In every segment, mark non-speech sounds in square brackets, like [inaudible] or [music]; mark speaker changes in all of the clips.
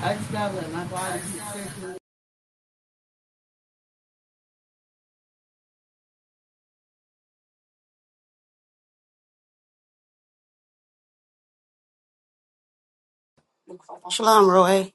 Speaker 1: I just gotta let my body get
Speaker 2: Shalom, Roy.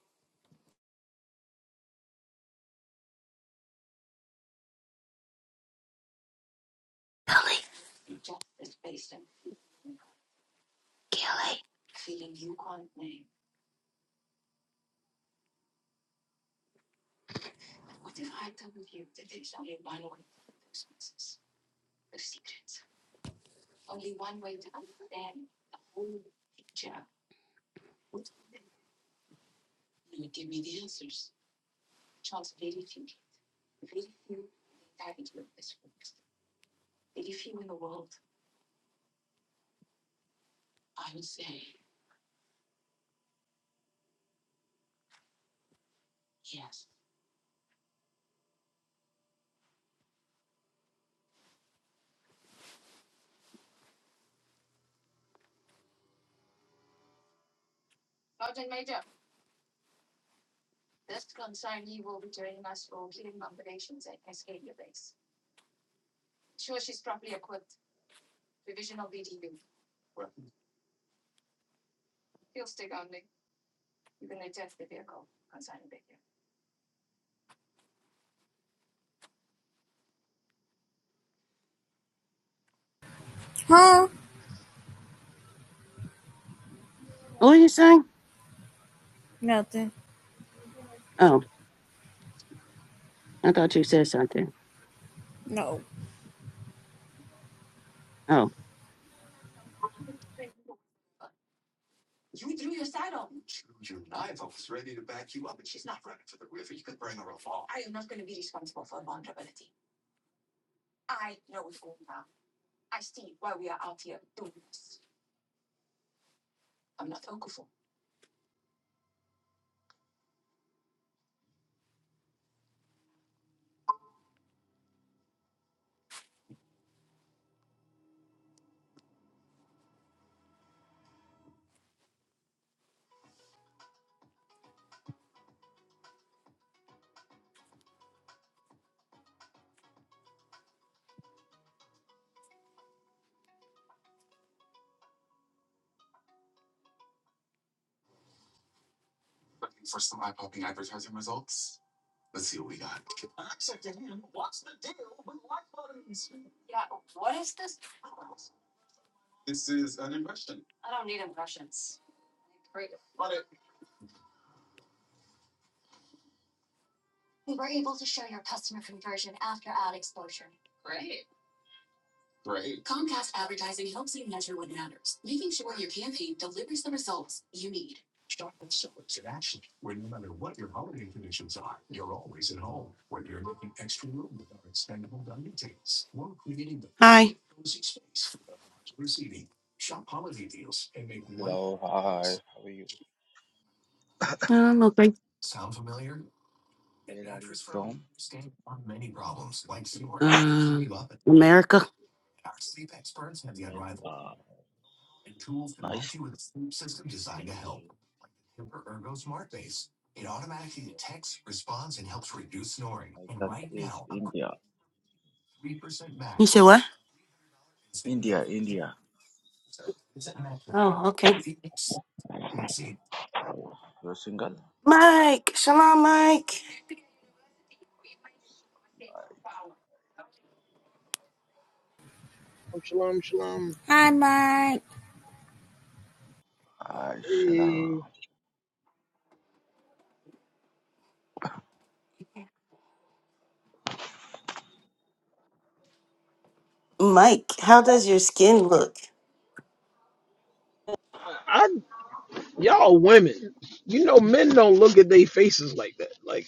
Speaker 1: Huh? Nothing. No.
Speaker 2: Hi.
Speaker 3: Hello, hi, how are you? Where are you from? America. Nice country. My country is India.
Speaker 2: You said what?
Speaker 3: India, India.
Speaker 2: Oh, okay.
Speaker 3: You're single?
Speaker 2: Mike. Shalom, Mike.
Speaker 4: Shalom, shalom.
Speaker 1: Hi, Mike.
Speaker 3: I
Speaker 4: Eh,
Speaker 3: shall.
Speaker 2: Mike, how does your skin look?
Speaker 4: I y'all women, you know men don't look at their faces like that. Like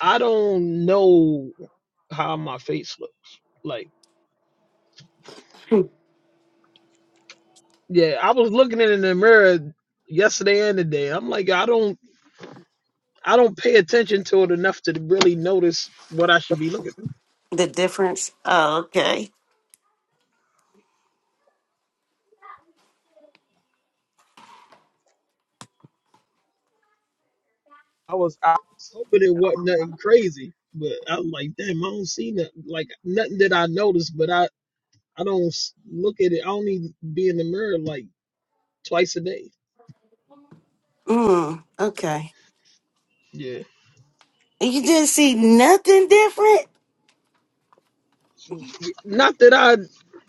Speaker 4: I don't know how my face looks. Like yeah, I was looking at it in the mirror yesterday and today. I'm like I don't I don't pay attention to it enough to really notice what I should be looking.
Speaker 2: The difference? Oh, okay.
Speaker 4: For. I was I was hoping it wasn't nothing crazy, but I was like damn, I don't see nothing like nothing that I noticed, but I I don't s- look at it. I don't even be in the mirror like. twice a day.
Speaker 2: Mm, okay.
Speaker 4: Yeah.
Speaker 2: You didn't see nothing different?
Speaker 4: Not that I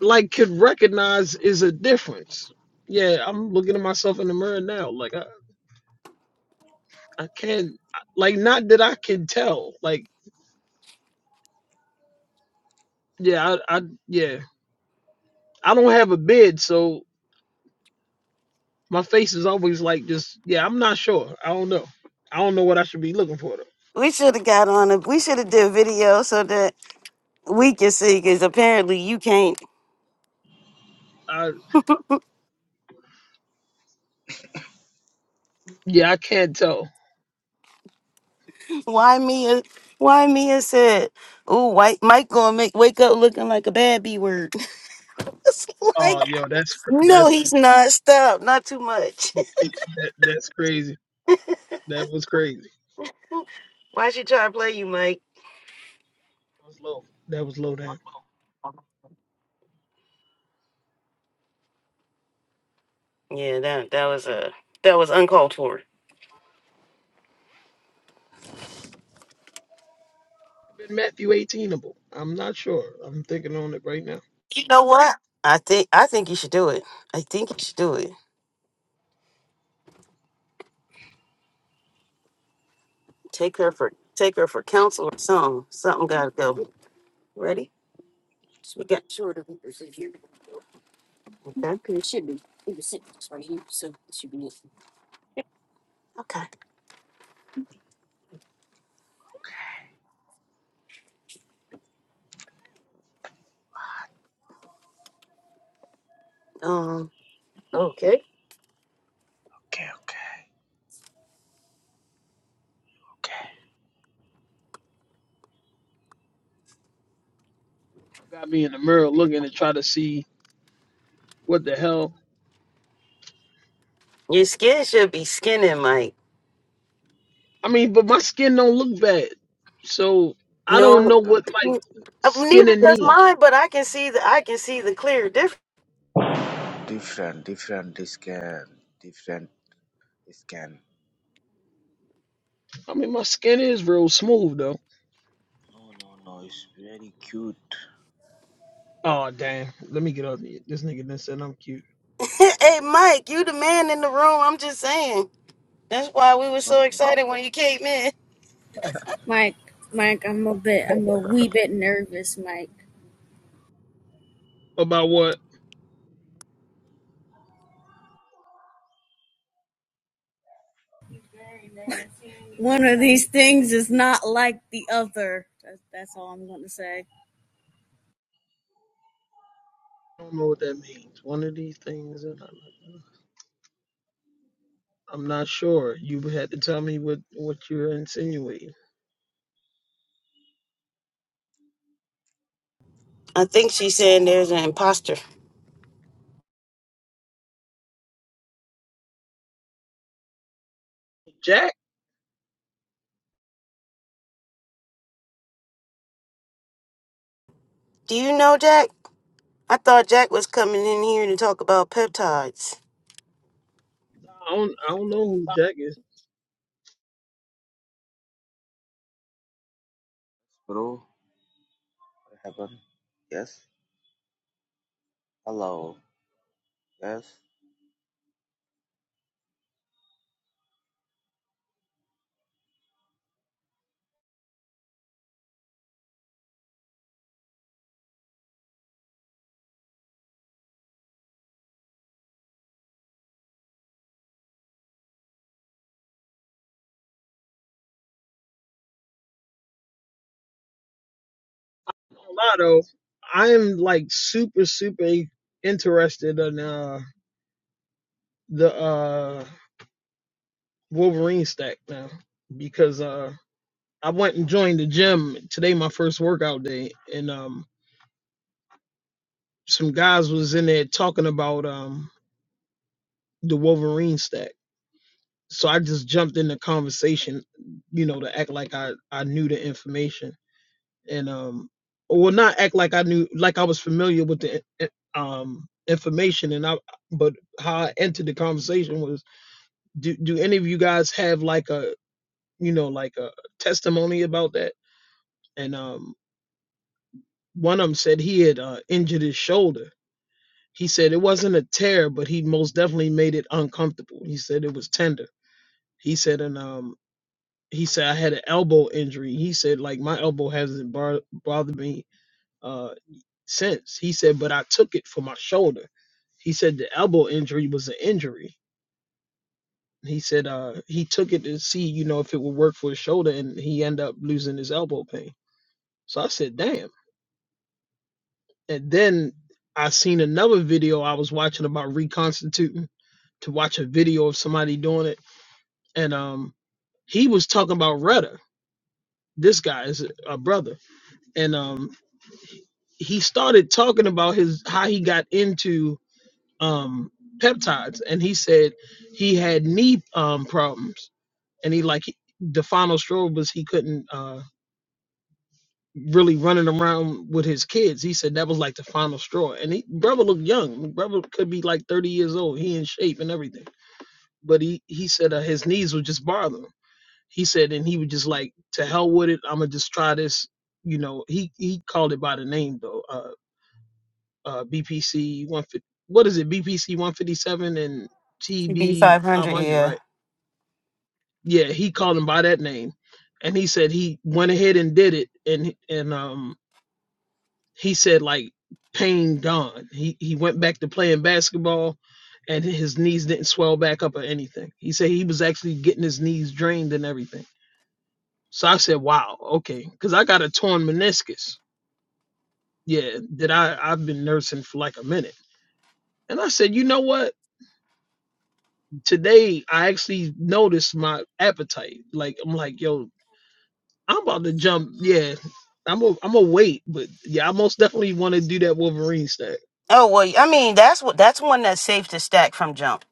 Speaker 4: like could recognize is a difference. Yeah, I'm looking at myself in the mirror now. Like I, I can't. Like not that I can tell. Like yeah, I, I yeah. I don't have a bed, so my face is always like just yeah. I'm not sure. I don't know. I don't know what I should be looking for though.
Speaker 2: We should have got on a, we should have did a video so that we can see, because apparently you can't.
Speaker 4: I
Speaker 2: [laughs]
Speaker 4: yeah, I can't tell.
Speaker 2: Why Mia? Why Mia said, "Oh, white Mike gonna make wake up looking like a bad B word." [laughs] It's Like.
Speaker 4: Oh yo, that's cr-
Speaker 2: No,
Speaker 4: that's
Speaker 2: he's not. Stop. Not too much.
Speaker 4: that, that's crazy. That was crazy.
Speaker 2: [laughs] Why she try to play you, Mike?
Speaker 4: That was low. That was low down.
Speaker 2: Yeah, that that was uh, that was uncalled for.
Speaker 4: been Matthew eighteenable. I'm not sure. I'm thinking on it right now.
Speaker 2: I think I think you should do it. I think you should do it. Take her for take her for counsel or something. Something gotta go. Ready? So we got okay. Okay.
Speaker 3: Okay,
Speaker 2: Um. Okay.
Speaker 3: okay, okay, okay.
Speaker 4: I got me in the mirror looking to try to see what the hell.
Speaker 2: Your skin should be skinning, Mike.
Speaker 4: I mean, but my skin don't look bad. So I don't
Speaker 2: No,
Speaker 4: know
Speaker 3: Yeah,
Speaker 4: what like
Speaker 2: n- uh, neither
Speaker 4: skinning
Speaker 2: does
Speaker 4: mean.
Speaker 3: but
Speaker 2: mine. But I can see the I can see the clear difference.
Speaker 3: different, different scan. different scan.
Speaker 4: I mean, my skin is real smooth though.
Speaker 3: No, no, no, it's very cute.
Speaker 4: Oh damn. Let me get up. here. This nigga done said I'm cute.
Speaker 2: hey, Mike, you the man in the room. I'm just saying. That's why we were
Speaker 3: No,
Speaker 2: so
Speaker 3: no,
Speaker 2: excited when you came in.
Speaker 1: Mike. Mike, I'm a bit, I'm a wee bit nervous, Mike.
Speaker 4: About what?
Speaker 1: One of these things is not like the other. That's, that's all I'm going to say.
Speaker 4: I don't know what that means. One of these things that I like. I'm not sure. You had to tell me what what you're insinuating.
Speaker 2: I think she's saying there's an imposter.
Speaker 4: Jack?
Speaker 2: Do you know Jack? I thought Jack was coming in here to talk about peptides.
Speaker 4: I don't I don't know who Jack is.
Speaker 3: bro, what happened? Yes? Hello, yes?
Speaker 4: Lotto, I'm like super, super interested in uh the uh Wolverine stack now because uh I went and joined the gym today, my first workout day, and um some guys was in there talking about um the Wolverine stack. So I just jumped in the conversation, you know, to act like I, I knew the information and um well not act like I knew like I was familiar with the i- um information and I but how I entered the conversation was do do any of you guys have like a you know like a testimony about that and um one of them said he had uh, injured his shoulder he said it wasn't a tear but he most definitely made it uncomfortable he said it was tender he said and um he said I had an elbow injury he said like my elbow hasn't bar- bothered me uh since. He said, but I took it for my shoulder. He said the elbow injury was an injury. He said uh he took it to see, you know, if it would work for his shoulder and he ended up losing his elbow pain. So I said, damn. And then I seen another video I was watching about reconstituting to watch a video of somebody doing it. And um he was talking about rudder. This guy is a brother. And um he started talking about his how he got into um peptides and he said he had knee um problems and he like he, the final straw was he couldn't uh really running around with his kids he said that was like the final straw and he brother looked young brother could be like 30 years old he in shape and everything but he he said uh, his knees would just bother him he said and he would just like to hell with it i'm gonna just try this you know he he called it by the name though Uh, uh, BPC one fifty. What is it? BPC one fifty seven and TB five
Speaker 2: TB500,
Speaker 4: hundred,
Speaker 2: yeah.
Speaker 4: right? Yeah, he called him by that name, and he said he went ahead and did it, and and um he said like pain gone. He he went back to playing basketball, and his knees didn't swell back up or anything. He said he was actually getting his knees drained and everything. So I said, wow, okay, because I got a torn meniscus. Yeah, that I I've been nursing for like a minute, and I said, you know what? today I actually noticed my appetite. Like I'm like, yo, I'm about to jump. Yeah, I'm a, I'm a wait, but yeah, I most definitely want to do that Wolverine stack.
Speaker 2: Oh well, I mean that's what that's one that's safe to stack from jump.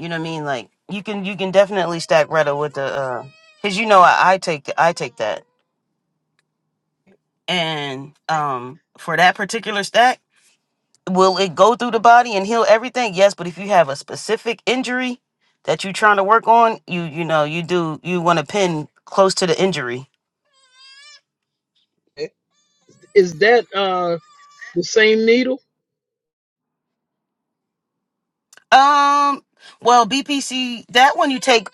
Speaker 2: You know what I mean? Like you can you can definitely stack Retta with the uh, cause you know I, I take I take that and um for that particular stack. will it go through the body and heal everything yes but if you have a specific injury that you're trying to work on you you know you do you want to pin close to the injury
Speaker 4: Is that uh the same needle?
Speaker 2: um well bpc that one you take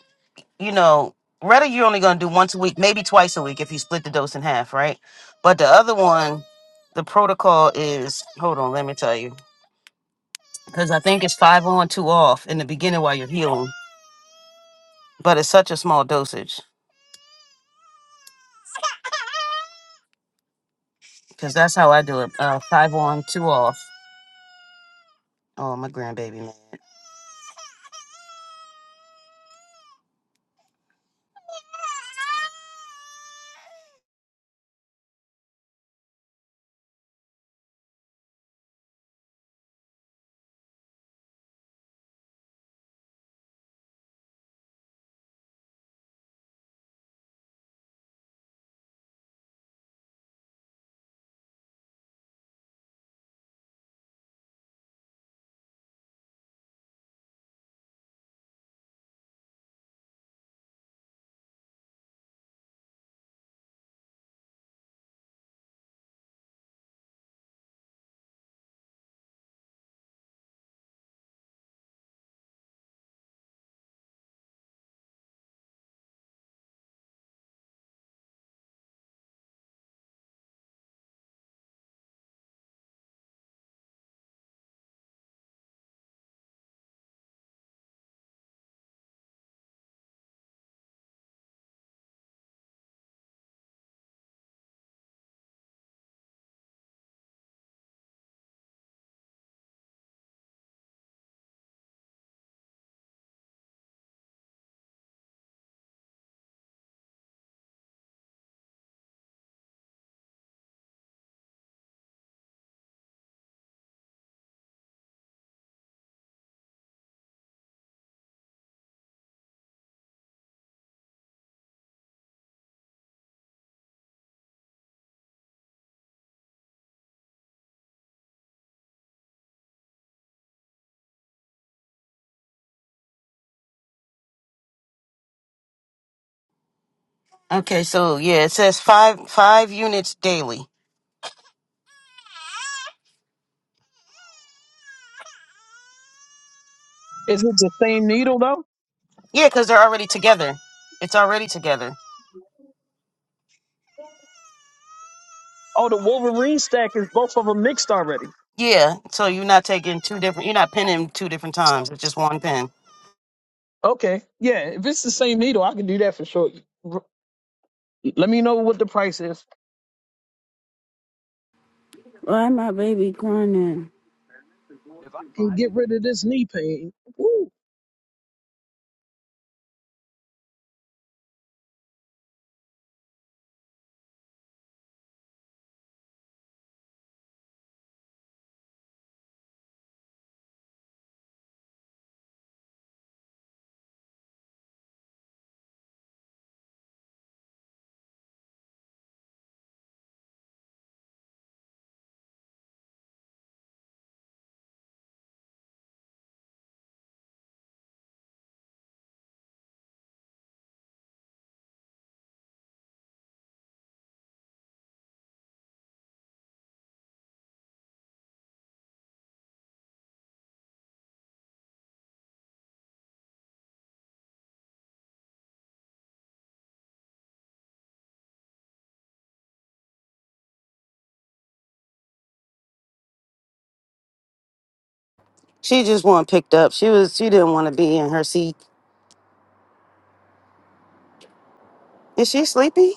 Speaker 2: you know rather you're only going to do once a week maybe twice a week if you split the dose in half right but the other one the protocol is hold on let me tell you because i think it's five on two off in the beginning while you're healing but it's such a small dosage because that's how i do it uh, five on two off Oh, my grandbaby man. Okay, so yeah, it says five five units daily.
Speaker 4: Is it the same needle though?
Speaker 2: Yeah, because they're already together. It's already together.
Speaker 4: Oh, the Wolverine stack is both of them mixed already.
Speaker 2: Yeah, so you're not taking two different. You're not pinning two different times. It's just one pin.
Speaker 4: Okay, yeah. If it's the same needle, I can do that for sure. R- Let me know what the price is.
Speaker 5: Why my baby crying?
Speaker 4: If I can get rid of this knee pain, woo,
Speaker 2: She just want picked up. She was. She didn't want to be in her seat. Is she sleepy?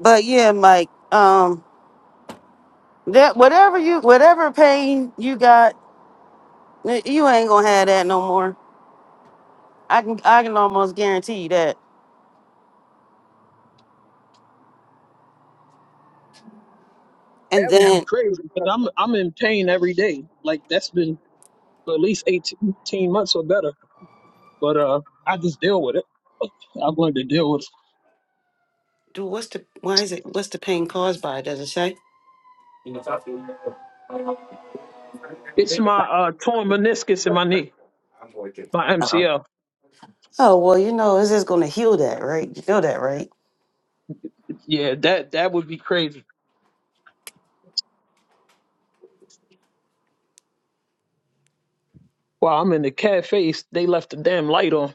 Speaker 2: But yeah, Mike. Um, that whatever you whatever pain you got, eh, you ain't gonna have that no more. I can I can almost guarantee you that. And
Speaker 4: that would be
Speaker 2: then,
Speaker 4: crazy. But I'm I'm in pain every day. Like that's been for at least 18 months or better. But uh, I just deal with it. I'm going to deal with it.
Speaker 2: dude, what's the why is it? What's the pain caused by? Does it say?
Speaker 4: It's my uh, torn meniscus in my knee, my MCL.
Speaker 2: Oh well, you know, it's just gonna heal that, right? You know that, right?
Speaker 4: Yeah, that that would be crazy. While I'm in the cafe, they left the damn light on.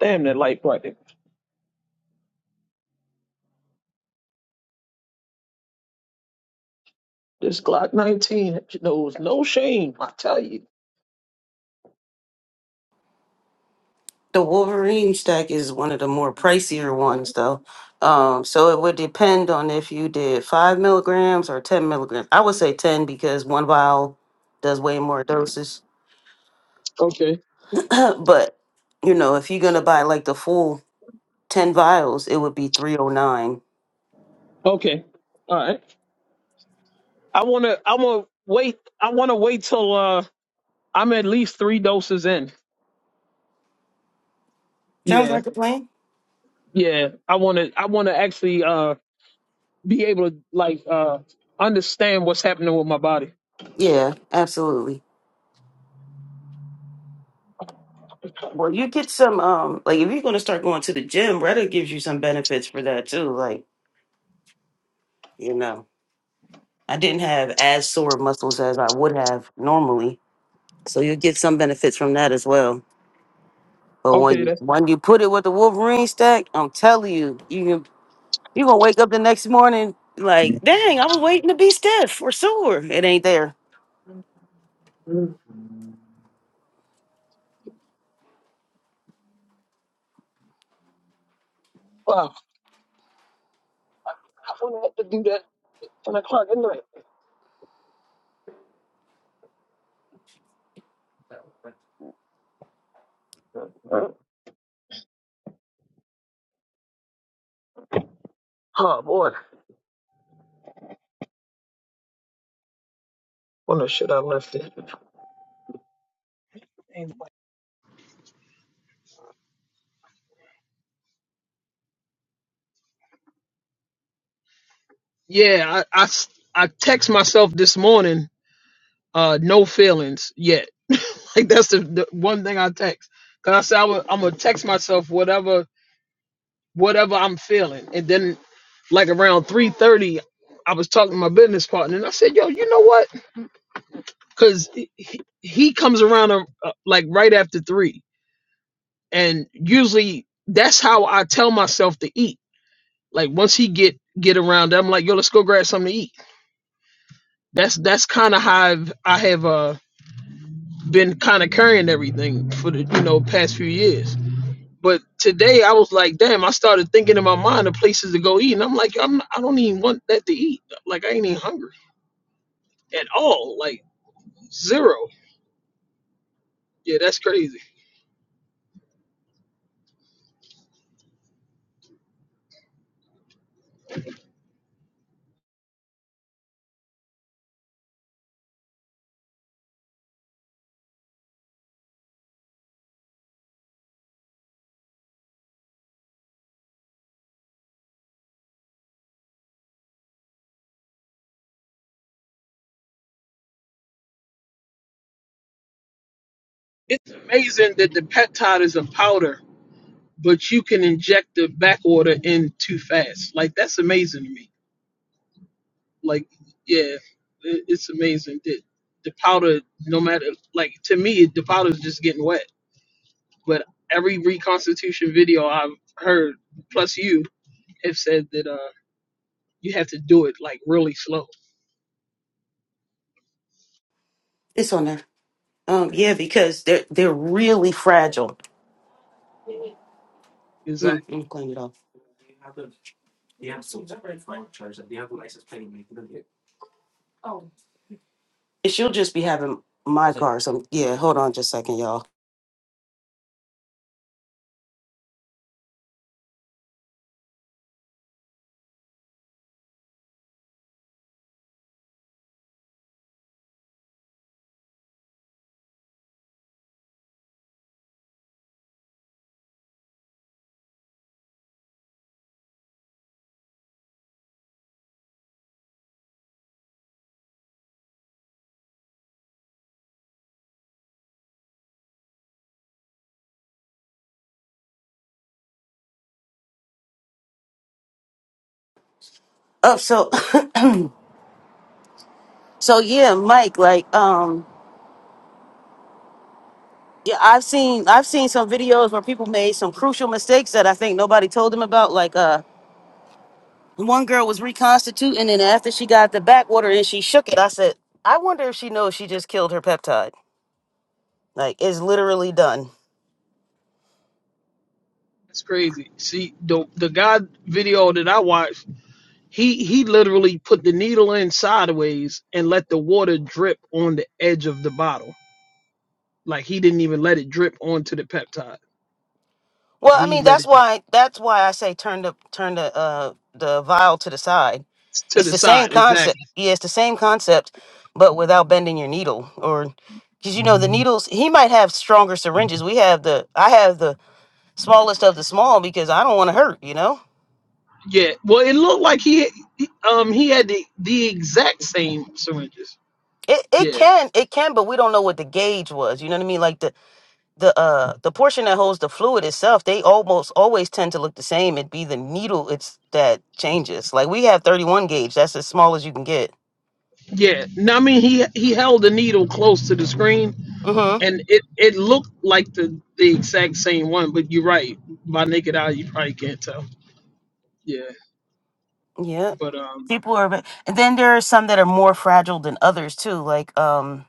Speaker 4: Damn, that light bright. there. This Glock 19 knows no shame, I tell you.
Speaker 2: The Wolverine stack is one of the more pricier ones, though. Um, so it would depend on if you did five milligrams or ten milligrams. I would say ten because one vial does way more doses.
Speaker 4: Okay.
Speaker 2: [clears throat] but you know, if you're gonna buy like the full ten vials, it would be three oh nine.
Speaker 4: Okay. All right. I wanna I wanna wait I wanna wait till uh I'm at least three doses in.
Speaker 2: Sounds
Speaker 4: Yeah.
Speaker 2: like a plan.
Speaker 4: Yeah. I wanna I wanna actually uh be able to like uh understand what's happening with my body.
Speaker 2: Yeah, absolutely. Well, you get some. Um, like if you're gonna start going to the gym, Reddit gives you some benefits for that too. Like you know. I didn't have as sore muscles as I would have normally. So you get some benefits from that as well. But when
Speaker 4: Okay,
Speaker 2: you
Speaker 4: that's
Speaker 2: when you put it with the Wolverine stack, I'm telling you, you can you gonna wake up the next morning like, dang, I was waiting to be stiff or sore. It ain't there.
Speaker 4: wow. I wouldn't have to do that ten o'clock at night. Oh boy, wonder should I left it. Yeah, I I s- I text myself this morning. Uh, no feelings yet. [laughs] Like that's the, the one thing I text. Cause I said I would, I'm gonna text myself whatever whatever I'm feeling, and then like around three thirty, I was talking to my business partner, and I said, "Yo, you know what? because he, he comes around uh, uh, like right after three and usually that's how i tell myself to eat like once he get get around i'm like yo let's go grab something to eat that's that's kind of how I've, i have uh been kind of carrying everything for the you know past few years but today i was like damn i started thinking in my mind of places to go eat and i'm like I'm, i don't even want that to eat like i ain't even hungry at all like zero yeah that's crazy it's amazing that the peptide is a powder but you can inject the back order in too fast. Like that's amazing to me. Like yeah, it, it's amazing that the powder, no matter like to me, the powder's just getting wet. But every reconstitution video I've heard, plus you, have said that uh you have to do it like really slow.
Speaker 2: It's on there. Um, yeah, because they're they're really fragile.
Speaker 4: Exactly,
Speaker 2: Mm,
Speaker 4: it's
Speaker 2: I'm clean it off. And she'll just be having my car. So yeah, hold on just a second, y'all. Oh, so [laughs] so yeah, Mike, like um yeah, I've seen I've seen some videos where people made some crucial mistakes that I think nobody told them about. Like uh one girl was reconstituting and after she got the backwater and she shook it, I said, I wonder if she knows she just killed her peptide. Like it's literally done.
Speaker 4: crazy? See the the guy video that I watched, he he literally put the needle in sideways and let the water drip on the edge of the bottle Like he didn't even let it drip onto the peptide.
Speaker 2: Well, I
Speaker 4: He
Speaker 2: mean
Speaker 4: let it
Speaker 2: that's why that's why I say turn the turn the uh the vial to the side.
Speaker 4: to
Speaker 2: It's
Speaker 4: the
Speaker 2: the same
Speaker 4: side.
Speaker 2: concept.
Speaker 4: Exactly.
Speaker 2: Yeah, it's the same concept, but without bending your needle or because you know the needles he might have stronger syringes. We have the I have the smallest of the small because I don't want to hurt, you know?
Speaker 4: Yeah. Well, it looked like he he- um he had the the exact same syringes.
Speaker 2: It it
Speaker 4: Yeah.
Speaker 2: can, it can, but we don't know what the gauge was. You know what I mean? Like the the uh the portion that holds the fluid itself, they almost always tend to look the same. It'd be the needle it's that changes. Like we have 31 gauge, that's as small as you can get.
Speaker 4: Yeah. No, I mean he he held the needle close to the screen,
Speaker 2: Mm-hmm.
Speaker 4: and it it looked like the the exact same one. But you're right. By naked eye, you probably can't tell. Yeah.
Speaker 2: Yeah.
Speaker 4: But um.
Speaker 2: People are but- and then there are some that are more fragile than others too, like um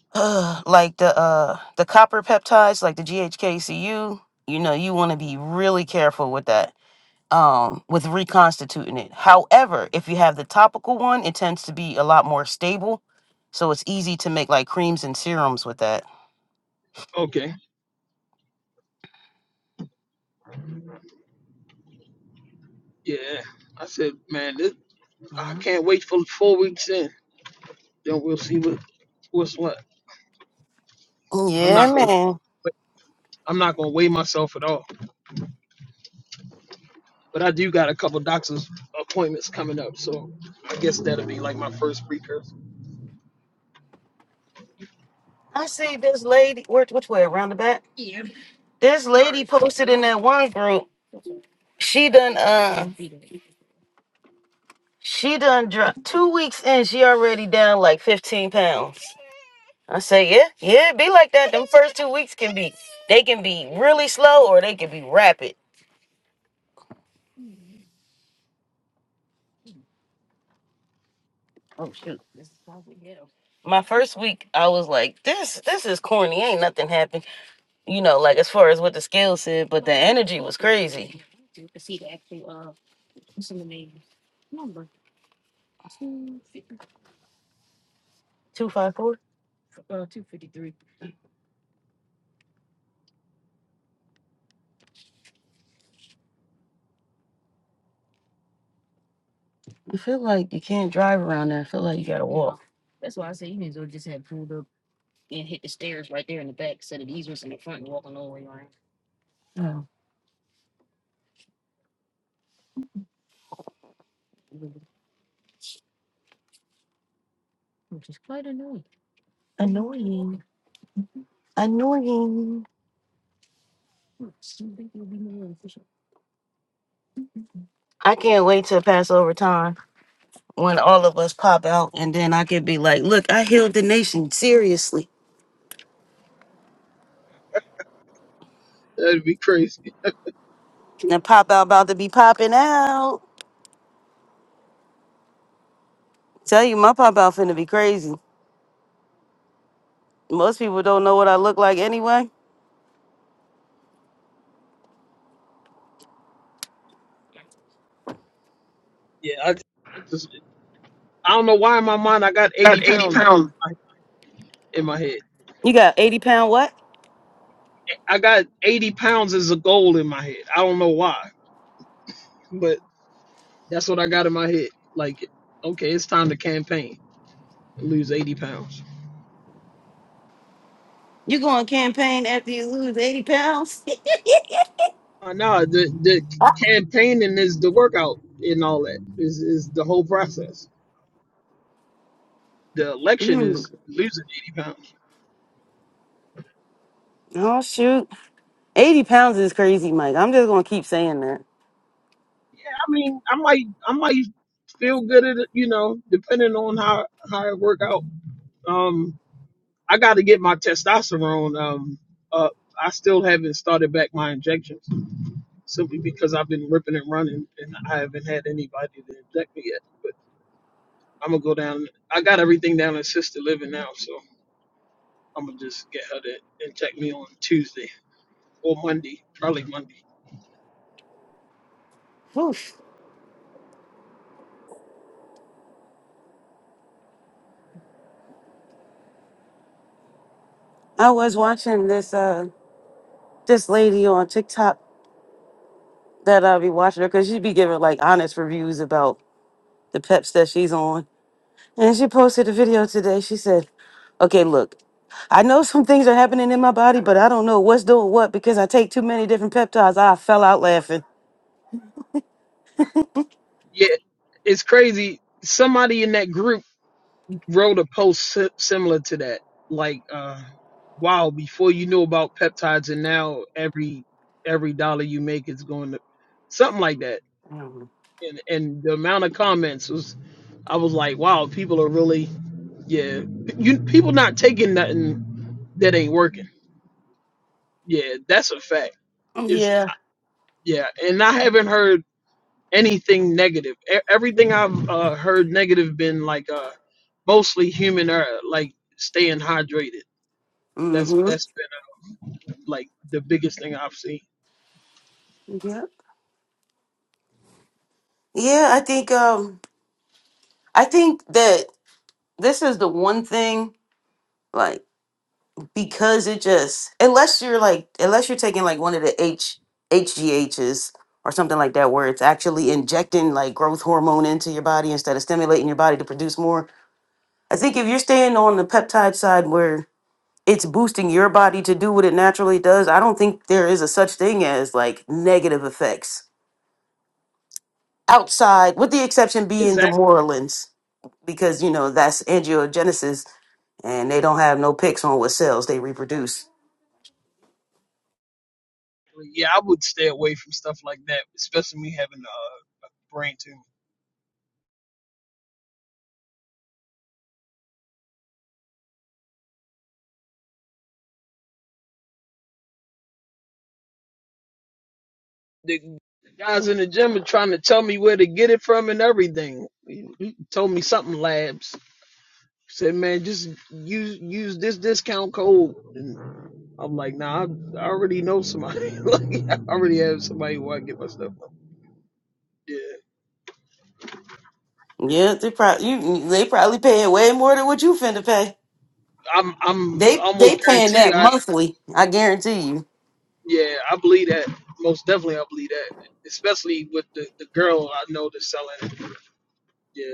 Speaker 2: [sighs] like the uh the copper peptides, like the GHKCU, you know, you want to be really careful with that um, with reconstituting it. However, if you have the topical one, it tends to be a lot more stable. So it's easy to make like creams and serums with that.
Speaker 4: Okay. Yeah. I said, man, this, I
Speaker 2: Mhm.
Speaker 4: can't wait for four weeks in. Then we'll see what what's what. I'm not
Speaker 2: Yeah,
Speaker 4: gonna.
Speaker 2: man.
Speaker 4: I'm not gonna weigh myself at all. But I do got a couple doctor's appointments coming up, so I guess that'll be like my first precursor.
Speaker 2: I see this lady. Where, which way? Around the back? This lady posted in that one group. She done. Uh, she done. Dro- two weeks in, she already down like fifteen pounds. I say, yeah, yeah. It be like that. Them first two weeks can be. They can be really slow or they can be rapid. my first week I was like, this this is corny. Ain't nothing happened. You know, like as far as what the scale said, but the energy was crazy. Two five four. You feel like you can't drive around there. I feel like you gotta walk. I can't wait till Passover time when all of us pop out and then I could be like, look, I healed the nation. Seriously.
Speaker 4: That'd be crazy.
Speaker 2: And the pop out about to be popping out. Tell you my pop out finna be crazy. Most people don't know what I look like anyway.
Speaker 4: Yeah, I just I don't know why in my mind I got 80 pounds in my head.
Speaker 2: You got 80 pound what?
Speaker 4: I got 80 pounds as a goal in my head. I don't know why, but that's what I got in my head. Like, okay, it's time to campaign and lose 80 pounds.
Speaker 2: You going campaign after you lose 80 pounds?
Speaker 4: I know the the
Speaker 2: [laughs]
Speaker 4: campaigning is the workout and all that is is the whole process. The election
Speaker 2: Mm.
Speaker 4: is losing 80 pounds.
Speaker 2: Oh shoot. 80 pounds is crazy, Mike. I'm just gonna keep saying that.
Speaker 4: Yeah, I mean, I might, I might feel good at it, you know, depending on how how it work out. Um, I got to get my testosterone um up. I still haven't started back my injections simply because I've been ripping and running, and I haven't had anybody to inject me yet. But I'm gonna go down. I got everything down at sister living now, so I'm gonna just get her to inject me on Tuesday or Monday, probably Monday.
Speaker 2: Oof. I was watching this uh this lady on TikTok that I'll be watching her because she be giving like honest reviews about the peps that she's on. And she posted a video today. She said, Okay, look, I know some things are happening in my body, but I don't know what's doing what because I take too many different peptides. I fell out laughing.
Speaker 4: Yeah, it's crazy. Somebody in that group wrote a post si- similar to that. Like, uh, wow, before you knew about peptides, and now every every dollar you make is going to something like that. And and the amount of comments was, I was like, wow, people are really yeah, you people not taking nothing that ain't working. Yeah, that's a fact. Is
Speaker 2: Yeah.
Speaker 4: yeah, and I haven't heard anything negative. E- everything I've uh, heard negative been like uh mostly human error, like staying hydrated. That's
Speaker 2: Mm-hmm.
Speaker 4: that's like the biggest thing I've seen.
Speaker 2: Yep. Yeah, I think um I think that this is the one thing like because it just unless you're like unless you're taking like one of the H HGHs or something like that where it's actually injecting like growth hormone into your body instead of stimulating your body to produce more. I think if you're staying on the peptide side where it's boosting your body to do what it naturally does, I don't think there is a such thing as like negative effects outside with the exception being the
Speaker 4: Exactly.
Speaker 2: Morlins because you know that's angiogenesis and they don't have no picks on what cells they reproduce
Speaker 4: Yeah, I would stay away from stuff like that, especially me having a uh, brain tumor. The guys in the gym are trying to tell me where to get it from and everything. He told me something labs. Said, man, just use use this discount code. And I'm like, nah, I, I already know somebody. [laughs] like, I already have somebody who I get my stuff from. Yeah,
Speaker 2: Yeah, they probably you, they probably paying way more than what you finna pay.
Speaker 4: I'm I'm
Speaker 2: They they
Speaker 4: almost
Speaker 2: paying
Speaker 4: guaranteed.
Speaker 2: that
Speaker 4: I
Speaker 2: monthly, I guarantee you.
Speaker 4: Yeah, I believe that. Most definitely, I believe that. Especially with the, the girl I know that's selling. Yeah,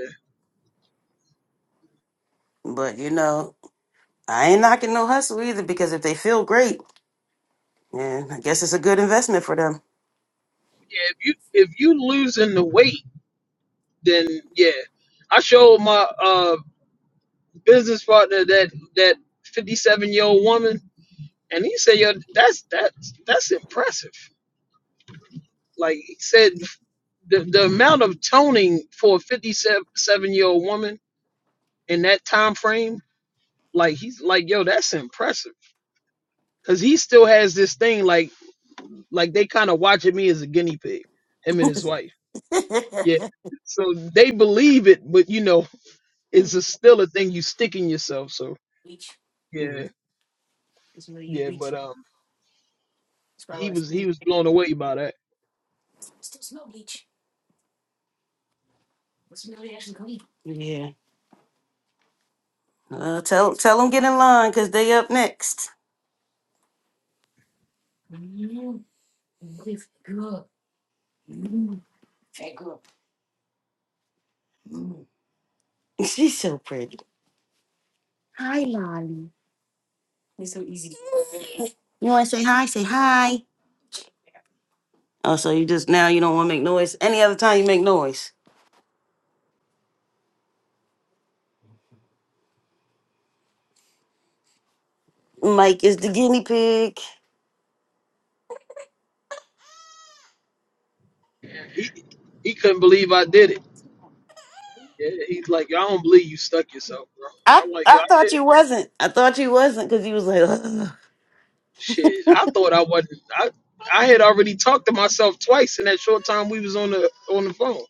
Speaker 2: But you know, I ain't knocking no hustle either because if they feel great, then I guess it's a good investment for them.
Speaker 4: yeah. If you if you losing the weight, then yeah. I showed my uh business partner that that fifty seven year old woman, and he said, "Yo, that's that's that's impressive." Like he said, the the amount of toning for a fifty seven year old woman in that time frame, like he's like, "Yo, that's impressive." Cause he still has this thing like Like they kind of watching me as a guinea pig, him and his wife.
Speaker 2: [laughs]
Speaker 4: Yeah. So they believe it, but you know, it's a, still a thing you stick in yourself. So yeah, yeah. But um, he was he was blown away by that.
Speaker 2: Yeah. Uh, tell tell them get in line because they up next. [laughs] She's so pretty. You want to say hi? Say hi. Oh, so you just now you don't want to make noise. Any other time you make noise. Mike is the guinea pig.
Speaker 4: He he couldn't believe I did it. Yeah, he's like, "Yo, I don't believe you stuck yourself, bro.
Speaker 2: I
Speaker 4: I'm like, yo,
Speaker 2: I
Speaker 4: I
Speaker 2: thought
Speaker 4: did it.
Speaker 2: you wasn't. I thought you wasn't because you was like. [laughs] "Ugh."
Speaker 4: Shit, I thought I wasn't. I I had already talked to myself twice in that short time we was on the on the phone.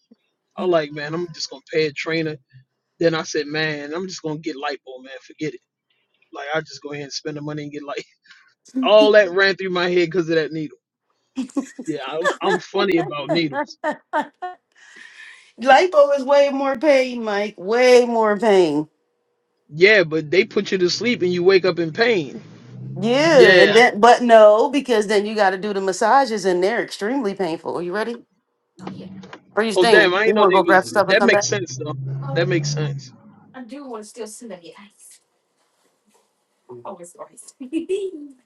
Speaker 4: I'm like, man, I'm just gonna pay a trainer. Then I said, man, I'm just gonna get lipo, man. Forget it. Like I just go ahead and spend the money and get like [laughs] all that ran through my head because of that needle. Yeah, I'm, I'm funny about needles.
Speaker 2: Lipo is way more pain, Mike. Way more pain.
Speaker 4: Yeah, but they put you to sleep and you wake up in pain.
Speaker 2: Yeah, and
Speaker 4: Yeah.
Speaker 2: that, but no, because then you got to do the massages, and they're extremely painful. Are you ready? Are you
Speaker 4: Oh damn,
Speaker 2: staying?
Speaker 4: I
Speaker 2: You
Speaker 4: didn't know
Speaker 2: want to
Speaker 4: they
Speaker 2: go grab
Speaker 4: was.
Speaker 2: stuff and
Speaker 4: That
Speaker 2: come back?
Speaker 4: makes sense though. That makes sense.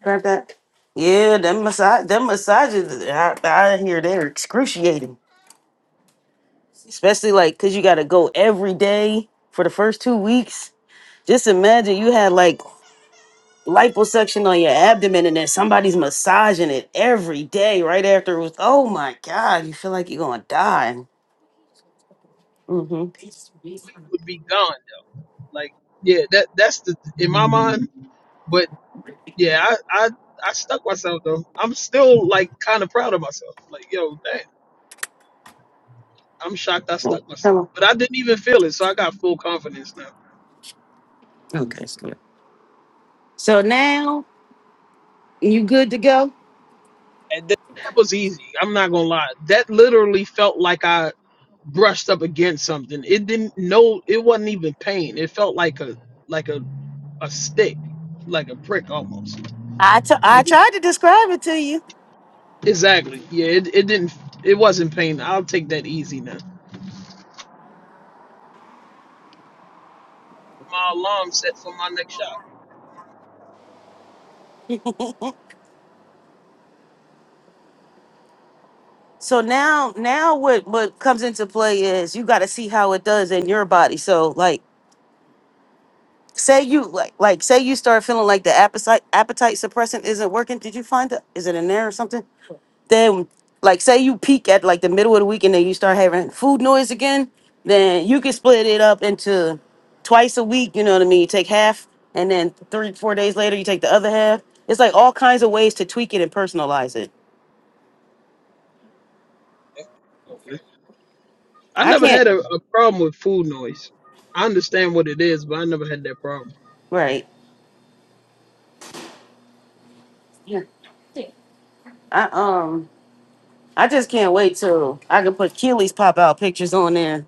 Speaker 2: Grab that. Yeah, them massage, them massages. I, I hear they're excruciating, especially like because you got to go every day for the first two weeks. Just imagine you had like liposuction on your abdomen and then somebody's massaging it every day right after it was oh my god you feel like you're gonna die hmm
Speaker 4: Weight would be gone. Like yeah, that that's the in my mind. But yeah, I I I stuck myself though. I'm still like kind of proud of myself. Like yo, damn, I'm shocked I stuck myself. But I didn't even feel it, so I got full confidence now.
Speaker 2: so now you good to go
Speaker 4: That was easy. I'm not gonna lie. That literally felt like I brushed up against something. It didn't no it wasn't even pain. It felt like a like a a stick, like a prick almost.
Speaker 2: I t- I
Speaker 4: It,
Speaker 2: tried to describe it to you
Speaker 4: exactly. Yeah, it, it didn't it wasn't pain. I'll take that easy now. My alarm set for my next shot.
Speaker 2: so now now what what comes into play is you got to see how it does in your body so like say you like like say you start feeling like the appetite appetite suppressant isn't working did you find it is it in there or something then like say you peak at like the middle of the week and then you start having food noise again, then you can split it up into twice a week, you know what I mean? You take half and then three, four days later you take the other half. It's like all kinds of ways to tweak it and personalize it.
Speaker 4: Okay. I
Speaker 2: I
Speaker 4: never
Speaker 2: can't
Speaker 4: had a, a problem with food noise. I understand what it is, but I never had that problem.
Speaker 2: right. Yeah. I um I just can't wait till I can put Keely's pop out pictures on there.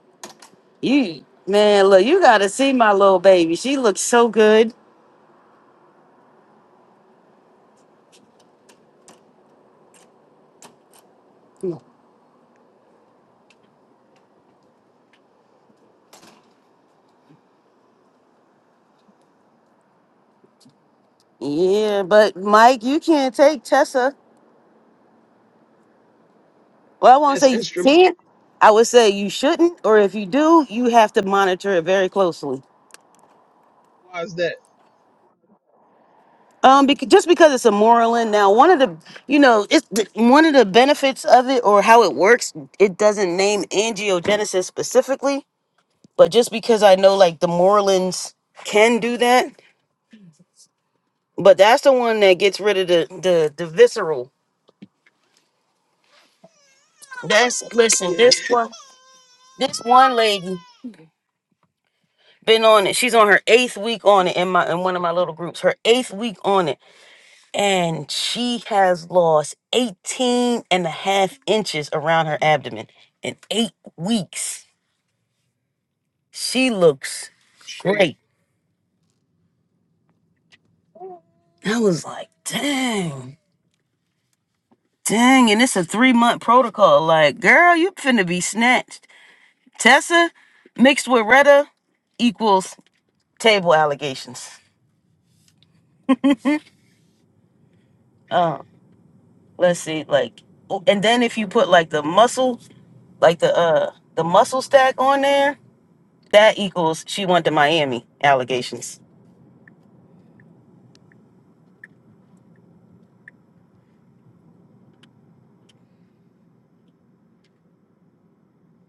Speaker 2: You man, look, you gotta see my little baby. She looks so good. Yeah, but Mike, you can't take Tessa. Well, I won't
Speaker 4: That's
Speaker 2: say you
Speaker 4: instrument.
Speaker 2: can't. I would say you shouldn't, or if you do, you have to monitor it very closely.
Speaker 4: Why is that?
Speaker 2: Um, because, just because it's a Moreland now, one of the you know it's th- one of the benefits of it or how it works. It doesn't name angiogenesis specifically, but just because I know like the Morelands can do that, but that's the one that gets rid of the the, the visceral. That's listen.
Speaker 4: Yeah.
Speaker 2: This one, this one lady been on it. She's on her eighth week on it in my in one of my little groups. Her eighth week on it and she has lost 18 and a half inches around her abdomen in eight weeks. She looks great. I was like, dang, dang. And it's a three month protocol. Like, girl, you finna be snatched. Tessa mixed with Retta equals table allegations. Um, let's see, like, oh, and then if you put like the muscle, like the uh the muscle stack on there, that equals she went to Miami allegations.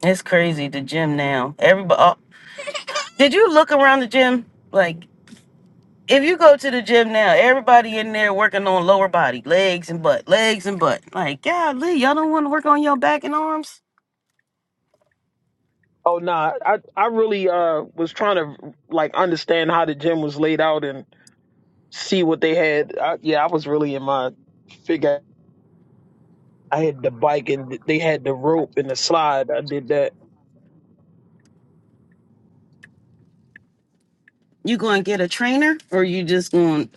Speaker 2: It's crazy the gym now. Everybody, did you look around the gym? Like, if you go to the gym now, everybody in there working on lower body, legs and butt, legs and butt. Like, golly, y'all don't want to work on your back and arms?
Speaker 4: Oh no, I I really uh was trying to like understand how the gym was laid out and see what they had. I, yeah, I was really in my figure. I had the bike and they had the rope and the slide. I did that.
Speaker 2: You going to get a trainer, or you just going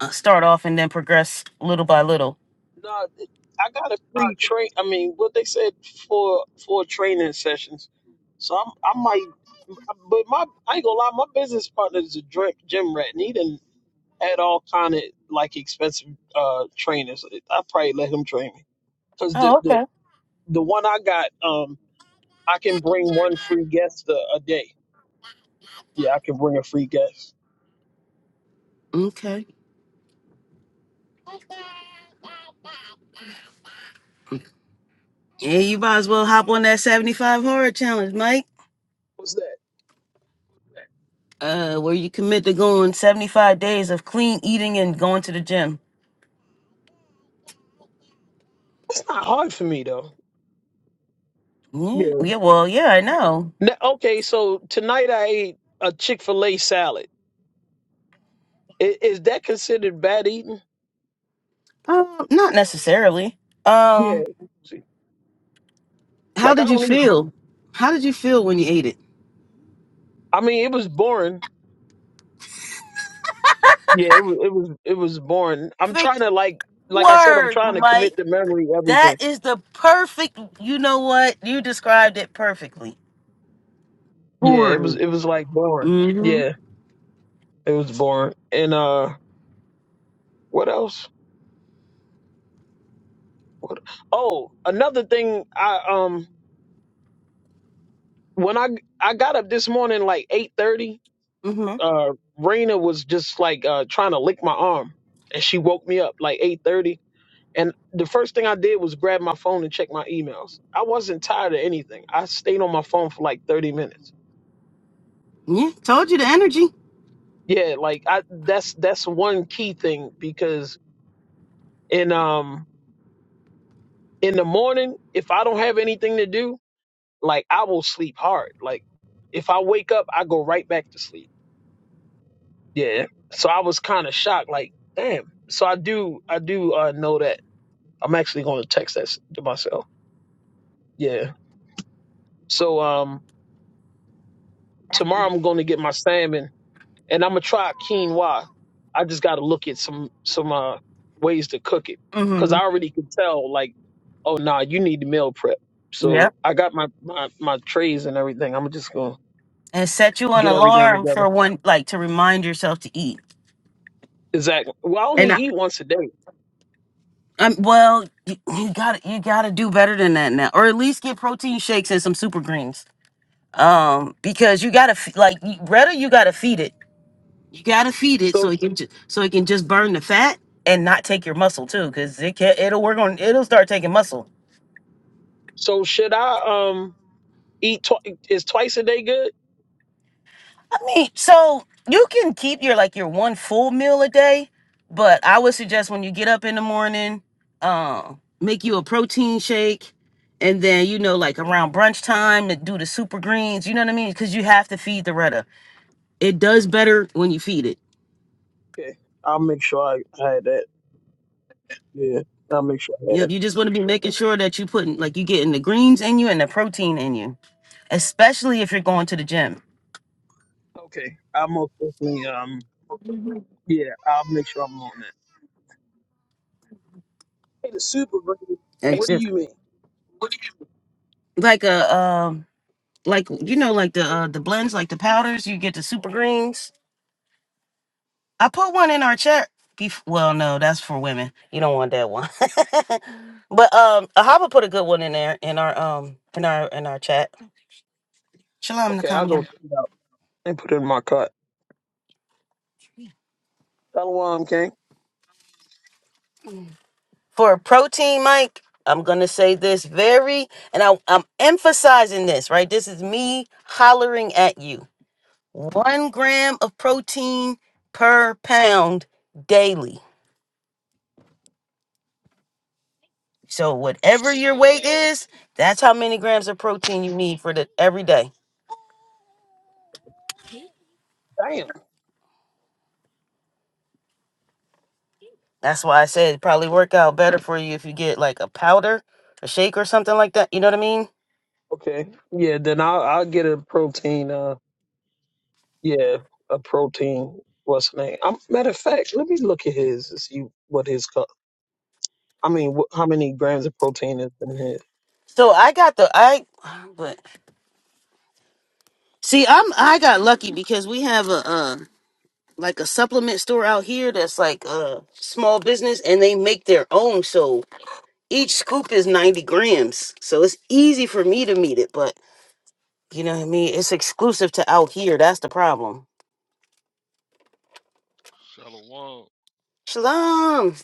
Speaker 2: to start off and then progress little by little?
Speaker 4: No, I got a free train. I mean, what they said for for training sessions. So I'm I might, but my I ain't gonna lie. My business partner is a dr- gym rat, and he done had all kind of like expensive uh trainers. I probably let him train me because the,
Speaker 2: Oh,
Speaker 4: the
Speaker 2: okay.
Speaker 4: the one I got, um, I can bring one free guest a, a day. Yeah, I can bring a free guest.
Speaker 2: Okay. Yeah, you might as well hop on that seventy-five hard challenge, Mike.
Speaker 4: What's that?
Speaker 2: Uh, where you commit to going seventy-five days of clean eating and going to the gym.
Speaker 4: It's not hard for me though.
Speaker 2: Yeah,
Speaker 4: Yeah.
Speaker 2: yeah, well, yeah, I know.
Speaker 4: Now, okay, so tonight I ate a Chick Fil A salad. Is, is that considered bad eating?
Speaker 2: Um, not necessarily.
Speaker 4: Yeah.
Speaker 2: Um,
Speaker 4: See,
Speaker 2: How
Speaker 4: like I
Speaker 2: did you
Speaker 4: don't. eat-
Speaker 2: feel? How did you feel when you ate it?
Speaker 4: I mean, it was boring. Yeah, it was. It was. It was boring. I'm trying
Speaker 2: perfect
Speaker 4: to like, like I said, I'm
Speaker 2: word,
Speaker 4: trying to
Speaker 2: Mike.
Speaker 4: commit to memory
Speaker 2: That
Speaker 4: everything.
Speaker 2: is the perfect. You know what? You described it perfectly.
Speaker 4: Yeah, it was.
Speaker 2: Boring.
Speaker 4: It was like boring.
Speaker 2: Mm-hmm.
Speaker 4: Yeah, it was boring. And uh, what else? What- Oh, another thing. I um when I I got up this morning like eight thirty.
Speaker 2: Mm-hmm.
Speaker 4: Uh, Raina was just like uh trying to lick my arm, and she woke me up like eight thirty. And the first thing I did was grab my phone and check my emails. I wasn't tired of anything. I stayed on my phone for like thirty minutes.
Speaker 2: Yeah, told you the energy.
Speaker 4: Yeah, like I that's that's one key thing because in um in the morning if I don't have anything to do, like I will sleep hard. Like if I wake up, I go right back to sleep Yeah. So I was kind of shocked, like, damn. So I do, I do uh, know that I'm actually going to text that s- to myself. Yeah. So um, tomorrow I'm going to get my salmon, and I'm gonna try quinoa. I just got to look at some some uh ways to cook it, cause
Speaker 2: Mm-hmm.
Speaker 4: I already could tell, like, oh nah, you need to meal prep. So
Speaker 2: Yep.
Speaker 4: I got my my my trays and everything. I'm just gonna
Speaker 2: And set you an
Speaker 4: get everything
Speaker 2: alarm
Speaker 4: together.
Speaker 2: for one, like to remind yourself to eat.
Speaker 4: Exactly. Well, I only
Speaker 2: And I,
Speaker 4: eat once a day.
Speaker 2: I'm Well, you, you gotta you gotta do better than that now, or at least get protein shakes and some super greens. um because you gotta f- like you- Greta, you gotta feed it. You gotta feed it so
Speaker 4: So
Speaker 2: it can ju- so it can just burn the fat and not take your muscle too, because it can it'll work on it'll start taking muscle.
Speaker 4: so should I um Eat twi- is twice a day good?
Speaker 2: I mean, so you can keep your like your one full meal a day, but I would suggest when you get up in the morning, um, make you a protein shake. And then you know, like around brunch time, to do the super greens. You know what I mean? Because you have to feed the Retta. It does better when you feed it.
Speaker 4: Okay, I'll make sure I, I had that. Yeah, I'll make sure I had
Speaker 2: You you
Speaker 4: that.
Speaker 2: just want to be making sure that you putting like you getting the greens in you and the protein in you, especially if you're going to the gym.
Speaker 4: Okay, I'll most definitely. Um, yeah, I'll make sure I'm on that. Hey, the super green.
Speaker 2: And
Speaker 4: What do
Speaker 2: just
Speaker 4: you mean?
Speaker 2: like a um like you know like the uh, the blends like the powders you get the super greens. I put one in our chat. Bef- well, no, that's for women. You don't want that one. [laughs] but um, Ahaba put a good one in there in our um in our in our chat. Shalom
Speaker 4: Okay, I'll
Speaker 2: Nakam
Speaker 4: go check it out and put it in my cart. Shalom, King.
Speaker 2: for protein, Mike, I'm gonna say this very, and I, I'm emphasizing this, right? This is me hollering at you. One gram of protein per pound daily. So whatever your weight
Speaker 6: Shalom.
Speaker 2: is, that's how many grams of protein you need for the every day.
Speaker 4: Damn.
Speaker 2: That's why I said it probably work out better for you if you get like a powder, a shake or something like that. You know what I mean?
Speaker 4: Okay. Yeah. Then I'll I'll get a protein. Uh, yeah, a protein. What's the name? Um matter of fact, let me look at his to see what his. co- I mean, wh- how many grams of protein is in his?
Speaker 2: So I got the I, but see, I'm I got lucky because we have a. uh. like a supplement store out here that's like a small business and they make their own so each scoop is 90 grams so it's easy for me to meet it but you know what i mean it's exclusive to out here that's the problem
Speaker 6: Shalom.
Speaker 2: shalom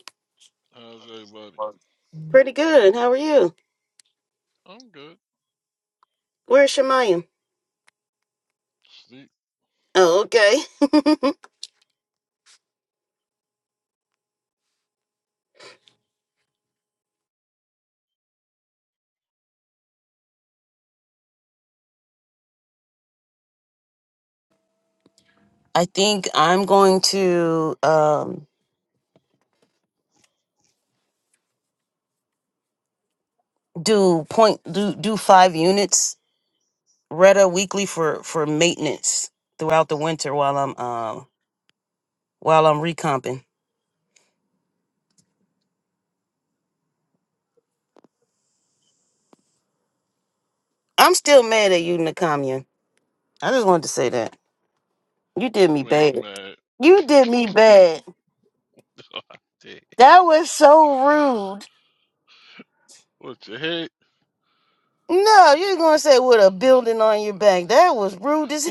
Speaker 6: How's everybody?
Speaker 2: pretty good how are you
Speaker 6: I'm good.
Speaker 2: where's shemayim
Speaker 6: Sleep.
Speaker 2: oh okay i think i'm going to um do point do do five units retta weekly for for maintenance throughout the winter while i'm um while i'm recomping I'm still mad at you, Nakamia. I just wanted to say that. You did me
Speaker 6: You ain't
Speaker 2: bad.
Speaker 6: mad.
Speaker 2: You did me bad.
Speaker 6: [laughs] Damn.
Speaker 2: That was so rude.
Speaker 6: What you hate?
Speaker 2: No, you're gonna say with a building on your back. That was rude as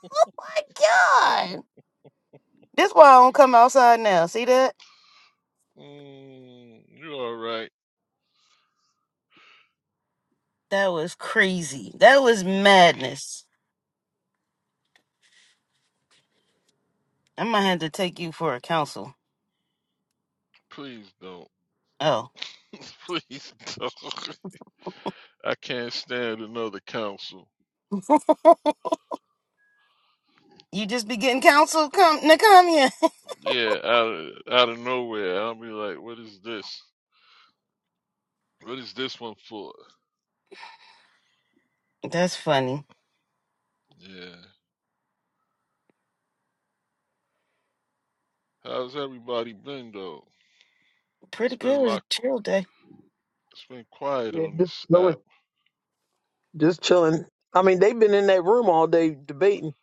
Speaker 2: [laughs] Oh my god. That's why I don't come outside now. See that?
Speaker 6: Mm, you alright.
Speaker 2: That was crazy. That was madness. I might have to take you for a counsel.
Speaker 6: Please don't.
Speaker 2: Oh.
Speaker 6: [laughs] Please don't. [laughs] I can't stand another council.
Speaker 2: [laughs] You just be getting counsel, come Nakamia.
Speaker 6: Yeah, out of, out of nowhere. I'll be like, what is this? What is this one for?
Speaker 2: [laughs] That's funny.
Speaker 6: Yeah. How's everybody been though? It's
Speaker 2: Pretty
Speaker 6: been
Speaker 2: good. It
Speaker 6: a
Speaker 2: was a
Speaker 6: lot.
Speaker 2: chill day.
Speaker 6: It's been quiet
Speaker 4: Yeah,
Speaker 6: on this
Speaker 4: just
Speaker 6: app.
Speaker 4: just chilling. I mean, they've been in that room all day debating.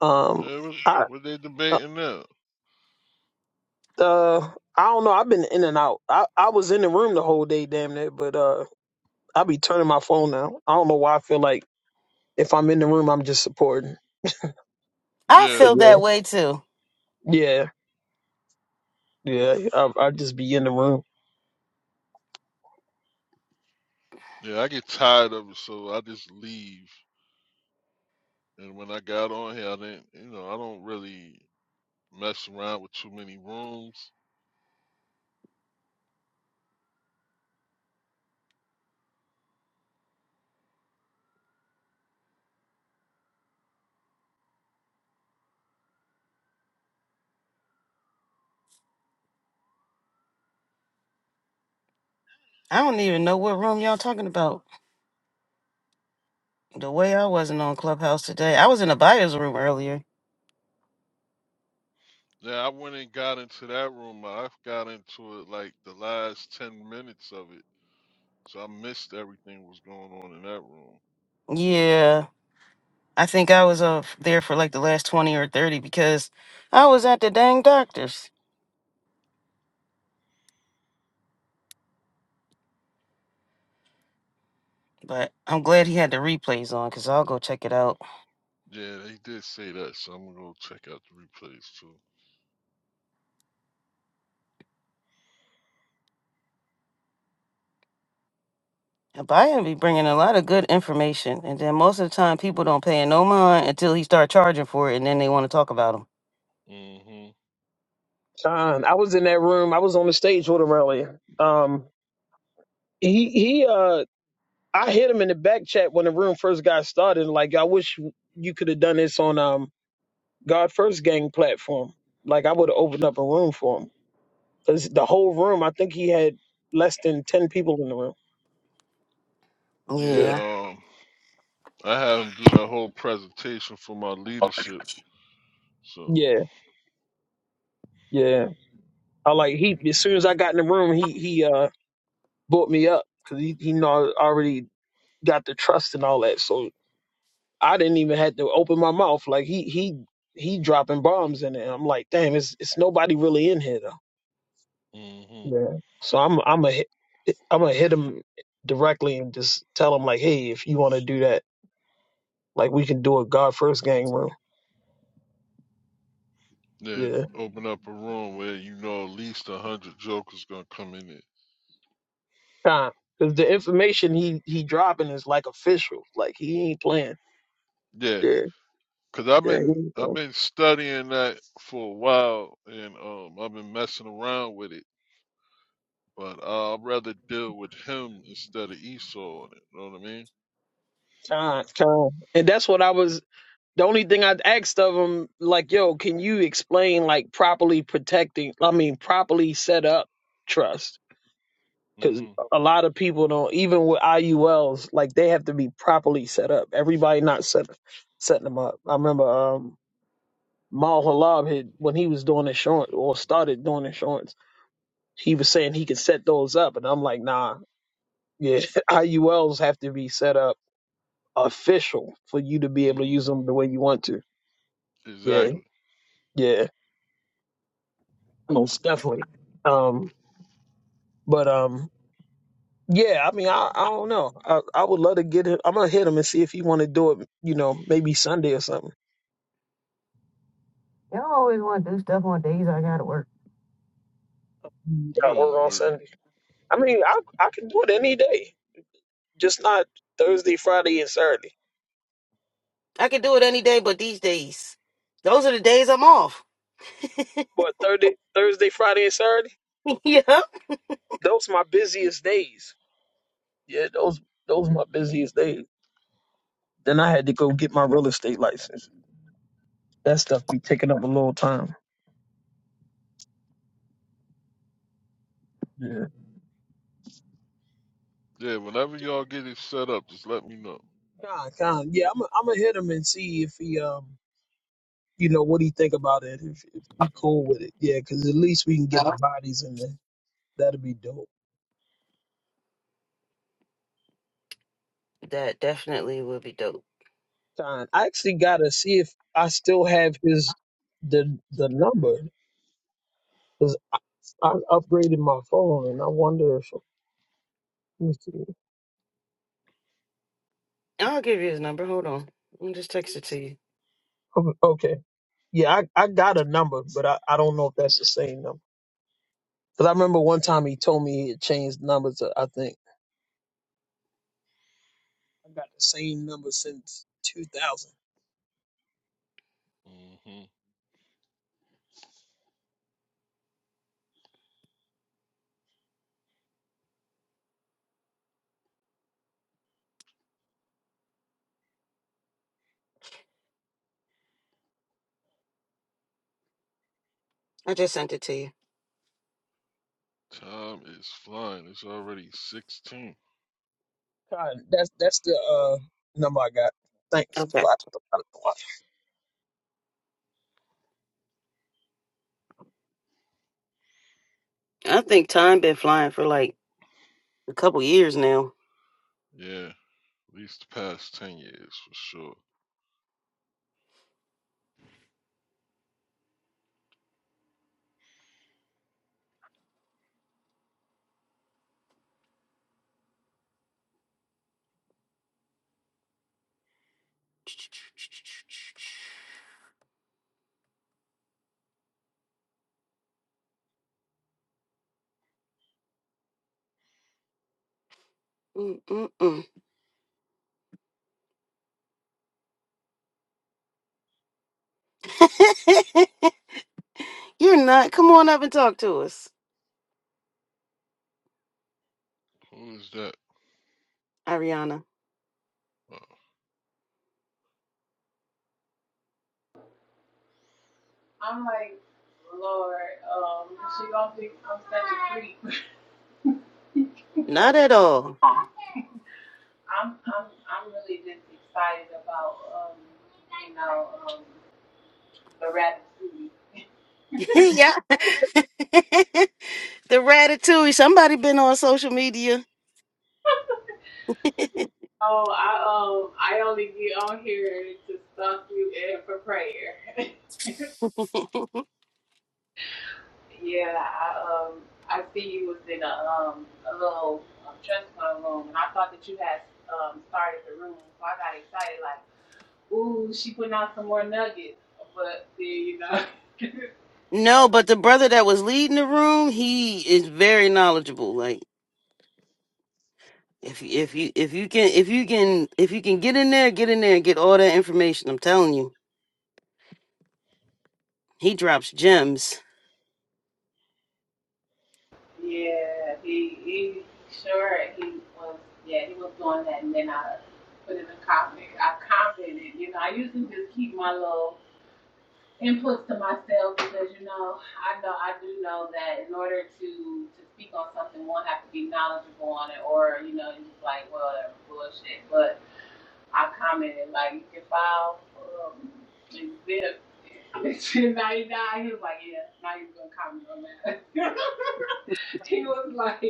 Speaker 4: Um,
Speaker 6: Yeah, what,
Speaker 4: I
Speaker 6: what they
Speaker 4: uh,
Speaker 6: debating now?
Speaker 4: uh, I don't know. I've been in and out. I I was in the room the whole day, damn it. But uh, I be turning my phone now. I don't know why. I feel like if I'm in the room, I'm just supporting.
Speaker 2: I
Speaker 6: Yeah.
Speaker 4: But
Speaker 2: feel
Speaker 4: yeah,
Speaker 2: that way too.
Speaker 4: yeah, yeah. I I just be in the room.
Speaker 6: Yeah, I get tired of it, so I just leave. And when I got on here, I didn't, you know, I don't really mess around with too many rooms.
Speaker 2: I don't even know what room y'all talking about. The way I wasn't on Clubhouse today. I was in a buyer's room earlier.
Speaker 6: Yeah, I went and got into that room. I got into it like the last 10 minutes of it. So I missed everything was going on in that room.
Speaker 2: Yeah. I think I was uh, there for like the last 20 or 30 because I was at the dang doctor's. But I'm glad he had the replays on because I'll go check it out.
Speaker 6: Yeah, they did say that, so I'm gonna go check out the replays too.
Speaker 2: A buyer be bringing a lot of good information. And then most of the time, people don't pay no mind until he start charging for it and then they want to talk about him.
Speaker 6: hmm
Speaker 4: John, I was in that room. I was on the stage with him earlier. Um, he he. Uh, I hit him in the back chat when the room first got started. Like, I wish you could have done this on um God First Gang platform. Like I would have opened up a room for him because the whole room. I think he had less than ten people in the room.
Speaker 6: Yeah,
Speaker 4: Yeah,
Speaker 2: Yeah.
Speaker 6: um, I had him do that whole presentation for my leadership. So,
Speaker 4: yeah, yeah. I like he. As soon as I got in the room, he he uh brought me up because he he know I already got the trust and all that. So I didn't even have to open my mouth. Like he he he dropping bombs in it. And I'm like, damn, it's it's nobody really in here though.
Speaker 6: Mhm.
Speaker 4: Yeah. So I'm I'm a I'm gonna hit him directly and just tell him like, hey, if you want to do that Like we can do a God first gang room.
Speaker 6: Then
Speaker 4: Yeah.
Speaker 6: open up a room where you know at least a hundred jokers gonna come in it.
Speaker 4: Nah, cause the information he he dropping is like official. Like he ain't playing.
Speaker 6: Yeah,
Speaker 4: Yeah.
Speaker 6: cause I've
Speaker 4: Yeah.
Speaker 6: been I've been studying that for a while, and um I've been messing around with it. But uh, I'd rather deal with him instead of Esau on it. Know what I mean?
Speaker 4: Time. Time. And that's what I was. The only thing I asked of him, like, yo, can you explain like properly protecting? I mean, properly set up trust. Because
Speaker 6: Mm-hmm.
Speaker 4: a lot of people don't, even with IULs, like they have to be properly set up. Everybody not set, setting them up. I remember, um, Mal Halab had when he was doing insurance or started doing insurance, he was saying he could set those up, and I'm like, nah, yeah, [laughs] IULs have to be set up official for you to be able to use
Speaker 6: Mm-hmm.
Speaker 4: them the way you want to. Yeah,
Speaker 6: Exactly.
Speaker 4: yeah, most definitely. Um, but um, yeah, I mean, I I don't know. I I would love to get him. I'm gonna hit him and see if he want to do it. You know, maybe Sunday or something.
Speaker 2: Y'all always want to do stuff on days I got to work.
Speaker 4: You
Speaker 6: You
Speaker 4: Got work
Speaker 6: don't
Speaker 4: on
Speaker 6: work.
Speaker 4: Sunday. I mean, I I can do it any day, just not Thursday, Friday, and Saturday.
Speaker 2: I could do it any day but these days. Those are the days I'm off.
Speaker 4: But Thursday, Thursday, Friday, and Saturday,
Speaker 2: [laughs] Yeah,
Speaker 4: those my busiest days. Yeah, those those my busiest days. Then I had to go get my real estate license. That stuff be taking up a little time. Yeah.
Speaker 6: Yeah. Whenever y'all get it set up, just let me know.
Speaker 4: Con, con. Yeah, I'm i am i gonna hit him and see if he um you know what he think about it. If if he cool with it, yeah, because at least we can get the bodies in there. that will be dope.
Speaker 2: That definitely would be dope.
Speaker 4: Con. I actually gotta see if I still have his the the number because I, I upgraded my phone and I wonder if let me see.
Speaker 2: I'll give you his number. Hold on. I'll just text it to you.
Speaker 4: O- Okay. Yeah, I, I got a number, but I, I don't know if that's the same number. Because I remember one time he told me he had changed numbers, uh, I think. I got the same number since 2000.
Speaker 6: Mm-hmm.
Speaker 2: I just sent it to you.
Speaker 6: Time is flying. It's already sixteen.
Speaker 4: God, that's, that's the uh, number I got. Thanks.
Speaker 2: Okay.
Speaker 4: What? the- what?
Speaker 2: I think time been flying for like a couple years now.
Speaker 6: Yeah. At least the past ten years for sure.
Speaker 2: Mm-mm-mm. [laughs] You're not. Come on up and talk to us,
Speaker 6: Who is that?
Speaker 2: Ariana.
Speaker 6: Uh,
Speaker 7: I'm like, Lord, um, she gonna think I'm such a creep.
Speaker 2: Not at all.
Speaker 7: I'm I'm I'm really just excited about um, you know, um, the rap series.
Speaker 2: [laughs] yeah. [laughs] the Ratatouille. Somebody been on social media.
Speaker 7: Oh, I um I only get on here to stalk you and for prayer. [laughs] yeah, I um I see you was in a um a little um, trust fund room, and I thought that you had um started the room, so I got excited like, ooh, she putting out some more nuggets, but then you know. [laughs] I
Speaker 2: No, but the brother that was leading the room, he is very knowledgeable. Like. If you, if you if you can if you can if you can get in there, get in there and get all that information. I'm telling you, he drops gems.
Speaker 7: Yeah, he he sure he was yeah, he was doing that and then I put in a comment. I commented, you know, I usually just keep my little inputs to myself because, you know, I know I do know that in order to to speak on something one have to be knowledgeable on it or, you know, you just like, well that bullshit. But I commented like you can file um exhibit [laughs] ninety nine. He was like, Yeah, now you're gonna comment on that. [laughs] [laughs] he was like,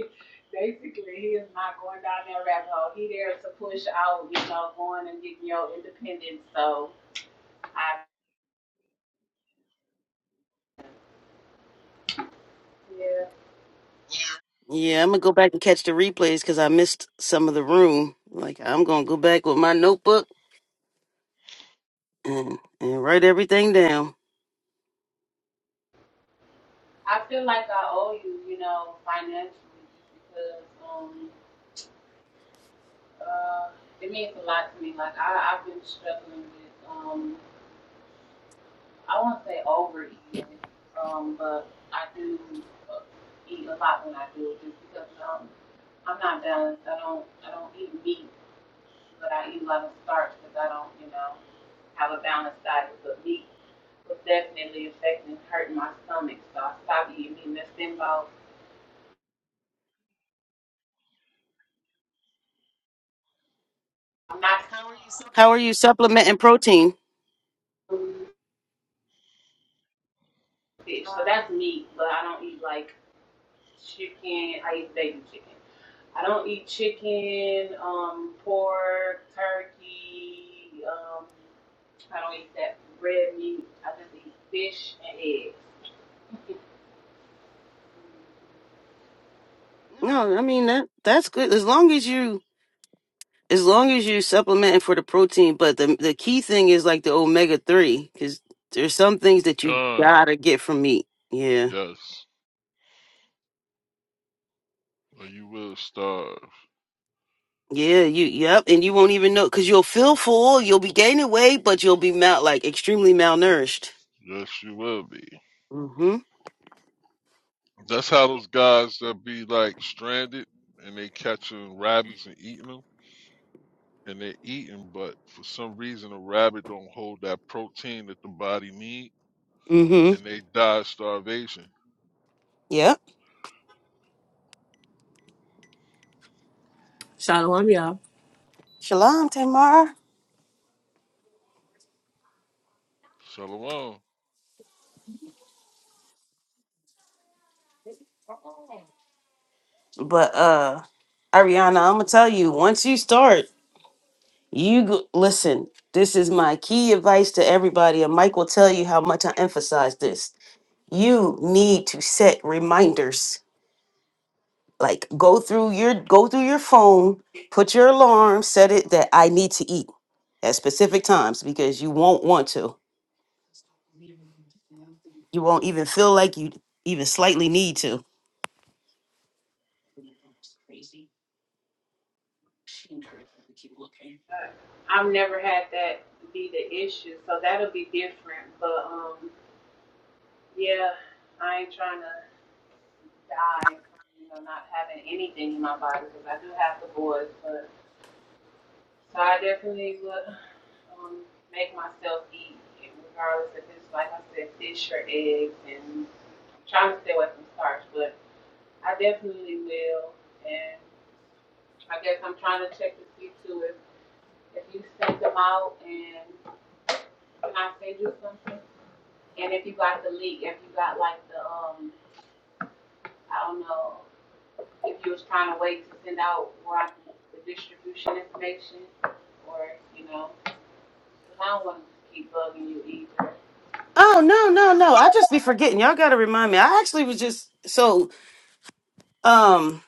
Speaker 7: basically, he is not going down that rabbit hole. He there to push out, you know, going and getting your independence. So I feel,
Speaker 2: Yeah, I'm gonna go back and catch the replays because I missed some of the room. Like I'm gonna go back with my notebook and and write everything down.
Speaker 7: I feel like I owe you, you know, financially, just because um, uh, it means a lot to me. Like I, I've been struggling with, um, I won't say overeating, um, but I do uh, eat a lot when I do, just because um, I'm not balanced. I don't, I don't eat meat but I eat a lot of starch because I don't, you know, have a balanced diet. But meat It was definitely affecting and hurting my stomach, so I stopped eating meat. And that's been about, I'm not telling you
Speaker 2: How are you supplementing protein?
Speaker 7: something fish, so that's meat, but I don't eat like chicken. I eat baby chicken. I don't eat chicken, um, pork, turkey. Um, I don't eat that red meat. I just eat fish and eggs.
Speaker 2: No, I mean that that's good as long as you as long as you supplementing for the protein. But the the key thing is like the omega three because there's some things that you
Speaker 6: Con,
Speaker 2: gotta get from meat. Yeah.
Speaker 6: yes. Or you will starve.
Speaker 2: Yeah, you yep, and you won't even know because you'll feel full, you'll be gaining weight, but you'll be mal like extremely malnourished.
Speaker 6: Yes, you will be.
Speaker 2: Mm-hmm.
Speaker 6: That's how those guys that be like stranded and they catching rabbits and eating them and they're eating, but for some reason a rabbit don't hold that protein that the body need
Speaker 2: Mm-hmm.
Speaker 6: and they die of starvation.
Speaker 2: Yep.
Speaker 8: Shalom, y'all.
Speaker 2: Shalom, Tamara.
Speaker 6: Shalom,
Speaker 2: But uh Ariana, I'm gonna tell you, once you start, you go- listen, this is my key advice to everybody, and Mike will tell you how much I emphasize this. You need to set reminders like go through your go through your phone put your alarm set it that i need to eat at specific times because you won't want to you won't even feel like you even slightly need to
Speaker 7: I've never had that be the issue, so that'll be different. But um, yeah, I ain't trying to die from you know not having anything in my body because I do have the boys. But so I definitely would um, make myself eat, regardless if it's like I said, fish or eggs, and I'm trying to stay away from starch. But I definitely will, and I guess I'm trying to check to see too if if you send them out and can I send you something. And if you got the leak, if you got like the, um, I don't know, if you was trying to wait to send out where I can, the distribution information, or, you know, 'cause I don't want to keep bugging you either.
Speaker 2: oh no no no i just be forgetting y'all gotta remind me i actually was just so um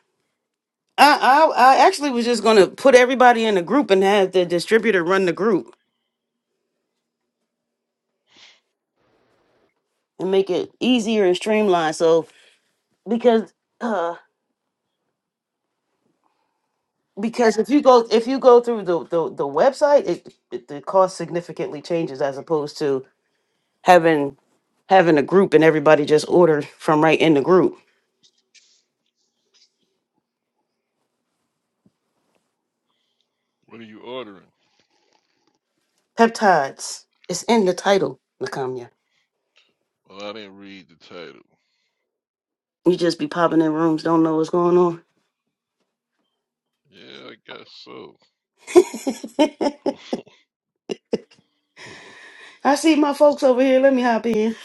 Speaker 2: i i, I actually was just gonna put everybody in a group and have the distributor run the group and make it easier and streamlined so because uh because if you go if you go through the the, the website it, it the cost significantly changes as opposed to having having a group and everybody just order from right in the group
Speaker 6: what are you ordering?
Speaker 2: peptides it's in the title Nakamiya.
Speaker 6: Well, I didn't read the title.
Speaker 2: you just be popping in rooms don't know what's going on
Speaker 6: Yeah, I guess so.
Speaker 2: [laughs]
Speaker 6: [laughs]
Speaker 2: i see my folks over here let me hop in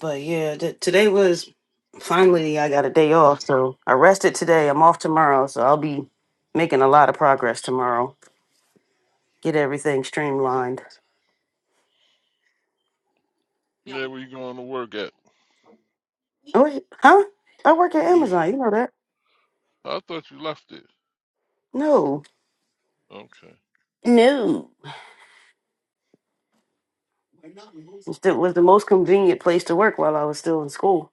Speaker 2: but yeah th- today was finally i got a day off so i rested today i'm off tomorrow so i'll be making a lot of progress tomorrow get everything streamlined
Speaker 6: yeah, where you going to work at?
Speaker 2: Oh, wait, huh? I work at
Speaker 6: Where you?
Speaker 2: Amazon. You know that?
Speaker 6: I thought you left it.
Speaker 2: No,
Speaker 6: Okay.
Speaker 2: No, it was the most convenient place to work while I was still in school.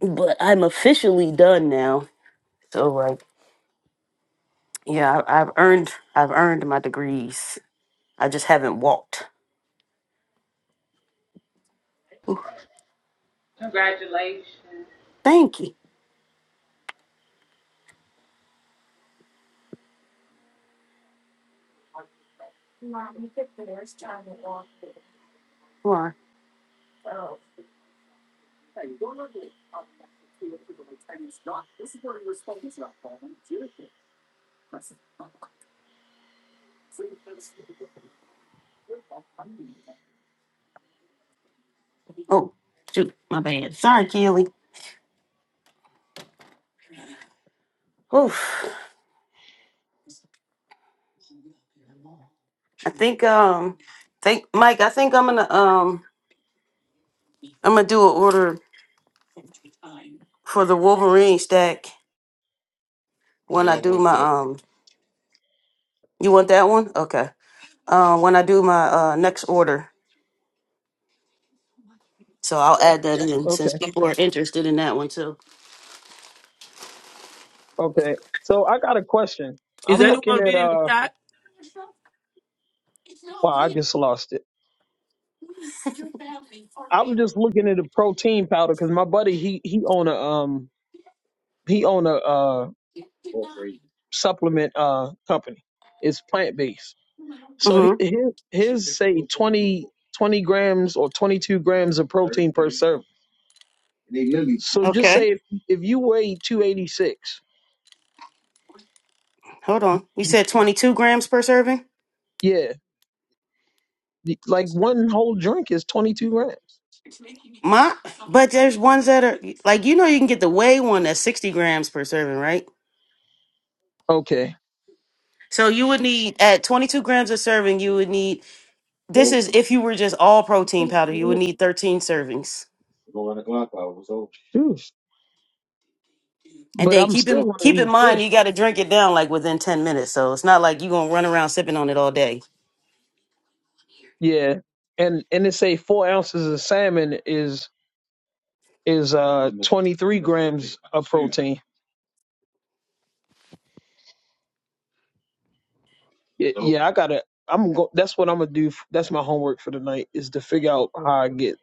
Speaker 2: But I'm officially done now. So like, yeah, I, I've earned, I've earned my degrees. I just haven't walked. Ooh,
Speaker 7: Congratulations.
Speaker 2: thank you. Come on. Oh, shoot, my bad. Sorry, Keely. Oof. I think, um, think Mike. I think I'm gonna, um, I'm gonna do an order for the Wolverine stack when
Speaker 6: Yeah, I
Speaker 2: I do
Speaker 6: want
Speaker 2: my,
Speaker 6: that.
Speaker 2: um. You want that one? Okay. uh,
Speaker 6: hmm
Speaker 2: when I do my uh, next order. So I'll
Speaker 4: Okay.
Speaker 2: add that in since
Speaker 4: Okay.
Speaker 2: people are interested in that one too.
Speaker 4: Okay. So I got a question.
Speaker 8: Is
Speaker 4: I'm
Speaker 2: What's up?
Speaker 4: looking
Speaker 8: anyone
Speaker 4: at,
Speaker 8: reading the
Speaker 4: uh,
Speaker 8: chat?
Speaker 4: wow, I just lost it. I was just looking at a protein powder because my buddy, he, he own a, um, he own a, uh, supplement, uh, company. It's plant based So he-
Speaker 2: Mm-hmm.
Speaker 4: his, his say 20 20 grams or 22 grams of protein per serving. So just
Speaker 2: Okay.
Speaker 4: say if, if you weigh 286,
Speaker 2: Hold on. You said 22 grams per serving?
Speaker 4: yeah, y- like one whole drink is 22 grams.
Speaker 2: My, but there's ones that are like you know you can get the whey one that's 60 grams per serving, right?
Speaker 4: Okay.
Speaker 2: So you would need at 22 grams a serving, you would need this
Speaker 4: Jeez.
Speaker 2: is if you were just all protein powder, you would need 13 servings. And
Speaker 4: But
Speaker 2: then
Speaker 4: I'm
Speaker 2: keep
Speaker 4: still
Speaker 2: in
Speaker 4: going
Speaker 2: keep
Speaker 4: to
Speaker 2: in
Speaker 4: eat
Speaker 2: mind
Speaker 4: fish.
Speaker 2: you got to drink it down like within 10 minutes. So it's not like you're going to run around sipping on it all day.
Speaker 4: Yeah. And and it say four ounces of salmon is is uh 23 grams of protein. Yeah, So yeah, I gotta. I'm go. That's what I'm gonna do. f- That's my homework for tonight is to figure out how I get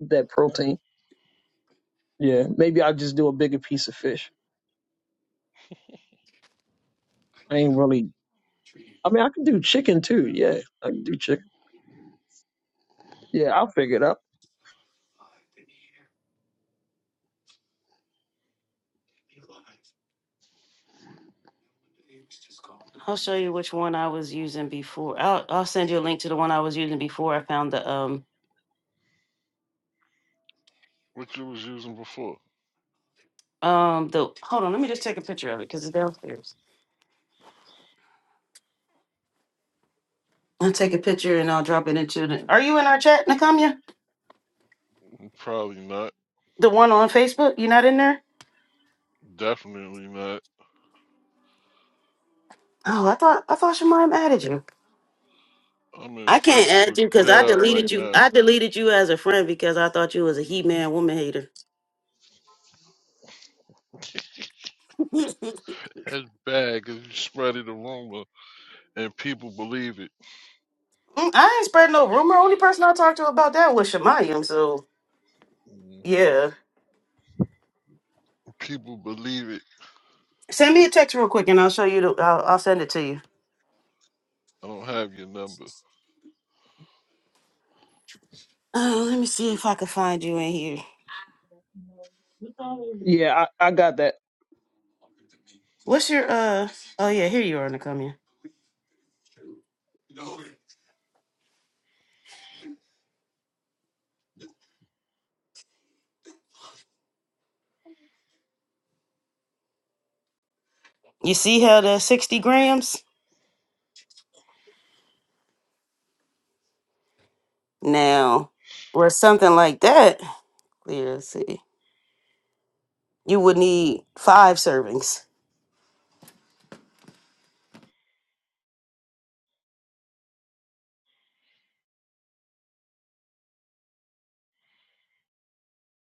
Speaker 4: that protein. Yeah, maybe I'll just do a bigger piece of fish. I ain't really. I mean, I can do chicken too. Yeah, I can do chicken. Yeah, I'll figure it out.
Speaker 2: I'll show you which one I was using before. I'll I'll send you a link to the one I was using before I found the um
Speaker 6: what you was using before.
Speaker 2: um the hold on, let me just take a picture of it because it's downstairs. I'll take a picture and I'll drop it into the Are you in our chat, Nakamia?
Speaker 6: Probably not.
Speaker 2: The one on Facebook? You not in there?
Speaker 6: Definitely not.
Speaker 2: Oh, I thought I thought Shemaim added you.
Speaker 6: I'm in
Speaker 2: I can't add
Speaker 6: Facebook
Speaker 2: you because I
Speaker 6: jail
Speaker 2: deleted
Speaker 6: right
Speaker 2: you.
Speaker 6: now.
Speaker 2: I deleted you as a friend because I thought you was a he man woman hater. [laughs]
Speaker 6: That's bad because you spreaded a rumor and people believe it.
Speaker 2: Mm, I ain't spread no rumor. Only person I talked to about that was Shemayim, so
Speaker 6: hmm
Speaker 2: yeah.
Speaker 6: People believe it.
Speaker 2: Send me a text real quick and I'll show you the I'll, I'll send it to you.
Speaker 6: I don't have your number.
Speaker 2: Uh, let me see if I can find you in here.
Speaker 4: Yeah, I, I got that.
Speaker 2: What's your uh? Oh yeah, here you are, Nakamia. You see how the sixty grams now, or something like that. Let's see. You would need five servings.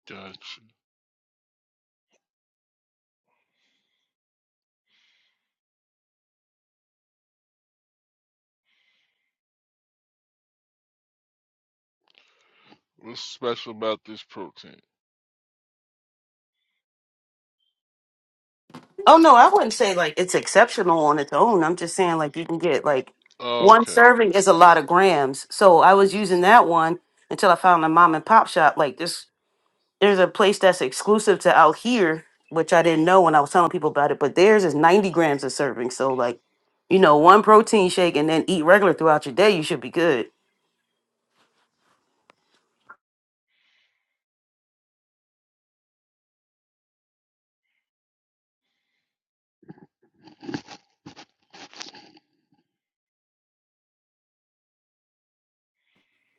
Speaker 6: Gotcha. What's special about this protein?
Speaker 2: Oh no, I wouldn't say like it's exceptional on its own. I'm just saying like you can get like
Speaker 6: Oh,
Speaker 2: one
Speaker 6: okay.
Speaker 2: serving is a lot of grams. So I was using that one until I found a mom and pop shop like this there's a place that's exclusive to out here, which I didn't know when I was telling people about it, but theirs is 90 grams a serving. So, like, you know, one protein shake and then eat regular throughout your day, you should be good.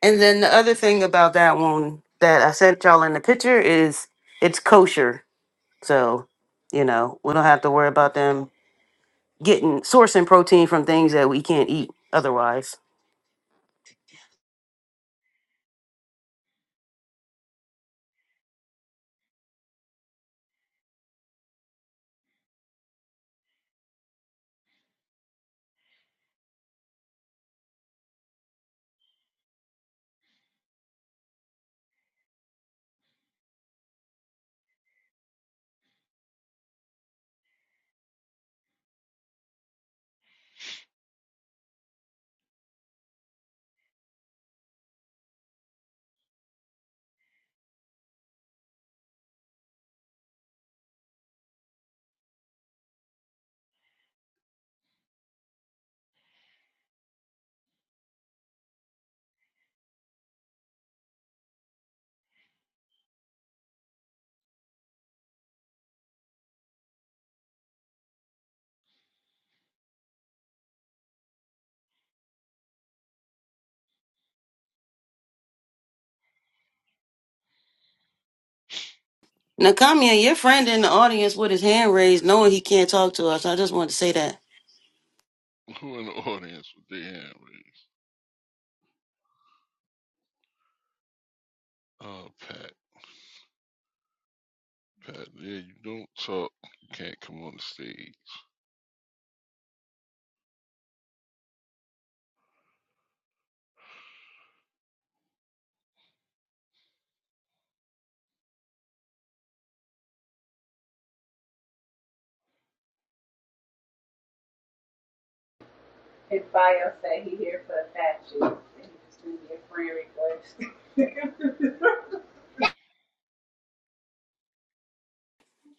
Speaker 2: And then the other thing about that one that I sent y'all in the picture is it's kosher. So, you know, we don't have to worry about them getting sourcing protein from things that we can't eat otherwise. Nakamiya, your friend in the audience with his hand raised, knowing he can't talk to us. I just wanted to say that.
Speaker 6: [laughs] Who in the audience with their hand raised? Oh, Pat. Pat, yeah, you don't talk. You can't come on the stage.
Speaker 7: His bio said he here for the statues, he just sent me a friend request. [laughs]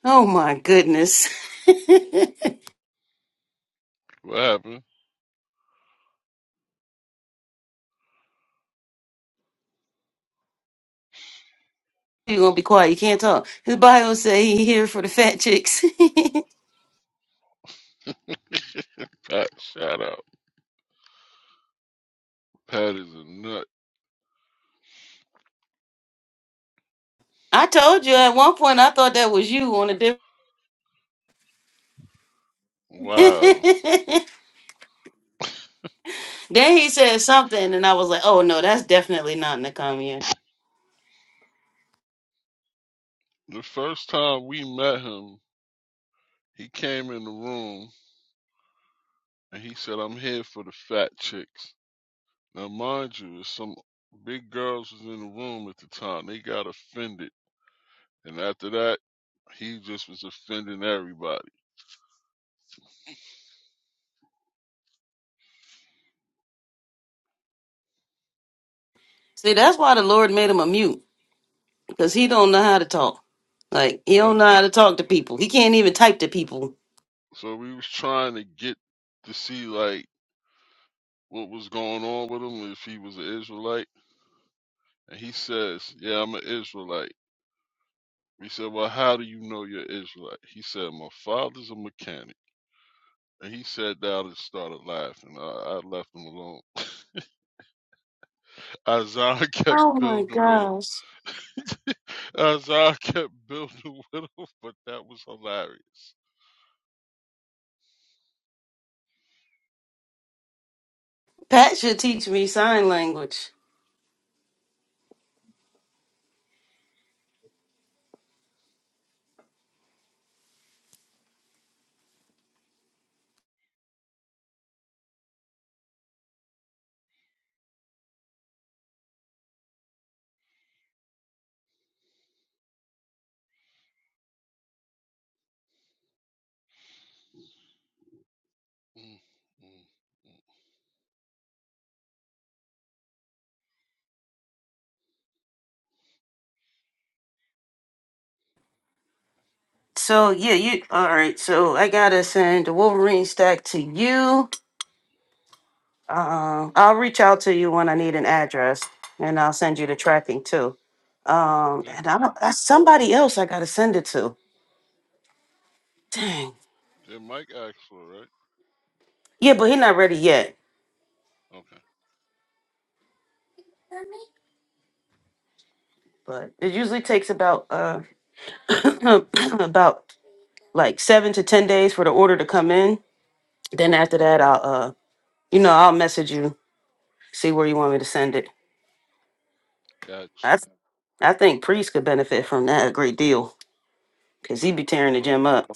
Speaker 2: Oh my goodness. [laughs] You're
Speaker 6: What happened?
Speaker 2: gonna be quiet. You can't talk. His bio say he here for the fat chicks.
Speaker 6: Pat, shout out. Pat is a nut.
Speaker 2: [laughs] I told you at one point I thought that was you on a different.
Speaker 6: Wow.
Speaker 2: [laughs] Then he said something, and I was like, "Oh no, that's definitely not Nakamiya."
Speaker 6: The first time we met him, he came in the room and he said, I'm here for the fat chicks. Now, mind you, there's some big girls was in the room at the time. They got offended. And after that, he just was offending everybody.
Speaker 2: See, that's why the Lord made him a mute because he don't know how to talk. Like he
Speaker 6: Well,
Speaker 2: don't know how to talk to people. He can't even type to people.
Speaker 6: so we was trying to get to see, like, what was going on with him, if he was an Israelite. And he says, yeah, I'm an Israelite. We said, well, how do you know you're Israelite? He said, my father's a mechanic. And he sat down and started laughing. I, I left him alone. [laughs] Azar kept building with him. Azar kept building [laughs] with him, but that was hilarious.
Speaker 2: Pat should teach me sign language.
Speaker 6: Mm, mm.
Speaker 2: So yeah, you all right. So I gotta send the Wolverine stack to you. Uh, I'll reach out to you when I need an address, and I'll send you the tracking too. Um,
Speaker 6: Thank
Speaker 2: and I
Speaker 6: you.
Speaker 2: don't. That's somebody else I gotta send it to. Dang.
Speaker 6: Did Mike ask for it, right?
Speaker 2: Yeah, but he's not ready yet.
Speaker 6: Okay.
Speaker 2: But it usually takes about uh [coughs] about like seven to ten days for the order to come in. Then
Speaker 6: hmm
Speaker 2: after that, I'll uh you know I'll message you see where you want me to send it.
Speaker 6: Gotcha.
Speaker 2: I I think Priest could benefit from that a great deal. Cause he be tearing the
Speaker 6: Oh,
Speaker 2: gym
Speaker 6: yeah.
Speaker 2: up.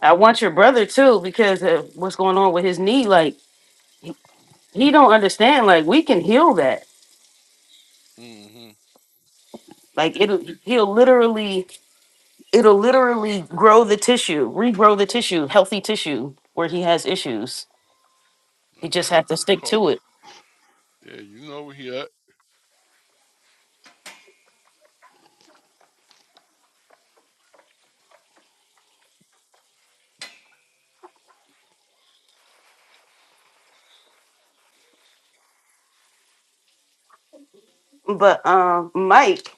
Speaker 2: I want your brother too, because of what's going on with his knee. Like he he don't understand. Like we can heal that.
Speaker 6: Yeah. hmm
Speaker 2: Like it'll he'll literally it'll literally grow the tissue, regrow the tissue, healthy tissue where he has issues. He
Speaker 6: All
Speaker 2: just
Speaker 6: right,
Speaker 2: has to
Speaker 6: we'll
Speaker 2: stick
Speaker 6: call.
Speaker 2: to it.
Speaker 6: Yeah, you know where he at.
Speaker 2: But um, Mike,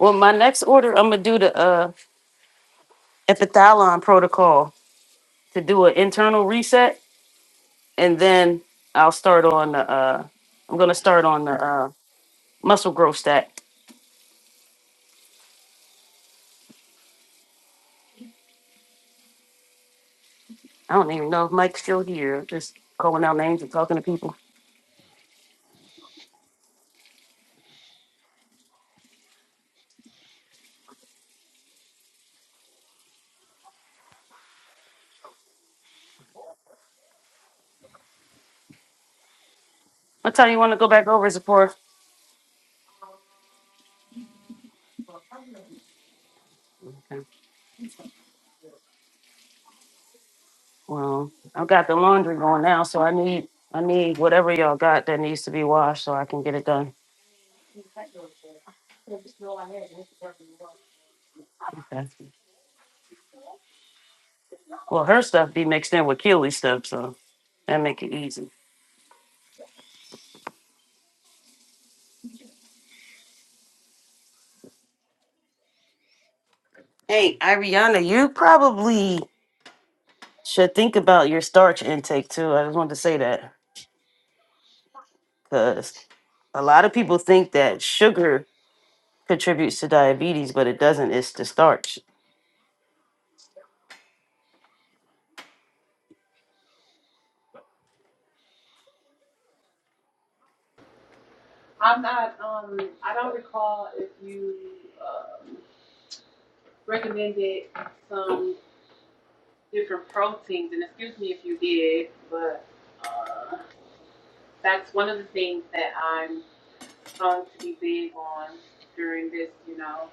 Speaker 2: well, my next order, I'm gonna do the uh epithalon protocol to do an internal reset, and then I'll start on the uh, I'm gonna start on the uh muscle growth stack I don't even know if Mike's still here. Just calling out names and talking to people. What time you want to go back over, Zipporah? Okay. Well, I've got the laundry going now, so I need I need whatever y'all got that needs to be washed so I can get it done. Okay. Well, her stuff be mixed in with Keely's stuff, so that make it easy. Hey, Ariana, you probably should think about your starch intake too. I just wanted to say that because a lot of people think that sugar contributes to diabetes, but it doesn't. It's the starch.
Speaker 7: I'm not, um, I don't recall if you, um, recommended some different proteins, and excuse me if you did, but, uh, that's one of the things that I'm going to be big on during this, you know,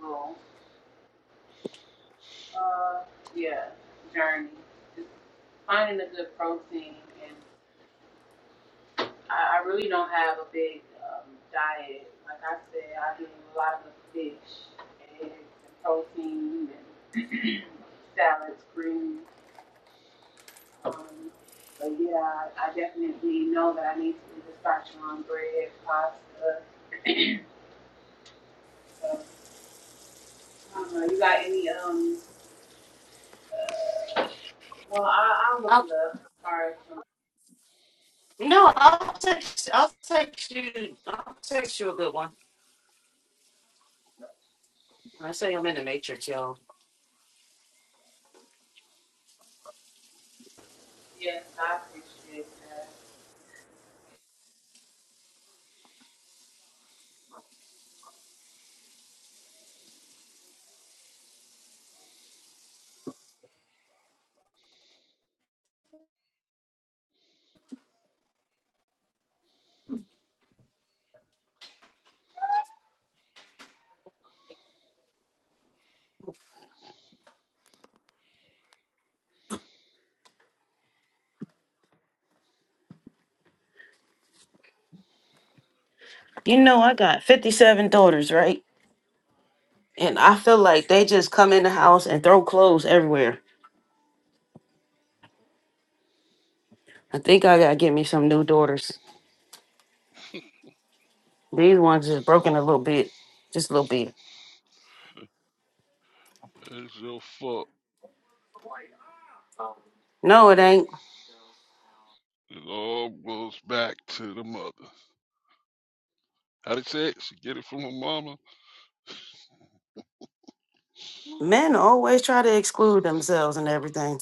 Speaker 7: little, uh, yeah, journey. Just finding a good protein, and I, I really don't have a big um, diet. Like I said, I do a lot of fish, eggs, and protein, and [clears throat] salads, greens. Um, but yeah, I, I definitely know that I need to just start chewing on bread, pasta. [clears throat] um, I don't know. You got any? Um. Uh, well, I, I'll look it up. as far as some-
Speaker 2: No,
Speaker 7: yeah.
Speaker 2: I'll text. I'll text you. I'll text you a good one. I say I'm in the matrix, y'all.
Speaker 7: Yes, I appreciate that.
Speaker 2: You know, I got 57 daughters, right? And I feel like they just come in the house and throw clothes everywhere. I think I gotta get me some new daughters. These ones is broken a little bit, just a little bit.
Speaker 6: It's your fault.
Speaker 2: No, it ain't.
Speaker 6: It all goes back to the mother. How they say it? She get it from her mama.
Speaker 2: Men always try to exclude themselves and everything.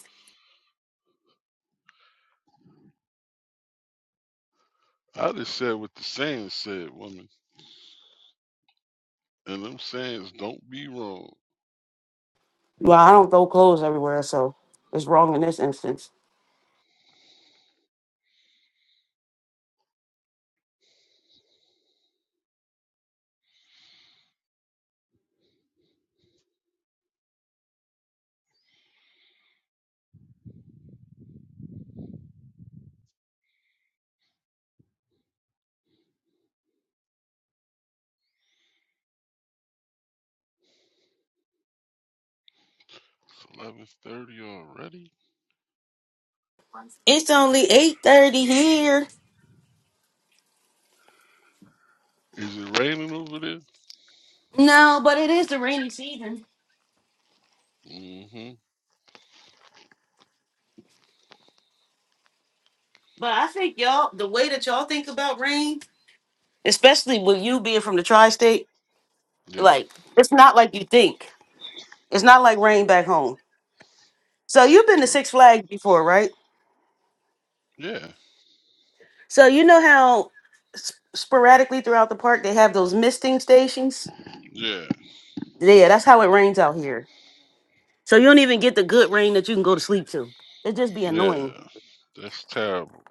Speaker 6: I just said what the saying said, woman. And them sayings don't be wrong.
Speaker 2: Well, I don't throw clothes everywhere, so it's wrong in this instance.
Speaker 6: It's eleven thirty already.
Speaker 2: It's only 8:30 here.
Speaker 6: Is it raining over there? Mm-hmm.
Speaker 2: But I think y'all, the way that y'all think about rain. especially with you being from the tri-state.
Speaker 6: Yeah.
Speaker 2: Like it's not like you think. It's not like rain back home. So you've been to
Speaker 6: Uh,
Speaker 2: Six Flags before, right?
Speaker 6: yeah.
Speaker 2: So you know how sp- sporadically throughout the park they have those misting stations.
Speaker 6: Yeah.
Speaker 2: Yeah, that's how it rains out here. So you don't even get the good rain that you can go to sleep to. It just be
Speaker 6: Yeah.
Speaker 2: annoying.
Speaker 6: That's terrible.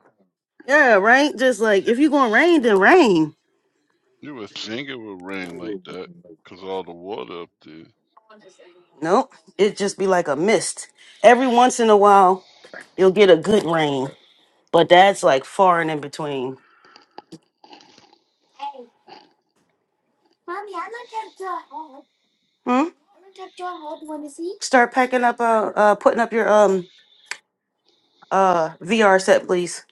Speaker 2: Yeah, right. Just like if you're going to rain, then rain.
Speaker 6: You would think it would rain like that, 'cause all the water up there.
Speaker 2: Nope, it just be like a mist. Every once in a while, you'll get a good rain, but that's like far and in between. Hmm? Start packing up, uh, uh, putting up your um uh VR set, please.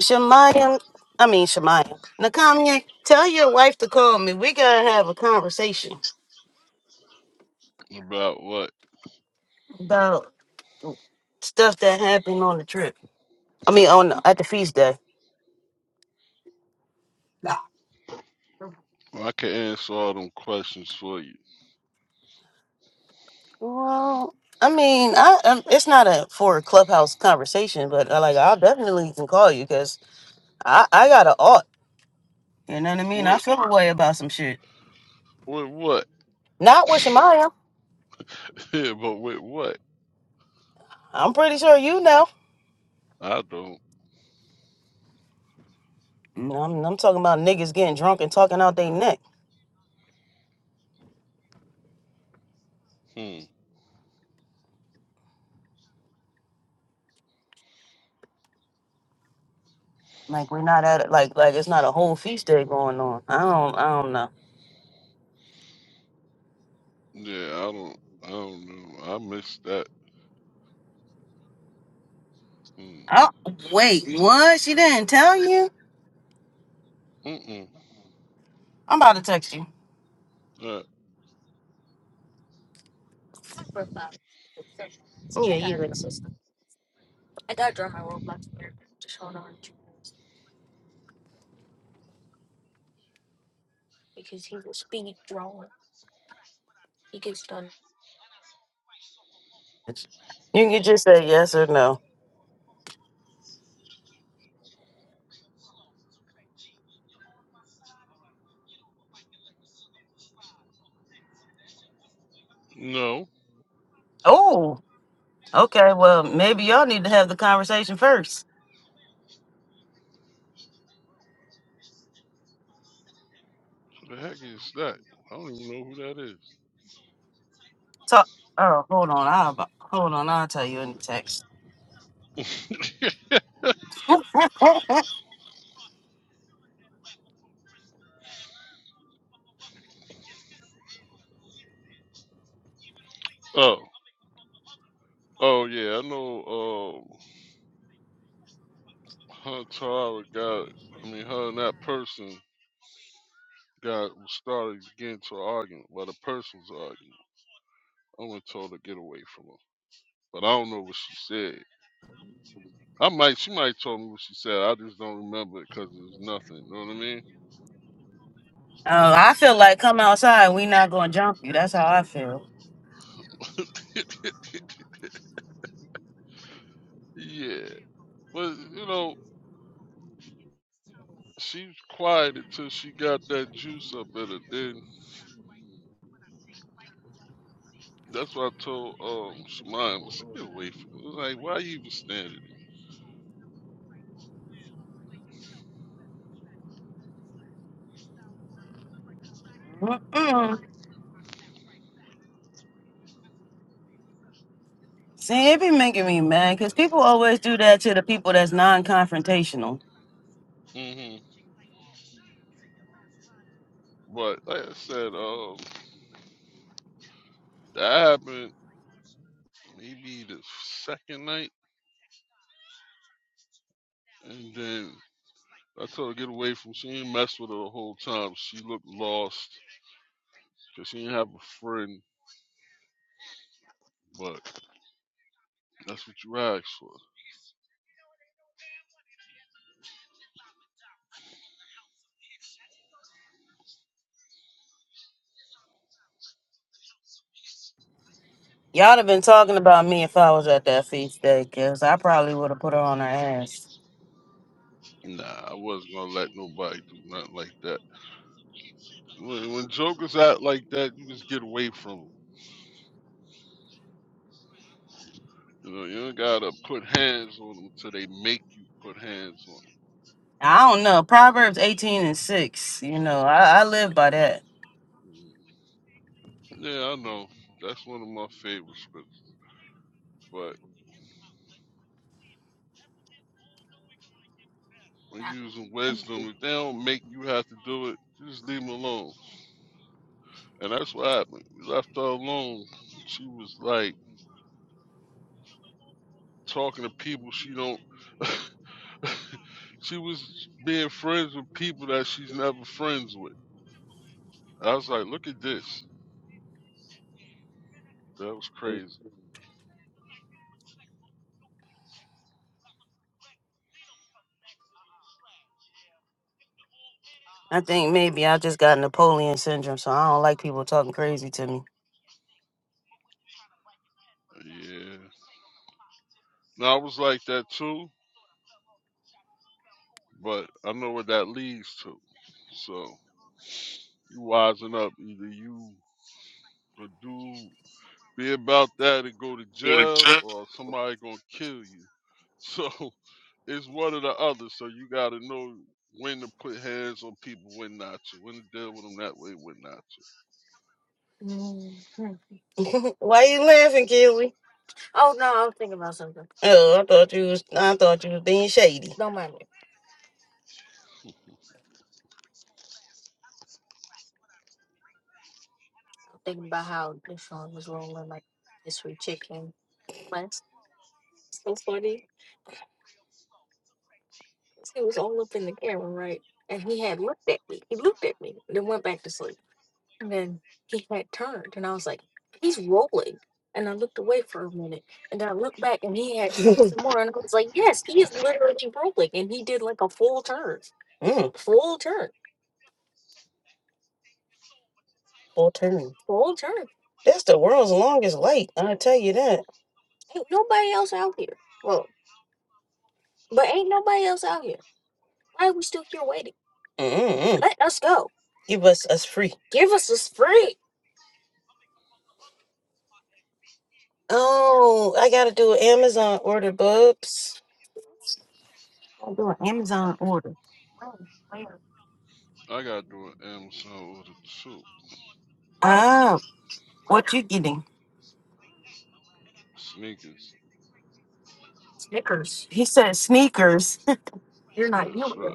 Speaker 2: Shemayam, I mean Shemayam. Nakamye, tell your wife to call me. We gotta have a conversation
Speaker 6: About what?
Speaker 2: about stuff that happened on the trip. I mean, on at the feast day.
Speaker 6: Well, I can answer all them questions for you.
Speaker 2: I mean, I, um it's not a for a clubhouse conversation, but uh, like I'll definitely can call you because I I got a ought. You know what I mean? I
Speaker 6: With
Speaker 2: feel a way about some shit.
Speaker 6: with what?
Speaker 2: Not with Shemayam.
Speaker 6: [laughs] yeah, but with what?
Speaker 2: I'm pretty sure you know.
Speaker 6: I don't.
Speaker 2: No, I'm, I'm talking about niggas getting drunk and talking out their neck.
Speaker 6: Hmm.
Speaker 2: Like we're not at it. Like like it's not a whole feast day going on. I don't I don't know.
Speaker 6: Yeah, I don't. I don't know. I missed that. Hmm.
Speaker 2: Oh wait, what? She didn't tell you?
Speaker 6: Mm-mm.
Speaker 2: I'm about to text you.
Speaker 6: That
Speaker 2: You can just say yes or no.
Speaker 6: No,
Speaker 2: Oh, okay. Well, maybe y'all need to have the conversation first.
Speaker 6: who the heck is that? I don't even know who that is.
Speaker 2: Talk. Oh, hold on. I'll hold on. I'll tell you in the text. [laughs] oh,
Speaker 6: Oh, oh yeah, I know. Um, her Tara got. I mean, her and that person got started getting to an argument. Well, the person was arguing. I went told her to get away from her. but I don't know what she said. I might, she might told me what she said. I just don't remember it because it was nothing. You know what I mean?
Speaker 2: I feel like come outside. We not gonna jump you. That's how I feel.
Speaker 6: [laughs] Yeah, but you know, she was quiet until she got that juice up in her. Then that's what I told um Shemaya. I said, Get away from her. Like, why you even standing
Speaker 2: Mm-mm. See, it be making me mad because people always do that to the people that's non-confrontational.
Speaker 6: there? hmm But like I said, um, that happened maybe the second night, and then I told her get away from. She didn't mess with her the whole time. She looked lost because she didn't have a friend. But That's what you asked for.
Speaker 2: Y'all have been talking about me if I was at that feast day, cause I probably would have put her on her ass.
Speaker 6: Nah, I wasn't gonna let nobody do nothing like that. When, when jokers act like that, you just get away from them. You know, you don't gotta put hands on them till they make you put hands on
Speaker 2: I don't know. Proverbs eighteen and six. You know, I, I live by that.
Speaker 6: them. Yeah, I know. That's one of my favorite scripts. But when you're using wisdom, if they don't make you have to do it, you just leave them alone. And that's what happened. We left her alone. She was like talking to people she don't. [laughs] she was being friends with people that she's never friends with. I was like, look at this. That was crazy.
Speaker 2: I think maybe I just got Napoleon syndrome, so I don't like people talking crazy to me.
Speaker 6: Yeah. Now I was like that too, but I know what that leads to. So you wising up. Either you a dude be about that and go to jail, or somebody gonna kill you. So [laughs] it's one or the other. So you gotta know when to put hands on people, when not to, when to deal with them that way, when not to.
Speaker 2: [laughs] Why you laughing, Kelly? Oh, I thought you was. I thought you was being shady. Mm, full turn. Full turn. That's the world's longest light. I tell you that. Mm-mm-mm. Give us us free. Oh, I gotta do an Amazon order, Bubs. I do an Amazon order.
Speaker 6: I gotta do an Amazon order too.
Speaker 2: Ah, what you getting?
Speaker 6: Sneakers.
Speaker 2: He said sneakers.
Speaker 6: That's right.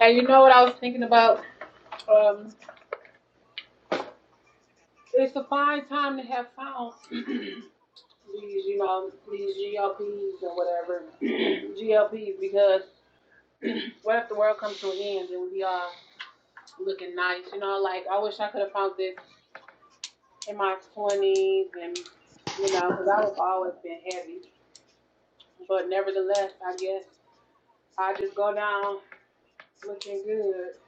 Speaker 7: And you know what I was thinking about? Um, it's a fine time to have found these, you know, these GLPs and whatever [clears throat] GLPs because what if the world comes to an end and we are looking nice? You know, like I wish I could have found this in my twenties and you know, because I I've always been heavy. But nevertheless, I guess I just go down Looking good.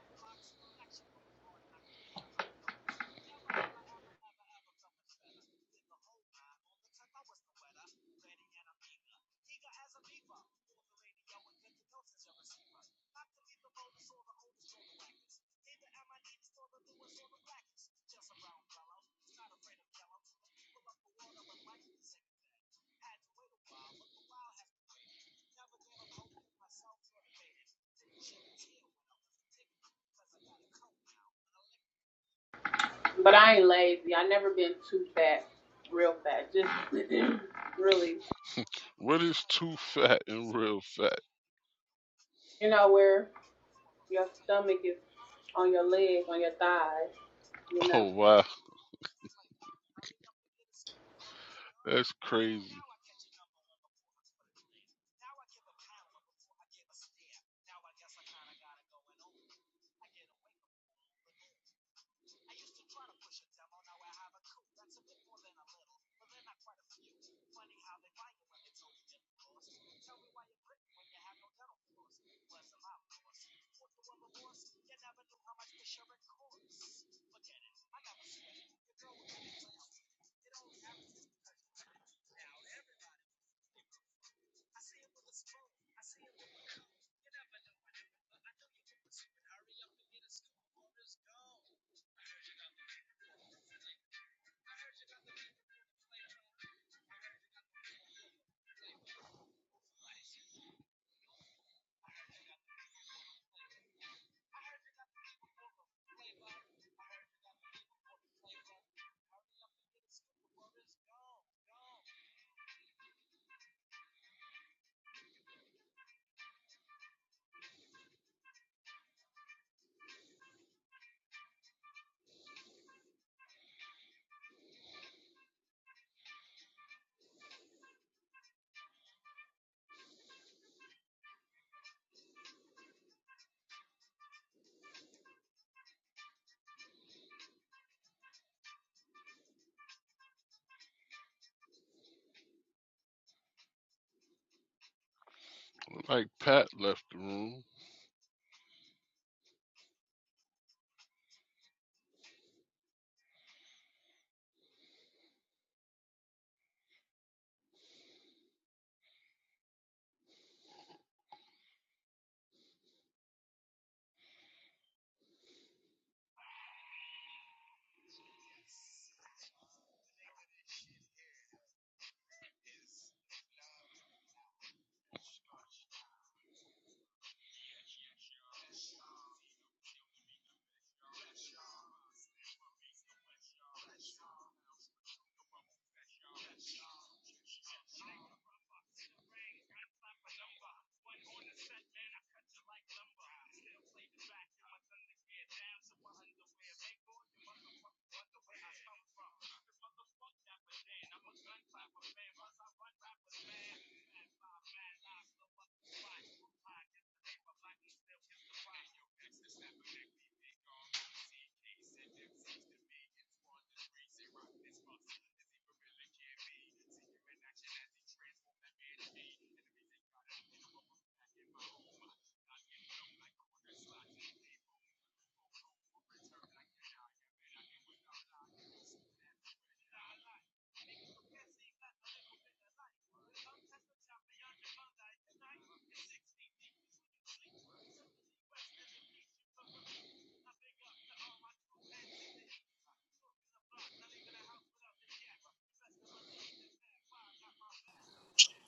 Speaker 7: But I ain't lazy. I never been too fat, real fat. Just [clears throat] really,
Speaker 6: What is too fat and real fat? [laughs]
Speaker 7: you know, where your stomach is on your legs, on your thighs, you know.
Speaker 6: Oh wow, that's crazy. Like Pat left the room.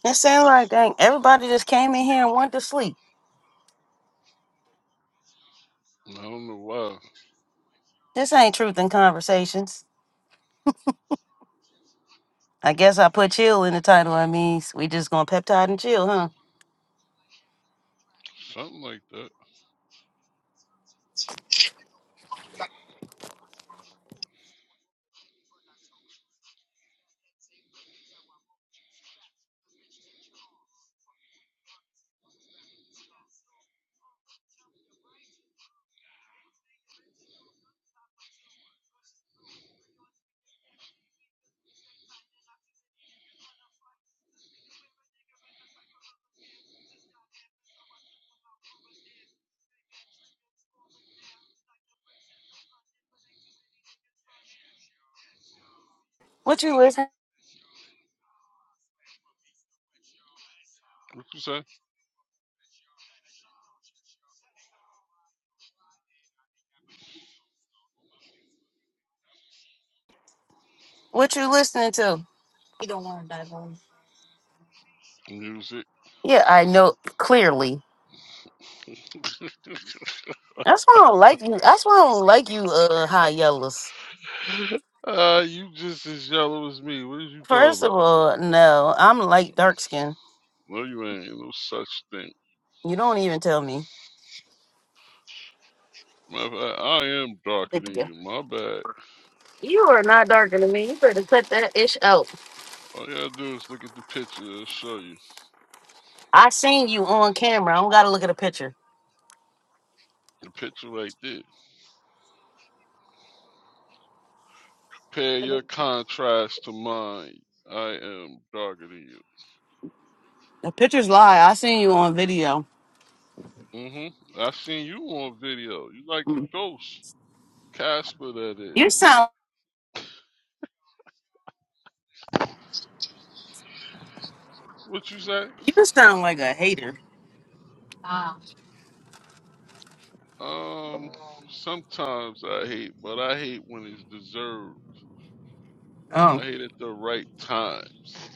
Speaker 2: It sounds like dang, everybody just came in here and went to sleep.
Speaker 6: I don't know why.
Speaker 2: This ain't truth in conversations. I guess I put chill in the title. That means we just gonna peptide and chill, huh?
Speaker 6: Something like that.
Speaker 2: What you listen?
Speaker 6: What you say?
Speaker 2: What you listening to?
Speaker 6: Music.
Speaker 2: Yeah, I know clearly.
Speaker 6: [laughs]
Speaker 2: That's why I don't like you. That's why I don't like you, uh, high yellows.
Speaker 6: uh, you just as yellow as me. What are you talking
Speaker 2: First of
Speaker 6: about?
Speaker 2: all, no, I'm light dark skin.
Speaker 6: No, you ain't. No such thing.
Speaker 2: You don't even tell me.
Speaker 6: Matter of fact, I am darker than you. My bad. All you gotta do is look at the picture. It'll show you
Speaker 2: I seen you on camera. I don't gotta look at a picture.
Speaker 6: the picture right there. Compare your contrast to mine. I am darker than you.
Speaker 2: The pictures lie. I seen you on video.
Speaker 6: Mm-hmm. I seen you on video. You like the ghost, Casper. That is.
Speaker 2: You sound
Speaker 6: What you say?
Speaker 2: you sound like a hater.
Speaker 6: Um. Sometimes I hate, but I hate when it's deserved.
Speaker 2: Oh.
Speaker 6: I hate at the right times.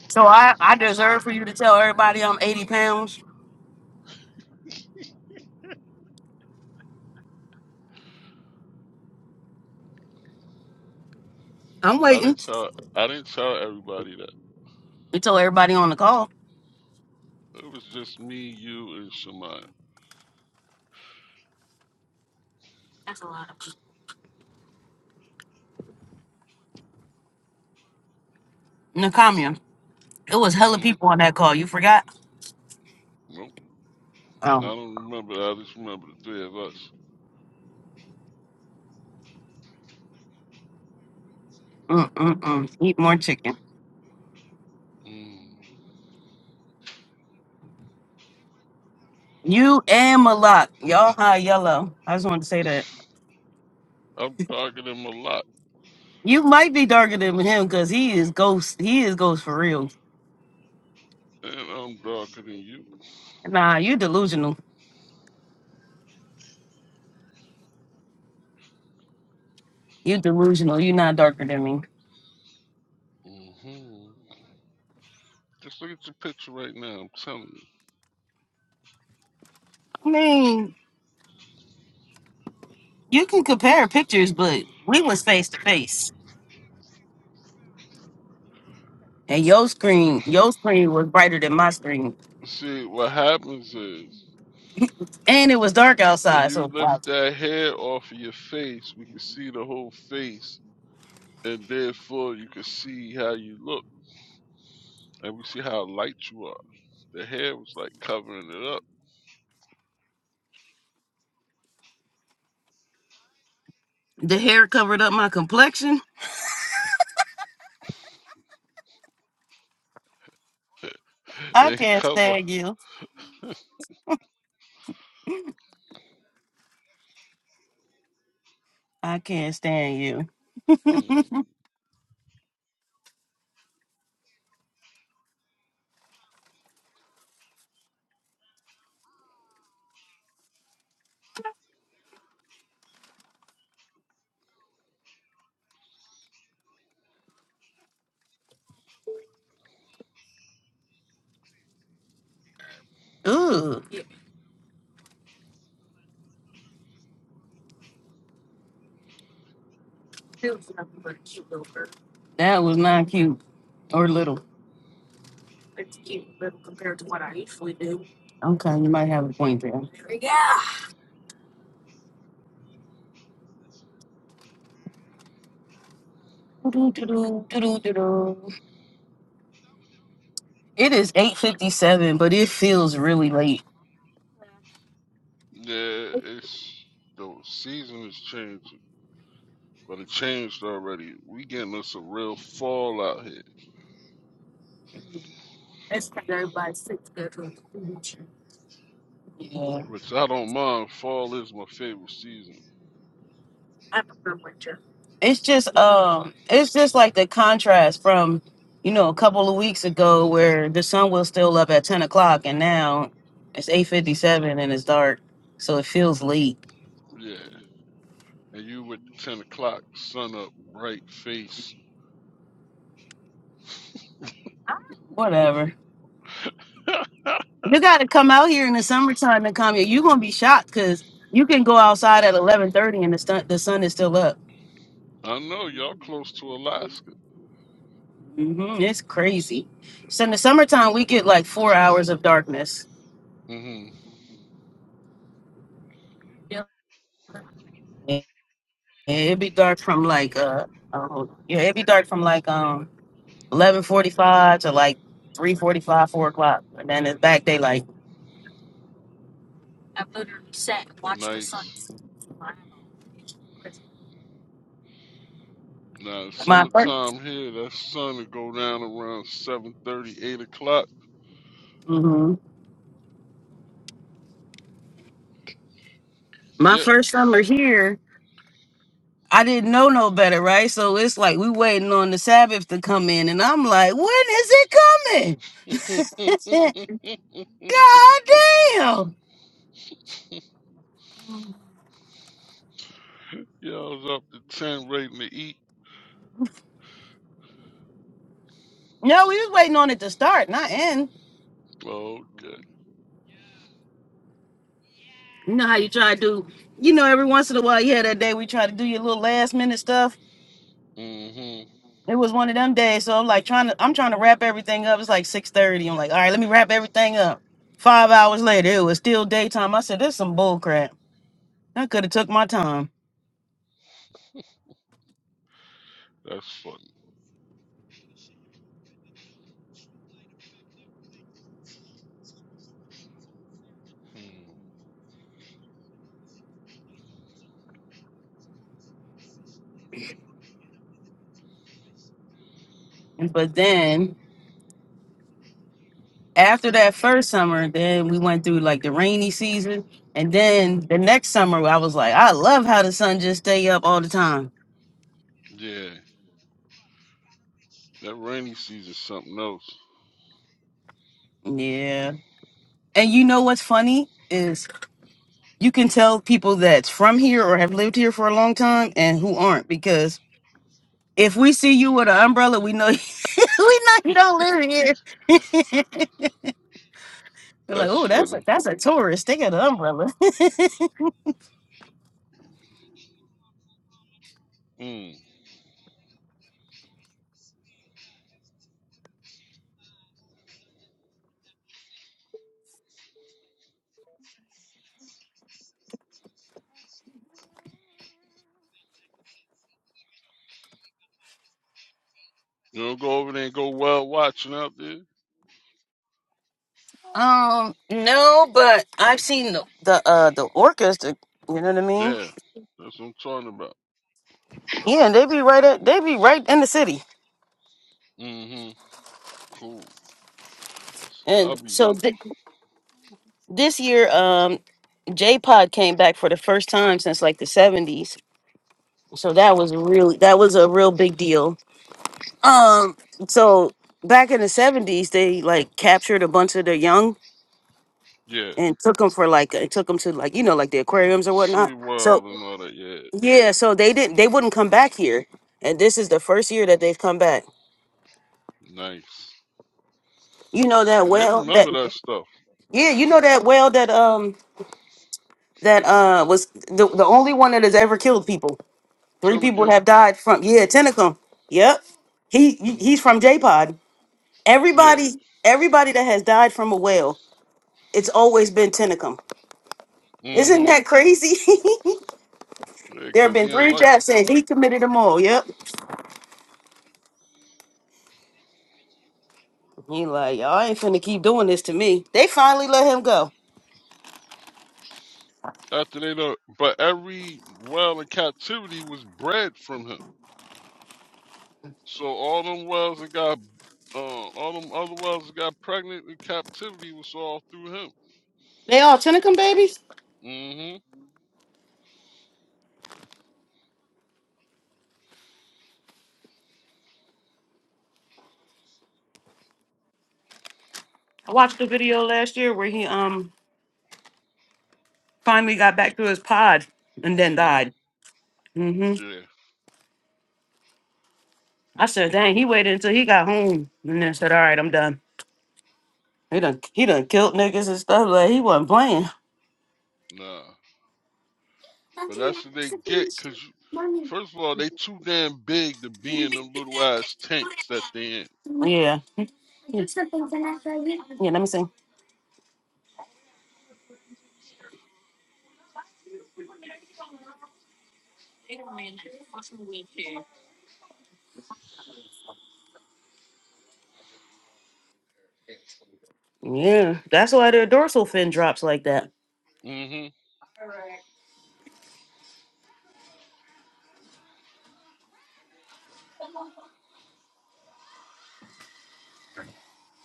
Speaker 2: So I, I deserve for you to tell everybody I'm 80 pounds. I'm
Speaker 6: I
Speaker 2: waiting.
Speaker 6: didn't tell. I didn't tell everybody that.
Speaker 2: You tell everybody on the call.
Speaker 6: It was just me, you, and Shemaya.
Speaker 2: Nakamia. It was hella
Speaker 6: Hmm.
Speaker 2: people on that call. You forgot?
Speaker 6: Nope. I don't remember. I just remember the three of us.
Speaker 2: Mm-mm-mm. Eat more chicken.
Speaker 6: Mm.
Speaker 2: You and Malak. Y'all high yellow. I just wanted to say that.
Speaker 6: I'm darker than Malak,
Speaker 2: You might be darker than him because he is ghost. He is ghost for real.
Speaker 6: and I'm darker than you.
Speaker 2: Nah, you delusional. You delusional. you not darker than me.
Speaker 6: hmm Just look at your picture right now. I'm telling you.
Speaker 2: I mean, you can compare pictures, but we was face to face. And your screen, your screen was brighter than my screen.
Speaker 6: See, what happens is
Speaker 2: And it was dark
Speaker 6: if
Speaker 2: outside.
Speaker 6: you
Speaker 2: So
Speaker 6: lift
Speaker 2: like,
Speaker 6: that hair off of your face, we can see the whole face, and therefore you can see how you look, and we see how light you are. The hair was like covering it up.
Speaker 2: the hair covered up my complexion.
Speaker 6: [laughs]
Speaker 2: I
Speaker 6: It
Speaker 2: can't
Speaker 6: cover.
Speaker 2: stand you. I can't stand you.
Speaker 6: Hmm.
Speaker 2: Ooh, that was not cute or little. Okay, you might have a point there. Doo-doo-doo-doo, doo-doo-doo-doo. It is 8.57, but it feels really late.
Speaker 6: Yeah, it's the season is changing. but it changed already. We getting us a real fall out here, which I don't mind. Fall is my favorite season.
Speaker 2: it's just um it's just like the contrast from you know a couple of weeks ago where the sun was still up at 10 o'clock and now it's 8.57 and it's dark so it feels late
Speaker 6: Yeah, and you with the ten o'clock sun up, bright face.
Speaker 2: whatever you gotta come out here in the summertime and come here you're gonna be shocked because you can go outside at 11.30 and the, sun the sun is still up
Speaker 6: I know y'all close to Alaska.
Speaker 2: hmm it's crazy so in the summertime we get like four hours of darkness
Speaker 6: hmm
Speaker 2: it, it'd be dark from like uh oh, yeah it'd be dark from like um eleven forty five to like three forty five, four o'clock, and then it's back daylight.
Speaker 6: Nice. Now
Speaker 2: My
Speaker 6: summertime here, that sun will go down around seven thirty, eight o'clock.
Speaker 2: 1st my
Speaker 6: Yep.
Speaker 2: first summer here, I didn't know no better, right? So it's like we waiting on the Sabbath to come in, and I'm like, when is it coming?
Speaker 6: [laughs]
Speaker 2: [laughs] God damn!
Speaker 6: Y'all's up to ten, ready to eat.
Speaker 2: No, we was waiting on it to start, not end.
Speaker 6: Okay.
Speaker 2: You know how you try to do. You know, every once in a while, yeah, that day we try to do your little last minute stuff
Speaker 6: hmm
Speaker 2: It was one of them days, so I'm like trying to I'm trying to wrap everything up. It's like 6:30. I'm like, all right, let me wrap everything up. Five hours later, it was still daytime. I said, this some bull crap. I could have took my time.
Speaker 6: That's funny. Hmm.
Speaker 2: But then after that first summer, then we went through like the rainy season. And then the next summer, I was like, I love how the sun just stay up all the time.
Speaker 6: Yeah, that rainy season's something else.
Speaker 2: Yeah. And you know what's funny is you can tell people that's from here or have lived here for a long time and who aren't because If we see you with an umbrella, we know [laughs] we know you don't live here. [laughs] We're like,
Speaker 6: That's
Speaker 2: oh, that's a
Speaker 6: funny.
Speaker 2: that's a tourist. They got an umbrella. [laughs]
Speaker 6: Mm. You'll go over there and go well watching out there?
Speaker 2: um, no, but I've seen the the, uh, the orcas. The, you know what I mean?
Speaker 6: Yeah. That's what I'm talking about.
Speaker 2: Yeah, and they be right at they be right in the city.
Speaker 6: Mm-hmm. Cool. I'll
Speaker 2: And
Speaker 6: be
Speaker 2: so
Speaker 6: doing
Speaker 2: th- this year, um, J Pod came back for the first time since like the seventies. So that was really that was a real big deal. Um, so back in the seventies, they like captured a bunch of the young
Speaker 6: yeah.
Speaker 2: and took them for like it took them to like you know like the aquariums or
Speaker 6: Sea
Speaker 2: whatnot. So
Speaker 6: World and all that, yeah.
Speaker 2: yeah, so they didn't they wouldn't come back here, and this is the first year that they've come back.
Speaker 6: Nice.
Speaker 2: You know that
Speaker 6: Cause they
Speaker 2: whale that
Speaker 6: remember that stuff.
Speaker 2: yeah you know that whale that um that uh was the the only one that has ever killed people. Three
Speaker 6: Tell
Speaker 2: people
Speaker 6: again.
Speaker 2: have died from yeah Tentacum. Yep, he he-
Speaker 6: Mm.
Speaker 2: he's from J Pod.
Speaker 6: Yeah.
Speaker 2: Everybody everybody that has died from a whale, it's always been Tentacum. Isn't
Speaker 6: Mm-hmm.
Speaker 2: that crazy? [laughs]
Speaker 6: Yeah,
Speaker 2: there have
Speaker 6: cause
Speaker 2: been
Speaker 6: he ain't
Speaker 2: three
Speaker 6: like
Speaker 2: deaths and he committed them all. Yep. He like, y'all ain't finna keep doing this to me. They finally let him go.
Speaker 6: after they know but every well in captivity was bred from him. So all them wells that got uh, all them other wells that got pregnant in captivity was all through him.
Speaker 2: They all tenacum babies.
Speaker 6: Mm-hmm.
Speaker 2: I watched the video last year where he um finally got back to his pod and then
Speaker 6: hmm
Speaker 2: died. hmm
Speaker 6: Yeah,
Speaker 2: I said, dang, he waited until he got home and then said, all right, I'm done. He done he done killed niggas and stuff. Like he wasn't playing.
Speaker 6: nah. But that's what they get, cause first of all, they too damn big to be in them little ass tanks that they
Speaker 2: Yeah. Yeah, Yeah, let me see. Yeah, that's why their dorsal fin drops like that.
Speaker 6: in.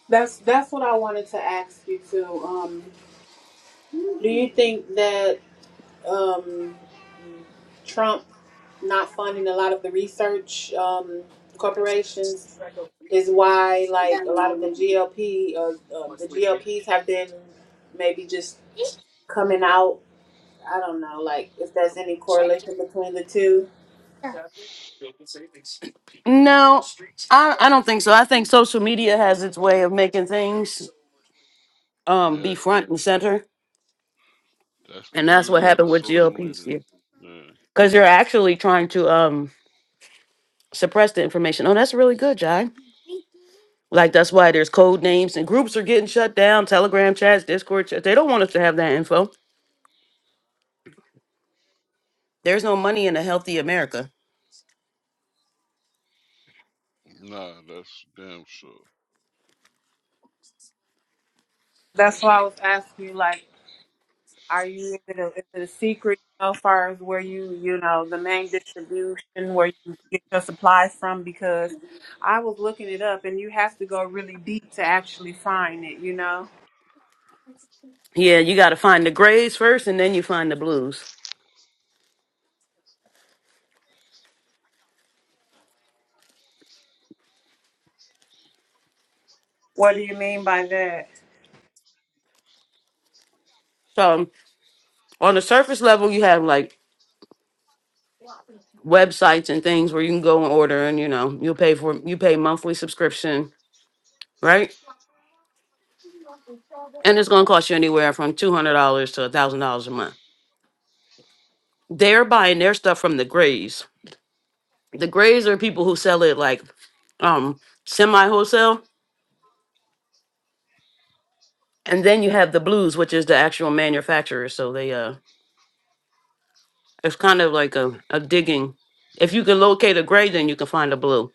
Speaker 7: That's that's what I wanted to ask you too. Um, do you think that um, Trump not funding a lot of the research um, corporations is why like a lot of the GLP uh, um, the GLPs have been maybe just coming out I don't know, like if there's any correlation between the two.
Speaker 2: No, I, I don't think so. I think social media has its way of making things.
Speaker 6: hmm
Speaker 2: um
Speaker 6: Yeah,
Speaker 2: be front and center
Speaker 6: that's the
Speaker 2: and that's what
Speaker 6: beauty of the
Speaker 2: happened with
Speaker 6: social
Speaker 2: glps
Speaker 6: media.
Speaker 2: here
Speaker 6: Yeah.
Speaker 2: because you're actually trying to um suppress the information oh that's really good jai like that's why there's code names and groups are getting shut down telegram chats discord chats they don't want us to have that info there's no money in a healthy america
Speaker 6: Nah, that's damn sure.
Speaker 7: That's why I was asking you, like, are you is it a, is it a secret you know, as far as where you you know the main distribution where you get your supplies from? Because I was looking it up, and you have to go really deep to actually find it. You know,
Speaker 2: yeah you got to find the grays first and then you find the blues
Speaker 7: what do you mean by that?
Speaker 2: so um, on the surface level you have like websites and things where you can go and order and you know you'll pay for you pay monthly subscription right and it's going to cost you anywhere from two hundred dollars to a thousand dollars a month. They're buying their stuff from the Grays. The Grays are people who sell it like um semi wholesale, and then you have the Blues, which is the actual manufacturer. So they uh, it's kind of like a, a digging. If you can locate a Gray, then you can find a Blue.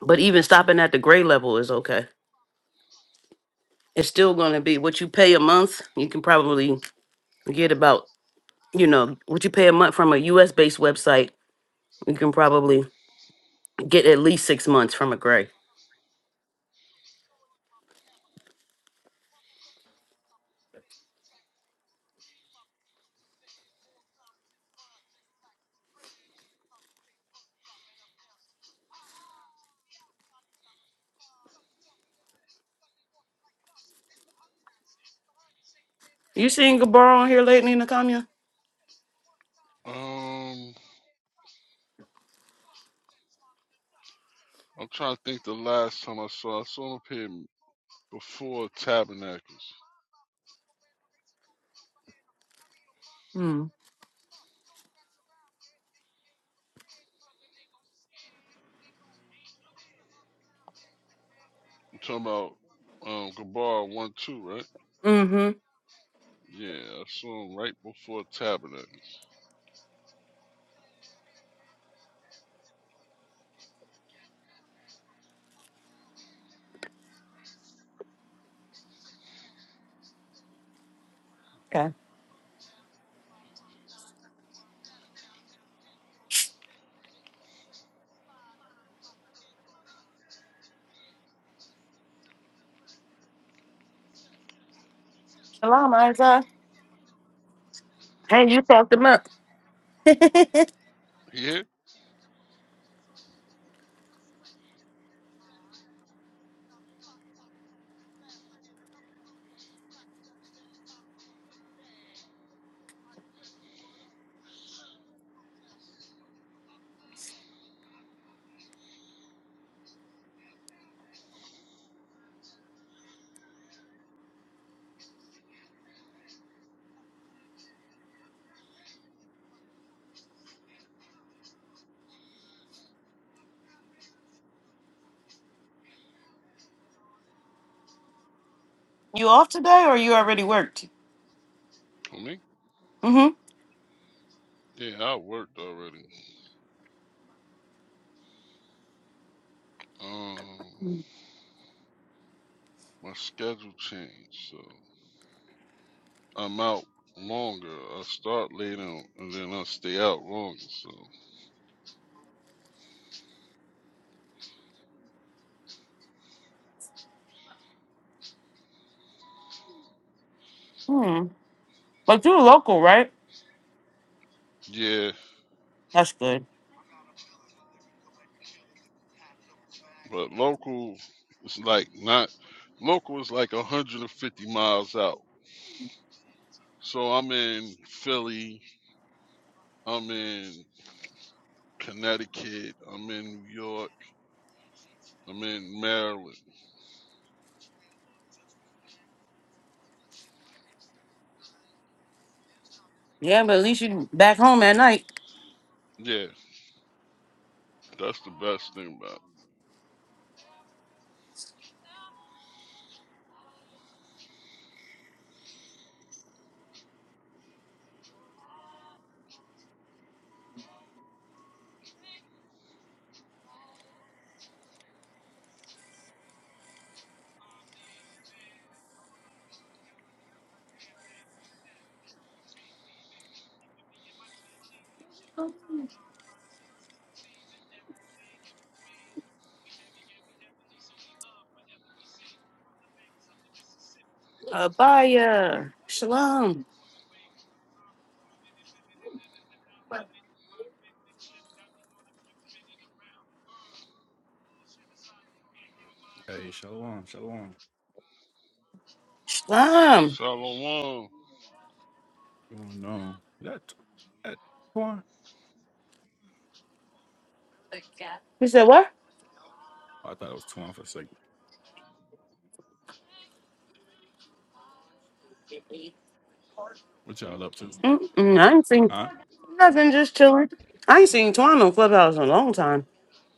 Speaker 2: But even stopping at the Gray level is okay. It's still going to be what you pay a month. You can probably get about you know what you pay a month from a U.S. based website. You can probably Get at least six months from a gray. You seen Gabar on here lately, Nakamiya?
Speaker 6: Um, I'm trying to think the last time I saw I saw him here before Tabernacles.
Speaker 2: Mm.
Speaker 6: I'm talking about um Gabar one two, right?
Speaker 2: Mm-hmm.
Speaker 6: Yeah, I saw him right before Tabernacles.
Speaker 2: Okay. Shalom, Isaiah. Hey, you talked him up.
Speaker 6: Yeah,
Speaker 2: You off today or you already worked?
Speaker 6: for me?
Speaker 2: Mm-hmm.
Speaker 6: Yeah, I worked already. Um, my schedule changed, so I'm out longer. I start later on, and then I stay out longer. So
Speaker 2: Hmm. But you're local, right?
Speaker 6: yeah,
Speaker 2: That's good.
Speaker 6: but local is like not local is like 150 miles out. So I'm in Philly, I'm in Connecticut, I'm in New York, I'm in Maryland.
Speaker 2: Yeah, but at least you back home at night.
Speaker 6: Yeah, that's the best thing about it.
Speaker 2: Abaya. Shalom.
Speaker 9: Hey, shalom, shalom.
Speaker 2: Shalom.
Speaker 6: Shalom.
Speaker 9: What's going on? Is that that Twan?
Speaker 2: You said what?
Speaker 9: Oh, I thought it was Twan for a second. What y'all up to?
Speaker 2: Mm-mm, I ain't seen
Speaker 9: Huh?
Speaker 2: nothing, just chilling. I ain't seen Twan on Clubhouse in a long time.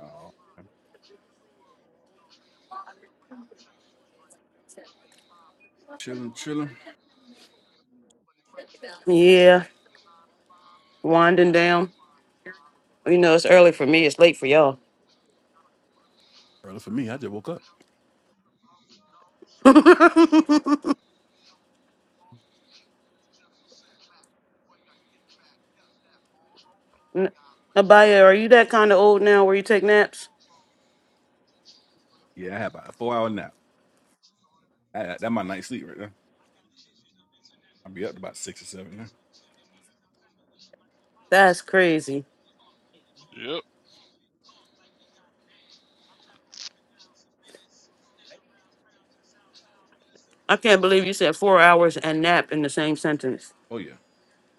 Speaker 9: Oh, I'm chilling, chilling.
Speaker 2: Yeah, winding down. You know, it's early for me. It's late for y'all.
Speaker 9: Brother, for me, I just woke up.
Speaker 2: [laughs] N- Abaya, are you that kind of old now where you take naps?
Speaker 9: Yeah, I had about a four hour nap. That, that my night sleep right there. I'll be up to about six or seven. Now.
Speaker 2: That's crazy.
Speaker 6: Yep,
Speaker 2: I can't believe you said four hours and nap in the same sentence.
Speaker 9: Oh yeah,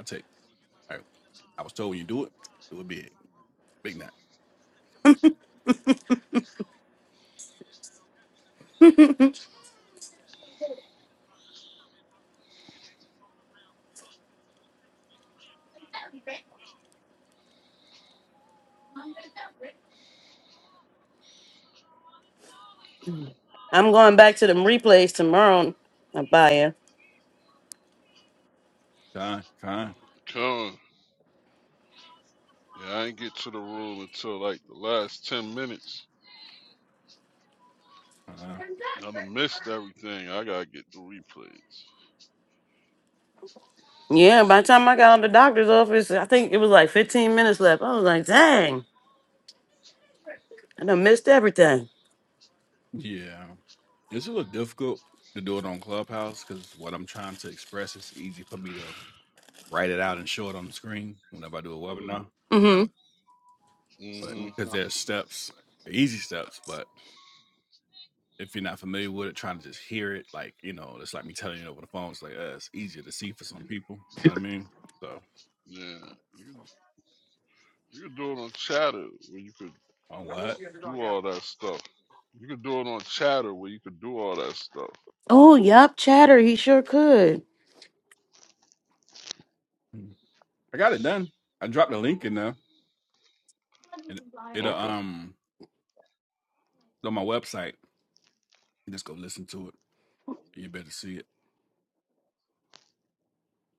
Speaker 9: I take. All right. I was told when you do it, do it big. Big Mac.
Speaker 2: I'm going back to them replays tomorrow, Abaya.
Speaker 9: Kind, kind,
Speaker 6: Con. Yeah, I didn't get to the room until like the last 10 minutes.
Speaker 9: kind.
Speaker 6: I done missed everything. I gotta get the replays.
Speaker 2: Yeah, by the time I got out of the doctor's office, I think it was like 15 minutes left. I was like, dang, I done missed everything.
Speaker 9: Yeah. It's a little difficult to do it on Clubhouse because what I'm trying to express is easy for me to write it out and show it on the screen whenever I do a webinar.
Speaker 2: Mm-hmm.
Speaker 9: But
Speaker 6: hmm
Speaker 9: because there's steps, they're easy steps, but if you're not familiar with it, trying to just hear it, like you know, it's like me telling you over the phone. It's like uh, it's easier to see for some people. You know what I mean? So
Speaker 6: Yeah. You, could- you could do it on chatter where you could
Speaker 9: on what?
Speaker 6: do all that stuff. You could do it on chatter where you could do all that stuff.
Speaker 2: Oh, yup, chatter. He sure could.
Speaker 9: I got it done. I dropped the link in there, and it uh,
Speaker 6: Okay.
Speaker 9: um it's on my website. You just go listen to it. You better see it.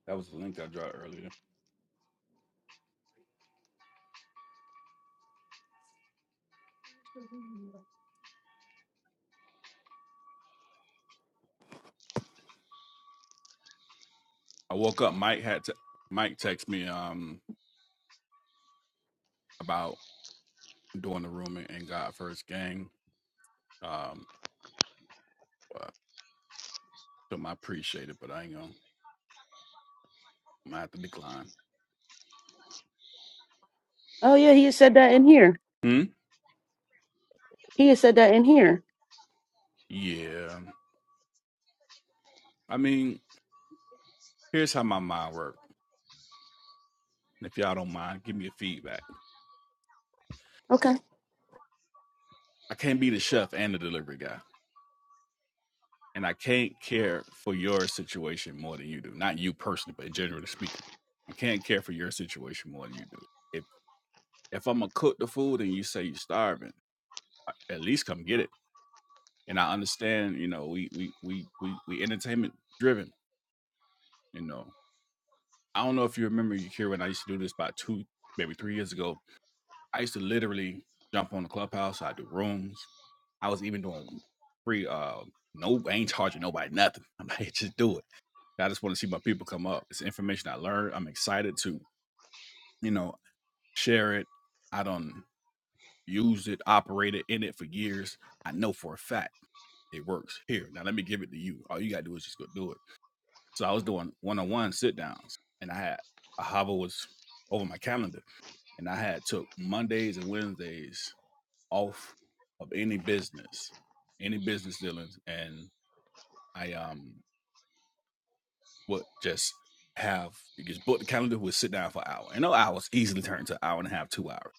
Speaker 9: That was the link I dropped earlier. I woke up. Mike had to. Mike text me um about doing the room and God first gang. Um, uh, so I appreciate it, but I ain't gonna. I have to decline.
Speaker 2: Oh, yeah, he had said that in here.
Speaker 9: Hmm.
Speaker 2: He had said that in here.
Speaker 9: Yeah. I mean, Here's how my mind works. If y'all don't mind, give me a feedback. I can't be the chef and the delivery guy. And I can't care for your situation more than you do. Not you personally, but generally speaking. I can't care for your situation more than you do. If if I'm gonna cook the food and you say you're starving, at least come get it. And I understand, you know, we we we we we entertainment driven, you know. I don't know if you remember you here when I used to do this about two, maybe three years ago. I used to literally jump on the clubhouse, I do rooms, I was even doing free. Uh, no, I ain't charging nobody nothing. [laughs] I'm like, just do it. I just want to see my people come up. It's information I learned. I'm excited to, you know, share it. I don't use it, operated in it for years. I know for a fact it works. Here, now let me give it to you. All you gotta do is just go do it. So I was doing one-on-one sit downs, and I had Ahava was over my calendar, and I had took Mondays and Wednesdays off of any business, any business dealings, and I um would just have you just book the calendar, we'll sit down for an hour. And no hours easily turn to an hour and a half, two hours,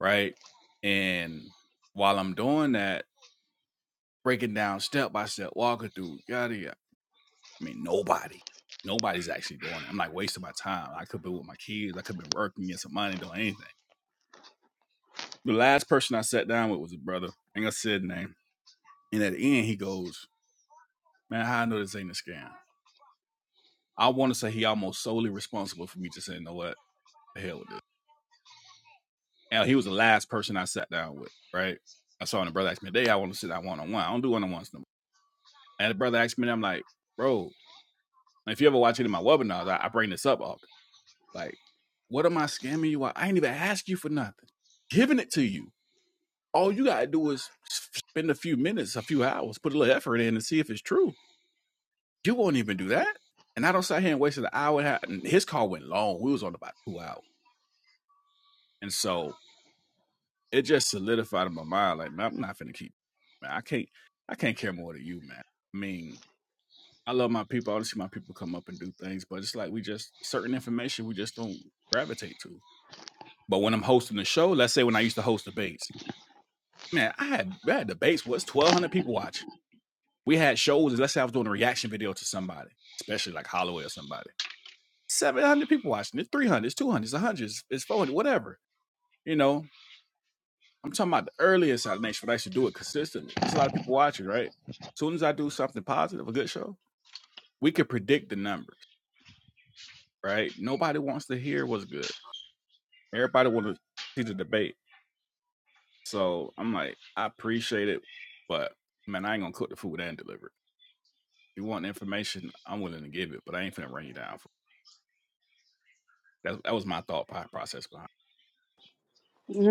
Speaker 9: right? And while I'm doing that, breaking down step by step, walking through, yada yada. I mean, nobody, nobody's actually doing it. I'm like wasting my time. I could be with my kids, I could have been working, getting some money, doing anything. The last person I sat down with was a brother. I ain't gonna say his name. And at the end, he goes, Man, how I know this ain't a scam? I want to say he almost solely responsible for me just saying, you know what, the hell with this. And he was the last person I sat down with, right? I saw him, the brother asked me, Day, I want to sit down one on one. I don't do one on ones no more. And the brother asked me, I'm like, Bro, if you ever watch any of my webinars, I, I bring this up often. Like, what am I scamming you? I ain't even ask you for nothing. Giving it to you. All you got to do is spend a few minutes, a few hours, put a little effort in and see if it's true. You won't even do that. And I don't sit here and waste an hour and a half. And his call went long. We was on about two hours. And so it just solidified in my mind, like, man, I'm not finna keep man, I can't I can't care more than you, man. I mean, I love my people. I want to see my people come up and do things, but it's like we just certain information we just don't gravitate to. But when I'm hosting the show, let's say when I used to host debates, man, I had, I had debates was 1,200 people watch. We had shows. And Let's say I was doing a reaction video to somebody, especially like Holloway or somebody. 700 people watching. It's 300, it's 200, it's 100, it's 400, whatever. You know, I'm talking about the early assassination, but I should do it consistently. There's a lot of people watching, right? As soon as I do something positive, a good show, we can predict the numbers, right? Nobody wants to hear what's good. Everybody want to see the debate. So I'm like, I appreciate it, but man, I ain't gonna cook the food and deliver it. If you want information, I'm willing to give it, but I ain't finna run you down. For it. That, that was my thought process behind.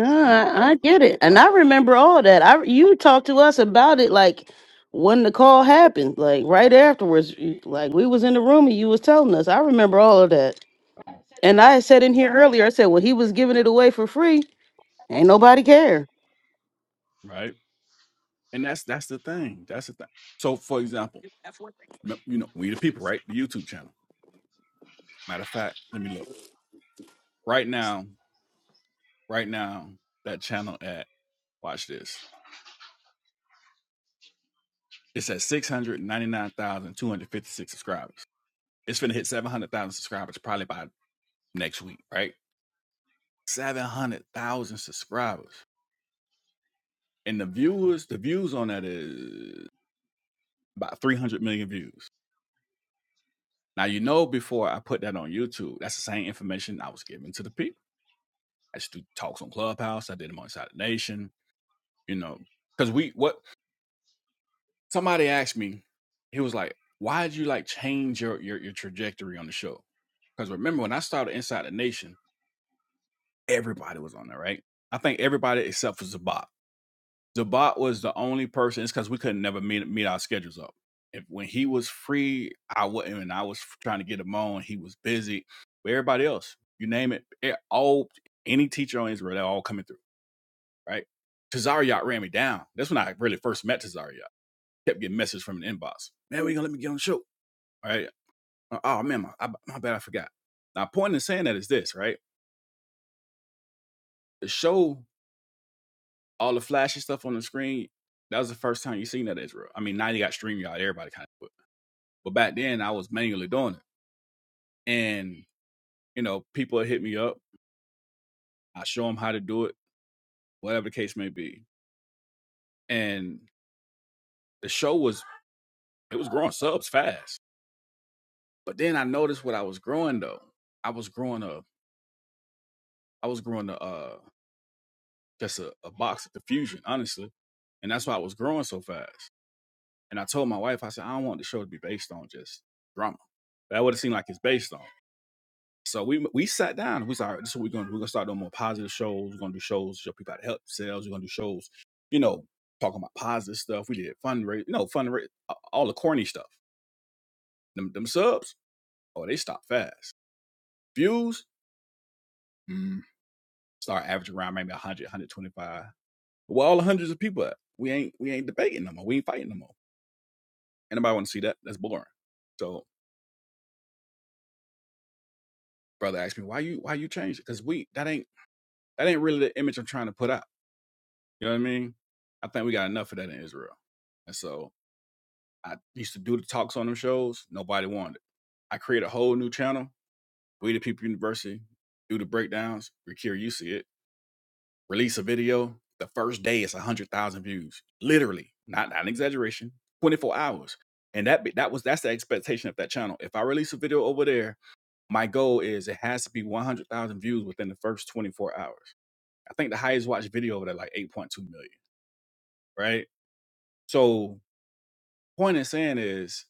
Speaker 9: It. Like, when,
Speaker 2: I, I get it, and I remember all that. I you talked to us about it like when the call happened, like right afterwards. you- Like we was in the room and you was telling us. I remember all of that, and I said in here earlier, I said, "Well, he was giving it away for free. Ain't nobody care."
Speaker 9: right? And that's that's the thing. That's the thing. So, for example, m- you know, we the people, right? The YouTube channel. Matter of fact, let me look right now. Right now, that channel at watch this. It's at six hundred ninety nine thousand two hundred fifty six subscribers. It's gonna hit seven hundred thousand subscribers probably by next week, right? Seven hundred thousand subscribers. and the viewers, the views on that is about 300 million views. Now, you know, before I put that on YouTube, that's the same information I was giving to the people. I just do talks on Clubhouse. I did them on Inside the Nation, you know, because we, what somebody asked me, he was like, why did you like change your, your, your trajectory on the show? Because remember, when I started Inside the Nation, everybody was on there, right? I think everybody except for Zabak. Zabot was the only person. It's because we couldn't never meet meet our schedules up. If when he was free, I would not And I was trying to get him on. He was busy. But everybody else, you name it, it all any teacher on Israel, they're all coming through, right? Tazariot ran me down. That's when I really first met Tazariot. Kept getting messages from an inbox. Man, we gonna let me get on the show, all right? Uh, Oh man, my, I, my bad, I forgot. Now, point in saying that is this, right? The show, all the flashy stuff on the screen. That was the first time you seen that Israel. I mean, now you got StreamYard, everybody kind of. But back then, I was manually doing it. And, you know, people would hit me up. I show them how to do it, whatever the case may be. And the show was, it was growing subs fast. But then I noticed what I was growing though. I was growing a, I was growing a, uh, just a, a box of diffusion, honestly. And that's why I was growing so fast. And I told my wife, I said, I don't want the show to be based on just drama. That would have seemed like it's based on. So we we sat down. and We said, all right, this is what we're gonna do. We're gonna start doing more positive shows. We're gonna do shows, show people how to help themselves. We're gonna do shows, you know, talking about positive stuff. We did fundraise, you know, fundraise, all the corny stuff. Them, them subs, oh, they stop fast. Views, mm, start averaging around maybe 100, 125. Well, all the hundreds of people, at? we ain't we ain't debating no more. We ain't fighting no more. Anybody want to see that? That's boring. So brother asked me, why you why you change it? Because we that ain't that ain't really the image I'm trying to put out You know what I mean? I think we got enough of that in Israel. And so I used to do the talks on them shows. Nobody wanted it. I created a whole new channel, We the People University, do the breakdowns. Rakira, you see it. Release a video. The first day it's 100,000 views. Literally, not, not an exaggeration, 24 hours. And that that was that's the expectation of that channel. If I release a video over there, my goal is it has to be 100,000 views within the first 24 hours. I think the highest watched video over there like 8.2 million, right? So Point in saying is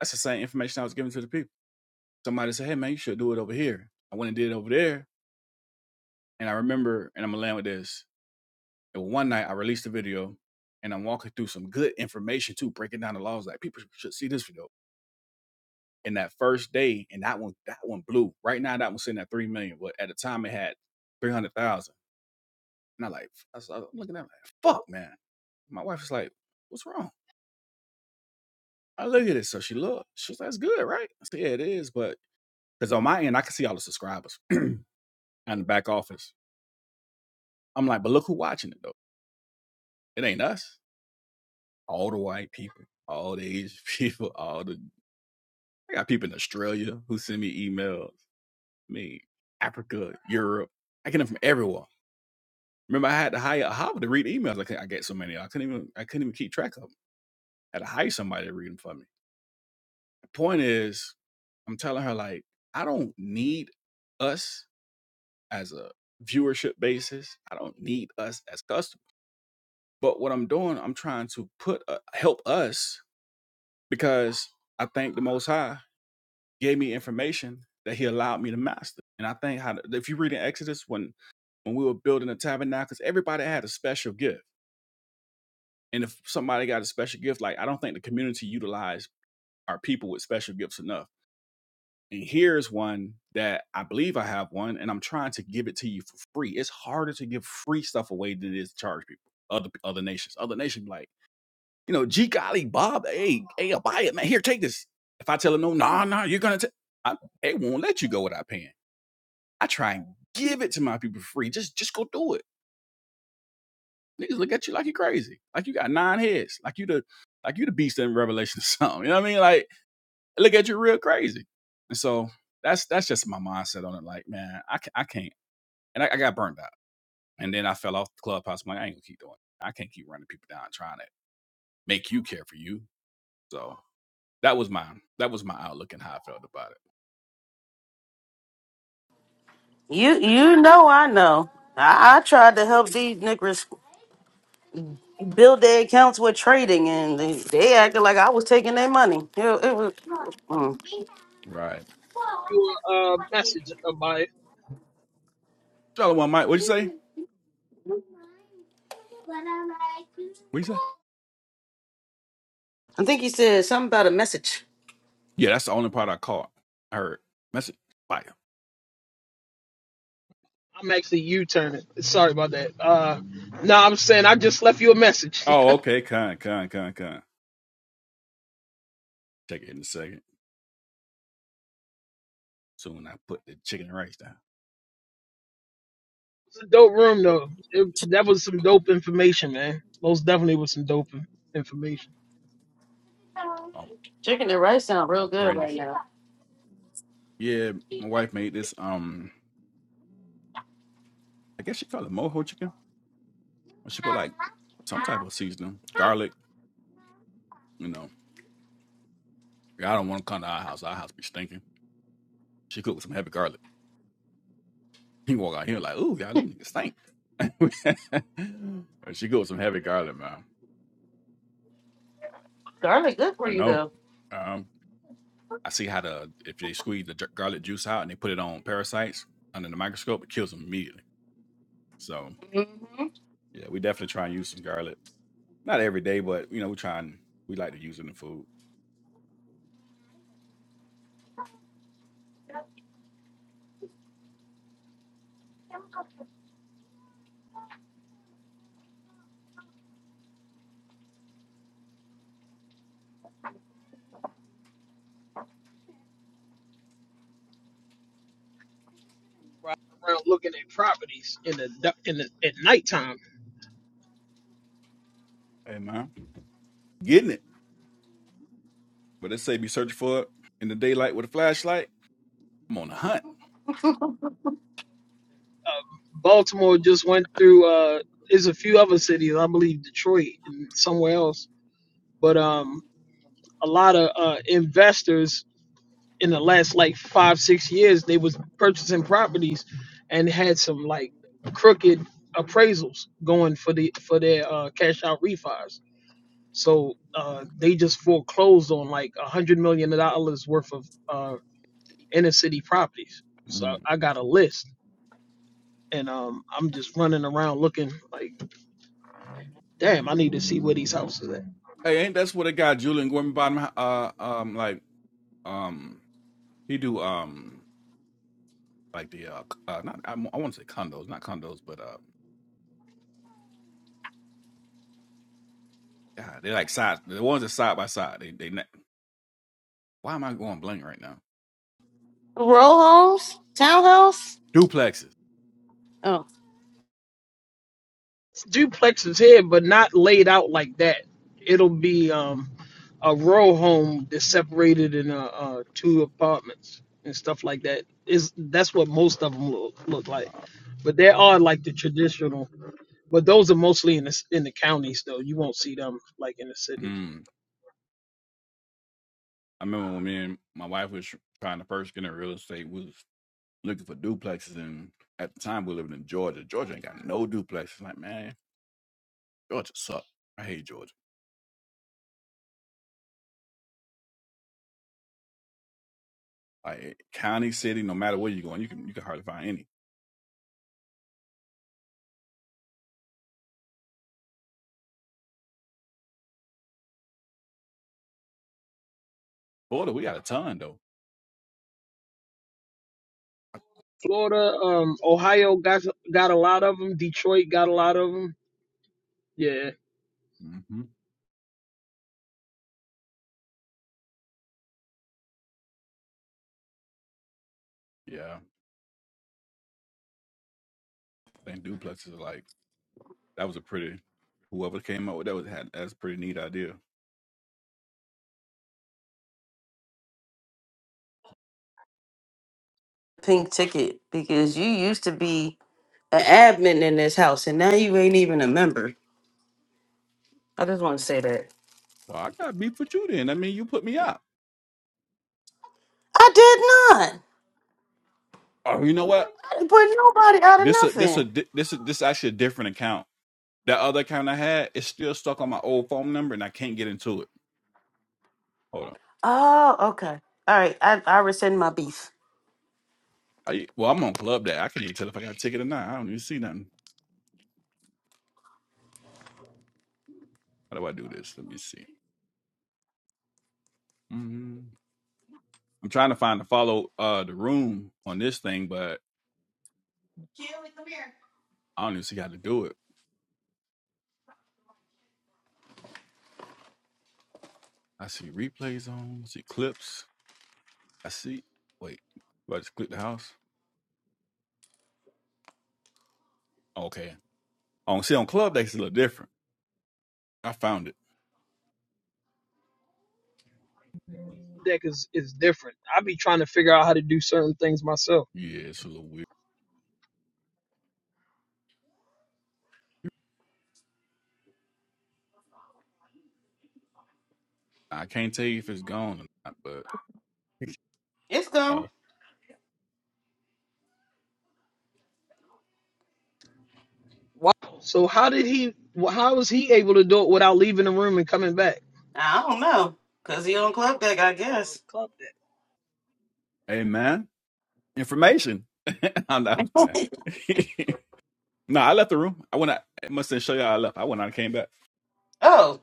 Speaker 9: that's the same information I was giving to the people. Somebody said, "Hey man, you should do it over here." I went and did it over there, and I remember, and I'm gonna land with this. And one night I released a video, and I'm walking through some good information too, breaking down the laws. Like people should see this video. And that first day, and that one, that one blew. Right now, that one's sitting at three million, but at the time it had three hundred thousand. And I like, I was, I was looking at it like, fuck, man. My wife was like, "What's wrong?" I look at it, so she looked. She was like, "That's good, right?" I said, "Yeah, it is," but because on my end, I can see all the subscribers. in the back office. I'm like, but look who's watching it though. It ain't us. All the white people, all the Asian [laughs] people, all the I got people in Australia who send me emails. Me, Africa, Europe. I get them from everywhere. Remember, I had to hire a hopper to read emails. I could I get so many. I couldn't even I couldn't even keep track of them. I had to hire somebody to read them for me. The point is, I'm telling her like I don't need us as a viewership basis. I don't need us as customers. But what I'm doing, I'm trying to put uh, help us because I think the Most High gave me information that He allowed me to master. And I think how if you read in Exodus when when we were building the tabernacles, everybody had a special gift. And if somebody got a special gift, like I don't think the community utilized our people with special gifts enough. And here's one that I believe I have one, and I'm trying to give it to you for free. It's harder to give free stuff away than it is to charge people, other other nations. Other nations be like You know, gee golly, Bob, hey, hey, I'll buy it, man. Here, take this. If I tell him no, nah, nah, you're gonna take it won't let you go without paying. I try and give it to my people for free. Just just go do it. Niggas look at you like you are crazy. Like you got nine heads. Like you the like you the beast in Revelation or [laughs] something. You know what I mean? Like look at you real crazy. And so that's that's just my mindset on it. Like, man, I ca- I can't. And I, I got burned out. And then I fell off the clubhouse. I'm like, I ain't gonna keep doing it. I can't keep running people down trying to make you care for you. So That was my that was my outlook and how I felt about it.
Speaker 2: You you know I know. I, I tried to help these niggas build their accounts with trading, and they, they acted like I was taking their money. It, it was. mm.
Speaker 9: Right.
Speaker 4: you a uh, message about it.
Speaker 9: Charlie one Mike, what'd you say? What'd you say?
Speaker 2: I think he said something about a message.
Speaker 9: Yeah, that's the only part I caught. I heard. Message fire.
Speaker 4: I'm actually U-turning. Sorry about that. Uh, no, I'm saying I just left you a message. [laughs]
Speaker 9: Oh,
Speaker 4: it's
Speaker 9: okay, con, con, con, con. Check it in a second. Soon I put the chicken and rice down.
Speaker 4: a dope room though. It,
Speaker 2: Ch-
Speaker 4: that was some dope information, man. Most definitely was some dope in- information.
Speaker 9: Oh,
Speaker 2: chicken and rice sound real
Speaker 9: oh
Speaker 2: good right
Speaker 9: praise.
Speaker 2: now.
Speaker 9: Yeah, my wife made this um I guess she called it mojo chicken. She put like some type of seasoning, garlic, you know. I don't want to come to our house. Our house be stinking. She cooked with some heavy garlic. [laughs] He walk out here like, ooh, y'all them niggas stink. [laughs] she goes some heavy garlic, man.
Speaker 2: Garlic good for
Speaker 9: I
Speaker 2: you
Speaker 9: know.
Speaker 2: though.
Speaker 9: Um, I see how the if they squeeze the garlic juice out and they put it on parasites under the microscope, it kills them immediately. So
Speaker 2: Mm-hmm.
Speaker 9: yeah, we definitely try and use some garlic. Not every day, but you know, we try and we like to use it in food.
Speaker 4: around looking at properties in the du- in the at nighttime.
Speaker 9: Hey man, getting it. But they say be searching for it in the daylight with a flashlight. I'm on a hunt.
Speaker 4: Baltimore just went through. Uh, there's a few other cities, I believe Detroit and somewhere else, but um, a lot of uh, investors in the last like five six years they was purchasing properties and had some like crooked appraisals going for the for their uh, cash out refis. So uh, they just foreclosed on like a hundred million dollars worth of uh. inner city properties. So
Speaker 9: Mm.
Speaker 4: I got a list and um I'm just running around looking like, damn, I need to see where these houses at.
Speaker 9: Hey, ain't that's what a guy Julian Gordon Bottom uh um like um he do um like the uh, uh not I, I want to say condos, not condos, but uh, God, they're like side. The ones that side by side. They they. ne- Why am I going blank right now?
Speaker 2: Row homes, townhouse.
Speaker 9: Duplexes.
Speaker 2: Oh,
Speaker 4: Duplexes here, but not laid out like that. It'll be um, a row home that's separated in uh, uh, two apartments and stuff like that. Is that's what most of them look, look like.
Speaker 9: Uh,
Speaker 4: But there are like the traditional, but those are mostly in the in the counties though. You won't see them like in the cities.
Speaker 9: mm, I remember when me and my wife was trying to first get in real estate. We was looking for duplexes, and at the time we were living in Georgia. Georgia ain't got no duplexes. Like man, Georgia suck. I hate Georgia. Like eh, county, city, no matter where you're going, you can you can hardly find any. Florida, we got a ton though.
Speaker 4: Florida, um, Ohio got got a lot of them. Detroit got a lot of them. Yeah,
Speaker 9: hmm Yeah, I think duplexes are like That was a pretty whoever came up with that was had that's a pretty neat idea.
Speaker 2: pink ticket because you used to be an admin in this house and now you ain't even a member. I just want to say that.
Speaker 9: Well, I got beef with you then. I mean, you put me out.
Speaker 2: I did not.
Speaker 9: Oh, you know what?
Speaker 2: I didn't put nobody out of
Speaker 9: This a this a
Speaker 2: nothing.
Speaker 9: this a, this actually a different account. That other account I had is still stuck on my old phone number, and I can't get into it. Hold on.
Speaker 2: Oh, okay. All right. I, I rescind my beef.
Speaker 9: I, well, I'm on Club Day. I can't even tell if I got a ticket or not. I don't even see nothing. How do I do this? Let me see. Mm, I'm trying to find the follow uh the room on this thing, but I don't even see how to do it. I see replays on. I see clips. I see. Wait. Do I just click the house? Okay. On see on Clubdeck, it's a little different. I found it.
Speaker 4: deck is is different. I be trying to figure out how to do certain things myself.
Speaker 9: Yeah, it's a little weird. I can't tell you if it's gone or not, but
Speaker 2: It's
Speaker 9: oh,
Speaker 2: gone.
Speaker 4: Wow. So how did he? How was he able to do it without leaving the room and coming back?
Speaker 2: I don't know. Because he on Club Deck, I
Speaker 4: Oh,
Speaker 2: guess.
Speaker 4: well, club that.
Speaker 9: hey man, information. [laughs] I'm not
Speaker 2: [laughs]
Speaker 9: playing. [laughs] no, I left the room. I went. Out, I must not show y'all I left. I went out and came back.
Speaker 2: oh,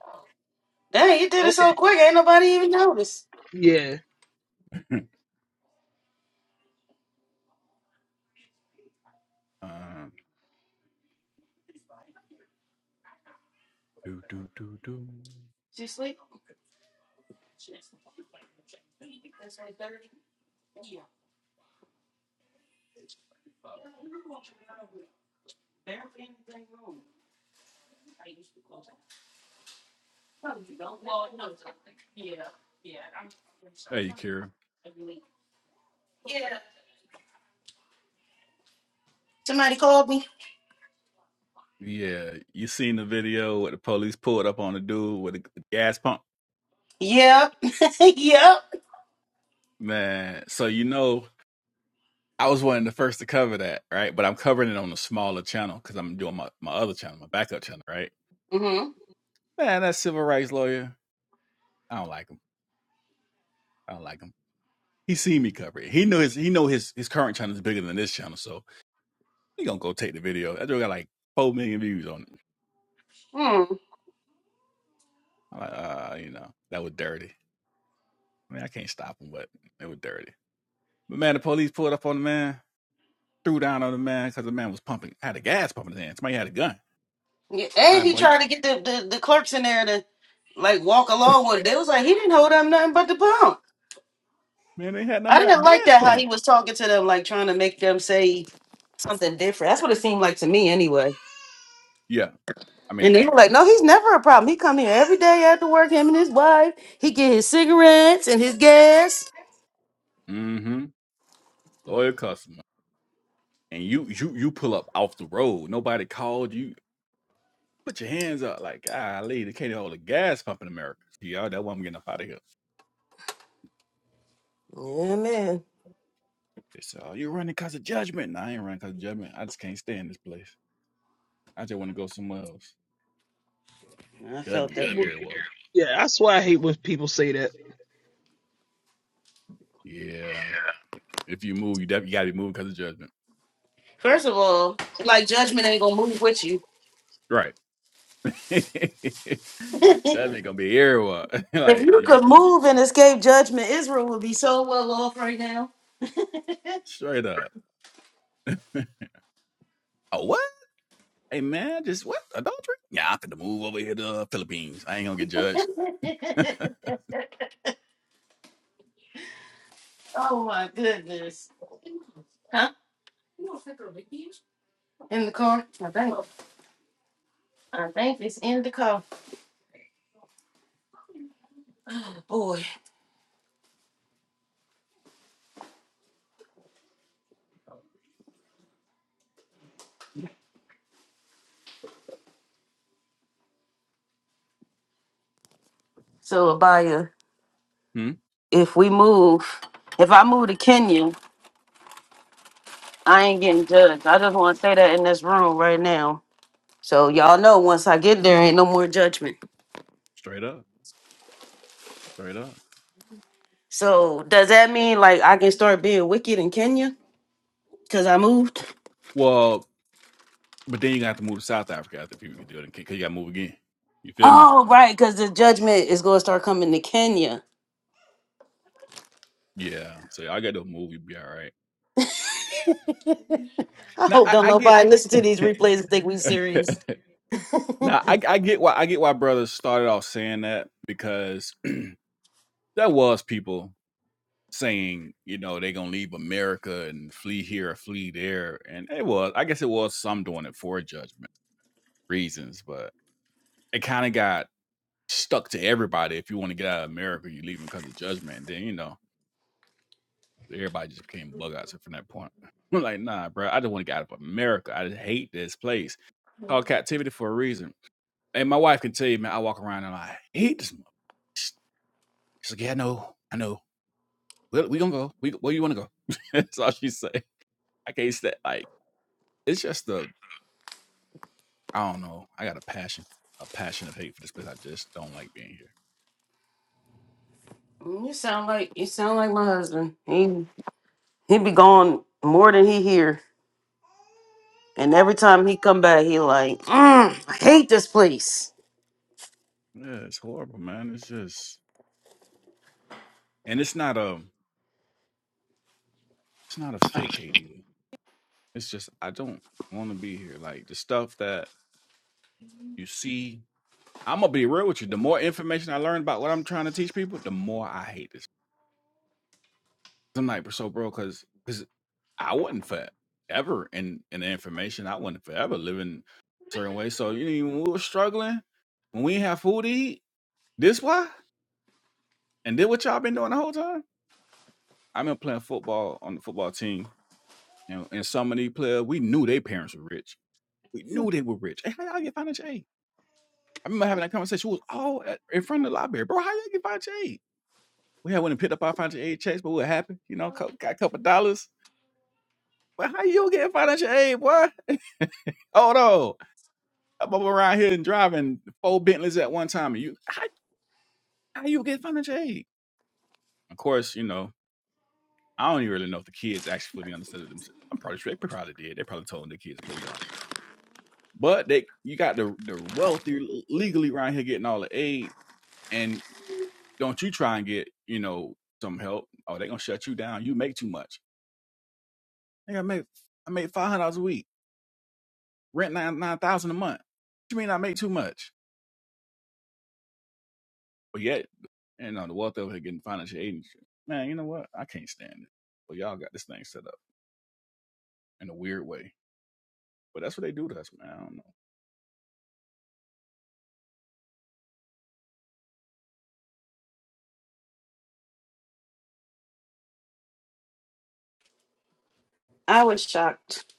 Speaker 2: dang, you did it
Speaker 4: Okay.
Speaker 2: so quick. Ain't nobody even noticed.
Speaker 4: Yeah.
Speaker 9: [laughs] um, do do do do. Hey, Kira.
Speaker 2: Somebody called me.
Speaker 9: Yeah, you seen the video where the police pulled up on the dude with the gas pump,
Speaker 2: Yep. [laughs] yep.
Speaker 9: man. So you know I was one of the first to cover that, right? But I'm covering it on a smaller channel because I'm doing my, my other channel, my backup channel, right?
Speaker 2: Mm-hmm.
Speaker 9: Man, that civil rights lawyer, I don't like him. I don't like him. He seen me cover it. He know his he know his his current channel is bigger than this channel, so he gonna go take the video. That dude got like four million views on it.
Speaker 2: Hmm.
Speaker 9: I'm like, uh, you know, that was dirty. I mean, I can't stop him, but it was dirty. But man, the police pulled up on the man, threw down on the man because the man was pumping, had a gas pump in his hand. Somebody had a gun.
Speaker 2: Yeah,
Speaker 9: All
Speaker 2: and
Speaker 9: right,
Speaker 2: he
Speaker 9: boy,
Speaker 2: tried to get the, the, the clerks in there to like walk along with it. They was like, he didn't hold up nothing but the pump.
Speaker 9: man, they had nothing
Speaker 2: I
Speaker 9: but
Speaker 2: didn't like
Speaker 9: gas
Speaker 2: that how he
Speaker 9: pump.
Speaker 2: was talking to them, like trying to make them say something different. That's what it seemed like to me anyway.
Speaker 9: Yeah, I mean,
Speaker 2: And they were like, no, he's never a problem. He come here every day after work, him and his wife. He get his cigarettes and his gas.
Speaker 9: mm-hmm. Loyal customer. And you you you pull up off the road. Nobody called you. Put your hands up like, golly, they can't hold a gas pump in America. Yeah, that's why I'm getting up out of here.
Speaker 2: Yeah, man.
Speaker 9: They say, oh, you're running because of judgment. No, I ain't running because of judgment. I just can't stand this place. I just want to go somewhere else.
Speaker 2: I felt
Speaker 9: Judgment going
Speaker 2: that.
Speaker 4: Hate
Speaker 9: to be
Speaker 4: when
Speaker 9: everywhere.
Speaker 4: people. Yeah, that's why I hate when people say that.
Speaker 9: Yeah. If you move, you definitely got to be moving because of judgment.
Speaker 2: First of all, like judgment ain't gonna move with you.
Speaker 9: Right. [laughs] judgment going to be everywhere. [laughs]
Speaker 2: If
Speaker 9: like,
Speaker 2: you
Speaker 9: if
Speaker 2: could
Speaker 9: you-
Speaker 2: move and escape judgment, Israel would be so well off right now.
Speaker 9: straight up. [laughs] A what? Hey man, just what adultery? Yeah, I'm finna move over here to the Philippines. I ain't gonna get judged. [laughs]
Speaker 2: [laughs] Oh my goodness. Huh? In the car? I think. I think it's in the car. So Abaya,
Speaker 9: Hmm?
Speaker 2: if we move, if I move to Kenya, I ain't getting judged. I just want to say that in this room right now. So y'all know once I get there, ain't no more judgment.
Speaker 9: Straight up, straight up.
Speaker 2: So does that mean like I can start being wicked in Kenya because I moved?
Speaker 9: Well, but then you gonna have to move to South Africa after if you do it, because you gotta move again. You feel me?
Speaker 2: Oh right, because the judgment is gonna start coming to Kenya.
Speaker 9: Yeah. So I got to move. You be all right.
Speaker 2: I
Speaker 9: Now
Speaker 2: hope
Speaker 9: I,
Speaker 2: don't
Speaker 9: I get.
Speaker 2: nobody listen to these replays and think we serious.
Speaker 9: [laughs] now I, I get why I get why brothers started off saying that because [clears throat] there was people saying you know they gonna leave America and flee here or flee there, and it was I guess it was some doing it for judgment reasons, but it kind of got stuck to everybody. If you want to get out of America, you're leaving because of judgment. Then, you know, everybody just became bug outs from that point. [laughs] I'm like, nah, bro, I just want to get out of America. I just hate this place. Called captivity for a reason. And my wife can tell you, man, I walk around and I hate this. She's like, yeah, I know, I know. We're, we gonna go. We, where you want to go? [laughs] That's all she say. I can't stand. Like, it's just the I don't know. I got a passion, a passion of hate for this place. I just don't like being here.
Speaker 2: You sound like you sound like my husband. He He be gone more than he here. And every time he come back, he like, "Mm, I hate this place.
Speaker 9: Yeah, it's horrible, man. It's just, and it's not a, it's not a fake hate either. It's just I don't want to be here. Like the stuff that you see I'm gonna be real with you. The more information I learn about what I'm trying to teach people, the more I hate this. I'm like, so bro, because because I wasn't forever in in the information. I wasn't forever living a certain way. So you know, when we were struggling, when we didn't have food to eat, this why, and did what y'all been doing the whole time. I've been playing football on the football team, you know, and some of these players, we knew their parents were rich. We knew they were rich. Hey, how y'all get financial aid? I remember having that conversation. We was all at, in front of the library, bro. How y'all get financial aid? We had went and picked up our financial aid checks, but we were happy, you know, cou- got a couple of dollars. But how you get financial aid, boy? [laughs] Oh no! I'm over around here and driving four Bentleys at one time. And you how, how you get financial aid? Of course, you know, I don't even really know if the kids actually fully understood it themselves. I'm probably sure they probably did. They probably told their kids to play dumb. But they you got the the wealthy legally around here getting all the aid and don't you try and get, you know, some help. Oh, they gonna shut you down. You make too much. Hey, I make I made five hundred dollars a week rent nine nine thousand a month. What you mean I make too much? But yet, and on the wealth over here getting financial aid and shit. Man, you know what? I can't stand it. But y'all got this thing set up in a weird way. But that's what they do to us, man. I don't know.
Speaker 2: I was shocked.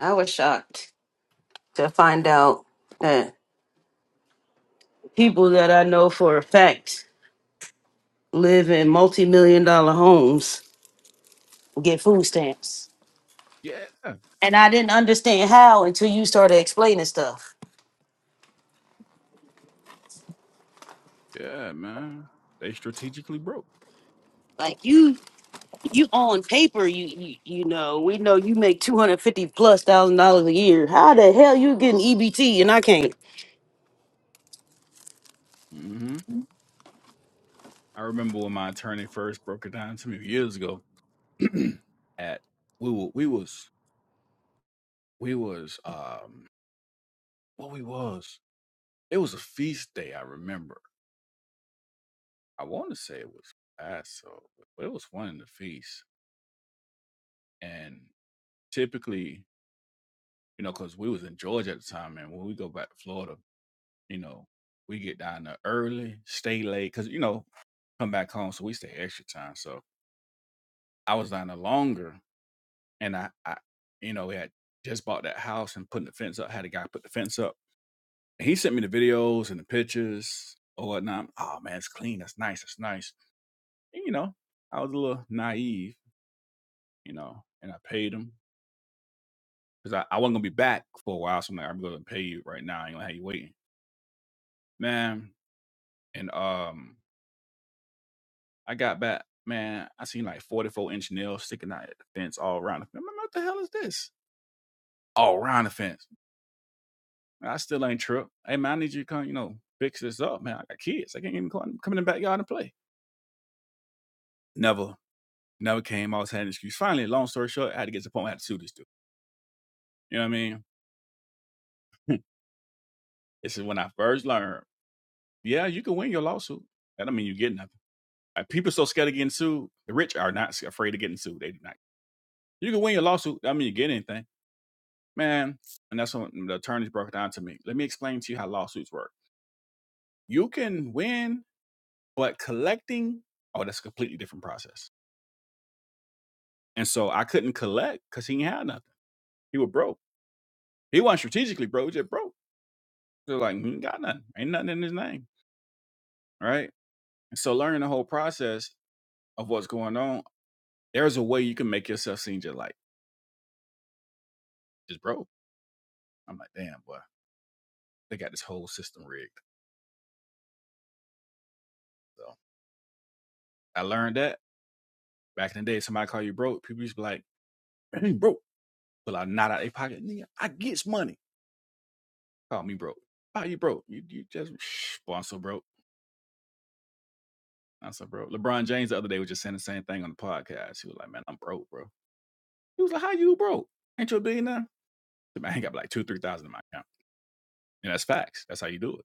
Speaker 2: I was shocked to find out that people that I know for a fact live in multi-million dollar homes get food stamps.
Speaker 9: Yeah,
Speaker 2: And I didn't understand how until you started explaining stuff.
Speaker 9: yeah, man. They strategically broke.
Speaker 2: Like you, you on paper, you you, you know, we know you make two hundred fifty plus thousand dollars a year. How the hell you getting EBT and I can't?
Speaker 9: hmm I remember when my attorney first broke it down to me years ago. [clears throat] at we were, we was we was um what we was. It was a feast day. I remember. I want to say it was Passover, but it was one in the feast And typically, you know, because we was in Georgia at the time, and when we go back to Florida, you know, we get down there early, stay late, because you know, come back home, so we stay extra time. So I was down there longer, and I, I you know, we had just bought that house and putting the fence up. Had a guy put the fence up. He sent me the videos and the pictures or whatnot. Oh man, it's clean. That's nice. That's nice. And, you know, I was a little naive, you know, and I paid him because I, I wasn't gonna be back for a while. So I'm like, I'm gonna pay you right now. I ain't gonna have you waiting. man. And um, I got back, man. I seen like forty four inch nails sticking out at the fence all around the fence. i what the hell is this? All around the fence. I still ain't tripped. Hey man, I need you to come, you know, fix this up, man. I got kids. I can't even come, come in the backyard and play. Never, never came. I was having an excuse. Finally, long story short, I had to get to the point where I had to sue this dude. You know what I mean? [laughs] this is when I first learned. Yeah, you can win your lawsuit. That don't mean you get nothing. Like, people so scared of getting sued. The rich are not afraid of getting sued. They do not. You can win your lawsuit. That don't mean you get anything man. And that's when the attorneys broke it down to me. Let me explain to you how lawsuits work. You can win, but collecting, oh, that's a completely different process. And so I couldn't collect because he ain't had nothing. He was broke. He wasn't strategically broke, he just broke. They're like, he ain't got nothing. Ain't nothing in his name. Right. And so learning the whole process of what's going on, there's a way you can make yourself seem just like just broke. I'm like, damn, boy, they got this whole system rigged. So I learned that back in the day, somebody call you broke, people used to be like, [clears throat] "Man, broke. pull out not out of their pocket. Nigga, I gets money. Call me broke. How you broke? You you just [sniffs] boy, I'm so broke. I'm so broke. LeBron James the other day was just saying the same thing on the podcast. He was like, Man, I'm broke, bro. He was like, How you broke? Ain't you a billionaire? The man got like two, three thousand in my account. And that's facts. That's how you do it.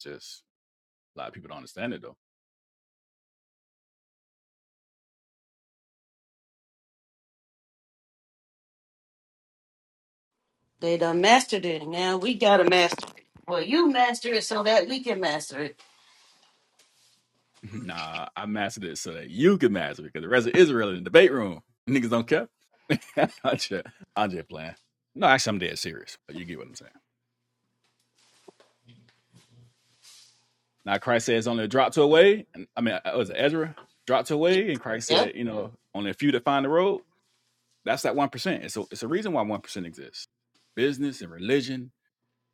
Speaker 9: Just a lot of people don't understand it though.
Speaker 2: They done mastered it. Now we gotta master it. Well, you master it so that we can master it.
Speaker 9: [laughs] nah, I mastered it so that you can master it because the rest of Israel in the debate room. Niggas don't care. [laughs] I'm, just, I'm just playing. No, actually I'm dead serious, but you get what I'm saying. Now Christ says only a drop to away, and I mean uh, was it Ezra dropped to
Speaker 2: Y-
Speaker 9: away, and Christ
Speaker 2: Yep.
Speaker 9: said, you know, only a few that find the road. That's that one percent. It's a it's a reason why one percent exists. Business and religion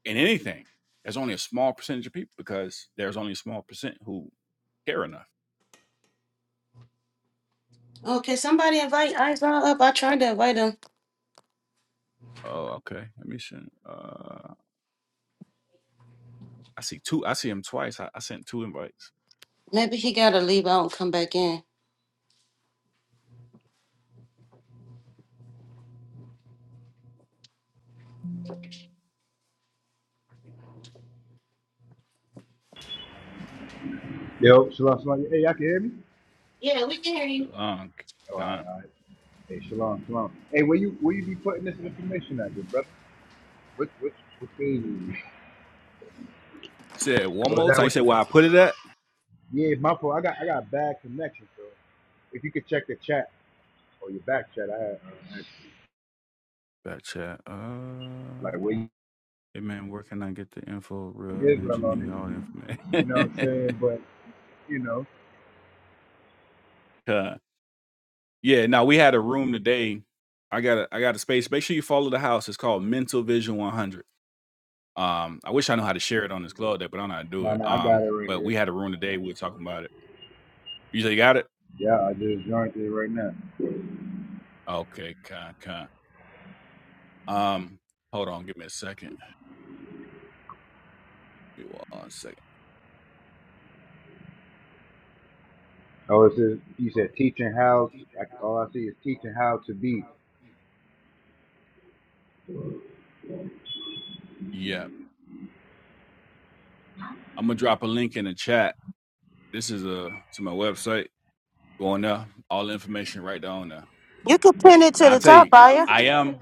Speaker 9: and anything. There's only a small percentage of people because there's only a small percent who care enough.
Speaker 2: Okay, somebody invite Izon up. I tried to invite him.
Speaker 9: Oh, okay. Let me see. Uh, I see two. I see him twice. I, I sent two invites.
Speaker 2: Maybe he gotta leave out and come back in.
Speaker 10: Yo, shalom, shalom. Hey, y'all can hear me?
Speaker 9: Long
Speaker 10: Oh, All right,
Speaker 9: gone.
Speaker 10: all right. Hey, shalom, shalom. Hey, where you where you be putting this information at, good brother? What what what page is
Speaker 9: Said one
Speaker 10: Oh, is
Speaker 9: more
Speaker 10: that
Speaker 9: time. You
Speaker 10: what
Speaker 9: said
Speaker 10: you?
Speaker 9: where I put it at?
Speaker 10: Yeah, my fault. I got I got a bad connection, so if you could check the chat or your back chat, I had uh, asked you,
Speaker 9: Back chat. Uh,
Speaker 10: like where you
Speaker 9: Hey man, where can I get the info? Real
Speaker 10: Israel
Speaker 9: Ninja
Speaker 10: on
Speaker 9: New all the
Speaker 10: it. You know
Speaker 9: information.
Speaker 10: what I'm
Speaker 9: [laughs]
Speaker 10: saying? But you know,
Speaker 9: Uh, yeah, now we had a room today. I got a, I got a space. Make sure you follow the house. It's called Mental Vision 100. Um, I wish I knew how to share it on this club day, but I don't know how to do
Speaker 10: nah,
Speaker 9: it.
Speaker 10: nah, I got
Speaker 9: Um,
Speaker 10: it right
Speaker 9: but
Speaker 10: here.
Speaker 9: we had a room today. We were talking about it. You say you got it?
Speaker 10: Yeah, I just joined it right now.
Speaker 9: Okay, con, con. Um, hold on, give me a second. Give me one second.
Speaker 10: Oh, it says you said teaching how. To, I, all I see is teaching how to be.
Speaker 9: Yeah, I'm gonna drop a link in the chat. This is a to my website. Go on there. All the information right down there.
Speaker 2: You could pin it to the
Speaker 9: I'll tell
Speaker 2: top,
Speaker 9: you,
Speaker 2: Aya.
Speaker 9: I am.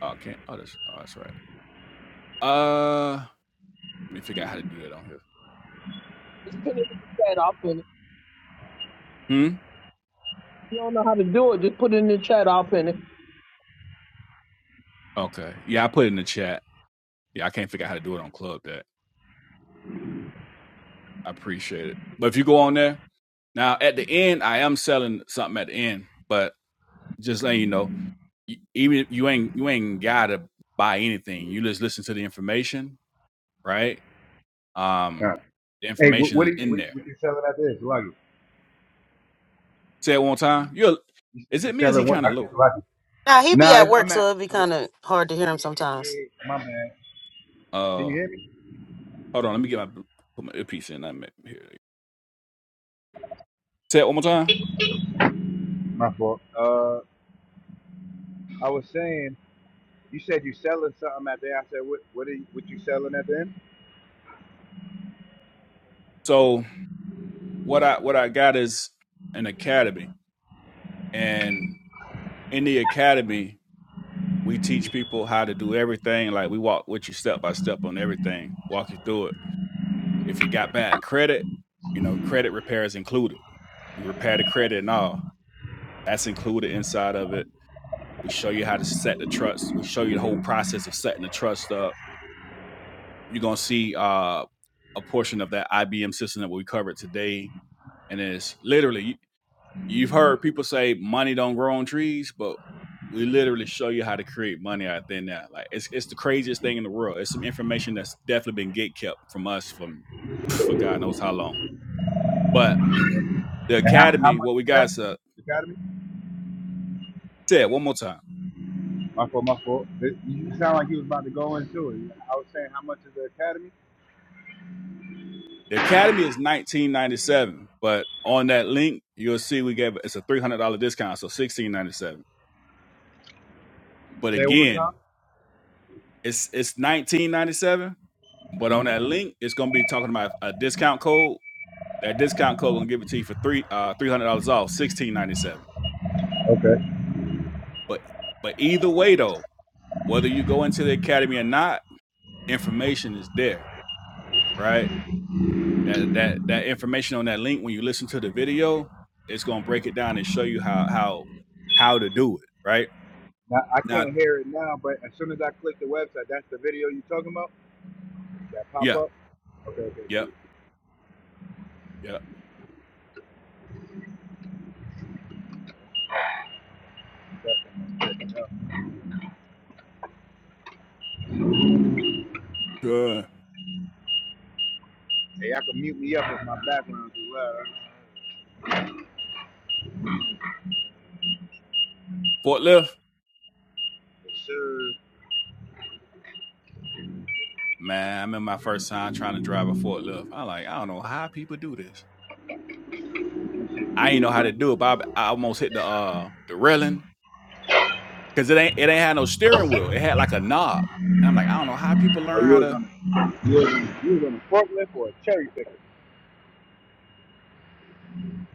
Speaker 9: Oh, I can't. Oh, that's, oh, that's right. Uh, let me figure out how to do that on here.
Speaker 4: Just put it in the chat. I'll pin it.
Speaker 9: Hmm.
Speaker 4: If you don't know how to do it, just put it in the chat. I'll pin it.
Speaker 9: Okay. Yeah, I put it in the chat. Yeah, I can't figure out how to do it on Club. That I appreciate it. But if you go on there now, at the end, I am selling something at the end. But just letting you know, y- even if you ain't you ain't gotta buy anything. You just listen to the information, right? Um,
Speaker 10: Kind.
Speaker 9: the
Speaker 10: Hey, what
Speaker 9: information
Speaker 10: what,
Speaker 9: is
Speaker 10: do you,
Speaker 9: in
Speaker 10: what
Speaker 9: there.
Speaker 10: what you selling out there? Salagi?
Speaker 9: Say it one time. You're.
Speaker 10: You said
Speaker 9: Is it
Speaker 10: you're
Speaker 9: me? Or is he
Speaker 10: selling one.
Speaker 9: kind
Speaker 10: I,
Speaker 9: of low?
Speaker 10: so I,
Speaker 2: Nah, he be
Speaker 10: nah,
Speaker 2: at
Speaker 10: it's,
Speaker 2: work,
Speaker 10: I'm
Speaker 2: so
Speaker 10: at.
Speaker 2: it'd be
Speaker 10: So,
Speaker 2: kind of hard to hear him sometimes.
Speaker 10: yeah, my bad. Can you
Speaker 9: Uh,
Speaker 10: hear me?
Speaker 9: hold on. Let me get my put my earpiece in. I'm here. Say it one more time.
Speaker 10: My fault. Uh, I was saying, you said you selling something at the end. I said, what what are you, what you selling at the end?
Speaker 9: So what I what I got is an academy, and in the academy we teach people how to do everything. Like we walk with you step by step on everything, walk you through it. If you got bad credit, you know credit repair is included. We repair the credit and all that's included inside of it. We show you how to set the trust. We show you the whole process of setting the trust up. You're gonna see uh, a portion of that IBM system that we covered today, and it's literally you, You've heard people say money don't grow on trees, but we literally show you how to create money out there now. Like it's it's the craziest thing in the world. It's some information that's definitely been gatekept from us from for God knows how long. But [clears throat] the
Speaker 10: And how, how
Speaker 9: academy,
Speaker 10: much
Speaker 9: what we
Speaker 10: is that?
Speaker 9: guys uh,
Speaker 10: academy?
Speaker 9: said one more time.
Speaker 10: My fault, my fault. It- you sound like you was about to go into it. I was saying, how much is the academy?
Speaker 9: The academy is nineteen ninety seven, but on that link you'll see we gave it's a three hundred dollar discount, so sixteen ninety seven. But
Speaker 10: Say it one more time.
Speaker 9: again, it's it's nineteen ninety seven, but on that link it's gonna be talking about a discount code That discount code gonna give it to you for three uh three hundred dollars off, sixteen ninety seven.
Speaker 10: Okay.
Speaker 9: But but either way though, whether you go into the academy or not, information is there, right? That that that information on that link when you listen to the video, it's gonna break it down and show you how how how to do it, right?
Speaker 10: Now, I
Speaker 9: Now,
Speaker 10: can't hear it now, but as soon as I click the website, that's the video you talking about? That pop
Speaker 9: yeah,
Speaker 10: up? Okay, okay,
Speaker 9: yep,
Speaker 10: cool.
Speaker 9: yep.
Speaker 10: That's
Speaker 9: Good.
Speaker 10: Hey, y'all can mute me up if my background too loud.
Speaker 9: Forklift,
Speaker 10: Yes, sir.
Speaker 9: man. I remember my first time trying to drive a forklift. I'm like, I don't know how people do this.
Speaker 10: This
Speaker 9: I ain't know how to
Speaker 10: like,
Speaker 9: do it, but I, I almost hit the uh the railing because it ain't it ain't had no steering wheel. It had like a knob, and I'm like, I don't know how people
Speaker 10: are
Speaker 9: learn
Speaker 10: you
Speaker 9: how
Speaker 10: was
Speaker 9: to.
Speaker 10: on a, you was on a, you was on a forklift or a cherry picker?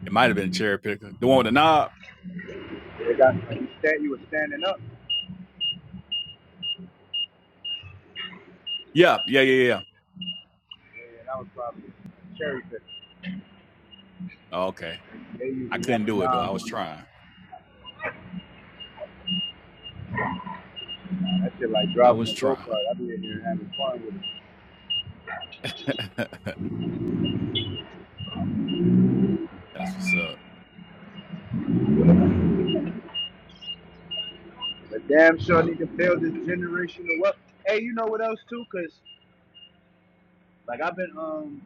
Speaker 9: It might have been a cherry picker, the one with the knob.
Speaker 10: They got, like, you, stand, you was standing up,
Speaker 9: Yeah, yeah, yeah, yeah. yeah."
Speaker 10: and I was probably a cherry picker.
Speaker 9: Oh, okay,
Speaker 10: They
Speaker 9: I
Speaker 10: usually have
Speaker 9: couldn't
Speaker 10: a
Speaker 9: do it though.
Speaker 10: knob
Speaker 9: I was
Speaker 10: on it.
Speaker 9: trying.
Speaker 10: That shit like
Speaker 9: I
Speaker 10: driving
Speaker 9: was
Speaker 10: a go-kart.
Speaker 9: trying.
Speaker 10: I be in here having fun with it.
Speaker 9: [laughs] That's what's up.
Speaker 10: But damn sure I need to build this generational wealth. Hey, you know what else, too? Because, like, I've been, um,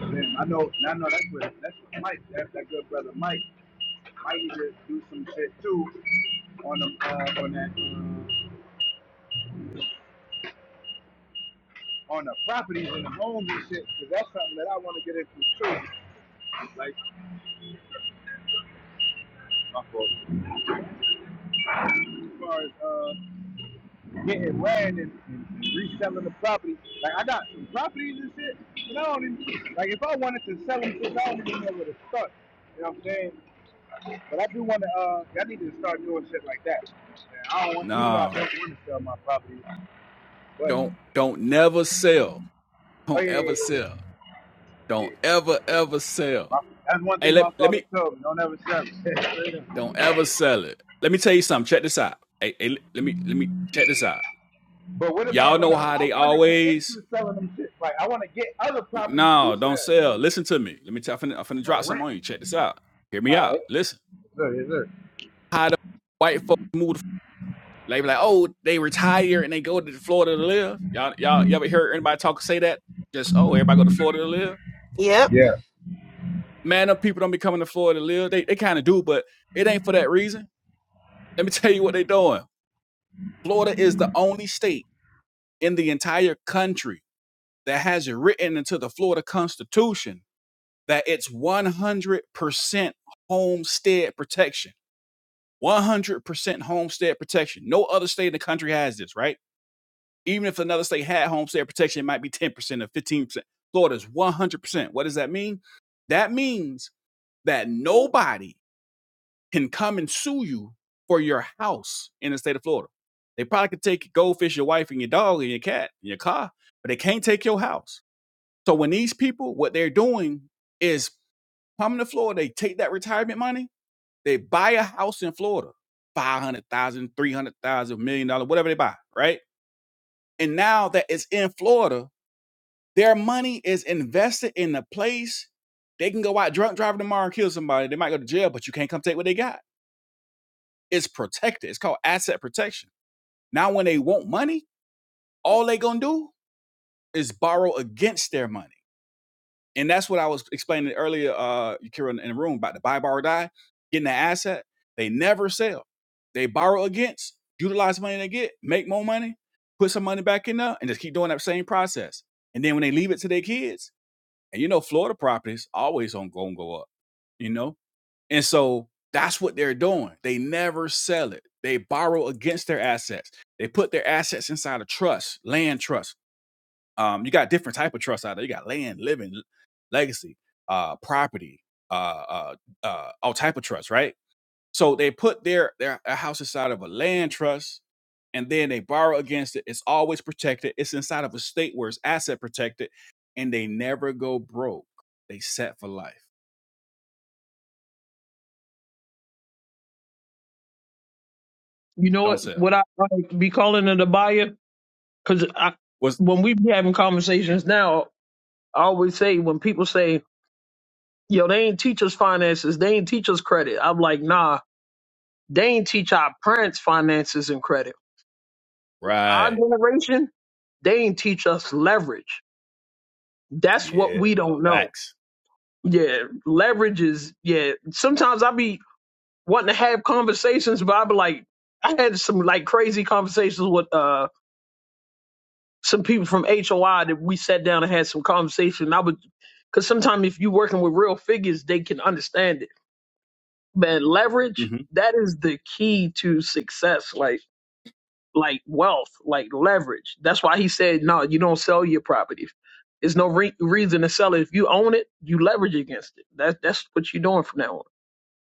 Speaker 10: Man, I know, I know that's what that's what Mike, that's that good brother Mike. Mike need to do some shit too on the uh, on that uh, on the properties and the homes and shit. Cause that's something that I want to get into too. Like my fault. As far as uh, getting land and, and, and reselling the property, like I got some properties and shit, and I don't even like if I wanted to sell them, shit, I don't even know where to start. You know what I'm saying? But I do want to, uh, I need to start doing shit like that. And I don't want, even though I don't
Speaker 9: No,
Speaker 10: want to sell my property, but,
Speaker 9: don't don't never sell.
Speaker 10: oh
Speaker 9: Don't
Speaker 10: yeah,
Speaker 9: ever
Speaker 10: yeah, yeah.
Speaker 9: sell.
Speaker 10: yeah,
Speaker 9: Don't
Speaker 10: yeah.
Speaker 9: ever ever sell.
Speaker 10: My, that's one
Speaker 9: Hey,
Speaker 10: thing
Speaker 9: let
Speaker 10: my
Speaker 9: let
Speaker 10: father
Speaker 9: me.
Speaker 10: told me, don't ever sell it.
Speaker 9: Don't ever sell it. Let me tell you something. Check this out. Hey, hey let me let me check this out.
Speaker 10: [laughs] but what
Speaker 9: Y'all
Speaker 10: about when
Speaker 9: know
Speaker 10: I,
Speaker 9: how
Speaker 10: I
Speaker 9: they
Speaker 10: want to get
Speaker 9: always
Speaker 10: into selling them shit? Like, I want to get other properties to
Speaker 9: No, don't sell.
Speaker 10: sell
Speaker 9: Listen to me. Let me tell. I'm finna, I'm finna drop
Speaker 10: or rent.
Speaker 9: something on you. Check this out. Hear me
Speaker 10: All
Speaker 9: out.
Speaker 10: right.
Speaker 9: Listen.
Speaker 10: Yes, sir, yes, sir.
Speaker 9: How the white folks move? The, they be like, oh, they retire and they go to Florida to live. Y'all, y'all, you ever heard anybody talk say that? Just oh, everybody go to Florida to live.
Speaker 2: Yep.
Speaker 10: Yeah.
Speaker 9: Man, them people don't be coming to Florida to live. They they kind of do, but it ain't for that reason. Let me tell you what they doing. Florida is the only state in the entire country that has it written into the Florida Constitution that it's 100% homestead protection 100% homestead protection. No other state in the country has this, right? Even if another state had homestead protection, it might be 10% or 15%. Florida's 100%. What does that mean? That means that nobody can come and sue you for your house in the state of Florida. They probably could take your goldfish, your wife, and your dog, and your cat, and your car, but they can't take your house. So when these people, what they're doing is coming to Florida, they take that retirement money they buy a house in Florida, 500,000, 300,000, million dollar, whatever they buy, right? And now that it's in Florida, their money is invested in a place. They can go out drunk driving tomorrow and kill somebody. They might go to jail, but you can't come take what they got. It's protected. It's called asset protection. Now, when they want money, all they gonna do is borrow against their money And that's what I was explaining earlier, uh, Kira, in the room about the buy, borrow, die, getting the asset. They never sell. They borrow against, utilize money they get, make more money, put some money back in there, and just keep doing that same process. And then when they leave it to their kids, and you know, Florida properties always don't go and go up, you know? And so that's what they're doing. They never sell it. They borrow against their assets. They put their assets inside a trust, land trust um, you got different type of trusts out there. You got land, living, legacy, uh, property, uh, uh, uh, all type of trusts, right? So they put their their their house inside of a land trust, and then they borrow against it. It's always protected. It's inside of a state where it's asset protected, and they never go broke. They set for life.
Speaker 4: You know
Speaker 9: Don't
Speaker 4: what?
Speaker 9: sell.
Speaker 4: What I, I be calling it a buyer because I
Speaker 9: What's
Speaker 4: when we be having conversations now, I always say when people say, "Yo, they ain't teach us finances. They ain't teach us credit." I'm like, "Nah, they ain't teach our parents finances and credit." our
Speaker 9: right?
Speaker 4: generation, they ain't teach us leverage. That's what
Speaker 9: Yeah,
Speaker 4: we
Speaker 9: uh,
Speaker 4: don't know.
Speaker 9: facts.
Speaker 4: Yeah, leverage is yeah. Sometimes I be wanting to have conversations, but I be like, I had some like crazy conversations with uh some people from HOI that we sat down and had some conversation. I would, because sometimes if you working with real figures, they can understand it. Man, leverage
Speaker 9: hmm
Speaker 4: that is the key to success. Like like wealth, like leverage. That's why he said, no, you don't sell your property. There's no re- reason to sell it. If you own it, you leverage against it. That's that's what you're doing from now on.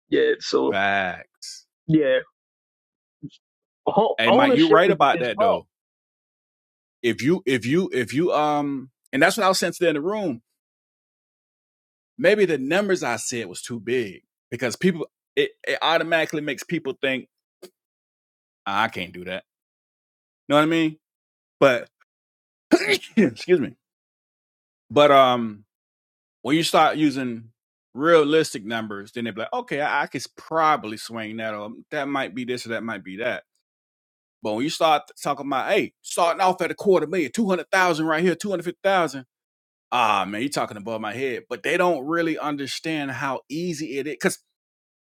Speaker 4: Yeah. So
Speaker 9: Facts.
Speaker 4: yeah, Ho-
Speaker 9: Hey, Mike, you
Speaker 4: ownership
Speaker 9: right
Speaker 4: is,
Speaker 9: about
Speaker 4: is
Speaker 9: that
Speaker 4: wealth.
Speaker 9: though. If you if you if you um, and that's what I was saying today in the room maybe the numbers I said was too big because people it, it automatically makes people think "Ah, I can't do that. You know what I mean? But [coughs] [laughs] excuse me. But um, when you start using realistic numbers, then they be like, okay, I, I could probably swing that, or that might be this, or that might be that. But when you start talking about, hey, starting off at a quarter million, two hundred thousand right here, two hundred fifty thousand. Ah, man, you're talking above my head. But they don't really understand how easy it is, because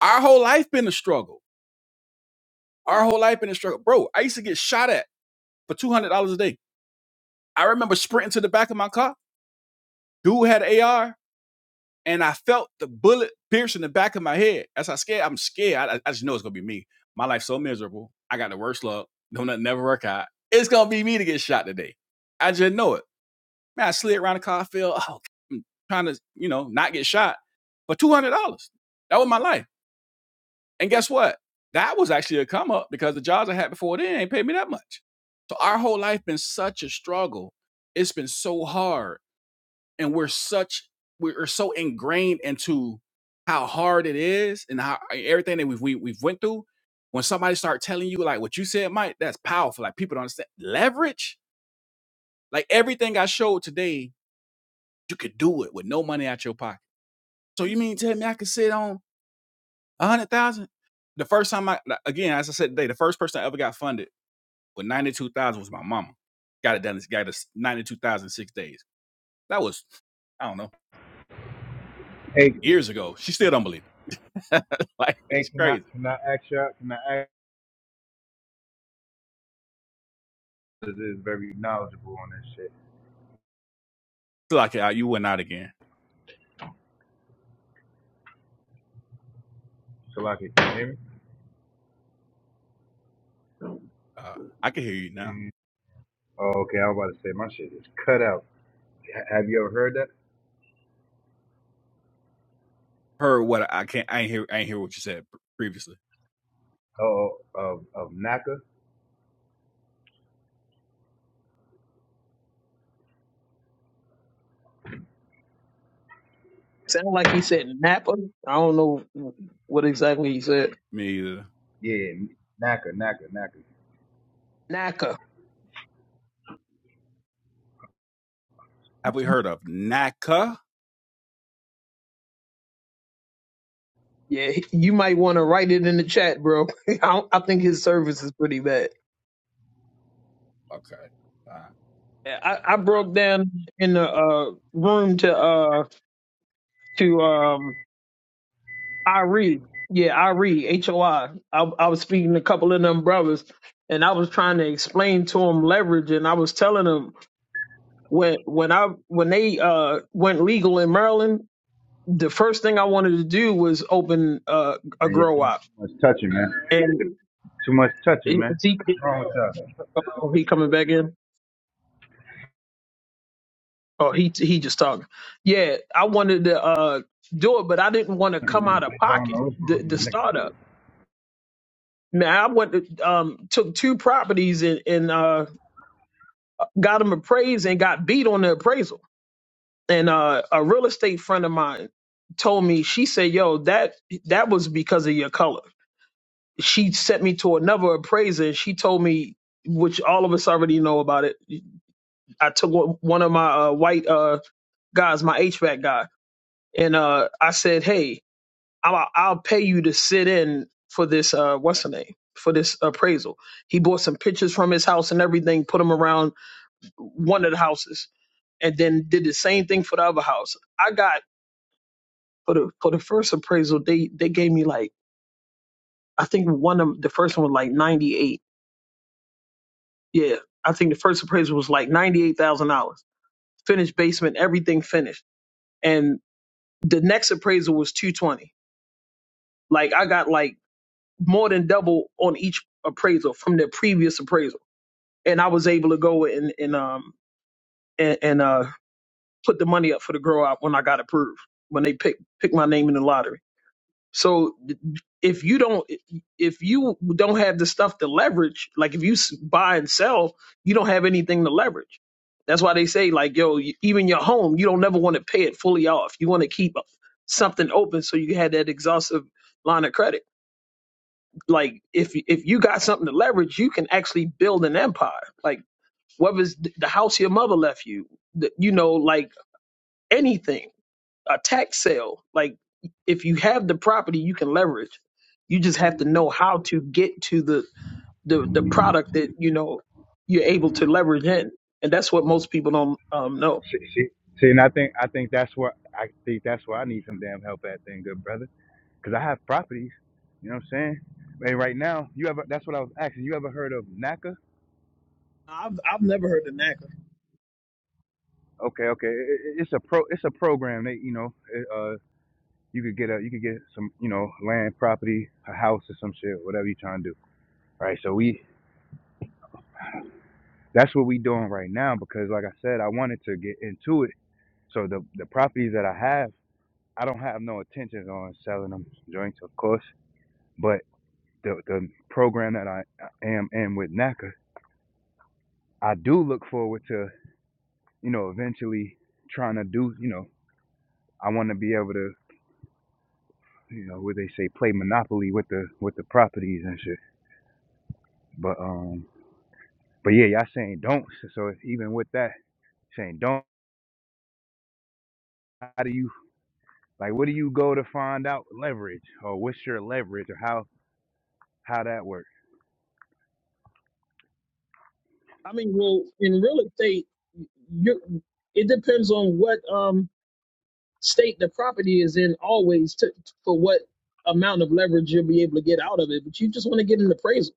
Speaker 9: our whole life been a struggle Our whole life been in struggle. Bro, I used to get shot at for $200 a day. I remember sprinting to the back of my car. Dude had an AR, and I felt the bullet pierce in the back of my head. As I scared, I'm scared. I, I I just know it's going to be me. My life's so miserable. I got the worst luck. Don't nothing never work out. It's going to be me to get shot today. I just know it. Man, I slid around the car. I feel, oh, I'm trying to, you know, not get shot for $200. That was my life. And guess what? That was actually a come up because the jobs I had before then ain't paid me that much. So our whole life been such a struggle. It's been so hard, and we're such we're so ingrained into how hard it is and how eh, everything that we've we, we've went through. When somebody start telling you like what you said, Mike, that's powerful. Like people don't understand leverage. Like everything I showed today, you could do it with no money out your pocket. So you mean tell me I could sit on? A hundred thousand. The first time I like, again, as I said today, the first person I ever got funded with ninety two thousand was my mama. Got it done. Got us ninety two thousand in days. That was I don't know
Speaker 10: Hey,
Speaker 9: years ago. She still don't believe it. [laughs] like
Speaker 10: hey,
Speaker 9: it's
Speaker 10: can I,
Speaker 9: crazy.
Speaker 10: can I ask you, can I ask you, this is very knowledgeable on this shit.
Speaker 9: So like uh, you went out again.
Speaker 10: So, like, can you hear me?
Speaker 9: Uh, I can hear you now.
Speaker 10: Mm. Oh, okay, I was about to say, my shit is cut out. Ha- Have you ever heard that?
Speaker 9: Heard what I can't. I ain't hear. I ain't hear what you said previously.
Speaker 10: Oh, of of Naka?
Speaker 4: Sound like he said Napa. I don't know what exactly he said.
Speaker 9: Me either.
Speaker 10: Yeah, Naka, Naka, Naka.
Speaker 4: Naka.
Speaker 9: Have we heard of NACA?
Speaker 4: Yeah, he- you might want to write it in the chat, bro. [laughs] I, don't, I think his service is pretty bad.
Speaker 9: Okay. Uh,
Speaker 4: Yeah, I, I broke down in the uh, room to uh to um Irie. Yeah, Irie, H O I. I I was speaking to a couple of them brothers and I was trying to explain to them leverage and I was telling them when when I when they uh went legal in Maryland, the first thing I wanted to do was open uh, a
Speaker 10: Man, y'all
Speaker 4: grow
Speaker 10: doing
Speaker 4: op.
Speaker 10: too much touching, man.
Speaker 4: And
Speaker 10: Too much touching,
Speaker 4: he,
Speaker 10: man.
Speaker 4: he,
Speaker 10: What's wrong with y'all?
Speaker 4: oh, he coming back in? Oh, he he just talking. Yeah, I wanted to uh do it, but I didn't want to come
Speaker 10: Mm,
Speaker 4: out of
Speaker 10: bitch, I don't
Speaker 4: pocket
Speaker 10: know what's
Speaker 4: the
Speaker 10: wrong with
Speaker 4: the
Speaker 10: these niggas.
Speaker 4: startup. Now I went to, um took two properties in in uh got him appraised and got beat on the appraisal. And uh, a real estate friend of mine told me, she said, "Yo, that that was because of your color." She sent me to another appraiser. She told me, which all of us already know about it. I took one one of my uh, white uh, guys, my HVAC guy, and uh, I said, "Hey, I'll, I'll pay you to sit in for this. Uh, what's the name?" For this appraisal, he bought some pictures from his house and everything, put them around one of the houses and then did the same thing for the other house. I got for the for the first appraisal, they they gave me like I think one of the first one was like ninety eight. Yeah, I think the first appraisal was like ninety eight thousand dollars. Finished basement, everything finished, and the next appraisal was two twenty. Like I got like more than double on each appraisal from the previous appraisal, and I was able to go and and um and, and uh put the money up for the grow out when I got approved when they picked picked my name in the lottery. So if you don't if you don't have the stuff to leverage, like if you s- buy and sell, you don't have anything to leverage. That's why they say like yo, even your home, you don't never want to pay it fully off. You want to keep something open so you had that exhaustive line of credit. Like if if you got something to leverage, you can actually build an empire. Like whether it's th- the house your mother left you, the- you know, like anything a tax sale. Like if you have the property, you can leverage. You just have to know how to get to the the, the product that you know you're able to leverage in, and that's what most people don't um, know.
Speaker 10: See, see, see, and I think I think that's what I think that's why I need some damn help at, then, good brother. Cause I have properties. You know what I'm saying? And right now, you ever? That's what I was asking. You ever heard of NACA?
Speaker 4: I've I've never heard of NACA.
Speaker 10: Okay, okay. It, it- it's a pro. It's a program. They, you know, you could get a you could get some you know land property a house or some shit whatever you're trying to do right so we that's what we doing right now because like i said i wanted to get into it so the the properties that i have i don't have no intentions on selling them joints of course but the the program that i am in with naca i do look forward to you know eventually trying to do you know i want to be able to you know where they say play monopoly with the with the properties and shit but um But yeah, y'all saying don't. So even with that, saying don't, how do you like? What do you go to find out leverage, or what's your leverage, or how how that works?
Speaker 4: I mean, well, in real estate, you it depends on what um state the property is in always to, for what amount of leverage you'll be able to get out of it. But you just want to get an appraisal,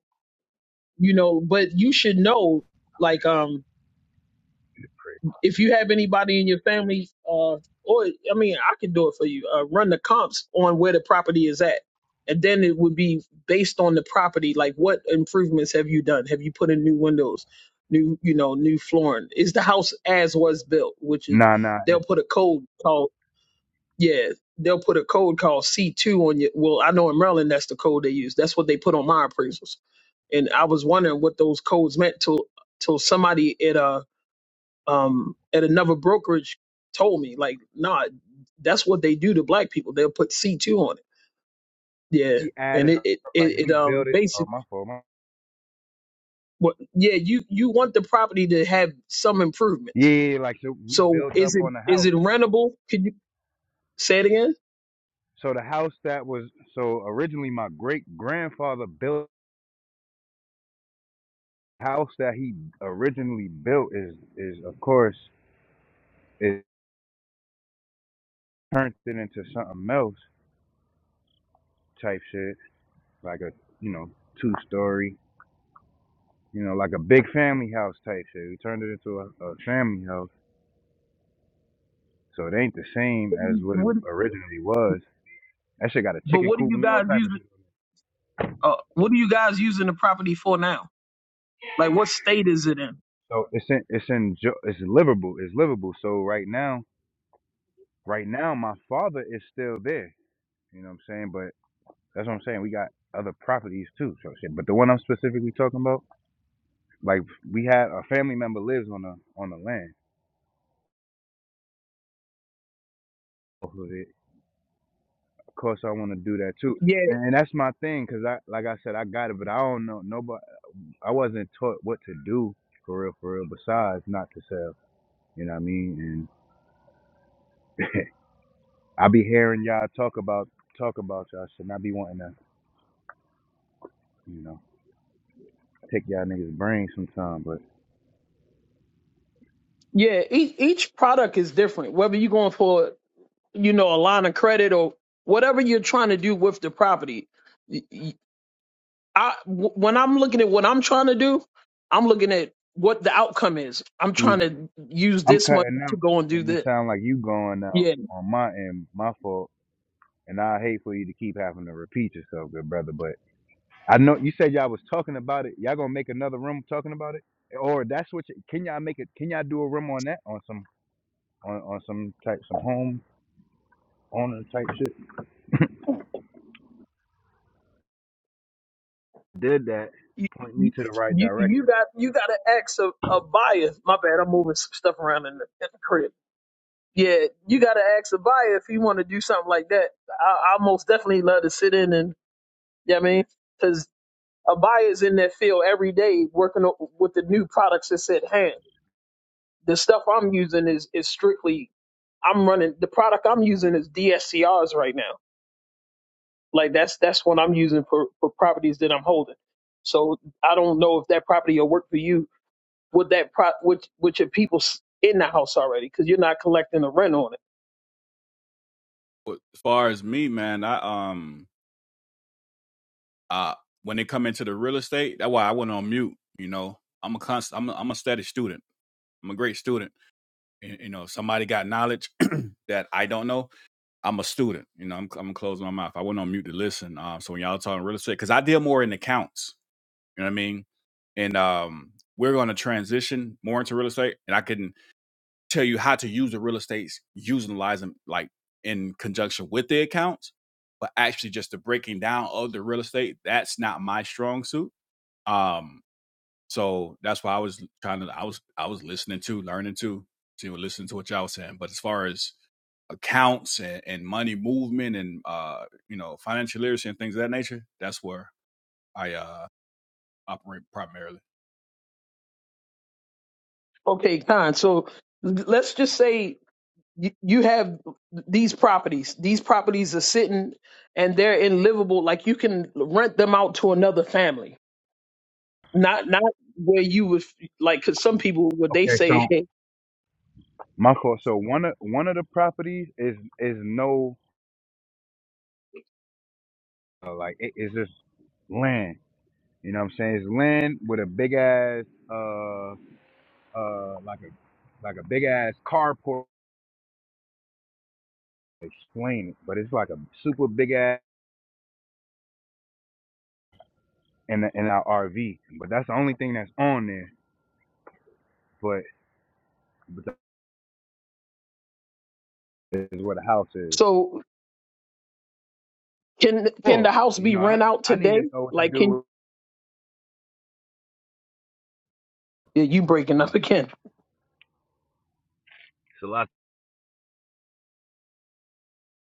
Speaker 4: you know. But you should know like um if you have anybody in your family, uh, or I mean, I can do it for you. Uh, run the comps on where the property is at, and then it would be based on the property. Like, what improvements have you done? Have you put in new windows, new you know, new flooring? Is the house as was built? Which is
Speaker 10: Nah, nah. If
Speaker 4: they'll put a code called yeah. They'll put a code called C two on you. Well, I know in Maryland that's the code they use. That's what they put on my appraisals. And I was wondering what those codes meant till till somebody at uh um, at another brokerage told me, like, nah, that's what they do to black people. They'll put C two on it. Yeah,
Speaker 10: we
Speaker 4: and
Speaker 10: added
Speaker 4: it it
Speaker 10: like
Speaker 4: it, it
Speaker 10: we
Speaker 4: um
Speaker 10: built it. Oh my
Speaker 4: basically,
Speaker 10: fault. My,
Speaker 4: what, yeah, you you want the property to have some improvements.
Speaker 10: yeah, like so we
Speaker 4: So
Speaker 10: built up
Speaker 4: is it
Speaker 10: on the
Speaker 4: is
Speaker 10: house.
Speaker 4: it rentable? Could you say it again?
Speaker 10: So the house that was so originally my great grandfather built the house that he originally built is is of course it turned it into something else type shit like a you know two story you know, like a big family house type shit. We turned it into a, a family house, so it ain't the same as what it
Speaker 4: What
Speaker 10: originally was. That shit got a
Speaker 4: But
Speaker 10: chicken
Speaker 4: what are
Speaker 10: coop
Speaker 4: you
Speaker 10: and all
Speaker 4: guys
Speaker 10: type of
Speaker 4: using?
Speaker 10: shit.
Speaker 4: Uh, what are you guys using the property for now? Like, what state is it in?
Speaker 10: So it's in, it's in, it's livable, it's livable. So right now, right now, my father is still there. You know what I'm saying? But that's what I'm saying. We got other properties too. So shit. But the one I'm specifically talking about, like we had a family member lives on the on the land off of it. Of course, I want to do that too.
Speaker 4: Yeah,
Speaker 10: And that's my thing, cause I, like I said, I got it, but I don't know nobody. I wasn't taught what to do for real, for real, besides not to sell. You know what I mean? And [laughs] I be hearing y'all talk about talk about y'all shit and I be wanting to, you know, take y'all niggas brains sometime, but
Speaker 4: yeah. Each each product is different. Whether you're going for you know a line of credit or whatever you're trying to do with the property, I w- when I'm looking at what I'm trying to do, I'm looking at what the outcome is. I'm
Speaker 10: you-
Speaker 4: trying to use
Speaker 10: I'm
Speaker 4: this money
Speaker 10: cutting
Speaker 4: to
Speaker 10: out
Speaker 4: go and do
Speaker 10: and it
Speaker 4: this.
Speaker 10: sound like you going out
Speaker 4: Yeah,
Speaker 10: on my end, my fault. And I hate for you to keep having to repeat yourself, good brother. But I know you said y'all was talking about it. Y'all gonna make another room talking about it? Or that's what you, can y'all make it can y'all do a room on that on some on, on some type some home owner type shit did that,
Speaker 4: you
Speaker 10: point me to the right
Speaker 4: you,
Speaker 10: direction.
Speaker 4: you got you got to ask a, a buyer. My bad, I'm moving some stuff around in the, in the crib. Yeah, you got to ask a buyer if you want to do something like that. I, I most definitely love to sit in and yeah, I mean, because a buyer's in that field every day working o- with the new products that's at hand. The stuff I'm using is is strictly I'm running the product I'm using is DSCRs right now. Like that's that's what I'm using for, for properties that I'm holding. So I don't know if that property will work for you with that pro with with your people s- in the house already because you're not collecting the rent on it.
Speaker 9: but as far as me, man, I um uh when they come into the real estate that's why i went on mute you know i'm a constant i'm a, I'm a steady student i'm a great student and, you know somebody got knowledge [clears throat] that i don't know i'm a student you know i'm, I'm gonna close my mouth i went on mute to listen um so when y'all talking real estate because i deal more in accounts you know what i mean and um we're going to transition more into real estate and i can tell you how to use the real estates utilize them like in conjunction with the accounts but actually just the breaking down of the real estate that's not my strong suit um, so that's why I was trying to I was I was listening to, learning to, to listen to what y'all was saying. But as far as accounts and, and money movement and uh, you know financial literacy and things of that nature, that's where I uh, operate primarily.
Speaker 4: Okay, Con. So l- let's just say you, you have these properties. These properties are sitting and they're in livable. Like you can rent them out to another family. Not not where you would like because some people would they
Speaker 10: Okay,
Speaker 4: say
Speaker 10: so
Speaker 4: hey.
Speaker 10: my fault. So one of one of the properties is is no uh, like it is just land. You know what I'm saying? It's land with a big ass uh uh like a like a big ass carport. Explain it, but it's like a super big ass in the, in our RV. But that's the only thing that's on there. But but that is where the house is.
Speaker 4: So Can can
Speaker 10: Oh,
Speaker 4: the house
Speaker 10: you
Speaker 4: be
Speaker 10: know I
Speaker 4: rent out
Speaker 10: I need to
Speaker 4: today?
Speaker 10: know what to
Speaker 4: Like can
Speaker 10: do
Speaker 4: yeah, you breaking up [laughs] again?
Speaker 10: with.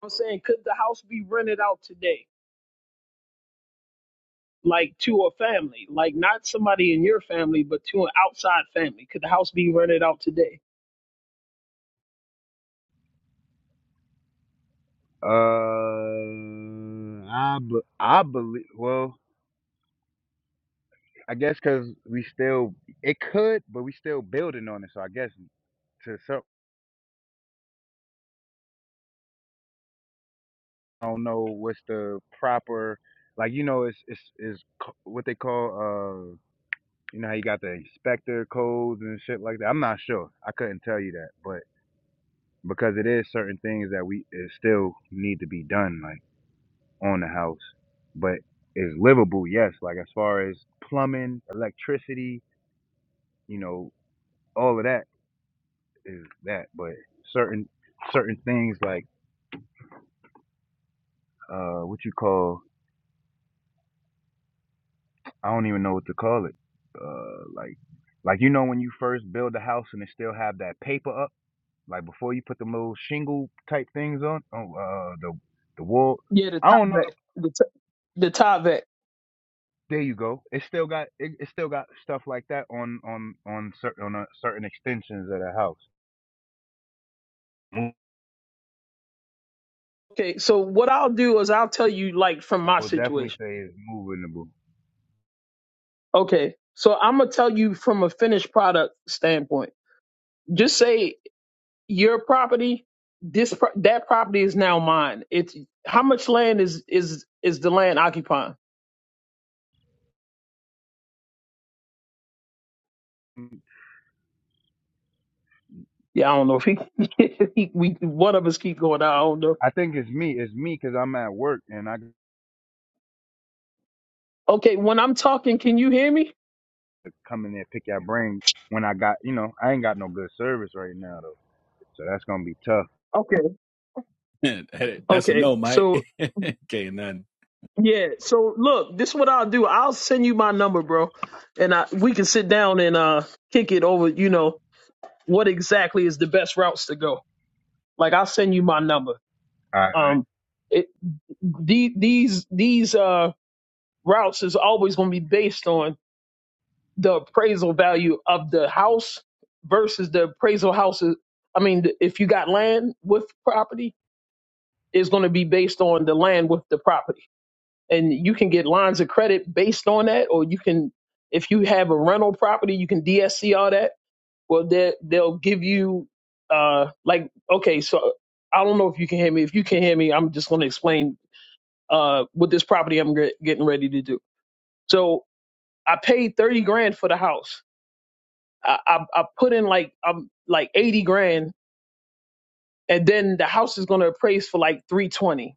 Speaker 4: I'm saying could the house be rented out today? Like to a family, like not somebody in your family, but to an outside family. Could the house be rented out today?
Speaker 10: Uh, I b- I believe. Well, I guess because we still it could, but we still building on it. So I guess to some, I don't know what's the proper like. You know, it's it's is what they call uh. You know how you got the inspector codes and shit like that. I'm not sure. I couldn't tell you that, but because it is certain things that we it still need to be done like on the house, but it's livable. Yes, like as far as plumbing, electricity. you know, all of that is that, but certain certain things like uh what you call I don't even know what to call it. Uh like like you know when you first build a house and it still have that paper up, like before you put the little shingle type things on, oh uh the the wall
Speaker 4: Yeah, the
Speaker 10: I don't know. The,
Speaker 4: Tavet, the t- the Tavet.
Speaker 10: there you go. It still got it, it still got stuff like that on on on certain on uh certain extensions of the house. I
Speaker 4: Okay, so what I'll do is I'll tell you like from my
Speaker 10: would definitely
Speaker 4: situation.
Speaker 10: say it's movable.
Speaker 4: Okay, so I'm gonna tell you from a finished product standpoint. Just say your property this pro- that property is now mine it's how much land is is is the land occupying yeah i don't know if he, [laughs] he we one of us keep going i don't know
Speaker 10: I think it's me. It's me because I'm at work and I
Speaker 4: okay when i'm talking can you hear me
Speaker 10: come in there, and pick your brain when I got, you know, I ain't got no good service right now though, so that's gonna be tough.
Speaker 4: okay
Speaker 9: [laughs] that's a
Speaker 4: okay
Speaker 9: no, Mike.
Speaker 4: so
Speaker 9: [laughs] okay, and then
Speaker 4: yeah so look this is what i'll do i'll send you my number bro and i we can sit down and uh kick it over you know what exactly is the best routes to go like i'll send you my number
Speaker 10: All right.
Speaker 4: um it, the, these these uh routes is always going to be based on the appraisal value of the house versus the appraisal houses. I mean, if you got land with property, it's going to be based on the land with the property. And you can get lines of credit based on that, or you can, if you have a rental property, you can DSC all that. Well, they, they'll give you, uh, like, okay, so I don't know if you can hear me. If you can hear me, I'm just going to explain uh, what this property I'm get, getting ready to do. So I paid thirty grand for the house. I, I I put in like um like eighty grand, and then the house is gonna appraise for like three twenty.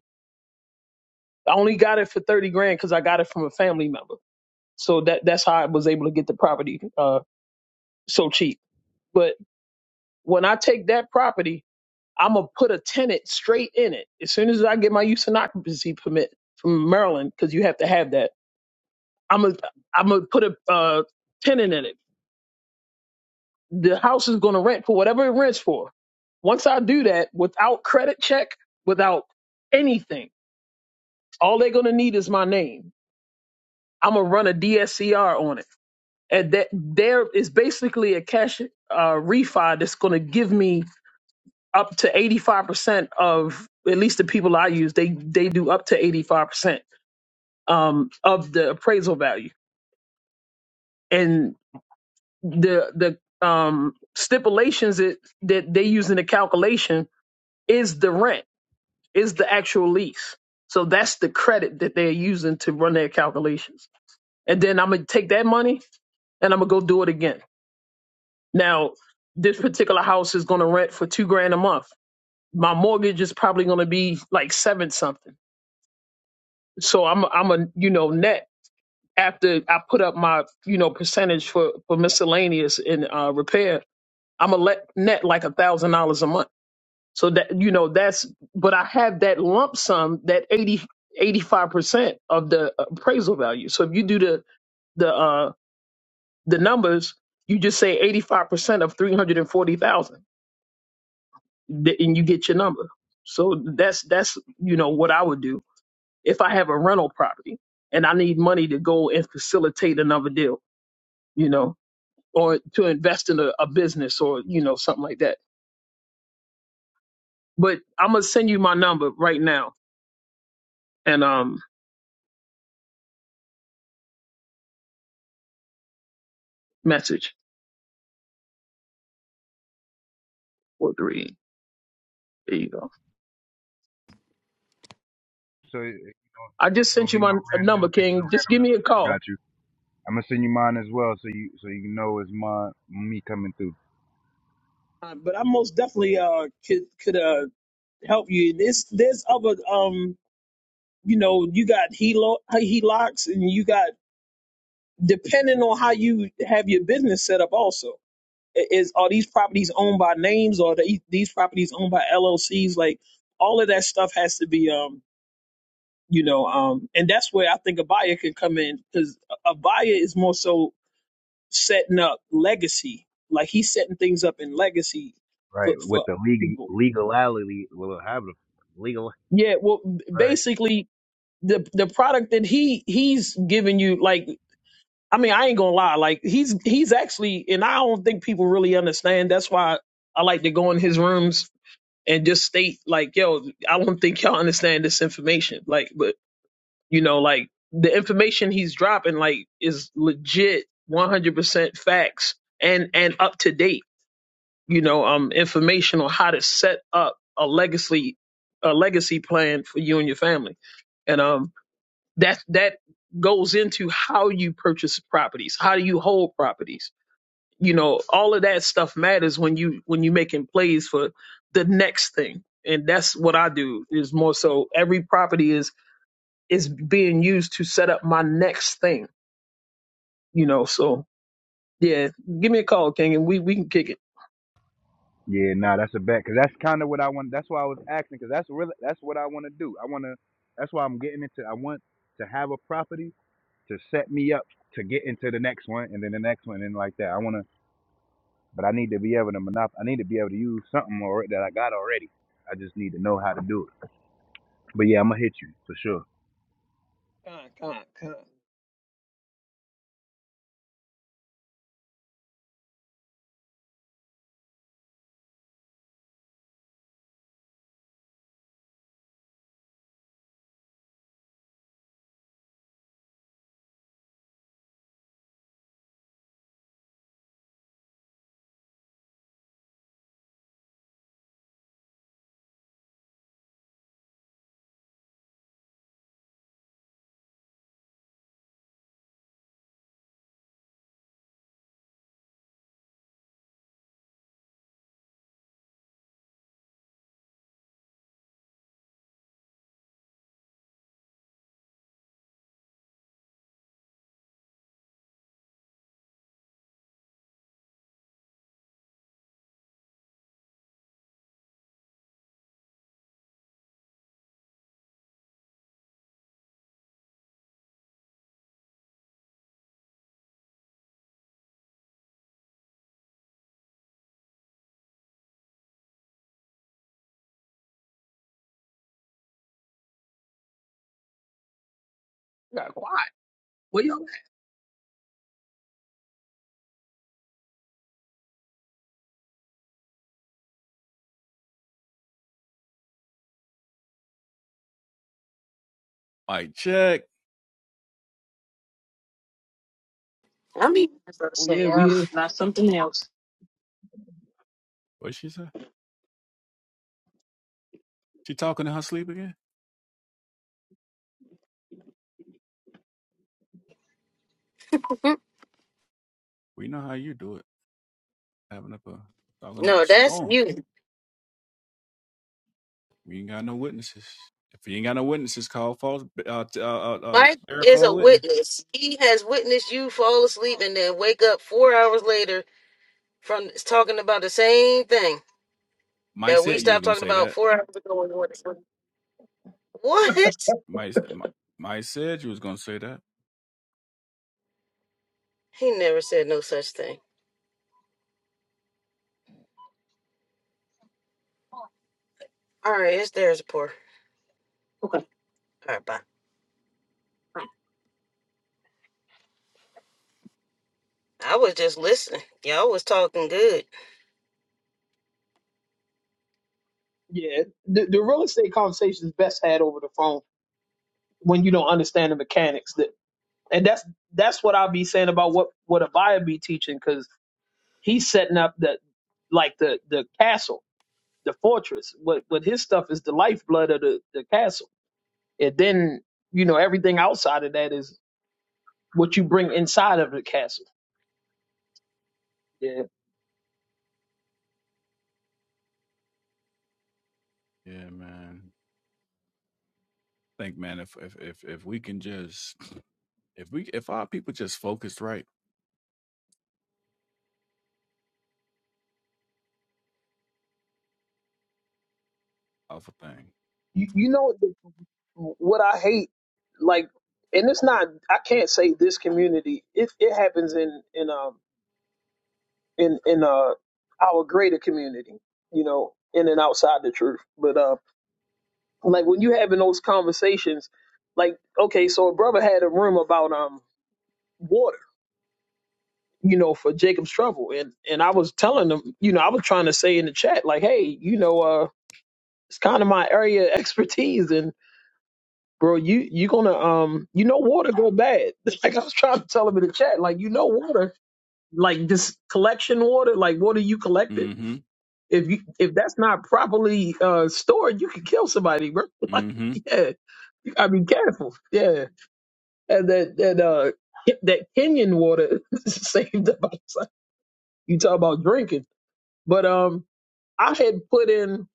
Speaker 4: I only got it for thirty grand because I got it from a family member. So that that's how I was able to get the property uh so cheap. But when I take that property, I'm gonna put a tenant straight in it as soon as I get my use and occupancy permit from Maryland because you have to have that. I'm gonna I'm gonna put a uh, tenant in it the house is going to rent for whatever it rents for. Once I do that without credit check, without anything, all they're going to need is my name. I'm going to run a DSCR on it. And that there is basically a cash uh, refi that's going to give me up to 85% of at least the people I use, they, they do up to 85% um, of the appraisal value. And the, the, um, stipulations that, that they use in the calculation is the rent is the actual lease. So that's the credit that they're using to run their calculations. And then I'm gonna take that money and I'm gonna go do it again. Now, this particular house is gonna rent for two grand a month. My mortgage is probably gonna be like seven something. So I'm I'm a you know net after I put up my you know percentage for for miscellaneous and uh, repair. I'm gonna let net like a thousand dollars a month So that you know that's but I have that lump sum that eighty, eighty five percent of the appraisal value. So if you do the the uh the numbers, you just say 85% of 340,000, and you get your number. So that's that's you know what I would do if I have a rental property and I need money to go and facilitate another deal, you know, or to invest in a, a business or you know something like that. But I'm going to send you my number right now and um message four three. There you go.
Speaker 10: So it, it
Speaker 4: I just
Speaker 10: it's gonna
Speaker 4: sent you
Speaker 10: be
Speaker 4: my
Speaker 10: no
Speaker 4: n-
Speaker 10: random. You
Speaker 4: number,
Speaker 10: don't think it's a
Speaker 4: King. Just
Speaker 10: random
Speaker 4: give me
Speaker 10: number.
Speaker 4: a
Speaker 10: I
Speaker 4: call.
Speaker 10: got you. I'm gonna send you mine as well, so you so you know it's my me coming through.
Speaker 4: Uh, but I most definitely uh could could uh help you. This there's other um you know you got helo HELOCs and you got depending on how you have your business set up. Also, I- is are these properties owned by names or are they, these properties owned by LLCs? Like all of that stuff has to be um you know um and that's where I think a buyer can come in because a a buyer is more so setting up legacy. Like he's setting things up in legacy
Speaker 10: Right.
Speaker 4: for,
Speaker 10: With
Speaker 4: for
Speaker 10: the legal
Speaker 4: people.
Speaker 10: legality, will it have the legal?
Speaker 4: Yeah, well,
Speaker 10: Right.
Speaker 4: basically the the product that he he's giving you, like I mean, I ain't gonna lie, like he's he's actually, and I don't think people really understand. That's why I like to go in his rooms and just state like, yo, I don't think y'all understand this information. Like, but you know, like the information he's dropping, like, is legit, one hundred percent facts and and up to date you know, um, information on how to set up a legacy, a legacy plan for you and your family. And um, that that goes into how you purchase properties, how do you hold properties. You know, all of that stuff matters when you when you making plays for the next thing. And that's what I do is more so every property is is being used to set up my next thing. You know, so yeah, give me a call, King, and we we can kick it.
Speaker 10: Yeah. Nah, that's a bet, cause that's kind of what I want. That's why I was asking, cause that's really that's what I want to do. I want to. That's why I'm getting into. I want to have a property to set me up to get into the next one and then the next one and like that. I wanna but I need to be able to monop I need to be able to use something or that I got already. I just need to know how to do it. But yeah, I'm gonna hit you for sure.
Speaker 4: Con, con, con. You got quiet. What you?
Speaker 9: Mike check.
Speaker 4: Oh yeah, we here.
Speaker 9: What she say? She talking in her sleep again? We know how you do it. Having up a talking up a
Speaker 2: No, that's
Speaker 9: storm.
Speaker 2: you.
Speaker 9: We ain't got no witnesses. If you ain't got no witnesses, call false, uh, uh, uh, uh,
Speaker 2: Mike
Speaker 9: verify
Speaker 2: is
Speaker 9: a
Speaker 2: a
Speaker 9: witness.
Speaker 2: witness. He has witnessed you fall asleep and then wake up four hours later from talking about the same thing
Speaker 9: Mike
Speaker 2: that we
Speaker 9: said you was
Speaker 2: stopped
Speaker 9: gonna
Speaker 2: talking
Speaker 9: say
Speaker 2: about
Speaker 9: that.
Speaker 2: four hours. [laughs] What?
Speaker 9: Mike, Mi- Mike said you was gonna say that.
Speaker 2: He never said no such thing. All right, it's theirs, poor. All right, bye. I was just listening. Y'all was talking good.
Speaker 4: Yeah, the, the real estate conversation is best had over the phone when you don't understand the mechanics. That and that's that's what I'll be saying about what what a buyer be teaching because he's setting up the like the the castle, the fortress. What what his stuff is the lifeblood of the the castle, and then you know everything outside of that is what you bring inside of the castle. Yeah,
Speaker 9: Yeah, man. Think, man, if if if if we can just if we if our people just focused right off a thing.
Speaker 4: you you know the, what I hate like, and it's not I can't say this community. It it happens in in um in in uh our greater community, you know, in and outside the church. But uh, like when you having those conversations, like okay, so a brother had a room about um water, you know, for Jacob's trouble, and and I was telling them, you know, I was trying to say in the chat, like, hey, you know, uh, it's kind of my area of [laughs] expertise, and bro, you you gonna um, you know, water go bad. [laughs] Like I was trying to tell him in the chat, like you know, water, like this collection water, like water you collected
Speaker 9: Mm-hmm.
Speaker 4: If you if that's not properly uh, stored, you can kill somebody, bro. [laughs] like,
Speaker 9: Mm-hmm.
Speaker 4: yeah, you gotta be careful. Yeah, and that that uh Ke- that Kenyan water [laughs] saved the outside. [laughs] You talk about drinking, but um, I had put in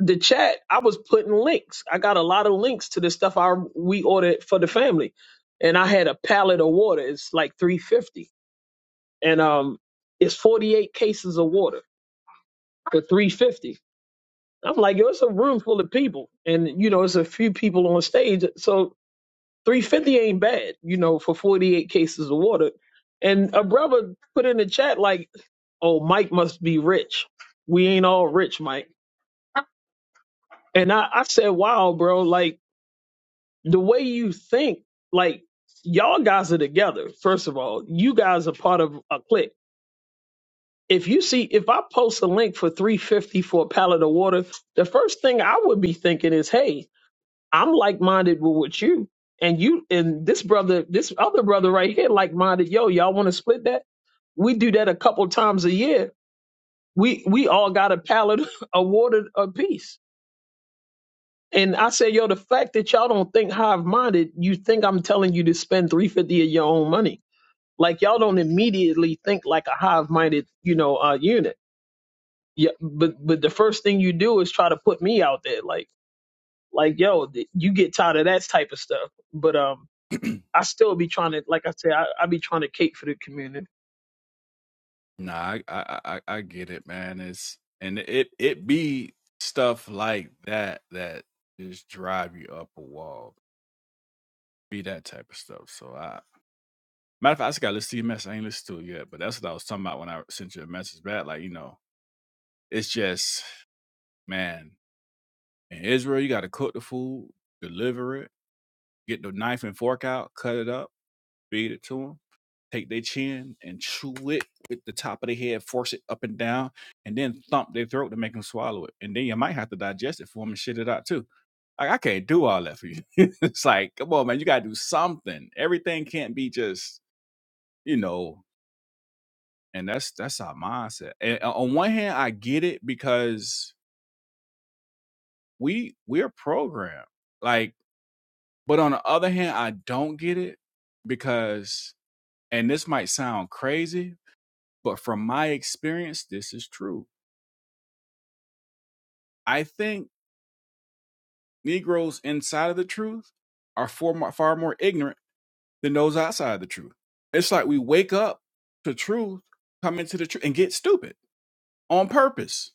Speaker 4: the chat. I was putting links. I got a lot of links to the stuff I we ordered for the family, and I had a pallet of water. It's like three fifty, and um, it's forty eight cases of water for 350 I'm like, yo, it's a room full of people, and you know, it's a few people on stage, so 350 ain't bad, you know, for 48 cases of water. And a brother put in the chat like, "Oh, Mike must be rich. We ain't all rich, Mike." And I, I said, "Wow, bro! Like the way you think, like y'all guys are together. First of all, you guys are part of a clique." If you see, if I post a link for 350 for a pallet of water, the first thing I would be thinking is, hey, I'm like minded with with you, and you and this brother, this other brother right here, like minded. Yo, y'all want to split that? We do that a couple times a year. We we all got a pallet [laughs] awarded a piece. And I say, yo, the fact that y'all don't think hive minded, you think I'm telling you to spend three fifty of your own money. Like y'all don't immediately think like a hive minded, you know, uh, unit. Yeah, but but the first thing you do is try to put me out there, like like yo, th- you get tired of that type of stuff. But um, I still be trying to, like I said, I, I be trying to cape for the community.
Speaker 9: Nah, I I I, I I get it, man. It's and it it be stuff like that that just drive you up a wall. Be that type of stuff. So I matter of fact, I just gotta listen to your message. I ain't listened to it yet, but that's what I was talking about when I sent you a message back. Like, you know, it's just man. In Israel, you got to cook the food, deliver it, get the knife and fork out, cut it up, feed it to them, take their chin and chew it with the top of their head, force it up and down, and then thump their throat to make them swallow it. And then you might have to digest it for them and shit it out too. Like, I can't do all that for you. [laughs] it's like, come on, man, you got to do something. Everything can't be just, you know, and that's that's our mindset. And uh, on one hand, I get it because we we're programmed. Like But on the other hand, I don't get it because, and this might sound crazy, but from my experience, this is true. I think Negroes inside of the truth are far more, far more ignorant than those outside of the truth. It's like we wake up to truth, come into the truth, and get stupid on purpose.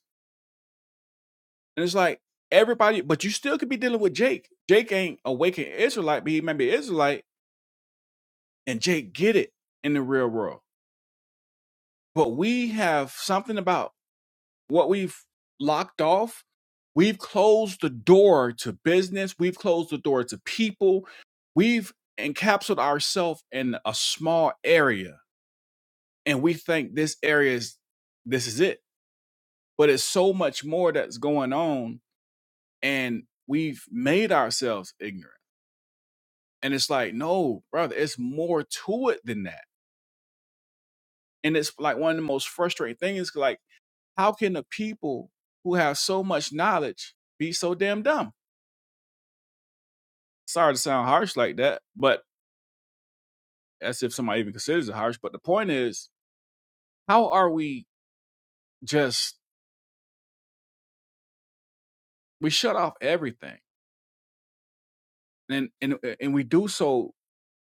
Speaker 9: And it's like everybody, but you still could be dealing with Jake. Jake ain't a waking Israelite, but he may be Israelite, and Jake get it in the real world. But we have something about what we've locked off, we've closed the door to business, we've closed the door to people, we've encapsulated ourselves in a small area, and we think this area is this is it. But it's so much more that's going on, and we've made ourselves ignorant. And it's like, no, brother, it's more to it than that. And it's like one of the most frustrating things, like, how can the people who have so much knowledge be so damn dumb? sorry to sound harsh like that, but as if somebody even considers it harsh. But the point is, how are we just we shut off everything, and and uh, and we do so,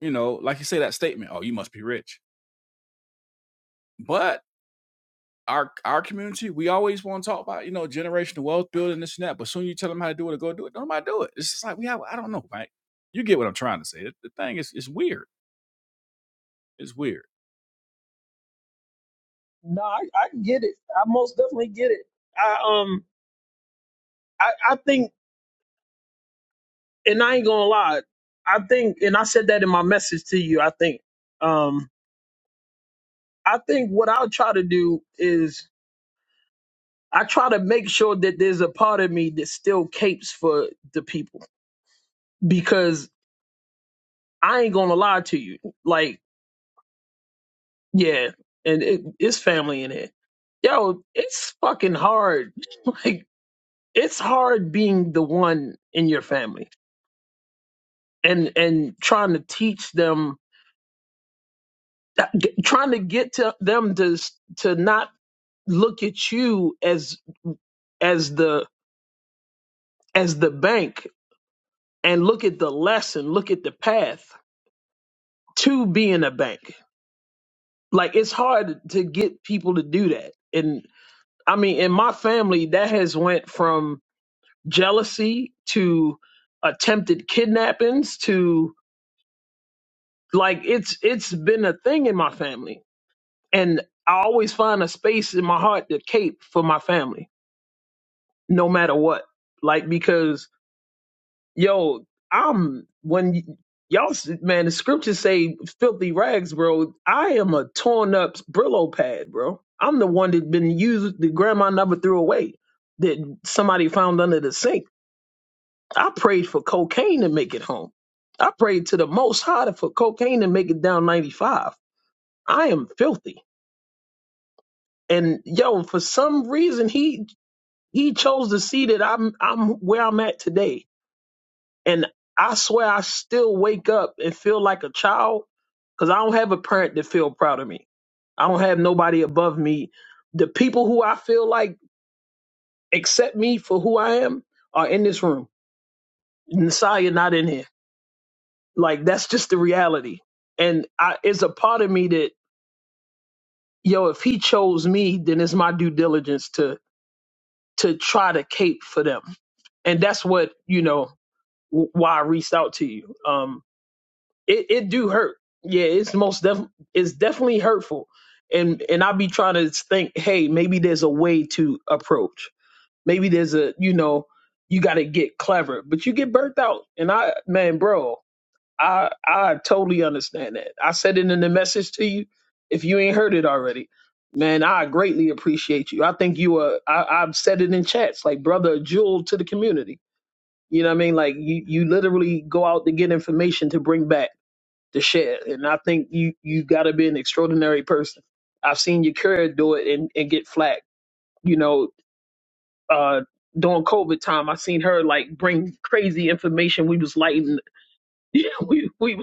Speaker 9: you know, like you say that statement, oh, you must be rich, but our our community, we always want to talk about you know generational wealth building this and that, but soon you tell them how to do it or go do it, don't nobody do it. It's just like we have, I don't know, right? You get what I'm trying to say. The the thing is, it's weird. It's weird.
Speaker 4: No, I, I get it. I most definitely get it. I um, I, I think, and I ain't gonna lie, I think, and I said that in my message to you. I think, um, I think what I'll try to do is I try to make sure that there's a part of me that still capes for the people because I ain't gonna lie to you. Like, yeah, and it, it's family in here. Yo, it's fucking hard. [laughs] Like it's hard being the one in your family and and trying to teach them trying to get to them to to not look at you as as the as the bank and look at the lesson look at the path to being a bank like it's hard to get people to do that and i mean in my family that has went from jealousy to attempted kidnappings to like it's it's been a thing in my family and I always find a space in my heart to cape for my family, no matter what. Like because yo, I'm when y- y'all s- man, the scriptures say filthy rags, bro. I am a torn up Brillo pad, bro. I'm the one that been used that grandma never threw away, that somebody found under the sink. I prayed for cocaine to make it home. I prayed to the Most High for cocaine to make it down 95. I am filthy and yo for some reason he He chose to see that I'm I'm where I'm at today. And I swear I still wake up and feel like a child because I don't have a parent that feel proud of me. I don't have nobody above me. The people who I feel like accept me for who I am are in this room. Messiah not in here. Like that's just the reality. And I it's a part of me that, yo, if he chose me, then it's my due diligence to to try to cape for them and that's what you know wh- why I reached out to you. Um, it, it do hurt. Yeah, it's most def it's definitely hurtful, and and I be trying to think, hey, maybe there's a way to approach. Maybe there's a you know you got to get clever, but you get burnt out. And I man, bro, I I totally understand that. I said it in the message to you. If you ain't heard it already, man, I greatly appreciate you. I think you are. I, I've said it in chats, like brother a jewel to the community you know what I mean? Like you, you literally go out to get information to bring back to share. And I think you you gotta be an extraordinary person. I've seen your career do it and, and get flack. You know, uh during COVID time I seen her like bring crazy information. We was lighting [laughs] yeah, we we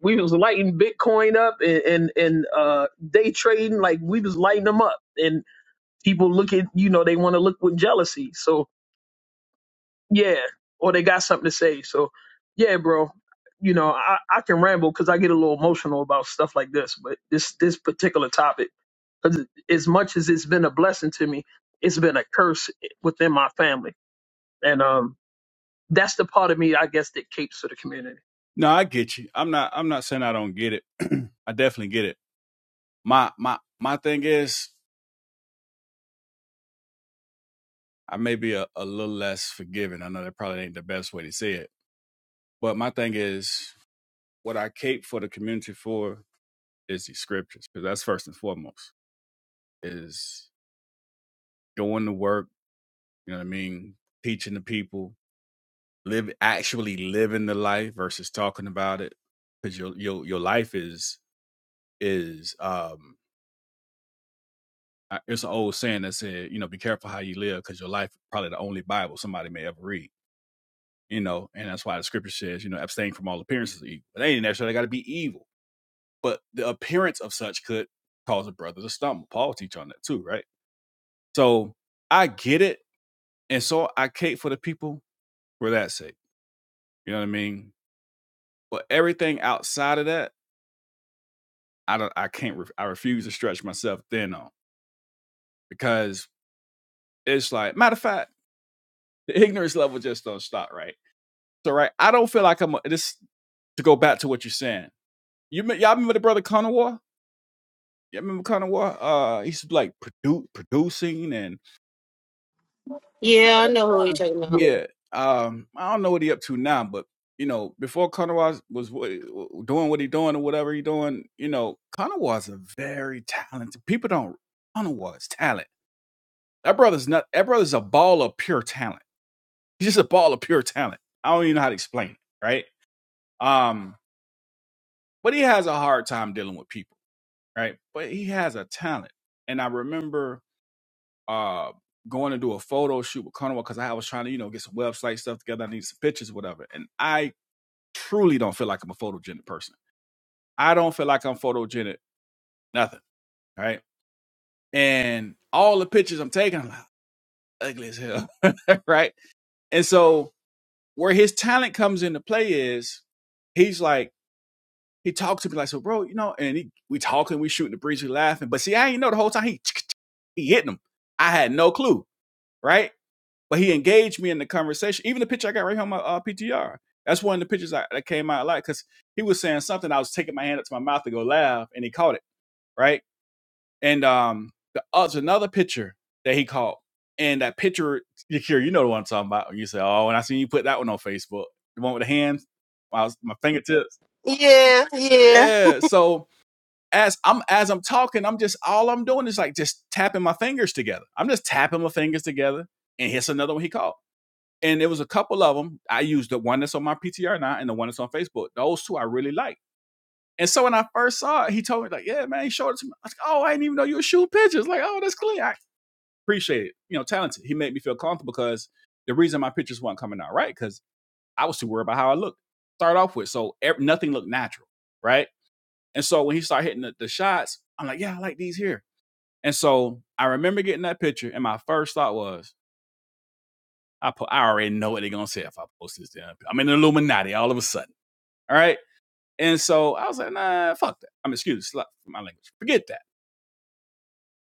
Speaker 4: we was lighting Bitcoin up and, and, and uh day trading, like we was lighting them up. And people look at you know, they wanna look with jealousy. So yeah, or they got something to say. So, yeah, bro, you know, I, I can ramble because I get a little emotional about stuff like this, but this this particular topic, because as much as it's been a blessing to me, it's been a curse within my family, and um, that's the part of me, I guess, that capes to the community.
Speaker 9: No, I get you. I'm not. I'm not saying I don't get it. [clears throat] I definitely get it. My my my thing is. I may be a, a little less forgiving. I know that probably ain't the best way to say it. But my thing is what I cape for the community for is the scriptures. Because that's first and foremost. Is doing the work, you know what I mean, teaching the people, live actually living the life versus talking about it. Because your your your life is is um it's an old saying that said, you know, be careful how you live because your life is probably the only Bible somebody may ever read. you know, and that's why the scripture says, you know, abstain from all appearances of evil. But they ain't necessarily got to be evil, but the appearance of such could cause a brother to stumble. Paul teach on that too, right? So I get it, and so I cape for the people for that sake. You know what I mean? But everything outside of that, I don't. I can't. Ref, I refuse to stretch myself thin on because it's like matter of fact, [laughs] the ignorance level just don't stop, right? So right, I don't feel like I'm. a- This to go back to what you're saying. You y'all remember the brother Conowar? Yeah, I remember Connor? War? Uh, he's like produ- producing and
Speaker 2: Yeah,
Speaker 4: Huh, huh, yeah,
Speaker 9: yeah. Um, I don't know what he up to now, but you know, before Connor War was wa- doing what he doing or whatever he doing, you know, Connor War's a very talented. People don't Connor War's talent. That brother's not. That brother's a ball of pure talent. He's just a ball of pure talent. I don't even know how to explain it, right? Um, but he has a hard time dealing with people, right? But he has a talent, and I remember uh going to do a photo shoot with Carnival because I was trying to, you know, get some website stuff together. I need some pictures, whatever. And I truly don't feel like I'm a photogenic person. I don't feel like I'm photogenic, nothing. Right. And all the pictures I'm taking, I'm like, ugly as hell. [laughs] right. And so where his talent comes into play is he's like, he talked to me like, so bro, you know, and he, we talking, we shooting the breeze, we laughing. But see, I ain't know the whole time he, he hitting him. I had no clue. Right. but he engaged me in the conversation. Even the picture I got right here on my uh, PTR. That's one of the pictures I, that came out a lot because he was saying something. I was taking my hand up to my mouth to go laugh, and he caught it right. And um, the other's another picture that he caught, and that picture, Yakir, you know the one I'm talking about. You say, "Oh, and I seen you put that one on Facebook, the one with the hands, my my fingertips."
Speaker 2: yeah, yeah.
Speaker 9: Yeah. So as I'm as I'm talking, I'm just all I'm doing is like just tapping my fingers together. I'm just tapping my fingers together, and here's another one he caught and there was a couple of them. I used the one that's on my PTR now and the one that's on Facebook. Those two I really like. And so when I first saw it, he told me like, "Yeah, man," he showed it to me. I was like, "Oh, I didn't even know you were shooting pictures." Like, "Oh, that's clean." I appreciate it. You know, talented. He made me feel comfortable because the reason my pictures weren't coming out right because I was too worried about how I looked. Start off with so ev- nothing looked natural, right? And so when he started hitting the, the shots, I'm like, "Yeah, I like these here." And so I remember getting that picture, and my first thought was, I po- I already know what they're gonna say if I post this damn. I'm in the Illuminati all of a sudden. All right. And so I was like, nah, fuck that. I'm excuse my language. Forget that.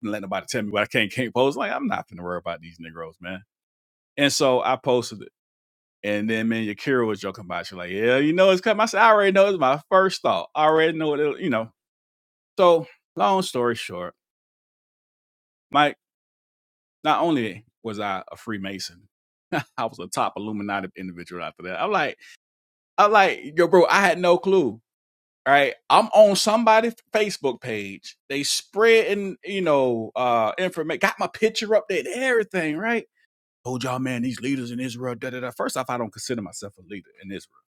Speaker 9: And let nobody tell me what I can't can't post. Like, I'm not gonna worry about these Negroes, man. And so I posted it. And then man, Yakira was joking about it. She was like, yeah, you know it's coming. I said, I already know it's my first thought. I already know what it, you know. So long story short, Mike, not only was I a Freemason, [laughs] I was a top Illuminati individual after that. I'm like, I'm like, yo, bro, I had no clue. right? I'm on somebody's Facebook page. They spreading, you know, uh information. Got my picture up there and everything, right? Told y'all, man, these leaders in Israel, da da da. First off, I don't consider myself a leader in Israel.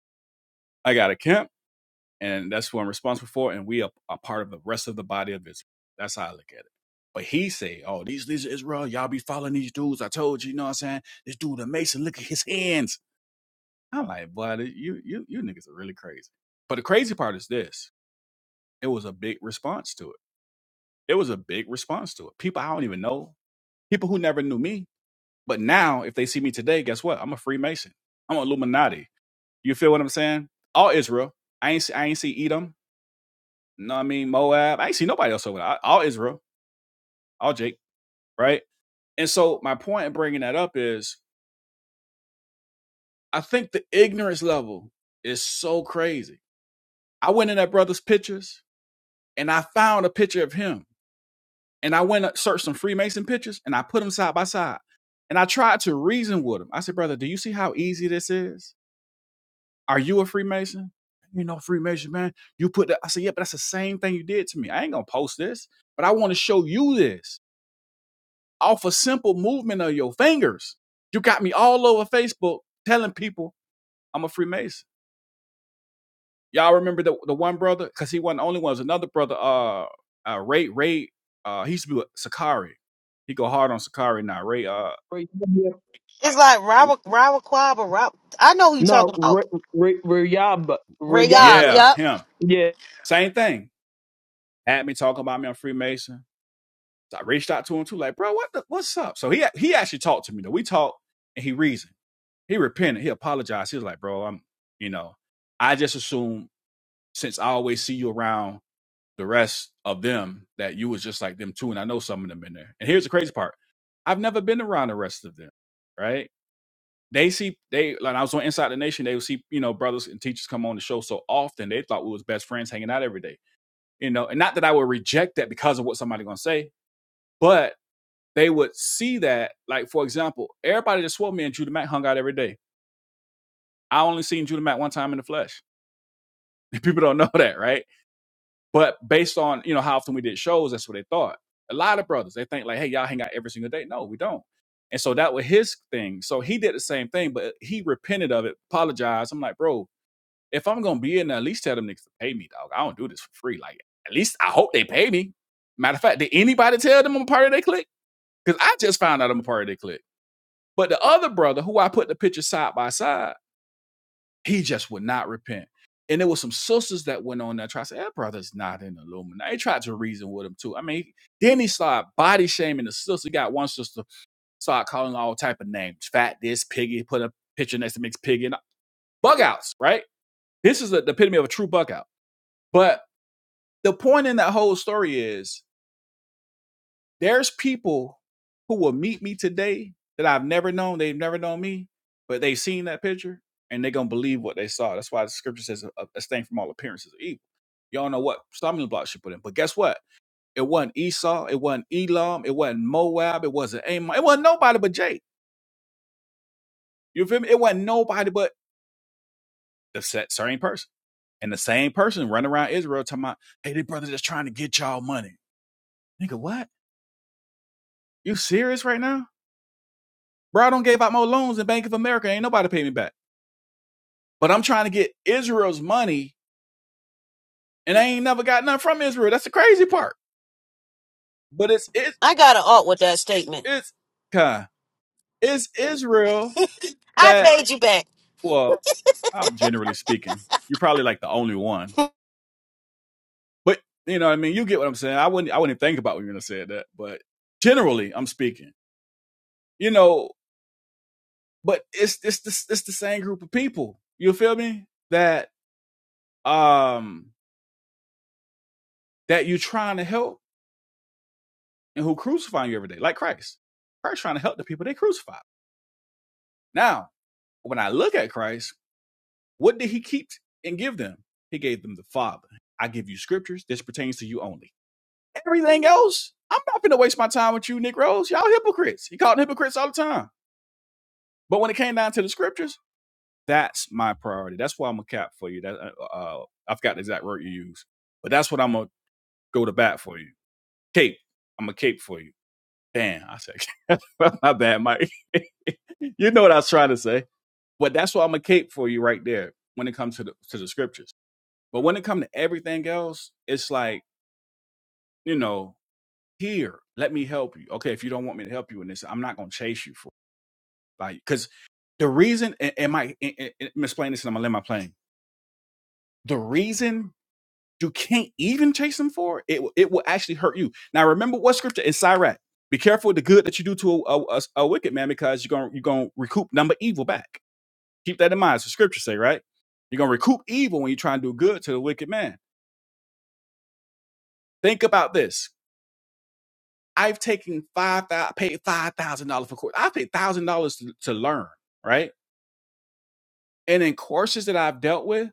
Speaker 9: I got a camp, and that's who I'm responsible for, and we are a part of the rest of the body of Israel. That's how I look at it. But he say, oh, these leaders of Israel, y'all be following these dudes. I told you, you know what I'm saying? This dude, a Mason, look at his hands. I'm like, boy, you, you, you niggas are really crazy. But the crazy part is this. It was a big response to it There was a big response to it. People I don't even know, people who never knew me, but now if they see me today, guess what? I'm a Freemason. I'm an Illuminati. You feel what I'm saying? All Israel. I ain't see, I ain't see Edom. No, I mean Moab. I ain't see nobody else over there. All Israel. All Jake. Right. And so my point in bringing that up is, I think the ignorance level is so crazy. I went in that brother's pictures and I found a picture of him and I went and searched some Freemason pictures and I put them side by side. And I tried to reason with him. I said, brother, do you see how easy this is? Are you a Freemason? You know, Freemason, man. You put that. I said, yeah, but that's the same thing you did to me. I ain't going to post this, but I want to show you this off a simple movement of your fingers. You got me all over Facebook telling people I'm a Freemason. Y'all remember the, the one brother? Because he wasn't the only one. It was another brother, uh, uh, Ray, Ray, uh, he used to be with Sakari. He go hard on Sakari now. Ray, uh,
Speaker 4: Ray- yeah.
Speaker 2: It's like Robert, Robert Quab or Rob. I know who you
Speaker 4: no,
Speaker 2: talking about.
Speaker 4: Ra- Ra- Rayaba,
Speaker 2: Rayab.
Speaker 4: Rayaba,
Speaker 9: Yeah,
Speaker 2: Yup.
Speaker 9: him.
Speaker 4: yeah,
Speaker 9: Same thing. Had me talking about me on Freemason. So I reached out to him too, like, bro, what the, what's up? So he he actually talked to me though. We talked and he reasoned. He repented. He apologized. He was like, bro, I'm, you know, I just assume since I always see you around the rest of them that you was just like them too. And I know some of them in there. And here's the crazy part. I've never been around the rest of them, right? They see they like I was on Inside the Nation, they would see, you know, brothers and teachers come on the show so often, they thought we was best friends hanging out every day you know, and not that I would reject that because of what somebody gonna say, but they would see that, like for example, everybody that swore me and Judah Mack hung out every day. I only seen Judah Mack one time in the flesh. [laughs] People don't know that, right? But based on you know how often we did shows, that's what they thought. A lot of brothers they think like, hey, y'all hang out every single day. No, we don't. And so that was his thing. So he did the same thing, but he repented of it, apologized. I'm like, bro, If I'm gonna be in there, at least tell them niggas to pay me, dog. I don't do this for free. Like, at least I hope they pay me. Matter of fact, did anybody tell them I'm a part of their clique? Because I just found out I'm a part of their clique. But the other brother, who I put the picture side by side, he just would not repent. And there was some sisters that went on there tried to say, that brother's not in the Illuminati. They tried to reason with him too. I mean, then he started body shaming the sister. He got one sister, started calling all type of names. Fat this, piggy, put a picture next to mix piggy. And bug outs, right? This is the, the epitome of a true bug out. But the point in that whole story is there's people who will meet me today that I've never known. They've never known me, but they've seen that picture and they're gonna believe what they saw. That's why the scripture says "A- abstain from all appearances of evil. You don't know what stumbling blocks you put in, but guess what? It wasn't Esau, it wasn't Elam, it wasn't Moab, it wasn't Ammon, it wasn't nobody but Jake. You feel me? It wasn't nobody but the sa- same person. And the same person running around Israel talking about, hey, they brother that's trying to get y'all money. Nigga, what? You serious right now? Bro, I don't gave out more loans than Bank of America. Ain't nobody pay me back. But I'm trying to get Israel's money, and I ain't never got nothing from Israel. That's the crazy part. But it's it's
Speaker 2: I got an alt with that statement.
Speaker 9: it's kind. It's Israel
Speaker 2: I
Speaker 9: that
Speaker 2: paid you back.
Speaker 9: well, I'm generally speaking. You're probably like the only one. But you know what I mean? You get what I'm saying. I wouldn't I wouldn't think about when you're gonna say that, but generally I'm speaking. You know, but it's it's the, it's the same group of people. You feel me? That um that you're trying to help and who crucify you every day, like Christ. Christ trying to help the people they crucify. Now, when I look at Christ, what did he keep and give them? He gave them the Father. I give you scriptures. This pertains to you only. Everything else, I'm not going to waste my time with you, Nick Rose. Y'all hypocrites. He called them hypocrites all the time. But when it came down to the scriptures, that's my priority. That's why I'm a cap for you. That uh, uh, uh, I forgot the exact word you use, but that's what I'm gonna go to bat for you. Cape. I'm a cape for you. Damn, I said [laughs] my bad, Mike. [laughs] I you know what I was trying to say. But that's why I'm a cape for you right there when it comes to the to the scriptures. But when it comes to everything else, it's like, you know, here, let me help you. Okay, if you don't want me to help you in this, I'm not gonna chase you for it. like because the reason and, and my and, and, and I'm explaining this and I'm gonna let my plane. The reason you can't even chase them for it, it will it will actually hurt you. Now remember what scripture in Sirach. Be careful of the good that you do to a, a, a- a wicked man because you're gonna you're gonna recoup number evil back. Keep that in mind. It's the scriptures say, right? You're gonna recoup evil when you try and do good to the wicked man. Think about this. I've taken five thousand paid five thousand dollars for course. I paid thousand dollars to to learn, right? And in courses that I've dealt with,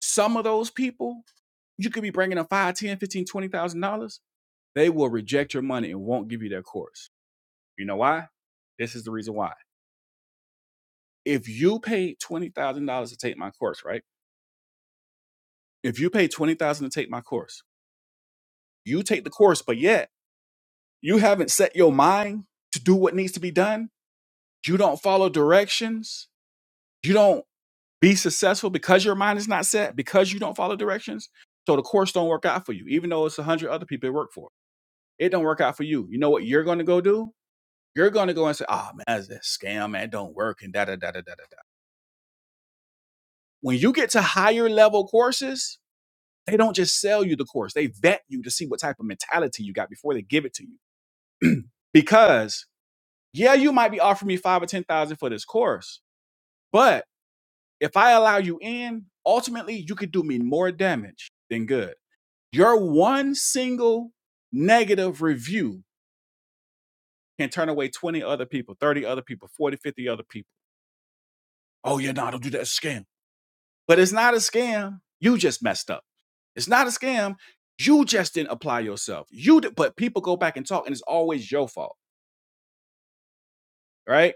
Speaker 9: some of those people, you could be bringing in five, ten, fifteen, twenty thousand dollars. They will reject your money and won't give you their course. You know why? This is the reason why. If you paid twenty thousand dollars to take my course, right? If you paid twenty thousand to take my course, you take the course, but yet you haven't set your mind to do what needs to be done, you don't follow directions, you don't be successful because your mind is not set, because you don't follow directions. So the course don't work out for you, even though it's a hundred other people it work for. It don't work out for you. You know what you're gonna go do? You're gonna go and say, "Ah man, that's a scam, man, it don't work, and da da da da da da. When you get to higher level courses, they don't just sell you the course, they vet you to see what type of mentality you got before they give it to you. Because yeah, you might be offering me five or ten thousand for this course, But if I allow you in, ultimately you could do me more damage than good. Your one single negative review can turn away 20 other people, 30 other people, 40, 50 other people. Oh, yeah, no, don't do that it's a scam. But it's not a scam. You just messed up. It's not a scam. You just didn't apply yourself. You did, but people go back and talk, and it's always your fault, right?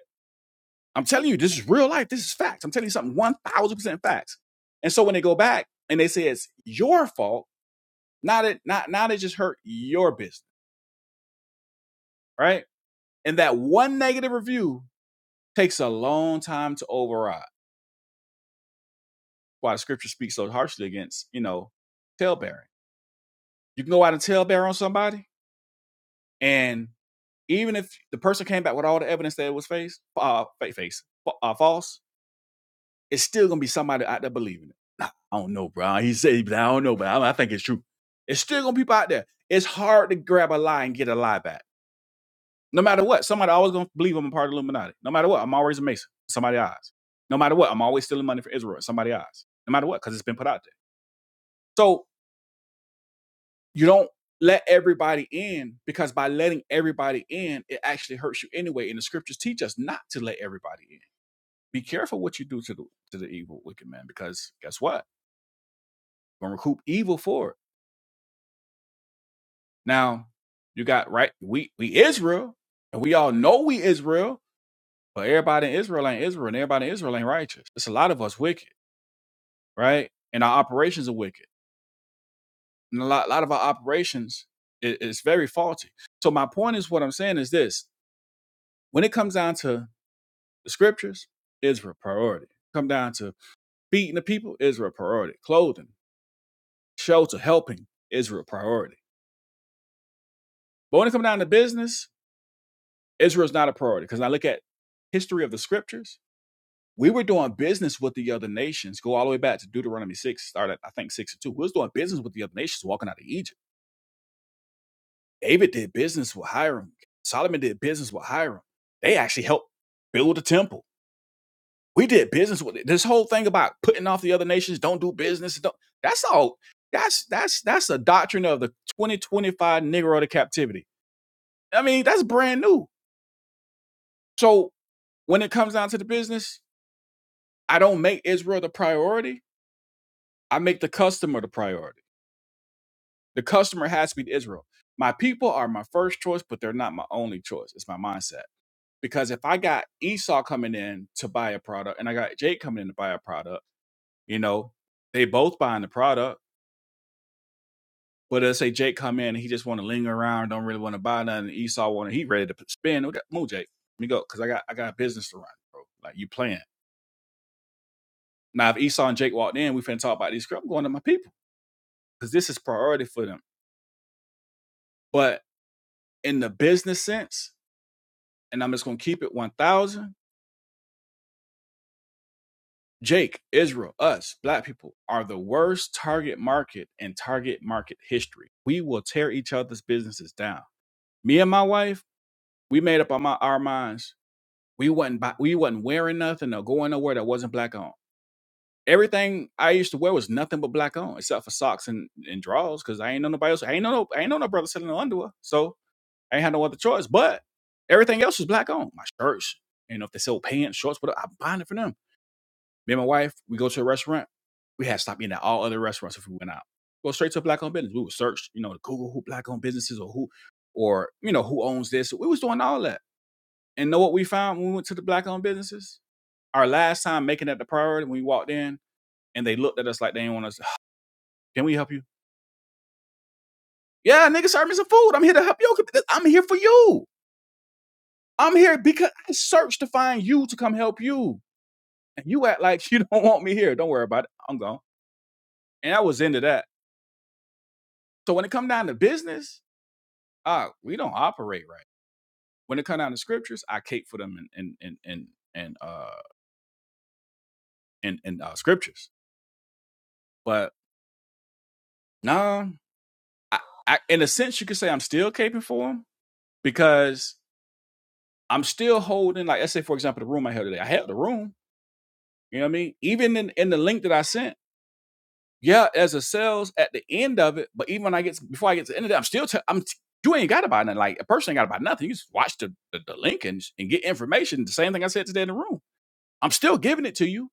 Speaker 9: I'm telling you, this is real life. This is facts. I'm telling you something 1000% facts. And so when they go back and they say it's your fault, Now that not now they just hurt your business, right? And that one negative review takes a long time to override. Why the scripture speaks so harshly against, you know, tailbearing. You can go out and tailbear on somebody, and even if the person came back with all the evidence that it was face, uh, face, uh, false, it's still gonna be somebody out there believing it. I don't know, bro. He said, "Nah, I don't know, but I think it's true. It's still gonna be people out there. It's hard to grab a lie and get a lie back No matter what, somebody always gonna believe I'm a part of the Illuminati. No matter what, I'm always a Mason. Somebody eyes. No matter what, I'm always stealing money for Israel. Somebody eyes. No matter what, because it's been put out there. So you don't let everybody in because by letting everybody in, it actually hurts you anyway. And the scriptures teach us not to let everybody in. Be careful what you do to the to the evil wicked man, because guess what? You're gonna recoup evil for it. Now, you got right, we we Israel, and we all know we Israel, but everybody in Israel ain't Israel, and everybody in Israel ain't righteous. It's a lot of us wicked. right? And our operations are wicked. And a lot, a lot of our operations is, is very faulty. So my point is what I'm saying is this: when it comes down to the scriptures, Israel priority. Come down to feeding the people, Israel priority. Clothing, shelter, helping, Israel priority. But when it comes down to business, Israel's not a priority. Because I look at history of the scriptures, we were doing business with the other nations. Go all the way back to Deuteronomy 6, start at I think 6 or 2. We was doing business with the other nations walking out of Egypt. David did business with Hiram. Solomon did business with Hiram. They actually helped build the temple. We did business with it. This whole thing about putting off the other nations, don't do business. Don't, that's all. That's that's that's a doctrine of the 2025 Negro to captivity. I mean, that's brand new. So when it comes down to the business, I don't make Israel the priority. I make the customer the priority. The customer has to be Israel. My people are my first choice, but they're not my only choice. It's my mindset. because if I got Esau coming in to buy a product and I got Jake coming in to buy a product, you know, they both buying the product. But let's say Jake come in, and he just want to linger around, don't really want to buy nothing. Esau want to, he ready to spend. Okay, Move, Jake. Let me go, cause I got I got a business to run, bro. Like you playing. Now if Esau and Jake walked in, we finna talk about these. script. I'm going to my people, cause this is priority for them. But in the business sense, and I'm just gonna keep it 1,000 Jake, Israel, us, black people are the worst target market in target market history. We will tear each other's businesses down. Me and my wife, we made up our, mi- our minds. We wasn't buy, we wasn't wearing nothing or going nowhere that wasn't black on. Everything I used to wear was nothing but black on, except for socks and, and drawers, because I ain't know nobody else. I ain't know no I ain't know no brother selling no underwear. So I ain't had no other choice. But everything else was black on. My shirts. You know, if they sell pants, shorts, whatever, I'm buying it for them. Me and my wife, we go to a restaurant. We had to stop eating at all other restaurants if we went out. Go straight to black owned business. We would search, you know, Google who black owned businesses or who, or you know, who owns this. So We was doing all that. And know what we found when we went to the black owned businesses? Our last time making that the priority when we walked in and they looked at us like they didn't want us. [sighs] Can we help you? Yeah, nigga, serve me some food. I'm here to help you. I'm here for you. I'm here because I searched to find you to come help you. And you act like [laughs] you don't want me here. Don't worry about it. I'm gone. And I was into that. So when it come down to business, ah, we don't operate right. When it come down to scriptures, I cape for them in in in in, in uh in in uh, scriptures. But nah, I, I in a sense you could say I'm still caping for them because I'm still holding like let's say for example the room I held today. I held the room. You know what I mean? Even in in the link that I sent, yeah, as a sales at the end of it. But even when I get before I get to the end of it, I'm still i am t- you ain't got to buy nothing. Like a person ain't got to buy nothing. You just watch the, the, the link and, and get information. The same thing I said today in the room. I'm still giving it to you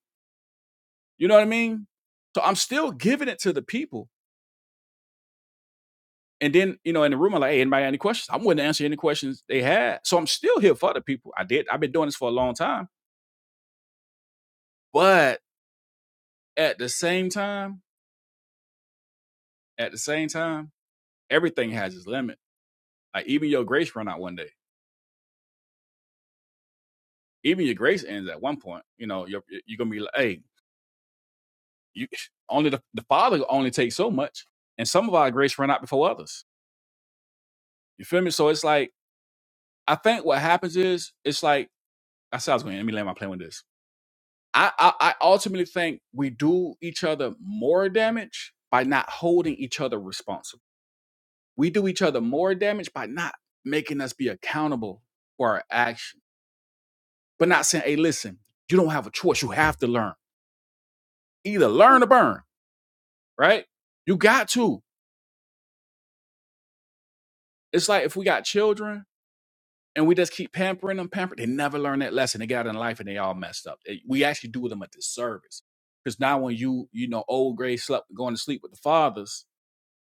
Speaker 9: You know what I mean? So I'm still giving it to the people. And then, you know, in the room, I'm like, hey, anybody got any questions? I'm willing to answer any questions they had. So I'm still here for the people. I did. I've been doing this for a long time. But at the same time, at the same time, everything has its limit. Like even your grace run out one day. Even your grace ends at one point. You know, you're you're gonna be like, hey, you [sighs] only the, the father only takes so much. And some of our grace run out before others. You feel me? So it's like, I think what happens is it's like I said I was going to let me land my plane with this I, I I ultimately think we do each other more damage by not holding each other responsible. We do each other more damage by not making us be accountable for our action, but not saying, "Hey, listen, you don't have a choice. You have to learn. Either learn or burn." Right? You got to. It's like if we got children and we just keep pampering them, pampering, they never learn that lesson. They got in life and they all messed up. They- We actually do them a disservice because now when you you know old gray slept going to sleep with the fathers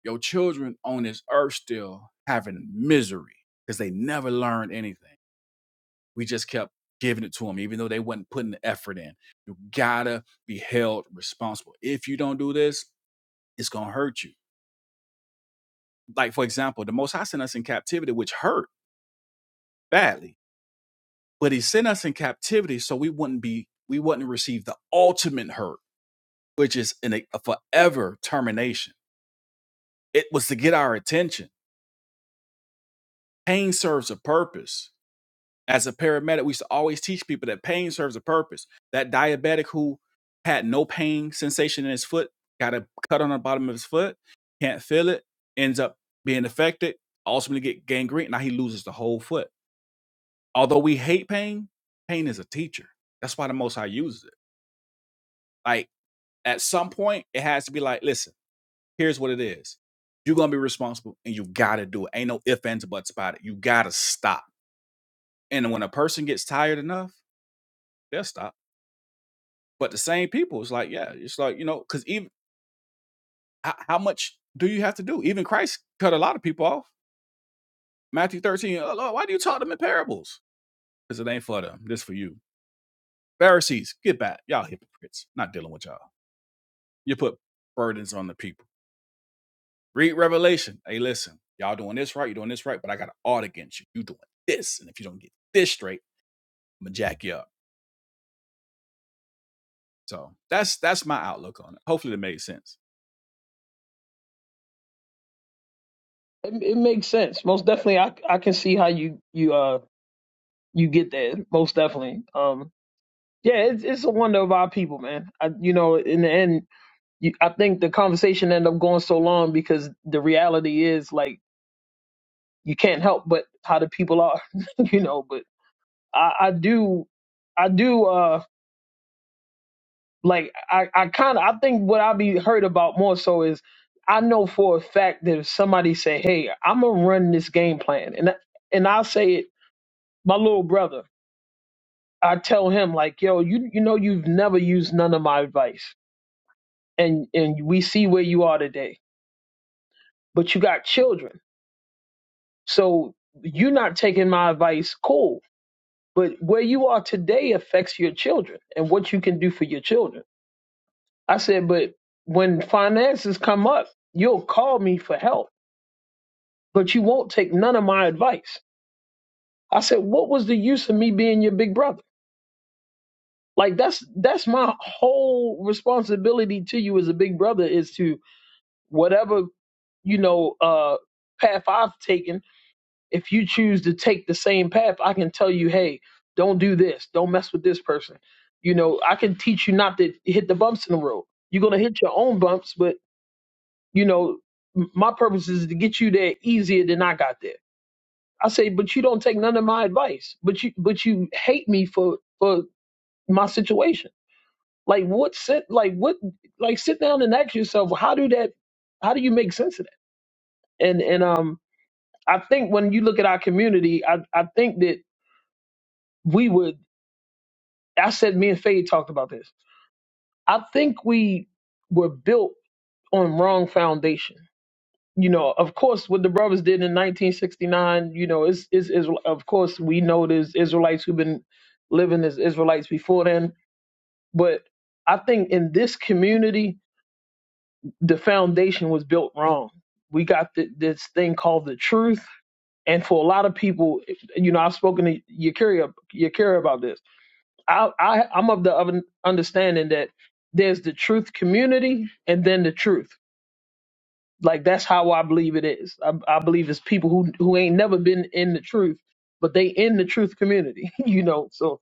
Speaker 9: Your children on this earth still having misery because they never learned anything. We just kept giving it to them, even though they wasn't putting the effort in. You gotta be held responsible. If you don't do this, it's gonna hurt you. Like, for example, the Most High sent us in captivity, which hurt badly, but He sent us in captivity so we wouldn't be, we wouldn't receive the ultimate hurt, which is an, a a forever termination. It was to get our attention. Pain serves a purpose As a paramedic, we used to always teach people that pain serves a purpose. That diabetic who had no pain sensation in his foot, got a cut on the bottom of his foot, can't feel it, ends up being affected, ultimately get gangrene. Now he loses the whole foot. Although we hate pain, pain is a teacher. That's why the Most High uses it. Like at some point, it has to be like, listen, here's what it is. You're gonna be responsible, and you gotta do it. Ain't no ifs ands, or buts about it. You gotta stop. And when a person gets tired enough, they'll stop But the same people, it's like, yeah, it's like, you know, because even how, how much do you have to do? Even Christ cut a lot of people off. Matthew 13, oh Lord, why do you talk them in parables? Because it ain't for them. This for you. Pharisees, get back. Y'all hypocrites. Not dealing with y'all. You put burdens on the people. Read Revelation. Hey, listen, y'all doing this right, you doing this right, but I got an art against you. You doing this. And if you don't get this straight, i am gonna jack you up. So that's that's my outlook on it. Hopefully, it made sense.
Speaker 4: it, it makes sense. Most definitely, I I can see how you you uh you get that most definitely. Um, Yeah, it's it's a wonder of our people, man. I, you know, in the end, you, I think the conversation ended up going so long because the reality is like you can't help but how the people are, [laughs] you know. But I, I do, I do, uh, like I, I kind of, I think what I be heard about more so is I know for a fact that if somebody say, "Hey, I'm gonna run this game plan," and I- and I say it, my little brother, I tell him like, "Yo, you you know you've never used none of my advice." and and we see where you are today but you got children so you're not taking my advice cool but where you are today affects your children and what you can do for your children i said but when finances come up you'll call me for help but you won't take none of my advice i said what was the use of me being your big brother like that's that's my whole responsibility to you as a big brother is to whatever you know uh path i've taken if you choose to take the same path, I can tell you, hey, don't do this, don't mess with this person. You know, I can teach you not to hit the bumps in the road. You're gonna hit your own bumps, but you know, m- my purpose is to get you there easier than I got there. I say, but you don't take none of my advice, but you but you hate me for for my situation. Like what sit like what like sit down and ask yourself, how do that how do you make sense of that? And and um I think when you look at our community, I, I think that we would I said me and Faye talked about this. I think we were built on wrong foundation. You know, of course, what the brothers did in 1969. You know, is is is of course we know there's Israelites who've been living as Israelites before then, but I think in this community the foundation was built wrong. We got th this thing called the truth, and for a lot of people, you know, I've spoken to Yakira Yakira about this I, I I'm of the of an understanding that there's the truth community and then the truth. Like that's how I believe it is. I, I believe it's people who who ain't never been in the truth, but they in the truth community. [laughs] You know, so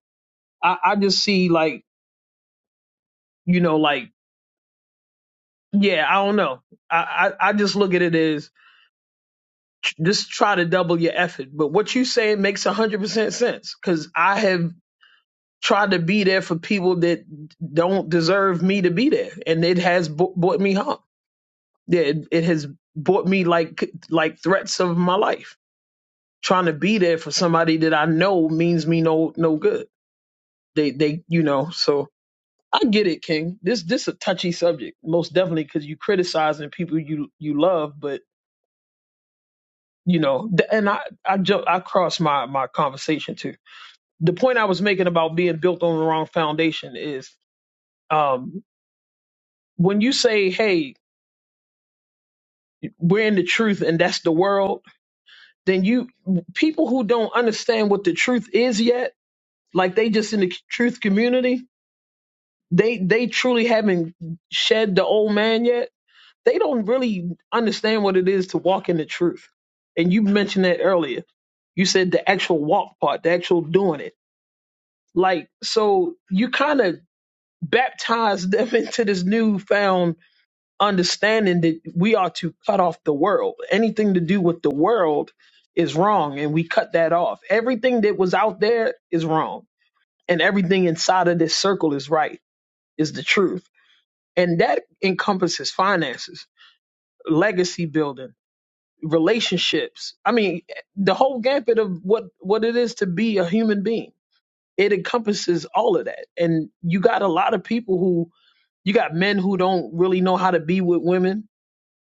Speaker 4: I I just see like you know like yeah I don't know I I, I just look at it as tr- just try to double your effort. But what you saying makes a hundred percent sense because I have tried to be there for people that don't deserve me to be there, and it has bo- brought me harm yeah, it, it has brought me like like threats of my life. Trying to be there for somebody that I know means me no no good. They they you know so I get it, King. This this a touchy subject, most definitely, because you criticizing people you you love, but you know, th- and I I jump I cross my my conversation too. The point I was making about being built on the wrong foundation is um when you say, "Hey, we're in the truth," and that's the world then you people who don't understand what the truth is yet, like they just in the truth community, they they truly haven't shed the old man yet. They don't really understand what it is to walk in the truth. And you mentioned that earlier. You said the actual walk part, the actual doing it. Like so you kind of baptized them [laughs] into this newfound understanding that we are to cut off the world. Anything to do with the world is wrong, and we cut that off. Everything that was out there is wrong, and everything inside of this circle is right, is the truth. And that encompasses finances, legacy building, relationships. I mean, the whole gambit of what, what it is to be a human being. It encompasses all of that. And you got a lot of people who, you got men who don't really know how to be with women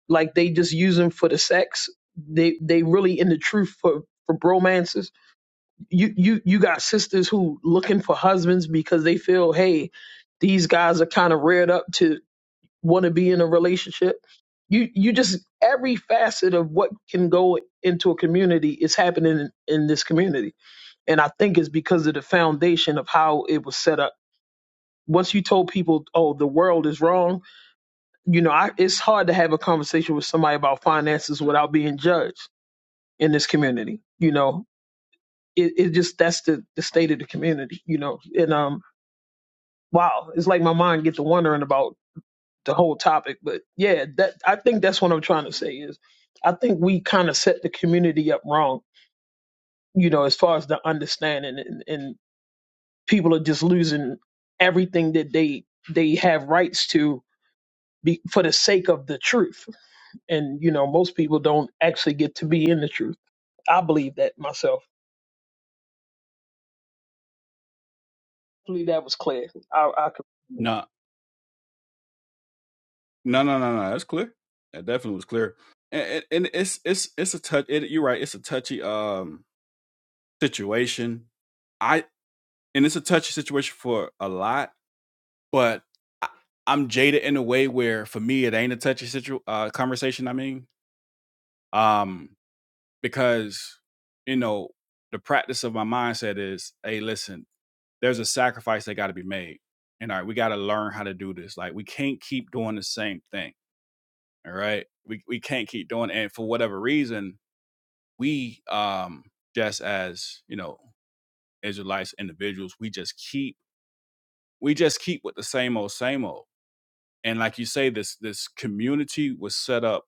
Speaker 4: like they just use them for the sex. They they really in the truth for for bromances. You you you got sisters who looking for husbands because they feel hey these guys are kind of reared up to want to be in a relationship. You you just every facet of what can go into a community is happening in, in this community, and I think it's because of the foundation of how it was set up. Once you told people, oh, the world is wrong, you know, I, it's hard to have a conversation with somebody about finances without being judged in this community. You know, it, it just that's the, the state of the community. You know, and um, wow, it's like my mind gets to wondering about the whole topic. But yeah, that I think that's what I'm trying to say is, I think we kind of set the community up wrong. You know, as far as the understanding, and, and people are just losing everything that they they have rights to be, for the sake of the truth And, you know, most people don't actually get to be in the truth. I believe that myself. I Believe that was clear. I, I could,
Speaker 9: No, no, no, no, no. That's clear. That definitely was clear. And, and, and it's it's it's a touch. It, you're right. It's a touchy um situation. I and it's a touchy situation for a lot, but I, I'm jaded in a way where for me it ain't a touchy situ uh conversation. I mean, um, because you know the practice of my mindset is hey listen there's a sacrifice that got to be made and all right we got to learn how to do this like we can't keep doing the same thing all right we, we can't keep doing it. and for whatever reason we um just as you know israelites individuals we just keep we just keep with the same old same old and like you say this this community was set up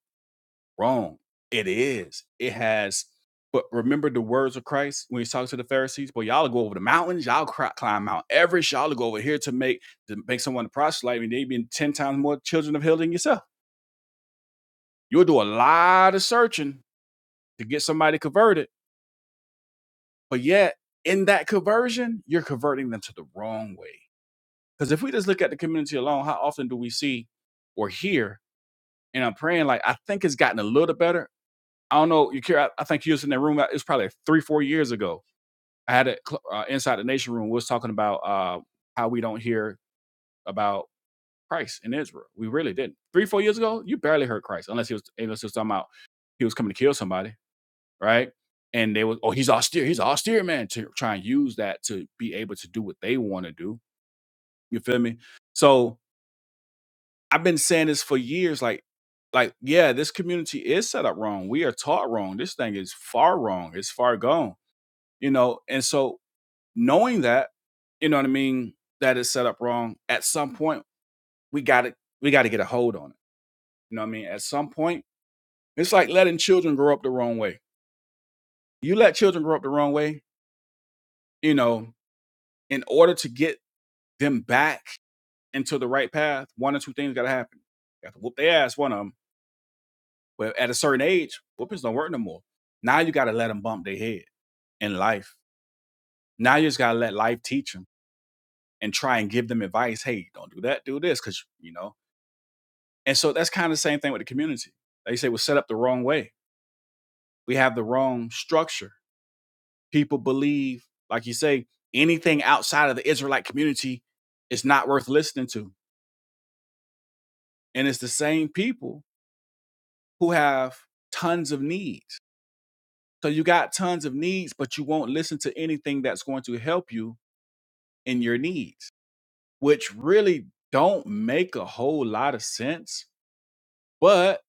Speaker 9: Wrong. It is. It has. But remember the words of Christ when he's talking to the Pharisees. Well, y'all go over the mountains. Y'all cri- climb Mount Everest. Y'all go over here to make to make someone a proselyte, and they been ten times more children of hell than yourself. You'll do a lot of searching to get somebody converted, but yet in that conversion, you're converting them to the wrong way. Because if we just look at the community alone, how often do we see or hear? And I'm praying like I think it's gotten a little better I don't know. You care? I, I think you was in that room. uh, It was probably three, four years ago. I had it uh, inside the nation room. We was talking about uh, how we don't hear about Christ in Israel. We really didn't. Three, four years ago, you barely heard Christ unless he was unless he was talking about he was coming to kill somebody, right? And they was, oh, he's austere. He's an austere man to try and use that to be able to do what they want to do. You feel me? So I've been saying this for years. Like like yeah this community is set up wrong we are taught wrong this thing is far wrong it's far gone you know and so knowing that you know what i mean that is set up wrong at some point we got to we got to get a hold on it you know what i mean at some point it's like letting children grow up the wrong way you let children grow up the wrong way you know in order to get them back into the right path one or two things got to happen you have to whoop their ass one of them but at a certain age whoopings don't work no more now you got to let them bump their head in life now you just got to let life teach them and try and give them advice hey don't do that do this because you know And so that's kind of the same thing with the community. They say we're set up the wrong way. We have the wrong structure. People believe, like you say, anything outside of the Israelite community is not worth listening to. And it's the same people who have tons of needs. So you got tons of needs, but you won't listen to anything that's going to help you in your needs, which really don't make a whole lot of sense. But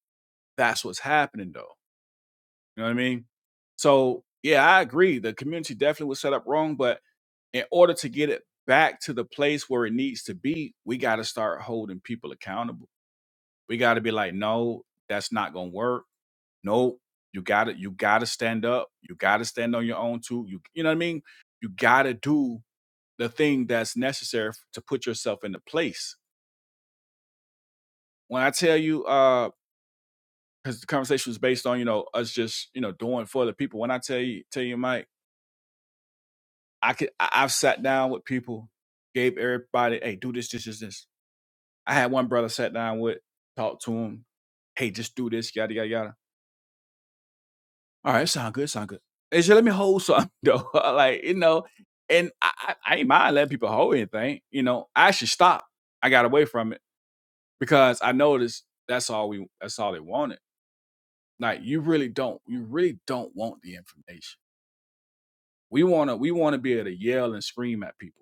Speaker 9: that's what's happening though. You know what I mean? So yeah, I agree. The community definitely was set up wrong, but in order to get it back to the place where it needs to be, we got to start holding people accountable. We got to be like, no, that's not gonna work. No, you got to you got to stand up. You got to stand on your own too. You you know what I mean? You got to do the thing that's necessary f- to put yourself into place. When I tell you, uh, because the conversation was based on you know us just you know doing for the people. When I tell you tell you, Mike. I could I- have sat down with people, gave everybody, hey, do this, this, this, this. I had one brother sat down with, talked to him, hey, just do this, yada yada yada. All right, sound good, sound good. They said, let me hold something though. [laughs] like, you know, and I, I, I ain't mind letting people hold anything. You know, I actually stopped. I got away from it because I noticed that's all we that's all they wanted. Like you really don't, you really don't want the information. We wanna we wanna be able to yell and scream at people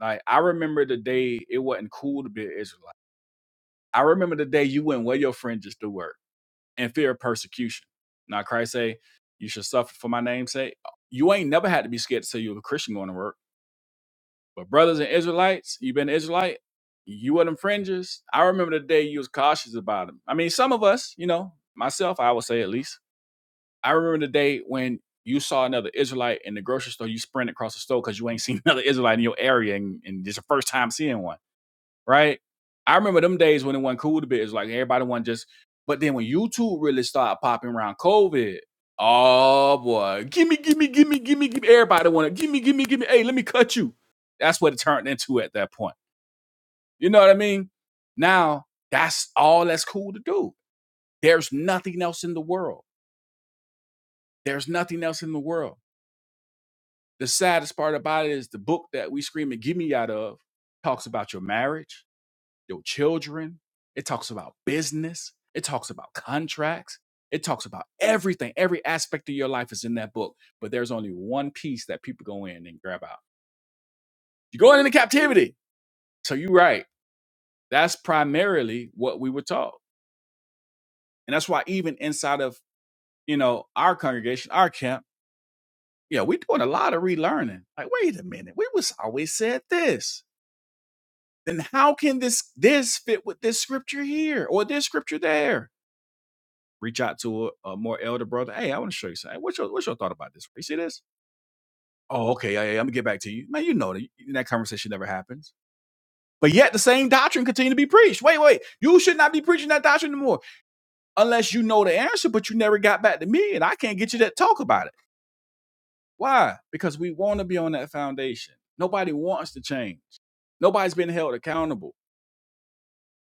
Speaker 9: Like I remember the day it wasn't cool to be an Israelite. I remember the day you wouldn't wear your fringes to work and fear of persecution. Now Christ say, You should suffer for my name's sake. You ain't never had to be scared to say you're a Christian going to work. But brothers and Israelites, you been an Israelite, you were them fringes. I remember the day you was cautious about them. I mean, some of us, you know, myself, I would say at least. I remember the day when you saw another Israelite in the grocery store, you sprint across the store because you ain't [laughs] seen another Israelite in your area and, and it's your first time seeing one right? I remember them days when it wasn't cool to be. It's like everybody wanted just. But then when YouTube really started popping around COVID, oh boy, gimme, gimme, gimme, gimme, gimme. Everybody wanted gimme, gimme, gimme. Hey, let me cut you. That's what it turned into at that point. You know what I mean? Now that's all that's cool to do. There's nothing else in the world. There's nothing else in the world. The saddest part about it is the book that we screaming "Give me" out of talks about your marriage your children. It talks about business. It talks about contracts. It talks about everything. Every aspect of your life is in that book. But there's only one piece that people go in and grab out. You're going into captivity. So you're right. That's primarily what we were taught. And that's why even inside of, you know, our congregation, our camp, yeah, we're doing a lot of relearning. Like, wait a minute, we was always said this. Then how can this this fit with this scripture here or this scripture there? reach out to a, a more elder brother. Hey, I want to show you something. What's your what's your thought about this? You see this? Oh, okay. Yeah, yeah, I'm gonna get back to you, man. You know that that conversation never happens. But yet the same doctrine continue to be preached. Wait, wait. You should not be preaching that doctrine anymore unless you know the answer, but you never got back to me, and I can't get you to talk about it. Why? Because we want to be on that foundation. Nobody wants to change. Nobody's been held accountable.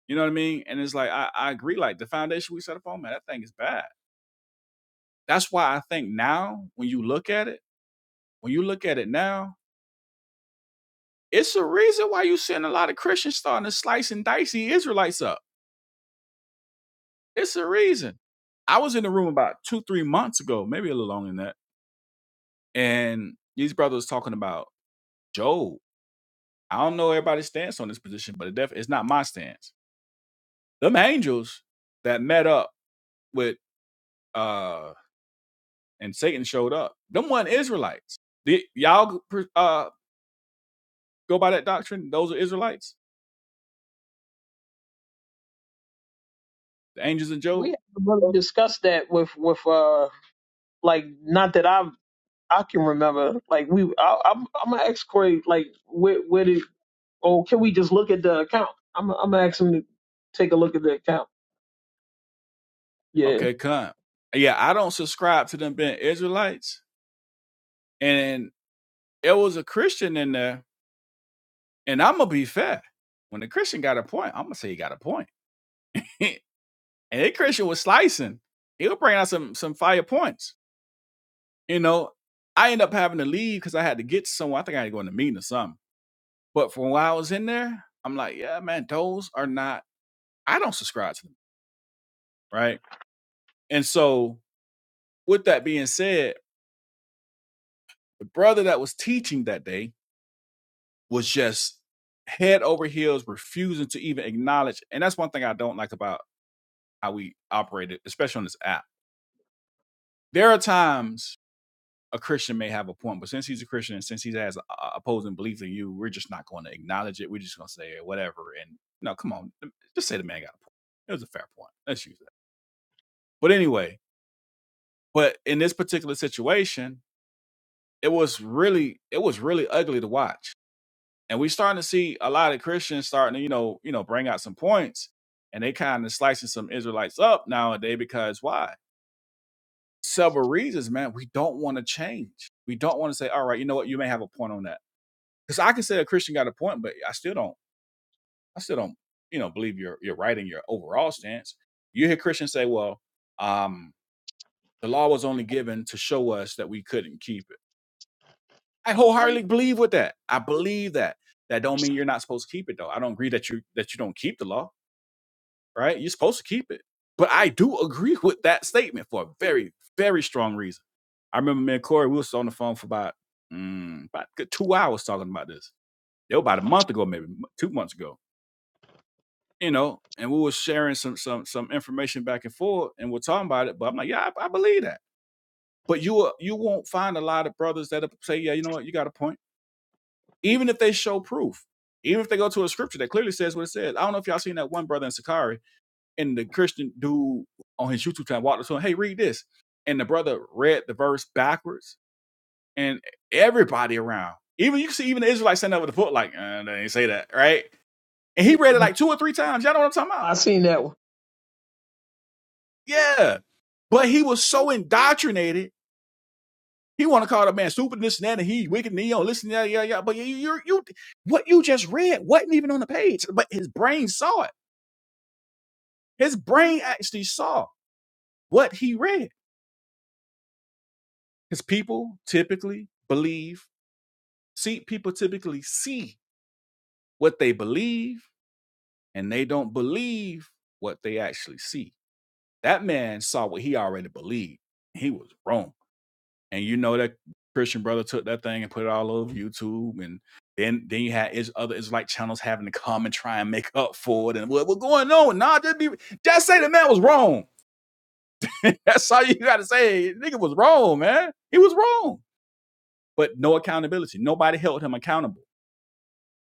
Speaker 9: You know what I mean? And it's like I, I agree. Like the foundation we set up on, man, that thing is bad. That's why I think now when you look at it When you look at it now, it's a reason why you seeing a lot of Christians starting to slice and dice the Israelites up. It's a reason. I was in the room about two, three months ago, maybe a little longer than that, and these brothers talking about Job. I don't know everybody's stance on this position, but it def- it's not my stance. Them angels that met up with uh and Satan showed up. Them weren't Israelites. The, y'all uh go by that doctrine? Those are Israelites, the angels and
Speaker 4: we
Speaker 9: Job.
Speaker 4: had to really discuss that with, with, uh, like, not that I, I can remember, like we, I, I'm, I'm gonna ask Corey, like, where, where did, oh, can we just look at the account? I'm, I'm gonna ask him to take a look at the account. Yeah.
Speaker 9: Okay, come. Yeah, I don't subscribe to them being Israelites. And it was a Christian in there. And I'm gonna be fair. When the Christian got a point, I'm gonna say he got a point. [laughs] and that Christian was slicing. He was bringing out some some fire points. You know, I end up having to leave because I had to get somewhere. I think I had to go in a meeting or something. But from while I was in there, I'm like, yeah, man, those are not. I don't subscribe to them, right? And so, with that being said, the brother that was teaching that day was just head over heels, refusing to even acknowledge. And that's one thing I don't like about how we operated, especially on this app. There are times a Christian may have a point, but since he's a Christian and since he has a, a- opposing beliefs in you, we're just not going to acknowledge it. We're just going to say whatever. And no, come on, just say the man got a point. It was a fair point. Let's use that. But anyway, but in this particular situation, it was really it was really ugly to watch and we starting to see a lot of Christians starting to you know you know bring out some points, and they kind of slicing some Israelites up nowadays because why? Several reasons, man. We don't want to change. We don't want to say, all right, you know what? You may have a point on that because I can say a Christian got a point, but I still don't. I still don't you know believe you're you're right in your overall stance. You hear Christians say, well, um, the law was only given to show us that we couldn't keep it. I wholeheartedly believe with that. I believe that. That don't mean you're not supposed to keep it though. I don't agree that you that you don't keep the law. right? You're supposed to keep it. But I do agree with that statement for a very, very strong reason. I remember me and Corey, we was on the phone for about, mm, about two hours talking about this. It was about a month ago, maybe two months ago, you know, and we were sharing some some some information back and forth and we're talking about it. But I'm like, yeah, I, I believe that. But you will- you won't find a lot of brothers that say, yeah, you know what, you got a point. Even if they show proof, even if they go to a scripture that clearly says what it says. I don't know if y'all seen that one brother in Sakari and the Christian dude on his YouTube channel walked up to him, hey, read this. And the brother read the verse backwards, and everybody around, even you can see even the Israelites standing over the foot, like, uh, they ain't say that, right? And he
Speaker 4: Yeah.
Speaker 9: read it like two or three times. Y'all know what I'm talking about?
Speaker 4: I seen that one.
Speaker 9: Yeah. But he was so indoctrinated, he want to call the man stupid, this and that, and he wicked, and he don't listen, yeah, yeah, yeah. But you, you, you, what you just read wasn't even on the page, but his brain saw it. His brain actually saw what he read. His people typically believe See, people typically see what they believe and they don't believe what they actually see. That man saw what he already believed. He was wrong. And you know that Christian brother took that thing and put it all over YouTube and then then you had is other Israelite channels having to come and try and make up for it and what, what going on? Nah, just be just say the man was wrong. [laughs] That's all you gotta say. Nigga was wrong, man. He was wrong. But no accountability. Nobody held him accountable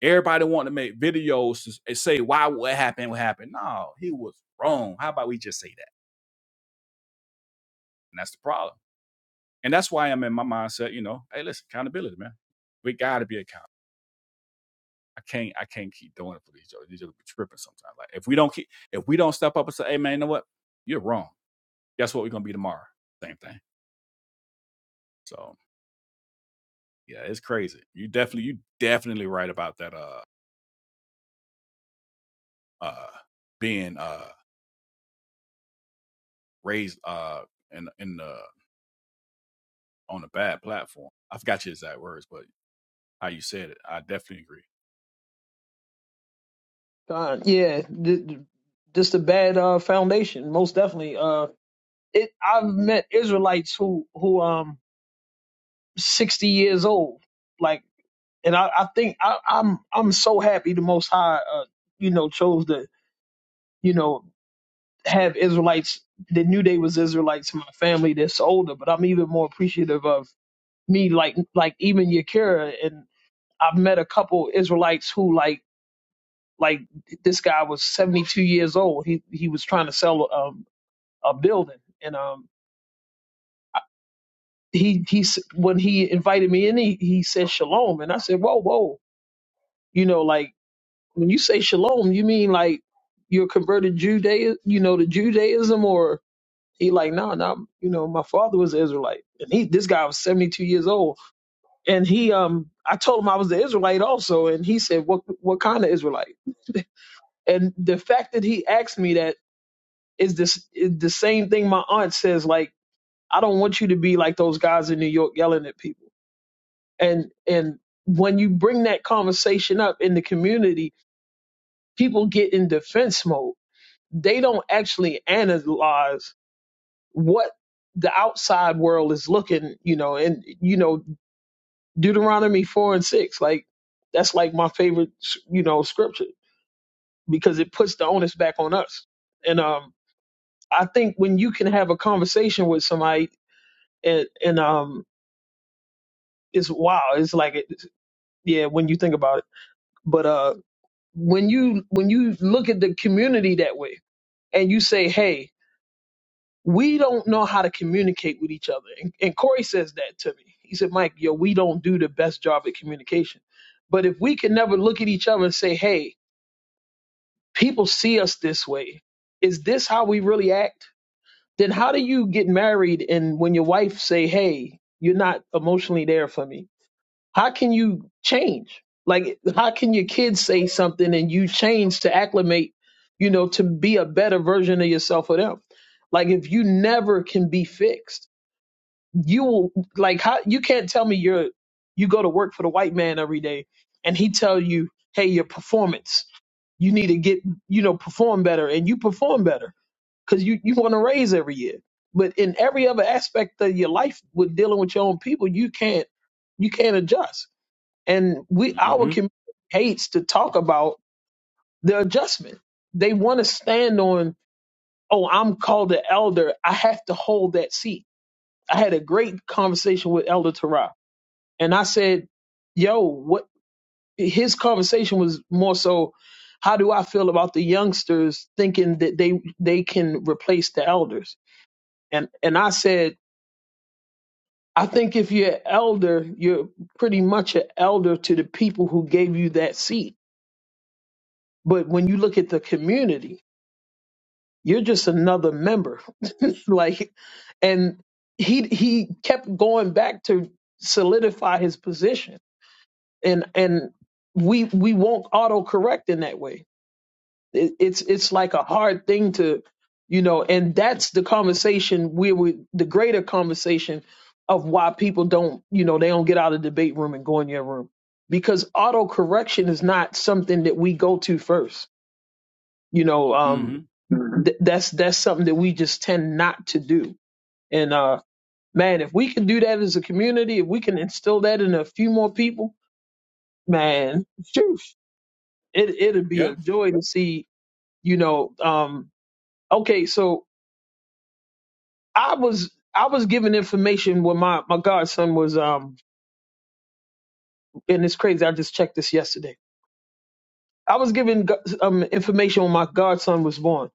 Speaker 9: Everybody wanted to make videos to and say why what happened, what happened. No, he was wrong. How about we just say that? And that's the problem. And that's why I'm in my mindset, you know, hey, listen, accountability, man. We gotta be accountable. I can't I can't keep doing it for these jokes. These jokes be tripping sometimes. Like if we don't keep if we don't step up and say, hey man, you know what? You're wrong. Guess what we're gonna be tomorrow? Same thing. So yeah, it's crazy. You definitely you definitely right about that uh uh being uh raised uh in in the on a bad platform. I forgot your exact words, but how you said it, I definitely agree.
Speaker 4: God, yeah. th- th- Just a bad, uh, foundation. Most definitely. Uh, it, I've met Israelites who, who, um, 60 years old. Like, and I, I think I, I'm I'm so happy the Most High, uh, you know, chose to you know have Israelites that knew they was Israelites in my family that's older. But I'm even more appreciative of me, like like even Yakira, and I've met a couple Israelites who like like this guy was 72 years old. He he was trying to sell um a building, and um I- he he s- when he invited me in, he, he said shalom, and I said whoa whoa, you know like When you say shalom, you mean like you're converted Judea, you know, to Judaism, or he like, no, nah, no, you know, my father was an Israelite, and he, this guy was 72 years old, and he, um, I told him I was an Israelite also, and he said, what, what kind of Israelite? [laughs] and the fact that he asked me that is this is the same thing my aunt says. Like, I don't want you to be like those guys in New York yelling at people, and and when you bring that conversation up in the community, people get in defense mode they don't actually analyze what the outside world is looking, you know, and you know Deuteronomy four and six, like that's like my favorite, you know, scripture because it puts the onus back on us. And um, I think when you can have a conversation with somebody, and and um, it's wow, it's like it, yeah, when you think about it. But uh, when you when you look at the community that way, and you say, hey, we don't know how to communicate with each other. And, and Corey says that to me. He said, Mike, yo, we don't do the best job at communication. But if we can never look at each other and say, hey, people see us this way, is this how we really act? Then how do you get married and when your wife say, hey, you're not emotionally there for me? How can you change? Like, how can your kids say something and you change to acclimate, you know, to be a better version of yourself for them? Like, if you never can be fixed you will like how you can't tell me you're you go to work for the white man every day and he tell you hey your performance you need to get you know perform better and you perform better because you you want to raise every year but in every other aspect of your life with dealing with your own people you can't you can't adjust and we our
Speaker 9: Mm-hmm.
Speaker 4: community hates to talk about the adjustment they want to stand on oh i'm called the elder i have to hold that seat i had a great conversation with elder Tara and I said, yo, what his conversation was more so how do I feel about the youngsters thinking that they they can replace the elders? And and I said, I think if you're an elder, you're pretty much an elder to the people who gave you that seat. But when you look at the community, you're just another member. [laughs] like and he he kept going back to solidify his position and and we we won't auto correct in that way it, it's it's like a hard thing to you know and that's the conversation we were the greater conversation of why people don't you know they don't get out of the debate room and go in your room because auto correction is not something that we go to first you know um
Speaker 9: Mm-hmm.
Speaker 4: th- that's that's something that we just tend not to do and uh man if we can do that as a community if we can instill that in a few more people man it it'd be
Speaker 9: Yeah.
Speaker 4: a joy to see you know um okay so i was i was given information when my my godson was um and it's crazy i just checked this yesterday i was given go- um information when my godson was born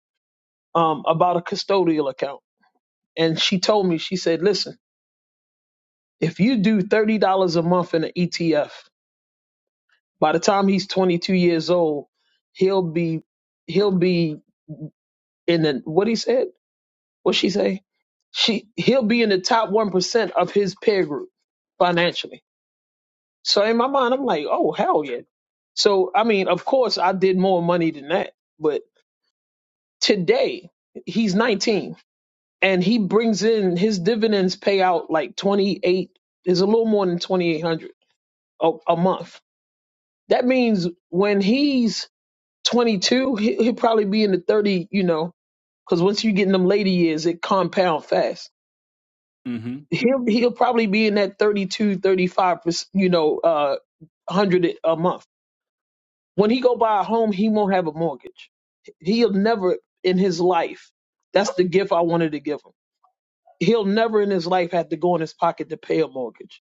Speaker 4: um about a custodial account and she told me she said listen if you do $30 a month in an etf by the time he's 22 years old he'll be he'll be in the what he said what she say? She he'll be in the top one percent of his peer group financially. So in my mind, I'm like, oh hell yeah. So I mean, of course, I did more money than that, but today he's 19 and he brings in his dividends pay out like 28 is a little more than 2800 a, a month. That means when he's 22, he, he'll probably be in the 30, you know, because once you get in them later years, it compound fast.
Speaker 9: Mm-hmm.
Speaker 4: he'll he'll probably be in that 32 35 percent you know uh 100 a month when he go buy a home he won't have a mortgage he'll never in his life that's the gift i wanted to give him he'll never in his life have to go in his pocket to pay a mortgage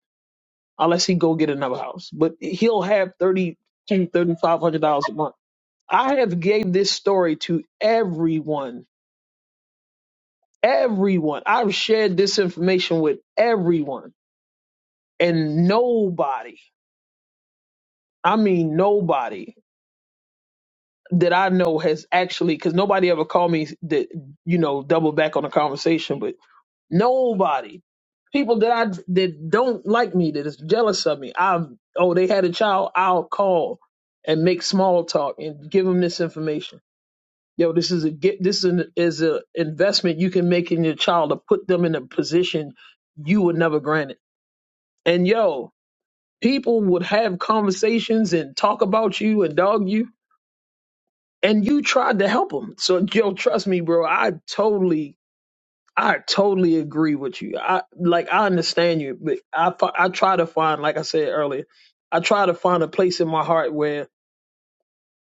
Speaker 4: unless he go get another house but he'll have thirty two thirty five hundred dollars a month i have gave this story to everyone everyone i've shared this information with everyone and nobody I mean, nobody that I know has actually, because nobody ever called me that, you know, double back on the conversation, but nobody, people that I, that don't like me, that is jealous of me, I've, oh, they had a child, I'll call and make small talk and give them this information. Yo, this is a get, this is an is a investment you can make in your child to put them in a position you would never grant it. And yo, people would have conversations and talk about you and dog you and you tried to help him. So Joe, trust me, bro. I totally, I totally agree with you. I like, I understand you, but I, fi- I try to find, like I said earlier, I try to find a place in my heart where,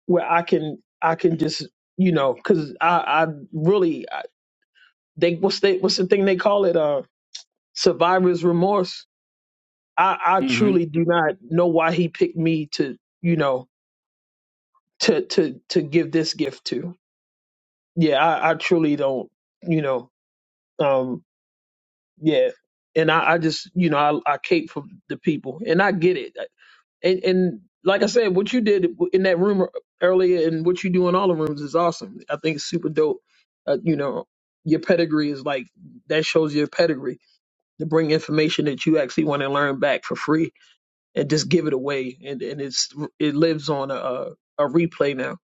Speaker 4: where I can, I can just, you know, because I, I really, I, they, what's they, what's the thing they call it? Uh, survivor's remorse. I, I
Speaker 9: Mm-hmm.
Speaker 4: truly do not know why he picked me to, you know, to, to, to give this gift to. Yeah, I, I truly don't, you know. Um, Yeah. And I, I just, you know, I, I cape for the people and I get it. And, and like I said, what you did in that room earlier and what you do in all the rooms is awesome. I think it's super dope. Uh, you know, your pedigree is like, that shows your pedigree to bring information that you actually want to learn back for free and just give it away. And, and it's, it lives on a, a replay now.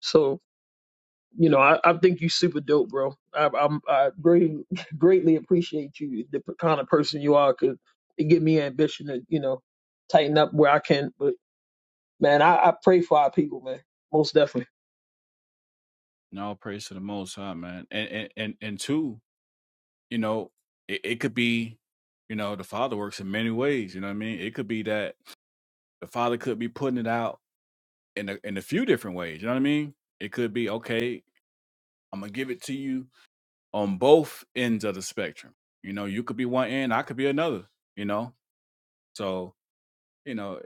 Speaker 4: So you know, I, I think you super dope, bro. I, I'm I great, [laughs] greatly appreciate you, the p- kind of person you are, 'cause it give me ambition to, you know, tighten up where I can. But man, I, I pray for our people, man, most definitely.
Speaker 9: And praise to the Most High, man. And and and, and two, you know, it, it could be, you know, the Father works in many ways. You know what I mean? It could be that the Father could be putting it out in a in a few different ways. You know what I mean? It could be okay. I'm gonna give it to you on both ends of the spectrum. You know, you could be one end, I could be another. You know, so you know.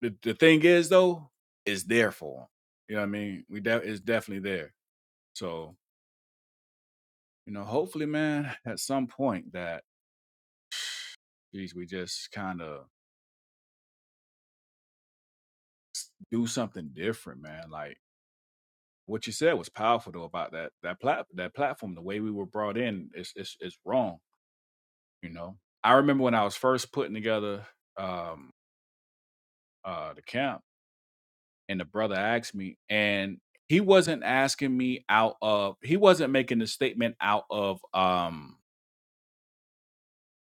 Speaker 9: the, the thing is though, it's there for them. You know what I mean? We de- it's definitely there. So you know, hopefully, man, [laughs] at some point that geez, we just kind of do something different, man. Like what you said was powerful though about that that plat that platform. The way we were brought in is is is wrong. You know, I remember when I was first putting together um uh the camp, and the brother asked me, and he wasn't asking me out of he wasn't making the statement out of um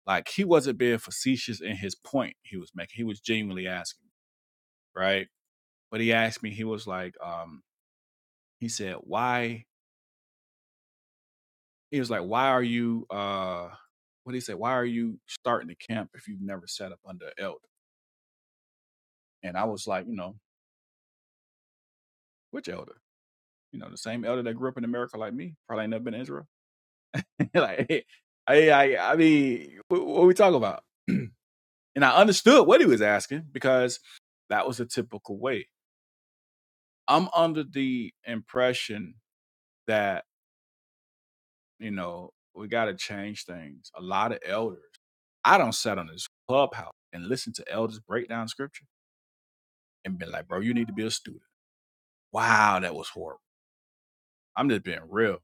Speaker 9: Like he wasn't being facetious in his point he was making. He was genuinely asking, right? But he asked me, he was like, um, he said, why? He was like, why are you, uh, what did he said, why are you starting the camp if you've never sat up under an elder? And I was like, you know, which elder? You know, the same elder that grew up in America like me, probably ain't never been to Israel. [laughs] like, I, I, I mean, what, what we talking about? And I understood what he was asking because that was a typical way. I'm under the impression that You know, we got to change things. A lot of elders, I don't sit on this clubhouse and listen to elders break down scripture and be like, bro, you need to be a student. Wow, that was horrible. I'm just being real.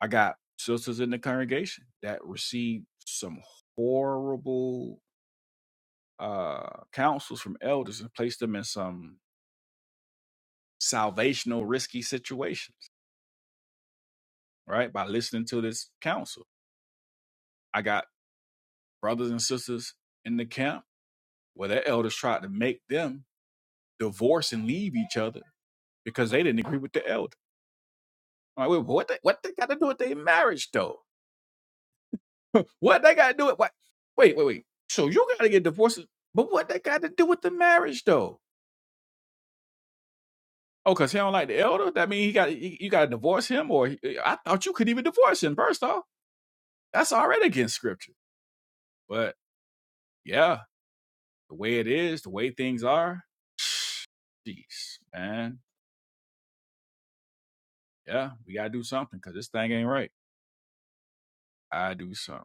Speaker 9: I got sisters in the congregation that received some horrible uh counsels from elders and placed them in some salvational risky situations, right? By listening to this counsel. I got brothers and sisters in the camp where their elders tried to make them divorce and leave each other because they didn't agree with the elder. I'm like, wait, what? They, what they got to do with their marriage though? What they got to do with what? Wait, wait, wait. So you got to get divorced, but what they got to do with the marriage though? Oh, cause he don't like the elder. That mean he got you, you got to divorce him, or he- eh, I thought you could even divorce him. First off, that's already against scripture. But yeah, the way it is, the way things are, jeez, man, yeah, we gotta do something because this thing ain't right. I do something.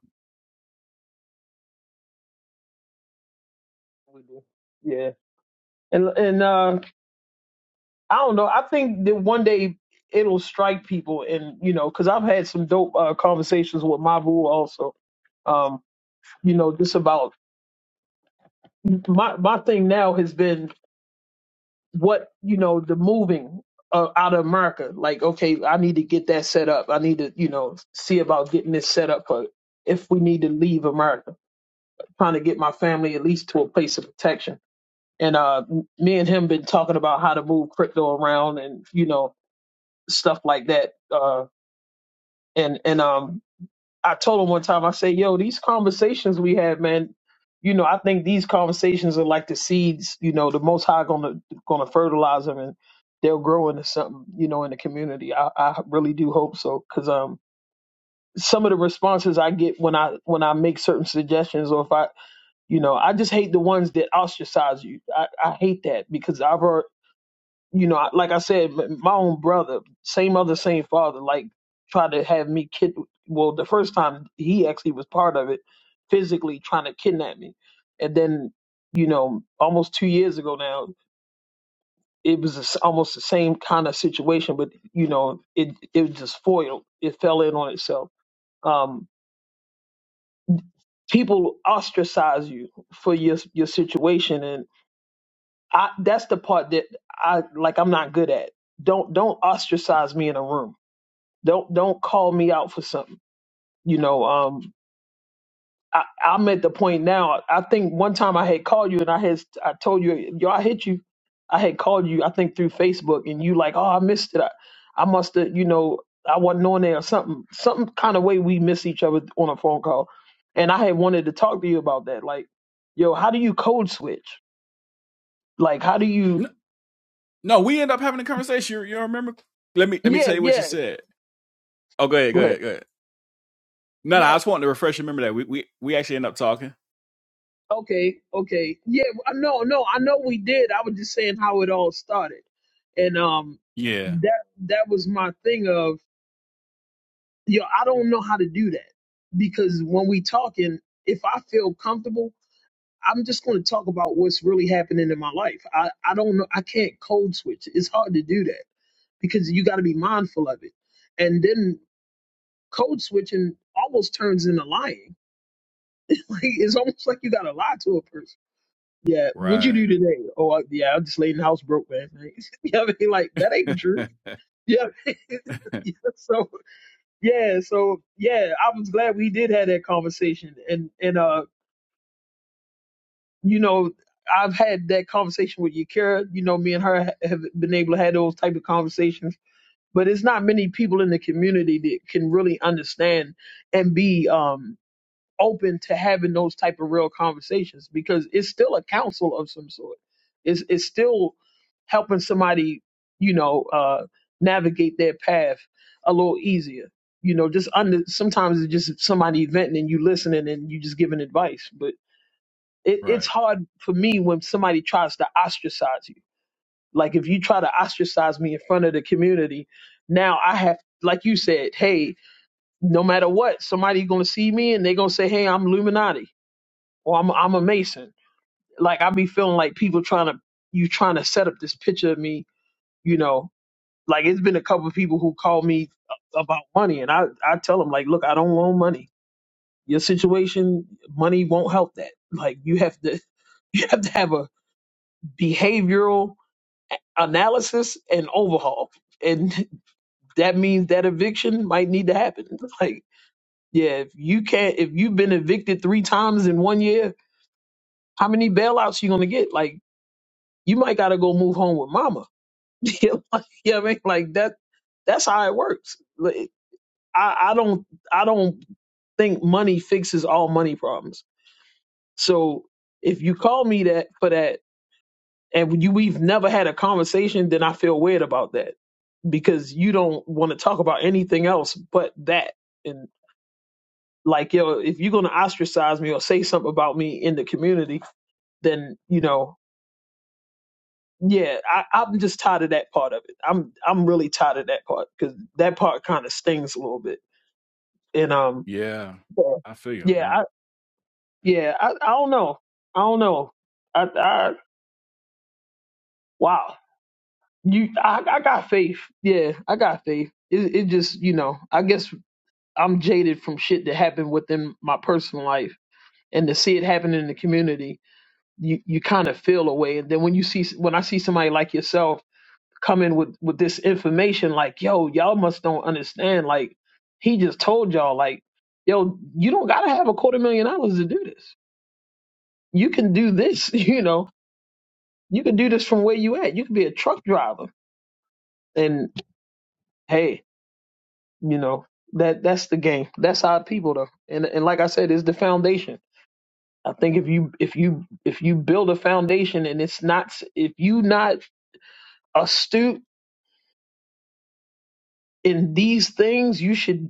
Speaker 4: We do. Yeah, and and uh, I don't know. I think that one day it'll strike people, and you know, because 'cause I've had some dope uh, conversations with Mavu also. Um, you know, just about my my thing now has been what you know the moving uh, out of America. Like, okay, I need to get that set up. I need to you know see about getting this set up for if we need to leave America. Trying to get my family at least to a place of protection. And uh, me and him been talking about how to move crypto around and you know stuff like that. Uh, and and um I told him one time, I said, yo, these conversations we had, man, you know, I think these conversations are like the seeds, you know, the most high gonna gonna fertilize them and they'll grow into something, you know, in the community. I, I really do hope so. Cause um some of the responses I get when I when I make certain suggestions or if I you know, I just hate the ones that ostracize you. I, I hate that because I've already you know, I- like I said, m- my own brother, same mother, same father, like tried to have me kid. Well, the first time he actually was part of it, physically trying to kidnap me, and then, you know, almost two years ago now, it was the s almost the same kind of situation, but you know, it it was just foiled. It fell in on itself. Um, people ostracize you for your your situation, and I that's the part that I like. I'm not good at. Don't don't ostracize me in a room Don't don't call me out for something. You know, um, I, I'm at the point now. I think one time I had called you and I had I told you, yo, I hit you. I had called you, I think through Facebook, and you like, oh, I missed it. I, I must have, you know, I wasn't on there or something, some kind of way we miss each other on a phone call. And I had wanted to talk to you about that. Like, yo, how do you code switch? Like, how do you?
Speaker 9: No, we end up having a conversation. You, you remember? Let me let me
Speaker 4: Yeah,
Speaker 9: tell you what you
Speaker 4: yeah.
Speaker 9: said. Oh, go ahead, go
Speaker 4: Go ahead.
Speaker 9: ahead, go ahead. No, no,
Speaker 4: Yeah,
Speaker 9: I just wanted to refresh your memory that we we we actually end up talking.
Speaker 4: Okay, okay. Yeah, I- no, no, I know we did. I was just saying how it all started. And um
Speaker 9: Yeah,
Speaker 4: that that was my thing of yo, I don't know how to do that. Because when we talking, if I feel comfortable, I'm just gonna talk about what's really happening in my life. I, I don't know I can't code switch. It's hard to do that because you gotta be mindful of it. And then code switching almost turns into lying. [laughs] like it's almost like you gotta lie to a person Yeah, what would you do
Speaker 9: right.
Speaker 4: today? Oh, I, yeah, I just laid in the house broke last night. [laughs] yeah, I mean, like that ain't the
Speaker 9: [laughs]
Speaker 4: truth. Yeah. [laughs] yeah. So yeah, so yeah, I was glad we did have that conversation, and and uh, you know, I've had that conversation with Yakira. You know, me and her ha- have been able to have those type of conversations, but it's not many people in the community that can really understand and be um open to having those type of real conversations because it's still a counsel of some sort. It's it's still helping somebody, you know, uh, navigate their path a little easier. You know, just under sometimes it's just somebody venting and you listening and you just giving advice. But it, it's
Speaker 9: right.
Speaker 4: hard for me when somebody tries to ostracize you. Like if you try to ostracize me in front of the community, now I have, like you said, hey, no matter what, somebody gonna see me and they are gonna say, hey, I'm Illuminati or I'm I'm a Mason. Like I be feeling like people trying to you trying to set up this picture of me, you know. Like it's been a couple of people who call me a- about money, and I I tell them like, look, I don't want money. Your situation, money won't help that. Like you have to [laughs] you have to have a behavioral analysis and overhaul, and [laughs] that means that eviction might need to happen. [laughs] Like yeah, if you can't if you've been evicted three times in one year, how many bailouts you gonna get? Like you might gotta go move home with mama. [laughs] you know what I mean? Like like, that that's how it works. Like, I, I don't I don't think money fixes all money problems. So if you call me that for that and you we've never had a conversation, then I feel weird about that because you don't want to talk about anything else but that. And like yo, if you're gonna ostracize me or say something about me in the community, then you know yeah, I, I'm just tired of that part of it. I'm I'm really tired of that part because that part kind of stings a little bit. And um,
Speaker 9: Yeah.
Speaker 4: yeah,
Speaker 9: I feel you on
Speaker 4: yeah,
Speaker 9: that.
Speaker 4: I, yeah, I, I don't know, I don't know. I, I wow, you, I, I got faith. Yeah, I got faith. It, it just you know, I guess I'm jaded from shit that happened within my personal life, and to see it happen in the community, you you kind of feel away. And then when you see when I see somebody like yourself Come in with with this information like yo y'all must don't understand like he just told y'all like yo you don't gotta have a quarter million dollars to do this you can do this [laughs] you know you can do this from where you at you can be a truck driver and hey you know that that's the game that's our people though and and like i said it's the foundation i think if you if you if you build a foundation and it's not if you not astute in these things you should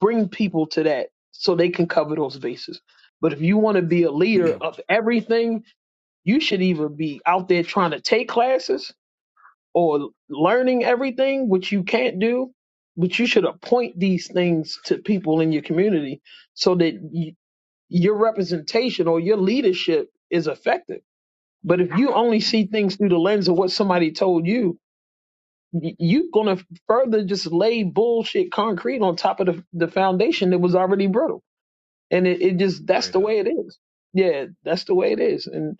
Speaker 4: bring people to that so they can cover those bases. But if you want to be a leader of everything, you should either be out there trying to take classes or learning everything, which you can't do. But you should appoint these things to people in your community so that y your representation or your leadership is effective. But if you only
Speaker 9: Mm,
Speaker 4: see things through the lens of what somebody told you, y- you're going to further just lay bullshit concrete on top of the, the foundation that was already brittle and it, it just that's
Speaker 9: Straight
Speaker 4: the
Speaker 9: up.
Speaker 4: way it is. Yeah, that's the way it is. And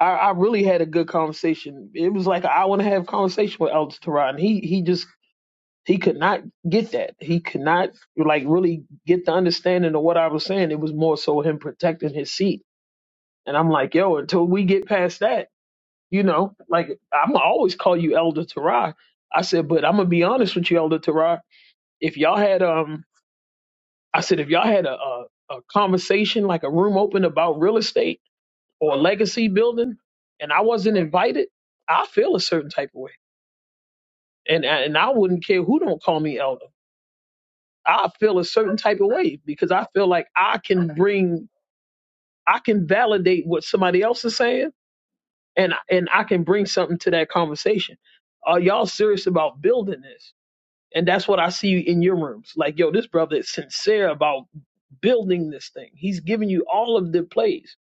Speaker 4: I, I really had a good conversation. It was like an hour and a half conversation with Elder Tarot, and he he just he could not get that. He could not like really get the understanding of what I was saying. It was more so him protecting his seat. And I'm like, yo, until we get past that, you know, like I'm gonna always call you Elder Tarot. I said, but I'm gonna be honest with you, Elder Tarot. If y'all had um, I said if y'all had a, a a conversation like a room open about real estate or a legacy building and I wasn't invited, I feel a certain type of way. And and I wouldn't care who don't call me elder. I feel a certain type of way because I feel like I can bring I can validate what somebody else is saying and and I can bring something to that conversation. Are y'all serious about building this? And that's what I see in your rooms. Like, yo, this brother is sincere about building this thing. He's giving you all of the plays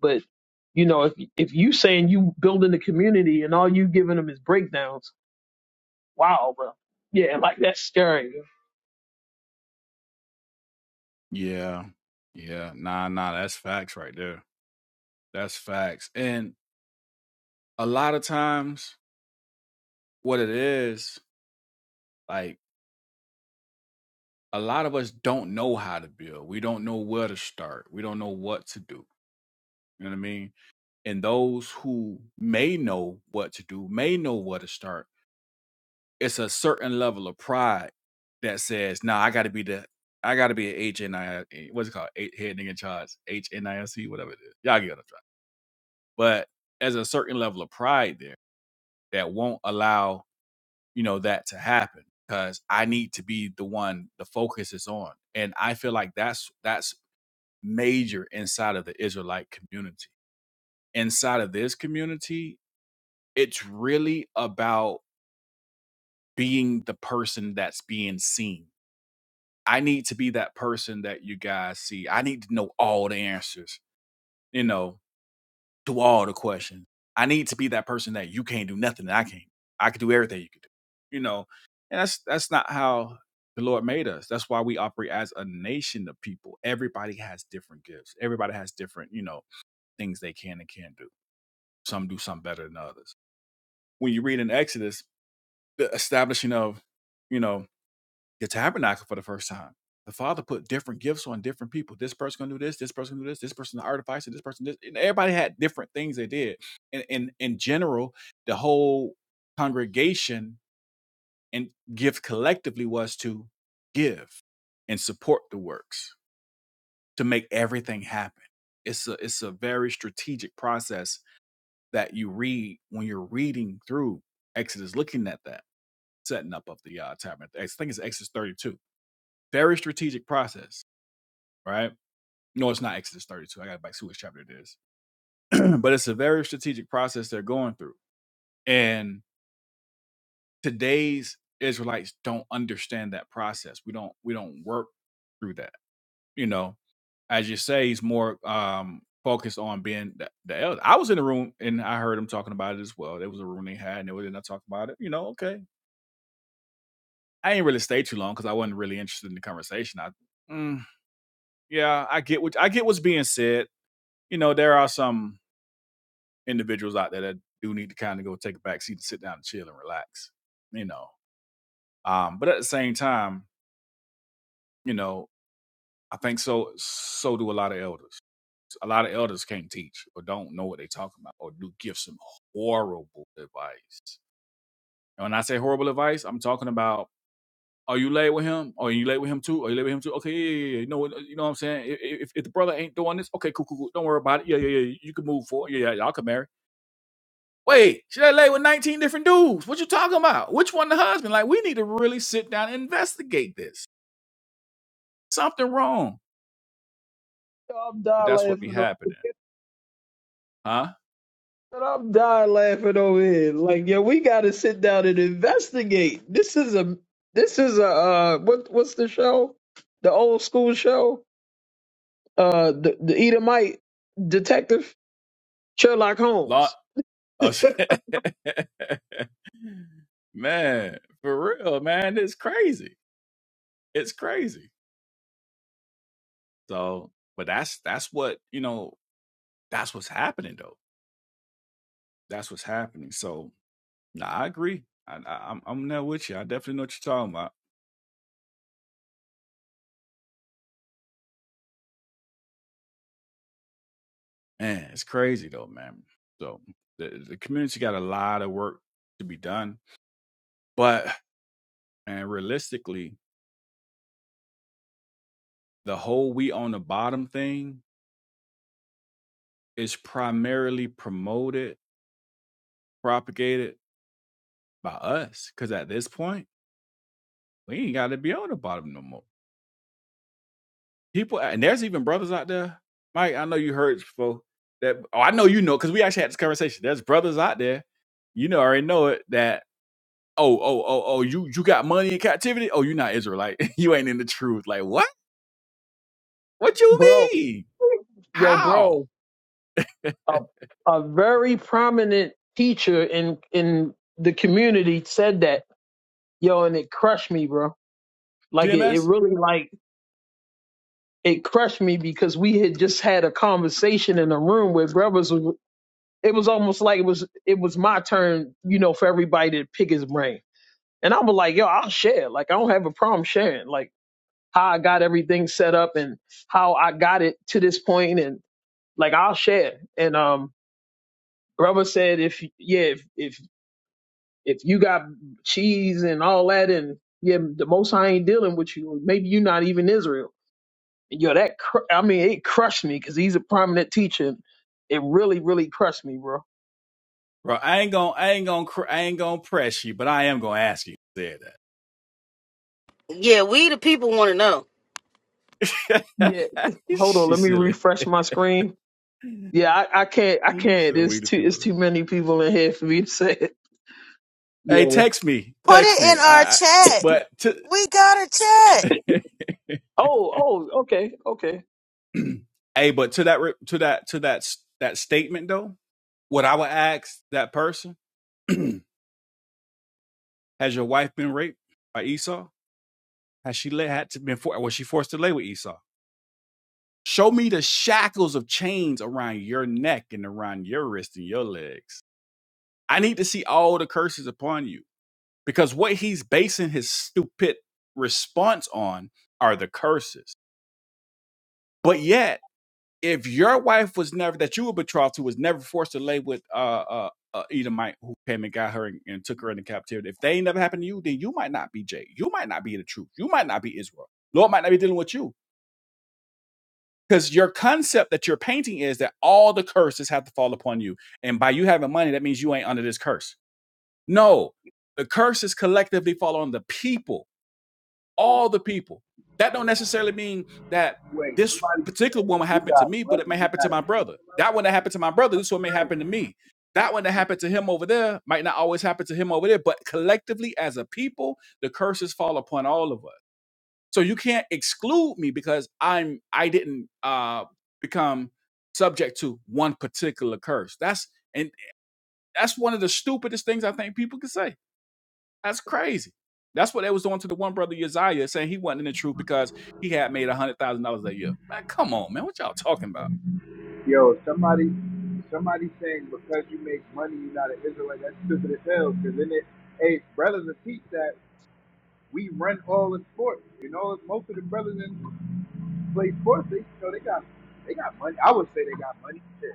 Speaker 4: But you know, if if you saying you building the community and all you giving them is breakdowns, wow, bro. Yeah, like that's scary.
Speaker 9: Yeah. Yeah. Nah, nah, that's facts right there. That's facts. And a lot of times what it is, like a lot of us don't know how to build. We don't know where to start. We don't know what to do. You know what I mean? and those who may know what to do, may know where to start, it's a certain level of pride that says, "Nah, I got to be the, I got to be an HNI, what's it called, H, head nigga in charge, HNIC, whatever it is. Y'all get what I'm trying. But there's a certain level of pride there that won't allow you know that to happen because I need to be the one the focus is on, and I feel like that's that's major inside of the Israelite community. Inside of this community, It's really about being the person that's being seen. I need to be that person that you guys see. I need to know all the answers, you know, to all the questions. I need to be that person that you can't do nothing that I can't. I can do everything you can do, you know. And that's that's not how the Lord made us. That's why we operate as a nation of people. Everybody has different gifts. Everybody has different, you know, things they can and can't do. Some do some better than others. When you read in Exodus, the establishing of, you know, the tabernacle for the first time. The Father put different gifts on different people. This person gonna do this. This person gonna do this. This person the artificer. This person this. And everybody had different things they did. And in in general, the whole congregation and gift collectively was to give and support the works to make everything happen. It's a it's a very strategic process that you read when you're reading through Exodus, looking at that setting up of the uh, tabernacle. I think it's Exodus 32. Very strategic process right? No, it's not Exodus 32. I got to back see which chapter it is. [clears throat] but it's a very strategic process they're going through. And today's Israelites don't understand that process. We don't we don't work through that. You know, as you say, he's more um focused on being the, the elder. I was in the room and I heard him talking about it as well. There was a room they had and they were in there talking about it. You know, okay. I ain't really stay too long because I wasn't really interested in the conversation. I mm, yeah, I get what I get what's being said. You know, there are some individuals out there that do need to kind of go take a back seat and sit down and chill and relax, you know. Um, but at the same time, you know, I think so. So do a lot of elders. A lot of elders can't teach or don't know what they're talking about or do give some horrible advice. And when I say horrible advice, I'm talking about are you late with him? Are you late with him too? Are you late with him too? Okay, yeah, yeah, yeah. You know, what- you know what I'm saying. If, if, if the brother ain't doing this, okay, cool, cool, cool. Don't worry about it. Yeah, yeah, yeah. You can move forward. Yeah, yeah. Y'all can marry. Wait, she that lay with 19 different dudes. What you talking about? Which one the husband? Like, we need to really sit down and investigate this. Something wrong.
Speaker 4: I'm
Speaker 9: But
Speaker 4: dying
Speaker 9: that's what be
Speaker 4: laughing.
Speaker 9: happening.
Speaker 4: Over,
Speaker 9: Huh?
Speaker 4: I'm dying laughing over here. Like, yo, we got to sit down and investigate. This is a, this is a, uh, what, what's the show? The old school show. Uh, the the Edomite detective Sherlock
Speaker 9: Lot
Speaker 4: Holmes.
Speaker 9: us [laughs] man, for real, man. It's crazy. It's crazy. So, but that's that's what, you know, that's what's happening though. That's what's happening. So nah, I agree. I, I I'm I'm there with you. I definitely know what you're talking about. Man, it's crazy though, man. So the, the community got a lot of work to be done. But and realistically, the whole we on the bottom thing is primarily promoted, propagated by us. Cause at this point, we ain't gotta be on the bottom no more. People and there's even brothers out there. Mike, I know you heard before that oh, I know you know, because we actually had this conversation. There's brothers out there, you know already know it, that oh, oh, oh, oh, you you got money in captivity? Oh, you're not Israelite. [laughs] you ain't in the truth. Like what? What you
Speaker 4: Bro,
Speaker 9: mean?
Speaker 4: yo, bro.
Speaker 9: How?
Speaker 4: a, a very prominent teacher in in the community said that yo and it crushed me bro like it, it
Speaker 9: GMS?
Speaker 4: really like it crushed me because we had just had a conversation in a room where brothers was- it was almost like it was it was my turn you know for everybody to pick his brain and i was like yo i'll share like i don't have a problem sharing like how i got everything set up and how i got it to this point and like i'll share and um brother said if yeah if, if If you got cheese and all that, and yeah, the Most High ain't dealing with you. Maybe you're not even Israel. And yo, that cr- I mean, it crushed me because he's a prominent teacher. And It really, really crushed me, bro.
Speaker 9: Bro, I ain't gonna I ain't gonna cr- I ain't gonna press you, but I am gonna ask you. if you Said
Speaker 2: Yeah, we the people want to know.
Speaker 9: that.
Speaker 4: Yeah,
Speaker 9: [laughs]
Speaker 4: hold on,
Speaker 9: She's
Speaker 4: let me
Speaker 9: silly.
Speaker 4: refresh my screen. Yeah, I, I can't, I
Speaker 9: She's
Speaker 4: can't.
Speaker 9: so
Speaker 4: It's
Speaker 9: weird if
Speaker 4: too,
Speaker 9: you
Speaker 4: it's
Speaker 9: want to.
Speaker 4: too many people in here for me to say it. Yeah.
Speaker 9: Hey, text me.
Speaker 2: Put
Speaker 9: Text
Speaker 2: it in
Speaker 9: me.
Speaker 2: our
Speaker 9: I, I
Speaker 2: chat.
Speaker 9: but to
Speaker 2: We got a chat.
Speaker 9: [laughs]
Speaker 4: Oh, oh, okay, okay.
Speaker 9: Hey, but to that re- to that to that s- that statement though, what I would ask that person [clears throat] Has your wife been raped by Esau? Has she lay, had to been for, was she forced to lay with Esau? Show me the shackles of chains around your neck and around your wrist and your legs. I need to see all the curses upon you because what he's basing his stupid response on are the curses. But yet if your wife was never that you were betrothed to was never forced to lay with uh uh, uh Edomite who came and got her and, and took her into captivity, if they ain't never happened to you, then you might not be Jay. You might not be the truth. You might not be Israel. Lord might not be dealing with you. Because your concept that you're painting is that all the curses have to fall upon you. And by you having money, that means you ain't under this curse. No, the curses collectively fall on the people all the people. That don't necessarily mean that
Speaker 10: Wait,
Speaker 9: this
Speaker 10: somebody
Speaker 9: particular
Speaker 10: said
Speaker 9: one
Speaker 10: if
Speaker 9: will
Speaker 10: you
Speaker 9: happen to
Speaker 10: got
Speaker 9: me, but
Speaker 10: money,
Speaker 9: it may
Speaker 10: you
Speaker 9: happen to
Speaker 10: got
Speaker 9: my brother. That one that happened to my brother, this one may happen to me. That one that happened to him over there might not always happen to him over there, but collectively as a people, the curses fall upon all of us. So you can't exclude me because I'm I didn't uh become subject to one particular curse. That's and that's one of the stupidest things I think people can say that's crazy. That's what they was doing to the one brother Uzziah, saying he wasn't in the truth because he had made a hundred thousand dollars that year. Man, come on, man, what y'all talking about?
Speaker 10: a yo. Somebody, somebody saying because you make money, you not an Israelite. That's stupid as hell. Because in it, hey, brothers that teach that we run all in sports. You know, most of the brothers that play sports, they you know they got they got money. I would say they got money. Shit,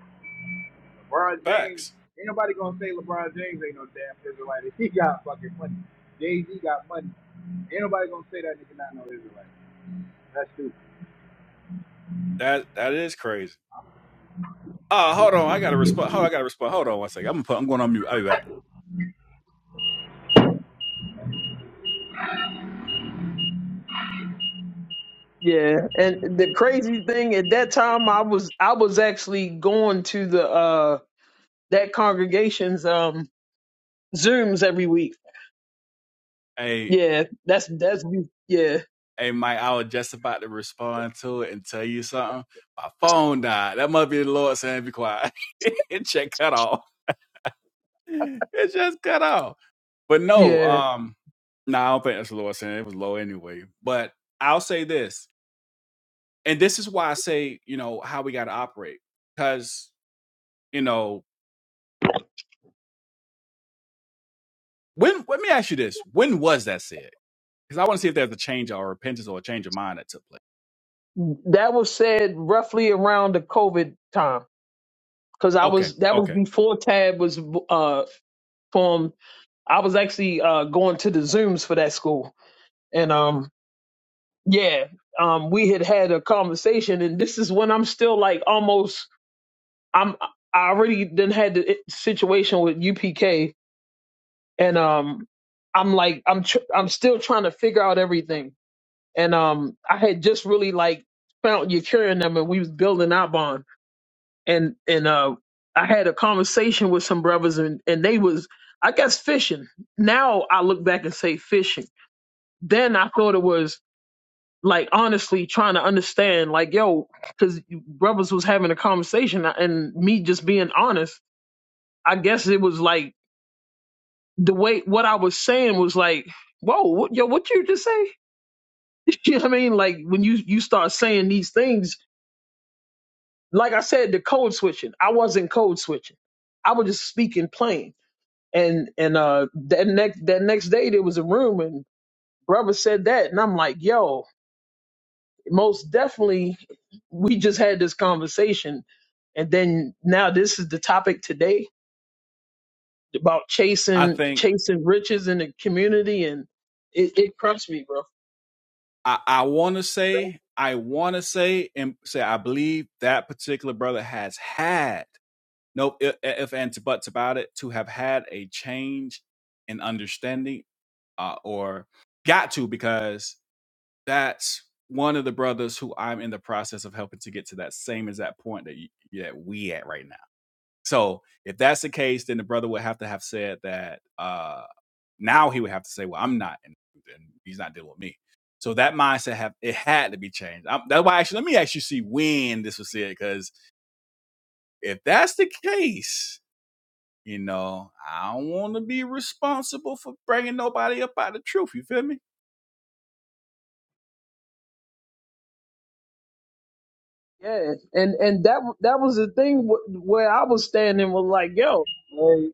Speaker 10: LeBron James,
Speaker 9: Facts.
Speaker 10: ain't nobody gonna say LeBron James ain't no damn Israelite. [laughs] If he got fucking money, Jay Z got money. Ain't nobody gonna say that nigga not no Israelite. That's stupid.
Speaker 9: That that is crazy. Oh, hold on. I gotta respond. Hold on, I gotta respond. Hold on one second. I'm gonna put I'm going on mute. I'll be back.
Speaker 4: Yeah, and the crazy thing at that time, I was I was actually going to the uh that congregation's. Um, Zooms every week.
Speaker 9: Hey,
Speaker 4: Yeah, that's that's yeah
Speaker 9: hey Mike, I was just about to respond to it and tell you something. My phone died. That must be the Lord saying be quiet. [laughs] it just cut off. It just cut off. But no,
Speaker 4: yeah.
Speaker 9: um, no, nah, I don't think that's the Lord saying it was low anyway. But I'll say this. and this is why I say, you know, how we got to operate. Because, you know, when, let me ask you this when was that said? Because I want to see if there's a change or repentance or a change of mind that took place.
Speaker 4: That was said roughly around the COVID time because I
Speaker 9: Okay.
Speaker 4: was that was
Speaker 9: Okay.
Speaker 4: before Tab was uh formed. I was actually uh going to the Zooms for that school, and um yeah um we had had a conversation, and this is when I'm still like almost I'm I already then had the situation with UPK, and um I'm like I'm tr- I'm still trying to figure out everything and um I had just really like found your curing them and we was building our bond and and uh I had a conversation with some brothers and and they was I guess fishing. Now I look back and say fishing. Then I thought it was like honestly trying to understand like yo cuz brothers was having a conversation uh, and me just being honest. I guess it was like the way what I was saying was like whoa what, yo what you just say? [laughs] you know what I mean like when you you start saying these things like I said, the code switching. I wasn't code switching. I was just speaking plain. And and uh that next that next day there was a room and brother said that and I'm like, yo, most definitely we just had this conversation and then now this is the topic today about
Speaker 9: I
Speaker 4: chasing
Speaker 9: think
Speaker 4: chasing riches in the community and it, it crushed me, bro.
Speaker 9: I, I want to say, I want to say and say, I believe that particular brother has had no if, if and buts about it to have had a change in understanding uh, or got to because that's one of the brothers who I'm in the process of helping to get to that same exact point that you, that we at right now. So if that's the case, then the brother would have to have said that. Uh, now he would have to say, "Well, I'm not, and, and he's not dealing with me." So that mindset have it had to be changed. i that's why actually let me actually see when this was said because if that's the case, you know, I don't want to be responsible for bringing nobody up out of the truth. You feel me?
Speaker 4: Yeah, and and that that was the thing wh- where I was standing was like, yo,
Speaker 10: Hey,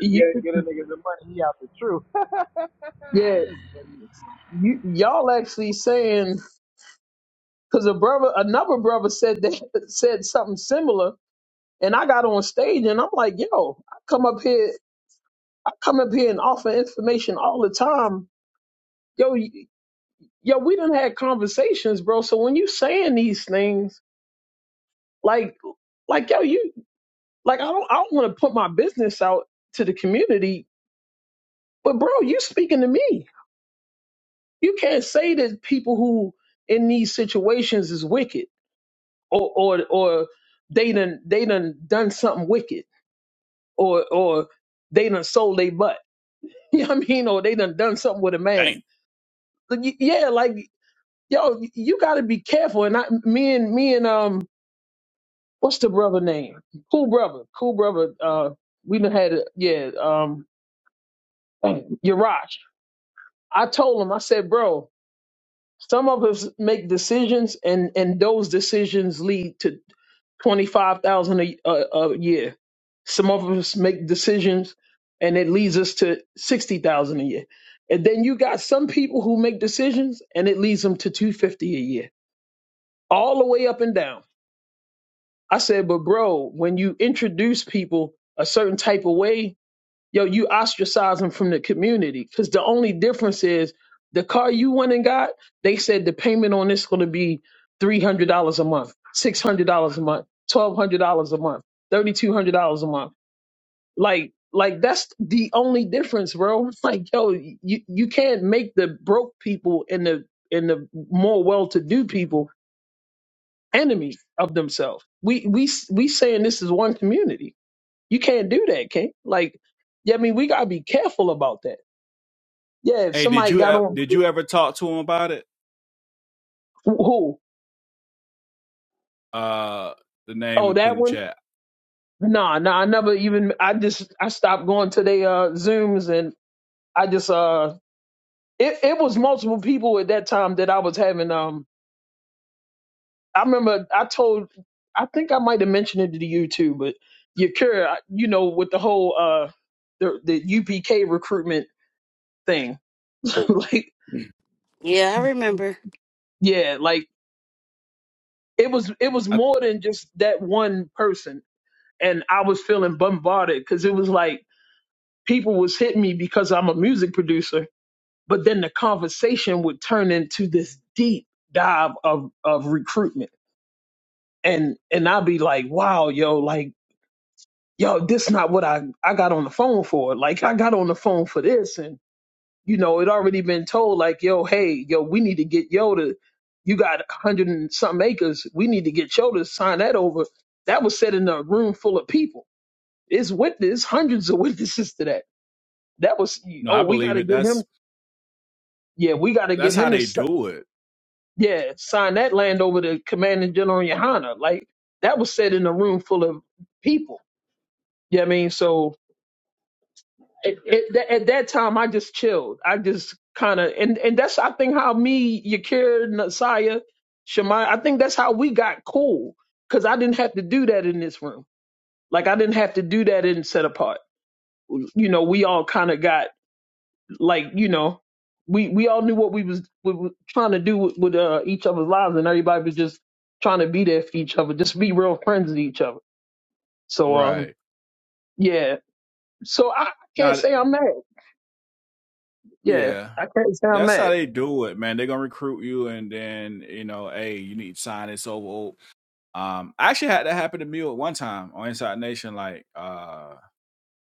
Speaker 4: you,
Speaker 10: get, get a nigga the money, he out the truth. [laughs] hey,
Speaker 4: yeah, you, y'all actually saying because a brother, another brother said that [laughs] said something similar, and I got on stage and I'm like, yo, I come up here, I come up here and offer information all the time, yo, y- yo, we done had conversations, bro. So when you saying these things, like, like yo, you, like I don't, I don't want to put my business out to the community, but bro, you speaking to me. You can't say that people who in these situations is wicked or or or they done they done done something wicked or or they done sold they butt. [laughs] You know what I mean? Or they done done something with a
Speaker 9: Damn.
Speaker 4: man. Like, y- Yeah, like yo, you got to be careful. And I, me and me and um, what's the brother name? Cool brother, cool brother. Uh, we done had a, yeah. Um, dang, Yarash. I told him. I said, bro. Some of us make decisions, and and those decisions lead to twenty five thousand a a a year. Some of us make decisions, and it leads us to sixty thousand a year. And then you got some people who make decisions, and it leads them to two fifty a year, all the way up and down. I said, but bro, when you introduce people a certain type of way, yo, you ostracize them from the community. Because the only difference is the car you went and got, they said the payment on this going to be $300 a month, $600 a month, $1,200 a month, $3,200 a month. Like, like that's the only difference, bro. [laughs] Like, yo, you, you can't make the broke people and the and the more well-to-do people enemies of themselves. We we we saying this is one community. You can't do that, King. Like, yeah, I mean, we gotta be careful about that. Yeah, if
Speaker 9: Hey, did
Speaker 4: somebody
Speaker 9: you e,
Speaker 4: got on
Speaker 9: did you ever talk to him about it?
Speaker 4: who?
Speaker 9: uh the name
Speaker 4: Oh,
Speaker 9: we put in
Speaker 4: that
Speaker 9: the
Speaker 4: one?
Speaker 9: chat.
Speaker 4: Nah, nah, I never even I just I stopped going to their uh Zooms and I just uh it, it was multiple people at that time that I was having um I remember I told I think I might have mentioned it to you too, but your cure, you know, with the whole uh the the UPK recruitment thing. [laughs] So, like
Speaker 2: Yeah, I remember.
Speaker 4: yeah, like it was it was
Speaker 9: I
Speaker 4: more than just that one person and I was feeling bombarded because it was like people was hitting me because I'm a music producer, but then the conversation would turn into this deep dive of of recruitment. And and I'd be like, wow, yo, like, yo, this not what I, I got on the phone for. Like I got on the phone for this and you know, it already been told like, yo, hey, yo, we need to get yo to you got a hundred and something acres. We need to get yo to sign that over. That was said in a room full of people. It's witness, hundreds of [laughs] witnesses to that. That was
Speaker 9: no, I
Speaker 4: oh, we
Speaker 9: believe
Speaker 4: gotta
Speaker 9: it.
Speaker 4: get him
Speaker 9: That's
Speaker 4: Yeah, we got to
Speaker 9: that's
Speaker 4: get
Speaker 9: how
Speaker 4: him to
Speaker 9: they
Speaker 4: si-
Speaker 9: do it.
Speaker 4: yeah sign that land over to Commanding General Yohana. Like that was said in a room full of people. Yeah, I mean, so it, it, at at that time, I just chilled. I just kind of and and that's I think how me, Yakir, Nasiah, Shemai, I think that's how we got cool because I didn't have to do that in this room. Like I didn't have to do that in set apart. You know, we all kind of got like you know we we all knew what we was we were trying to do with, with uh, each other's lives and everybody was just trying to be there for each other just be real friends with each other so um
Speaker 9: Right.
Speaker 4: yeah so i, I can't
Speaker 9: Not
Speaker 4: say i'm mad yeah
Speaker 9: yeah.
Speaker 4: i can't say i'm
Speaker 9: That's how
Speaker 4: mad
Speaker 9: they do it, man. They're gonna recruit you and then, you know, hey, you need to sign this over. Um I actually had that happen to me at one time on Inside Nation, like uh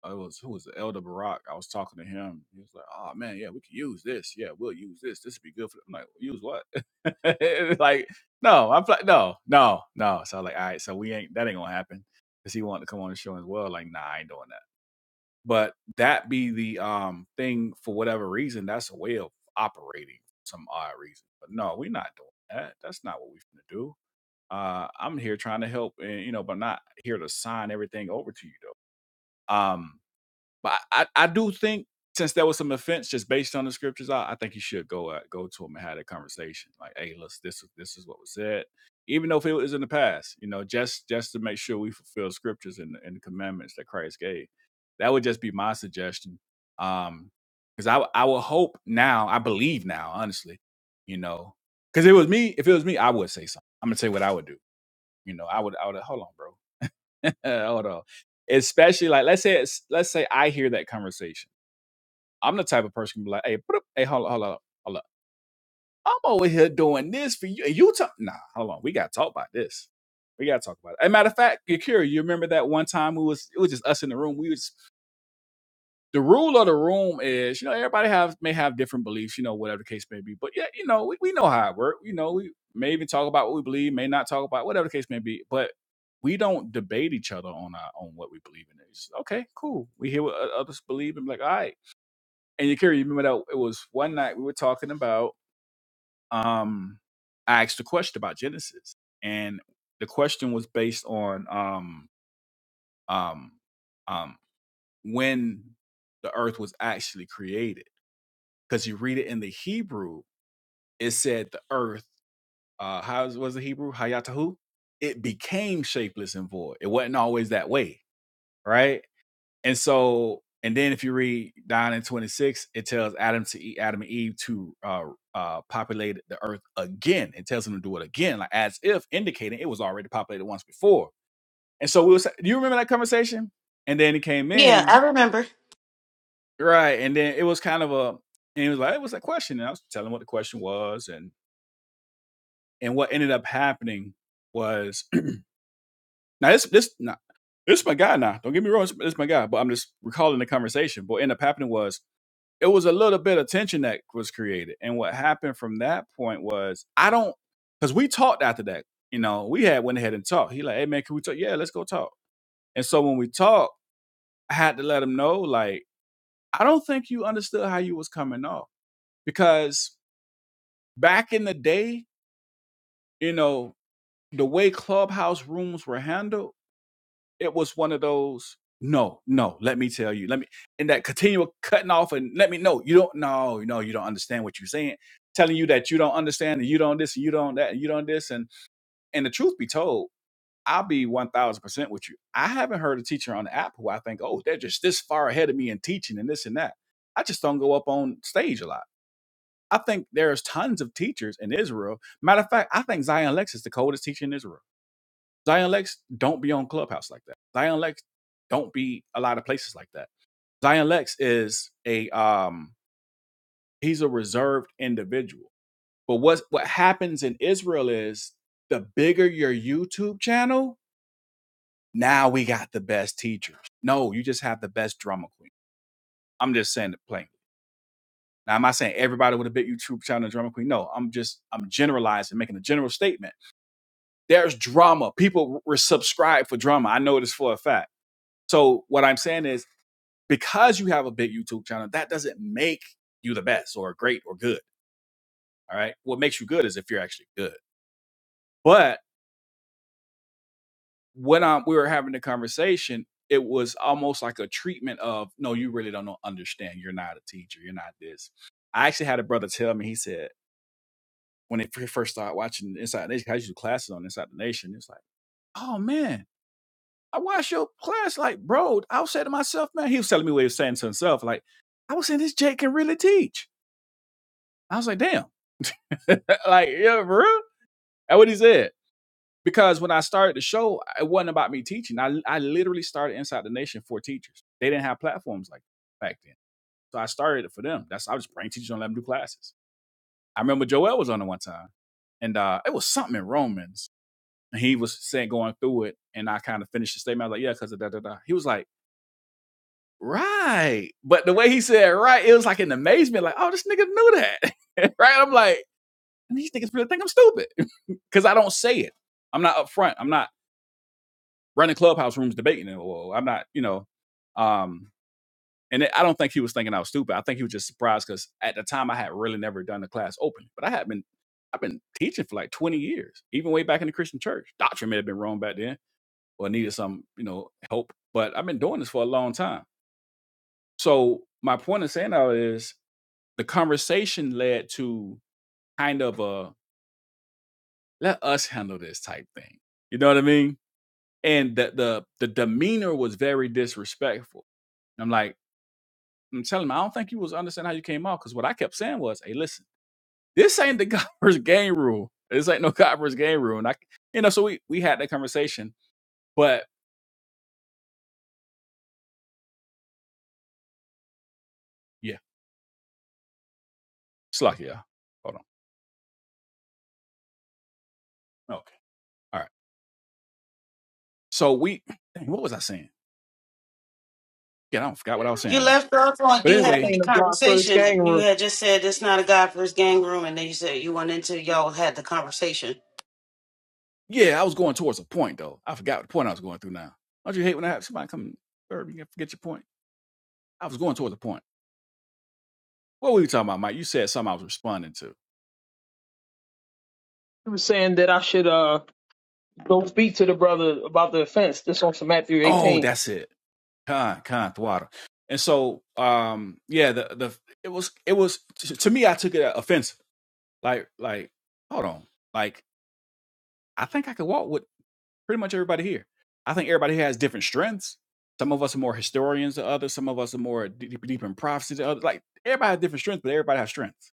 Speaker 9: I was who was the elder Barack. I was talking to him. He was like, "Oh man, yeah, we can use this. Yeah, we'll use this. This would be good for." I'm like, "Use what?" [laughs] It's like, no, I'm like, no, no, no. So I was like, all right, so we ain't that ain't gonna happen because he wanted to come on the show as well. Like, nah, I ain't doing that. But that be the um thing for whatever reason. That's a way of operating for some odd reason. But no, we're not doing that. That's not what we're gonna do. Uh, I'm here trying to help, and you know, but not here to sign everything over to you though. Um, but I, I, I do think since there was some offense just based on the scriptures, I, I think you should go uh, go to him and have that conversation. Like, hey, listen, this this is what was said, even though if it was in the past, you know, just just to make sure we fulfill scriptures and, and the commandments that Christ gave. That would just be my suggestion. Um, because I I will hope now, I believe now, honestly, you know, because it was me. If it was me, I would say something. I'm gonna tell you what I would do. You know, I would I would hold on, bro, [laughs] hold on. Especially like let's say it's, let's say I hear that conversation I'm the type of person who be like, hey, put up, hey, hold on, hold on, hold on. I'm over here doing this for you. And you talk, nah, hold on. We got to talk about this. We got to talk about it. As a matter of fact, Yakira, you remember that one time we was, it was just us in the room. We was, the rule of the room is, you know, everybody have, may have different beliefs, you know, whatever the case may be. But yeah, you know, we, we know how it works. You know, we may even talk about what we believe, may not talk about whatever the case may be. But we don't debate each other on our on what we believe in. It's okay, cool. We hear what o- others believe and be like, all right. And you carry, you remember that it was one night we were talking about, um, I asked a question about Genesis. And the question was based on um, um, um, when the earth was actually created. Because you read it in the Hebrew, it said the earth, uh, how is- was the Hebrew? Hayatahu? It became shapeless and void. It wasn't always that way, right? And so, and then if you read down in 26, it tells Adam to eat Adam and Eve to uh, uh, populate the earth again. It tells them to do it again, like as if indicating it was already populated once before. And so we was, do you remember that conversation? And then he came
Speaker 2: Yeah,
Speaker 9: in,
Speaker 2: I remember.
Speaker 9: right? And then it was kind of a, and he was like, it was a question. And I was telling him what the question was. And, and what ended up happening was, [clears throat] now this, this, now, this is my guy now. Don't get me wrong, this, this is my guy. But I'm just recalling the conversation. But what ended up happening was it was a little bit of tension that was created. And what happened from that point was I don't because we talked after that. You know, we had went ahead and talked. He like, hey man, can we talk? Yeah, let's go talk. And so when we talked, I had to let him know, like, I don't think you understood how you was coming off. Because back in the day, you know, the way clubhouse rooms were handled it was one of those no no let me tell you let me and that continual cutting off and let me know you don't no no you don't understand what you're saying telling you that you don't understand and you don't this and you don't that and you don't this and and the truth be told i'll be 1000% with you i haven't heard a teacher on the app who i think oh they're just this far ahead of me in teaching and this and that i just don't go up on stage a lot i think there's tons of teachers in israel matter of fact i think zion lex is the coldest teacher in israel Zion Lex don't be on Clubhouse like that. Zion Lex don't be a lot of places like that. Zion Lex is a um he's a reserved individual. But what what happens in Israel is the bigger your YouTube channel, now we got the best teachers. No, you just have the best drama queen. I'm just saying it plainly. Now, am I saying everybody with a big YouTube channel is drama queen? No, I'm just I'm generalizing, making a general statement. There's drama. People were subscribed for drama. I know this for a fact. So what I'm saying is because you have a big YouTube channel, that doesn't make you the best or great or good. All right. What makes you good is if you're actually good. But when um, we were having the conversation, it was almost like a treatment of, no, you really don't understand. You're not a teacher. You're not this. I actually had a brother tell me, he said, when he first started watching Inside the Nation, 'cause I used to do classes on Inside the Nation. It's like, oh man, I watched your class. Like, bro, I was saying to myself, man, he was telling me what he was saying to himself. Like, I was saying this Jake can really teach. I was like, damn. [laughs] like, yeah, bro. That's what he said. Because when I started the show, it wasn't about me teaching. I, I literally started Inside the Nation for teachers. They didn't have platforms like that back then. So I started it for them. That's I was just praying teachers don't let them do classes. I remember Joel was on it one time. And uh, it was something in Romans. And he was saying going through it. And I kind of finished the statement. I was like, yeah, because of da da da. He was like, right. But the way he said right, it was like an amazement, like, oh, this nigga knew that. [laughs] right. I'm like, And these niggas really think I'm stupid because [laughs] I don't say it. I'm not upfront. I'm not running clubhouse rooms debating it. Or I'm not, you know. Um, and it, I don't think he was thinking I was stupid. I think he was just surprised because at the time I had really never done the class open, but I had been I've been teaching for like 20 years, even way back in the Christian church. Doctrine may have been wrong back then or needed some, you know, help, but I've been doing this for a long time. So my point of saying that is the conversation led to kind of a let us handle this type thing. You know what I mean? and the the the demeanor was very disrespectful. And I'm like, I'm telling him, I don't think you was understanding how you came off because what I kept saying was, hey, listen, this ain't the [laughs] God versus game rule. This ain't no God versus game rule. And I, you know, so we we had that conversation, but yeah, it's lucky, yeah. Hold on, okay, all right. So we, dang, what was I saying? Yeah, I don't forgot what I was
Speaker 2: You
Speaker 9: saying now.
Speaker 2: left off on
Speaker 9: But
Speaker 2: you
Speaker 4: this
Speaker 2: having
Speaker 9: anyway,
Speaker 2: the
Speaker 4: ain't a God first
Speaker 2: conversation.
Speaker 4: gang
Speaker 2: You
Speaker 4: room
Speaker 2: had just said it's not a guy for his gang room, and then you said you went into y'all had the conversation.
Speaker 9: yeah, I was going towards a point though. I forgot the point I was going through now. Don't you hate when I have somebody come third and forget your point? I was going towards a point. What were you talking about, Mike? You said something I was responding to.
Speaker 4: he was saying that i should uh go speak to the brother about the offense this on some matthew
Speaker 9: Oh,
Speaker 4: 18
Speaker 9: that's it. Khan, Khan thwada. And so, um, yeah, the the it was it was to to me. I took it offensive. Like, like, hold on. Like, I think I could walk with pretty much everybody here. I think everybody here has different strengths. Some of us are more historians than others. Some of us are more deep, deep in prophecy than others. Like, everybody has different strengths, but everybody has strengths.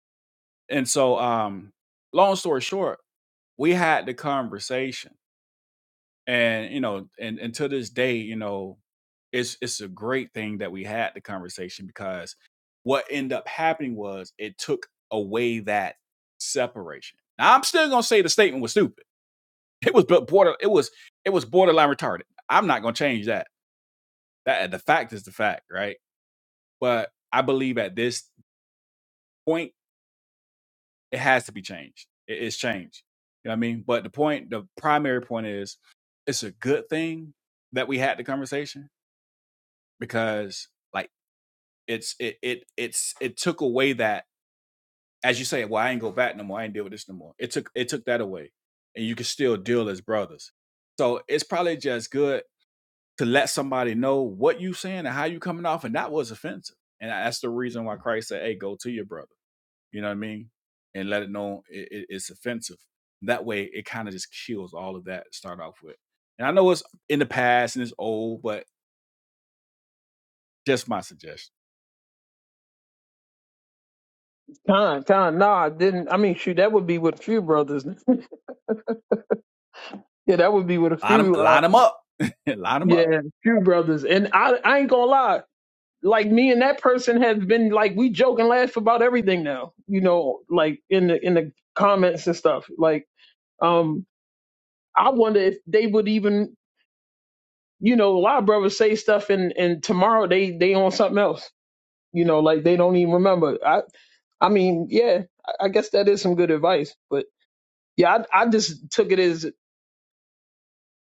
Speaker 9: And so, um, long story short, we had the conversation and you know and, and to this day you know it's it's a great thing that we had the conversation because what ended up happening was it took away that separation now i'm still gonna say the statement was stupid [laughs] it was but border it was it was borderline retarded i'm not gonna change that that the fact is the fact right but i believe at this point it has to be changed it is changed you know what i mean but the point the primary point is it's a good thing that we had the conversation because like it's it it it's it took away that as you say, well, I ain't go back no more. I ain't deal with this no more. It took it took that away, and you can still deal as brothers. So it's probably just good to let somebody know what you saying and how you coming off, and that was offensive, and that's the reason why Christ said, "Hey, go to your brother." You know what I mean? And let it know it, it- it's offensive. That way, it kind of just kills all of that to start off with. And I know it's in the past and it's old, but just my suggestion.
Speaker 4: Con, con, nah, I didn't. I mean, shoot, that would be with a few brothers. [laughs] yeah, that would be with a
Speaker 9: Line them,
Speaker 4: few, uh,
Speaker 9: line them up, [laughs] line them up.
Speaker 4: yeah, few brothers. And I, I ain't gonna lie. like me and that person have been like we joke and laugh about everything now you know like in the in the comments and stuff like um i wonder if they would even you know a lot of brothers say stuff and and tomorrow they they on something else you know like they don't even remember i i mean yeah i I guess that is some good advice but yeah i, I just took it as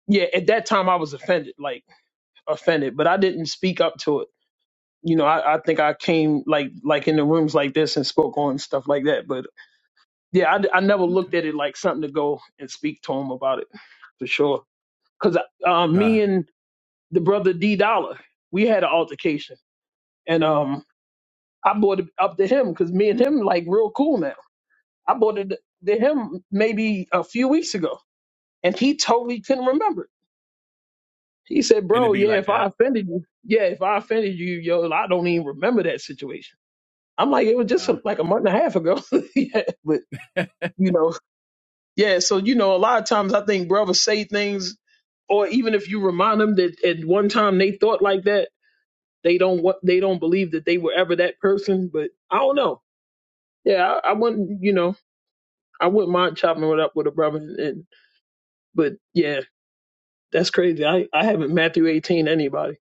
Speaker 4: yeah at that time i was offended like offended but i didn't speak up to it you know, I, I think I came like like in the rooms like this and spoke on stuff like that. But yeah, I, I never looked
Speaker 9: Okay.
Speaker 4: at it like something to go and speak to him about it for sure. Cause uh,
Speaker 9: Uh,
Speaker 4: me and the brother D Dollar, we had an altercation, and um, I brought it up to him because me and him like real cool now. I brought it to him maybe a few weeks ago, and he totally couldn't remember. it. He said,
Speaker 9: and it
Speaker 4: "Bro,
Speaker 9: be
Speaker 4: yeah,
Speaker 9: like
Speaker 4: if I
Speaker 9: that.
Speaker 4: offended you, yeah, if I offended you, yo, I don't even remember that situation." I'm like, it was just
Speaker 9: Uh,
Speaker 4: like a month and a half ago, [laughs] yeah, but you know. Yeah, so you know, a lot of times I think brothers say things, or even if you remind them that at one time they thought like that, they don't what they don't believe that they were ever that person. But I don't know. Yeah, I, I wouldn't. You know, I wouldn't mind chopping it up with a brother. And but yeah, that's crazy. I I haven't Matthew eighteen anybody.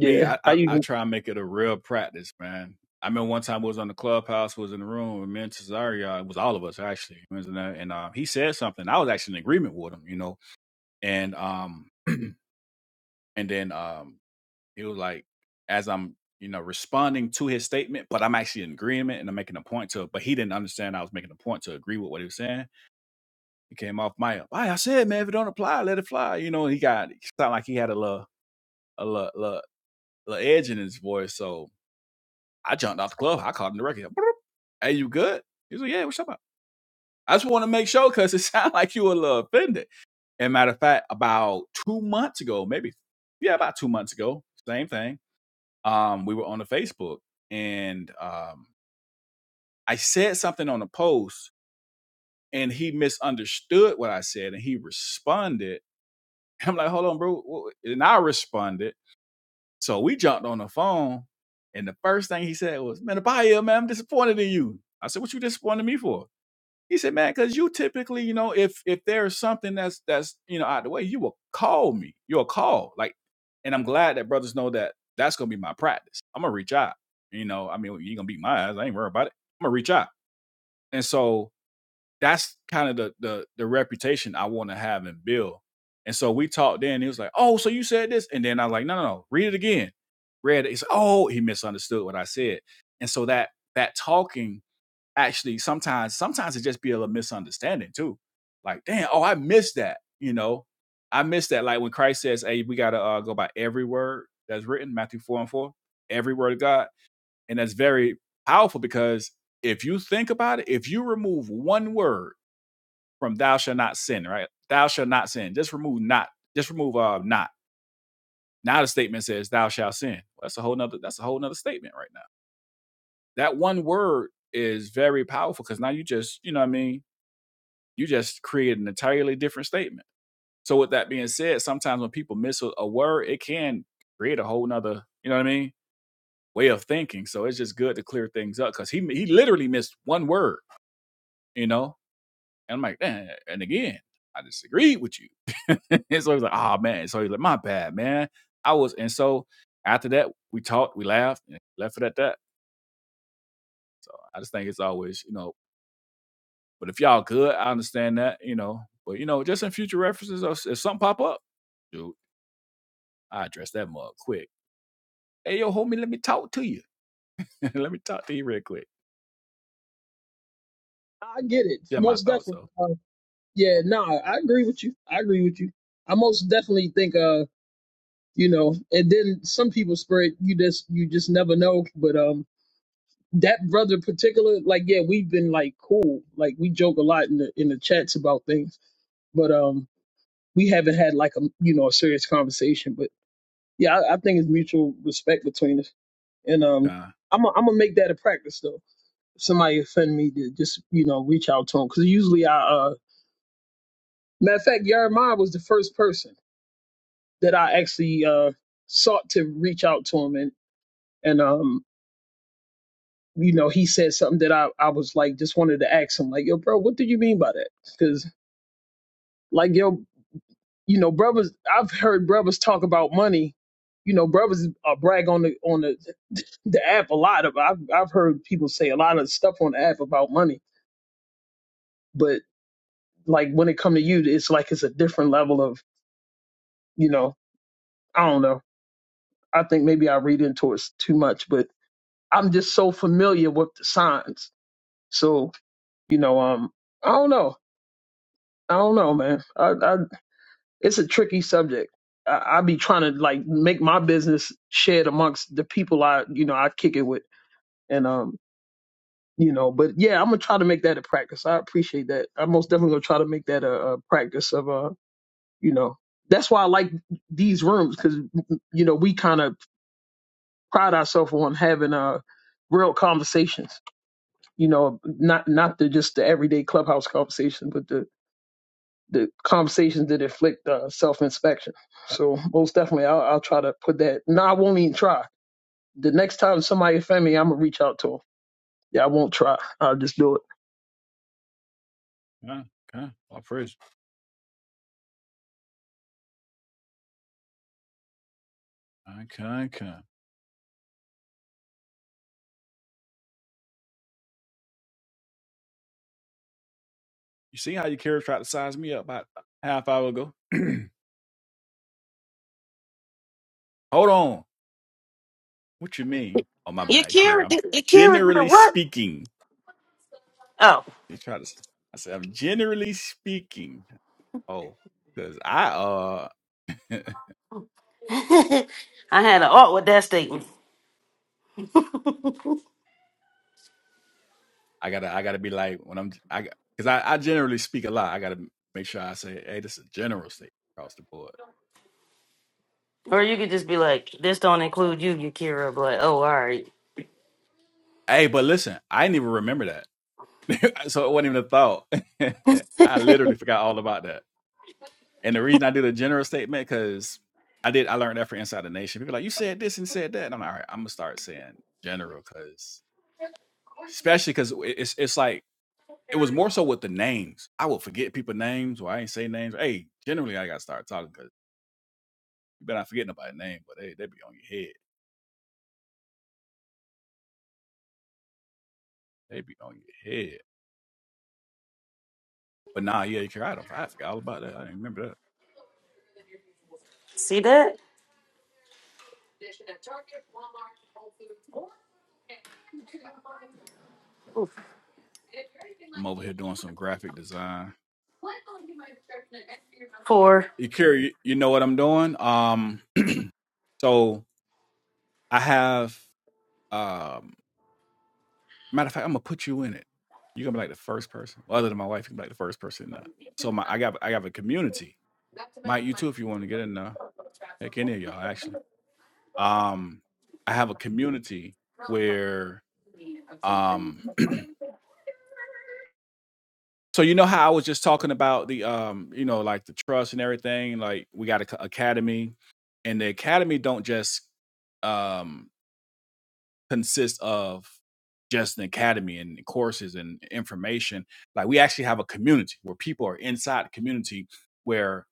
Speaker 9: me, I,
Speaker 4: I
Speaker 9: I, I
Speaker 4: even
Speaker 9: try and make it a real practice, man. I remember one time I was on the clubhouse, was in the room with me and Cesario. It was all of us actually. And uh, he said something. I was actually in agreement with him, you know. And um, [clears throat] and then um, he was like, as I'm, you know, responding to his statement, but I'm actually in agreement and I'm making a point to. it. But he didn't understand I was making a point to agree with what he was saying. It came off my up. I said, man, if it don't apply, let it fly. You know, he got it sounded like he had a little a little, little, little edge in his voice. So I jumped off the club. I called him directly. "Boop. Hey, you good? He was like, yeah, what's up? I just want to make sure because it [laughs] sounded like you were a little offended. And matter of fact, about two months ago, maybe yeah, about two months ago, same thing. Um, we were on the Facebook and um I said something on a post and he misunderstood what I said and he responded [laughs] I'm like, hold on, bro. And I responded. So we jumped on the phone. And the first thing he said was, man, Abaya, man, I'm disappointed in you. I said, what you disappointed me for? He said, man, because you typically, you know, if if there's something that's that's you know out of the way, you will call me. You'll call. Like, and I'm glad that brothers know that that's gonna be my practice. I'm gonna reach out. You know, I mean, you gonna beat my ass. I ain't worried about it. I'm gonna reach out. And so that's kind of the the the reputation I want to have and build. And so we talked then. He was like, "Oh, so you said this?" And then I was like, "No, no, no. Read it again." Read it. He's like, "Oh, he misunderstood what I said." And so that that talking actually sometimes sometimes it just be a little misunderstanding too. Like, damn, oh, I missed that. You know, I missed that. Like when Christ says, "Hey, we gotta uh, go by every word that's written." Matthew four and four, every word of God, and that's very powerful because if you think about it, if you remove one word from thou shall not sin, right? Thou shall not sin. Just remove not. Just remove uh not. Now the statement says thou shalt sin. Well, That's a whole nother that's a whole nother statement right now. That one word is very powerful because now you just, you know what I mean, you just create an entirely different statement. So with that being said, sometimes when people miss a a word, it can create a whole nother, you know what I mean, way of thinking. So it's just good to clear things up because he he literally missed one word, you know And I'm like, "Eh, and again, I disagreed with you. [laughs] and so he was like, oh man. So he's like, my bad, man. I was, and so after that, we talked, we laughed, and left it at that. So I just think it's always, you know, but if y'all good, I understand that, you know. But you know, just in future references, or if something pop up, dude, I address that mug quick. Hey yo, homie, let me talk to you. [laughs] let me talk to you real quick.
Speaker 4: I get it
Speaker 9: Yeah, my
Speaker 4: most
Speaker 9: thoughts
Speaker 4: definitely.
Speaker 9: though.
Speaker 4: Uh, yeah, nah, I agree with you. I agree with you. I most definitely think uh you know, and then some people spread you just you just never know, but um. that brother in particular, like, yeah, we've been like cool. Like we joke a lot in the in the chats about things, but um we haven't had like a you know a serious conversation. But yeah, I, I think it's mutual respect between us. And um
Speaker 9: Con,
Speaker 4: I'm i I'm gonna make that a practice though. If somebody offend me to just, you know, reach out to him. Cause usually I uh matter of fact, Jeremiah was the first person that I actually uh sought to reach out to him and and um you know, he said something that I, I was like just wanted to ask him, like, yo, bro, what do you mean by that? Cause Like yo, you know, brothers. I've heard brothers talk about money. You know, brothers uh, brag on the on the [laughs] the app a lot. Of I've I've heard people say a lot of stuff on the app about money, but like when it come to you, it's like it's a different level of you know. I don't know. I think maybe I read into it too much, but I'm just so familiar with the signs. So you know, um, I don't know. I don't know, man. I I, it's a tricky subject. I, I be trying to like make my business shared amongst the people I, you know, I kick it with, and um, you know, but yeah, I'm gonna try to make that a practice. I appreciate that. I'm most definitely gonna try to make that a, a practice of, uh, you know, that's why I like these rooms because you know we kind of pride ourselves on having uh real conversations. You know, not not the just the everyday clubhouse conversation, but the the conversations that inflict uh, self inspection. So most definitely, I'll, I'll try to put that. No, I won't even try. The next time somebody offend me, I'm gonna reach out to them. Yeah, I won't try. I'll just do it.
Speaker 9: con, con. All praise. Con, con, con. You see how your carrier tried to size me up about a half hour ago? [clears throat] Hold on. What you mean? Oh, my
Speaker 2: You
Speaker 9: bad, Kara.
Speaker 2: Kira,
Speaker 9: I'm
Speaker 2: did- you Kira did
Speaker 9: generally
Speaker 2: what?
Speaker 9: speaking.
Speaker 2: Oh,
Speaker 9: You try to. I said I'm generally speaking. Oh, because I uh, [laughs]
Speaker 2: [laughs] I had an art with that statement.
Speaker 9: I gotta I gotta be like when I'm I because I, I generally speak a lot. I gotta make sure I say, hey, this is a general statement across the board.
Speaker 2: Or you could just be like, this don't include you, Yakira. But like, oh, all right,
Speaker 9: Hey, but listen, I didn't even remember that, [laughs] so it wasn't even a thought. [laughs] I literally forgot all about And the reason I did a general statement, because I did, I learned that from Inside the Nation. People are like, you said this and said that. And I'm like, all right, I'm gonna start saying general, because especially because it's it's like it was more so with the names. I would forget people names, or I ain't say names. Hey, generally I gotta start talking because you better not forget nobody's name, but hey, they be on your head. They be on your head. But nah, yeah, Ikari, I don't I forgot all about that. I didn't remember that.
Speaker 2: see that?
Speaker 9: I'm over here doing some graphic design. Ikari, you, you know what I'm doing? Um [clears throat] so I have um Matter of fact, I'm gonna put you in it. You're gonna be like the first person. Well, other than my wife, you can be like the first person now. So my I got I have a community. Mike, you too, if you want to get in there. Heck any of y'all actually. Um, I have a community where um [clears throat] so you know how I was just talking about the um, you know, like the trust and everything, like we got a c- academy and the academy don't just um consists of just an academy and courses and information. Like we actually have a community where people are inside the community where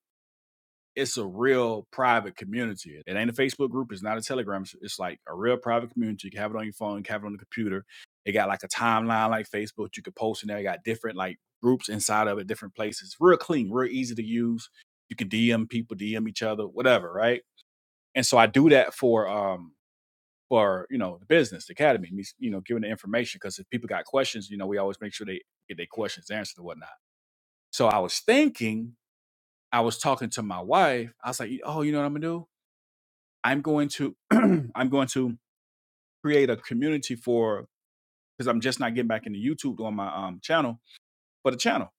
Speaker 9: it's a real private community. It ain't a Facebook group. It's not a Telegram. It's, like a real private community. You can have it on your phone. You can have it on the computer. It got like a timeline like Facebook. You could post in there. You got different like groups inside of it, different places. Real clean, real easy to use. You can DM people, DM each other, whatever, right? And so I do that for um for you know the business, the academy, you know, giving the information because if people got questions, you know, we always make sure they get their questions answered and whatnot. So I was thinking, I was talking to my wife. I was like, oh, you know what I'm gonna do? I'm going to, [clears throat] I'm going to create a community for because I'm just not getting back into YouTube on my um channel but a channel.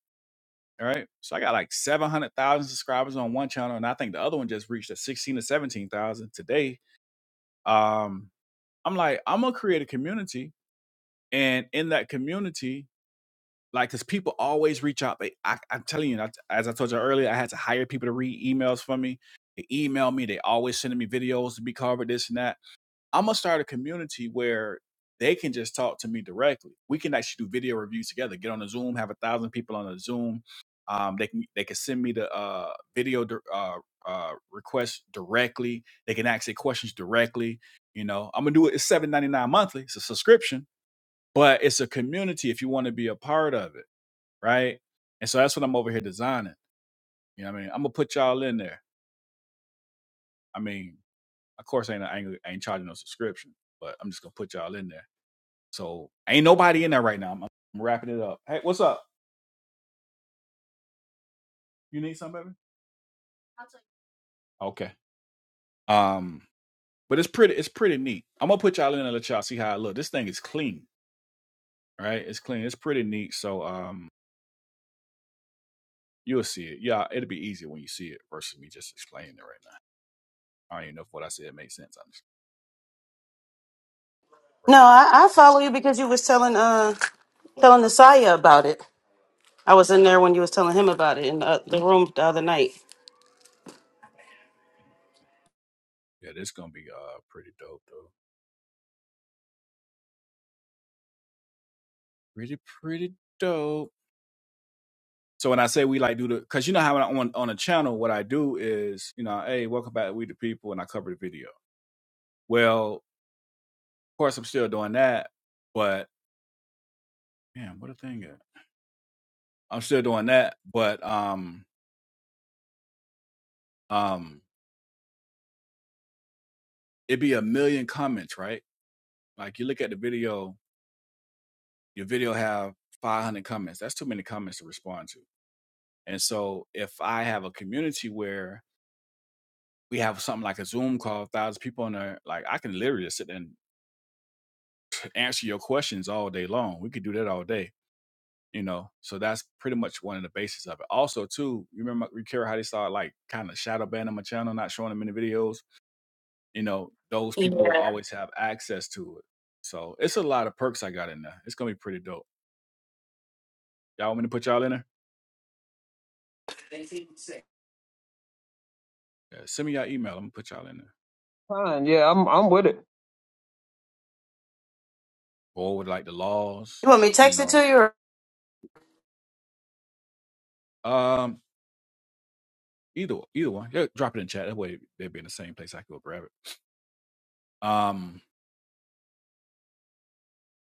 Speaker 9: All right, so I got like seven hundred thousand subscribers on one channel, and I think the other one just reached a sixteen or seventeen thousand today. Um, I'm like, I'm gonna create a community, and in that community, like because people always reach out they I, i'm telling you I, as i told you earlier i had to hire people to read emails for me they email me they always sending me videos to be covered this and that i'm gonna start a community where they can just talk to me directly we can actually do video reviews together get on a zoom have a thousand people on a zoom um, they can they can send me the uh, video di- uh, uh, request directly they can ask their questions directly you know i'm gonna do it it's 7.99 monthly it's a subscription but it's a community if you want to be a part of it right? And so that's what I'm over here designing. You know what I mean? I'm gonna put y'all in there. I mean, of course, ain't I ain't, I ain't charging no subscription, but I'm just gonna put y'all in there. So ain't nobody in there right now. I'm, I'm wrapping it up. Hey, what's up? You need something, baby? Okay. Um, but it's pretty. It's pretty neat. I'm gonna put y'all in and let y'all see how it look. This thing is clean, right? It's clean. It's pretty neat. So um, you'll see it. Yeah, it'll be easier when you see it versus me just explaining it right now. I don't even know if what I said made sense. I'm just
Speaker 2: No,
Speaker 9: rights
Speaker 2: I, I follow
Speaker 9: violations.
Speaker 2: you because you was telling uh telling Nasaya about it. I was in there when you was telling him about it in the, the room the other night.
Speaker 9: Yeah, this gonna be uh pretty dope though. pretty pretty dope. So when I say we like do the, cause you know how on on a channel, what I do is you know, hey, welcome back, to we the people, and I cover the video. Well, of course I'm still doing that, but man, what a thing! is. I'm still doing that, but um um, it'd be a million comments, right? Like you look at the video, your video have 500 comments. That's too many comments to respond to. And so if I have a community where we have something like a Zoom call, a thousand people in there, like I can literally just sit there and answer your questions all day long. We could do that all day, you know. So that's pretty much one of the basis of it. Also, too, you remember you care how they started like kind of shadow banning my channel, not showing them in the videos. You know, those people will always have access to it. So it's a lot of perks I got in there. It's gonna be pretty dope. Y'all want me to put y'all in there? Yeah, send me y'all email. I'm gonna put y'all in there.
Speaker 4: Fine. Yeah, I'm I'm with it.
Speaker 9: Or with like the
Speaker 2: You
Speaker 9: laws,
Speaker 2: want me to
Speaker 9: you
Speaker 2: text it
Speaker 9: know.
Speaker 2: to you? Or-
Speaker 9: Um, either either one. Yeah, drop it in chat. That way they'll be in the same place. I can go grab it. Um,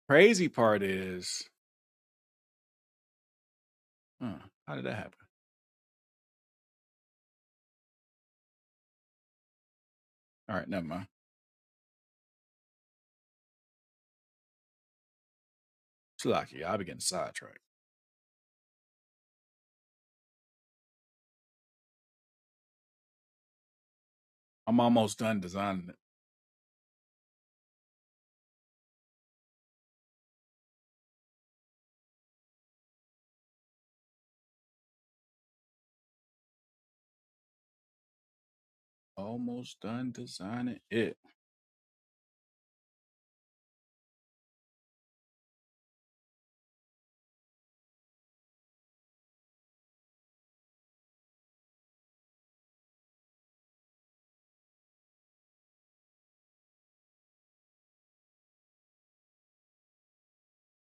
Speaker 9: crazy part is, huh, how did that happen? All right, never mind. Slocky, I'll be getting sidetracked. I'm almost done designing it. Almost done designing it.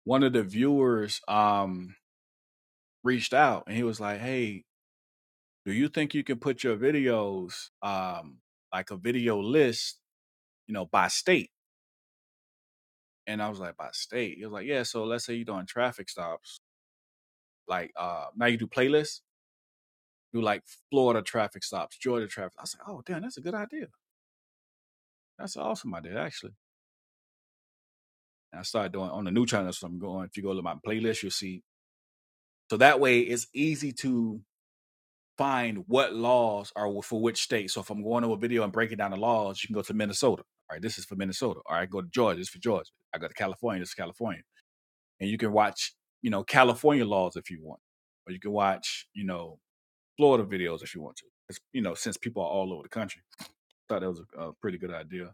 Speaker 9: One of the viewers um reached out and he was like, Hey, do you think you can put your videos um like a video list, you know, by state? And I was like, by state. He was like, Yeah, so let's say you're doing traffic stops, like uh now you do playlists, do like Florida traffic stops, Georgia traffic. I was like, Oh damn, that's a good idea. That's an awesome idea, actually. And I started doing on the new channel. So I'm going, if you go to my playlist, you'll see. So that way it's easy to find what laws are for which state. So if I'm going to a video and breaking down the laws, you can go to Minnesota. All right, this is for Minnesota. All right, go to Georgia. This is for Georgia. I go to California. This is California. And you can watch, you know, California laws if you want. Or you can watch, you know, Florida videos if you want to. It's, you know, since people are all over the country. I Thought that was a, a pretty good idea.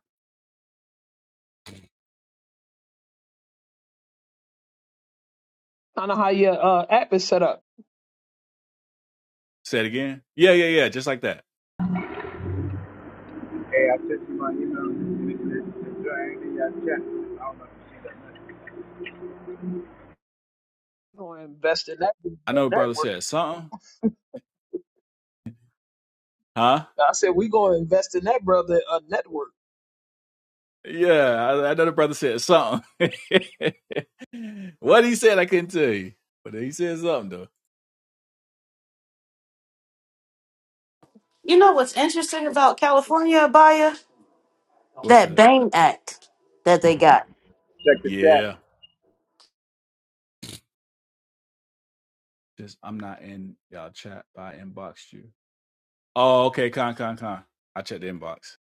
Speaker 4: Kind of how your uh, app is set up.
Speaker 9: Say it again. Yeah, yeah, yeah. Just like that.
Speaker 10: I sent you my email. Enjoy anything I check. I don't know if you see that.
Speaker 4: We're gonna invest in that
Speaker 9: I know brother
Speaker 4: network.
Speaker 9: said something. Huh?
Speaker 4: I said we gonna invest in that brother a network.
Speaker 9: Yeah, I, I know the brother said something. [laughs] what he said, I couldn't tell you, but he said something though.
Speaker 2: you know what's interesting about California, Abaya?
Speaker 9: What's
Speaker 2: That
Speaker 9: that?
Speaker 2: Bain Act that they got.
Speaker 10: Check the chat.
Speaker 9: Yeah, just I'm not in y'all chat, but I inboxed you. Oh, okay, con con con. I checked the inbox.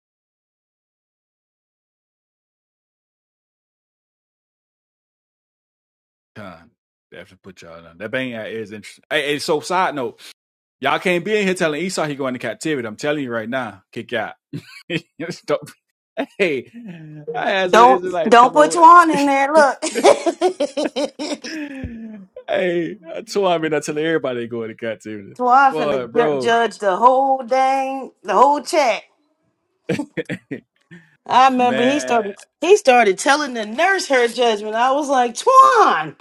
Speaker 9: Con. They have to put y'all on. That bang ad is interesting. Hey, hey, so side note, y'all can't be in here telling Esau he going to captivity. I'm telling you right now, kick out. [laughs] Don't- hey, I had some [laughs]
Speaker 2: Don't
Speaker 9: Israelites
Speaker 2: don't
Speaker 9: come
Speaker 2: put
Speaker 9: over.
Speaker 2: Tuan in there. Look, [laughs] Tuan
Speaker 9: [laughs] hey, that's why I've I tell everybody they going to captivity.
Speaker 2: finna
Speaker 9: Boy,
Speaker 2: ju-
Speaker 9: bro,
Speaker 2: judge the whole dang the whole chat.
Speaker 9: [laughs]
Speaker 2: I remember he
Speaker 9: man,
Speaker 2: started he started telling the nurse her judgment. I was like, Tuan,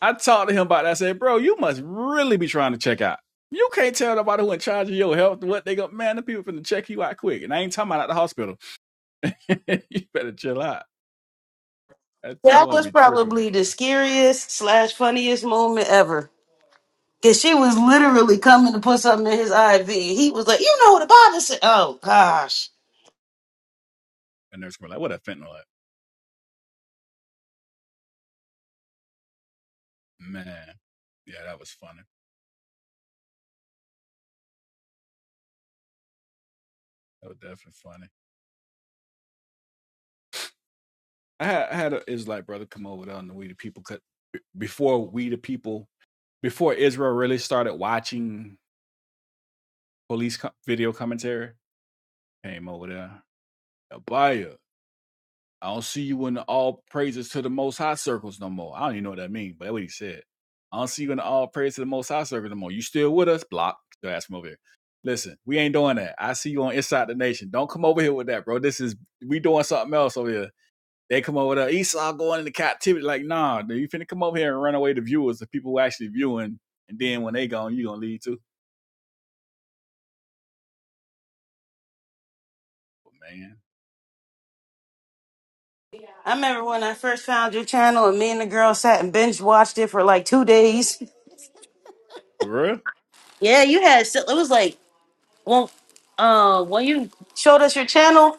Speaker 9: I talked to him about that. I said, bro, you must really be trying to check out. You can't tell nobody who in charge of your health what they go. Man, the people finna check you out quick, and I ain't talking about at the hospital. [laughs] you better chill out. That's
Speaker 2: that
Speaker 9: why I
Speaker 2: was
Speaker 9: be tripping,
Speaker 2: probably
Speaker 9: boy.
Speaker 2: the scariest slash funniest moment ever. Cause she was literally coming to put something in his IV. He was like, "You know what the Bible said." Oh gosh.
Speaker 9: And nurse were like, what a fentanyl at? Man, yeah, that was funny. That was definitely funny. I had, I had an Israelite brother come over there on the We the People cut before We the People before Israel really started watching police co- video commentary, came over there. Abaya, I don't see you in the all praises to the most high circles no more. I don't even know what that means, but that's what he said. I don't see you in the all praises to the most high circles no more. You still with us? Block. Go ask him over here. Listen, we ain't doing that. I see you on Inside the Nation. Don't come over here with that, bro. This is we doing something else over here. They come over there. Esau going into captivity. Like, nah, dude, you finna come over here and run away the viewers, the people who actually viewing, and then when they gone, you gonna leave too. But Man,
Speaker 2: I remember when I first found your channel and me and the girl sat and binge watched it for like two days.
Speaker 9: Bruh?
Speaker 2: Yeah, you had so- it was like well uh when you showed us your channel,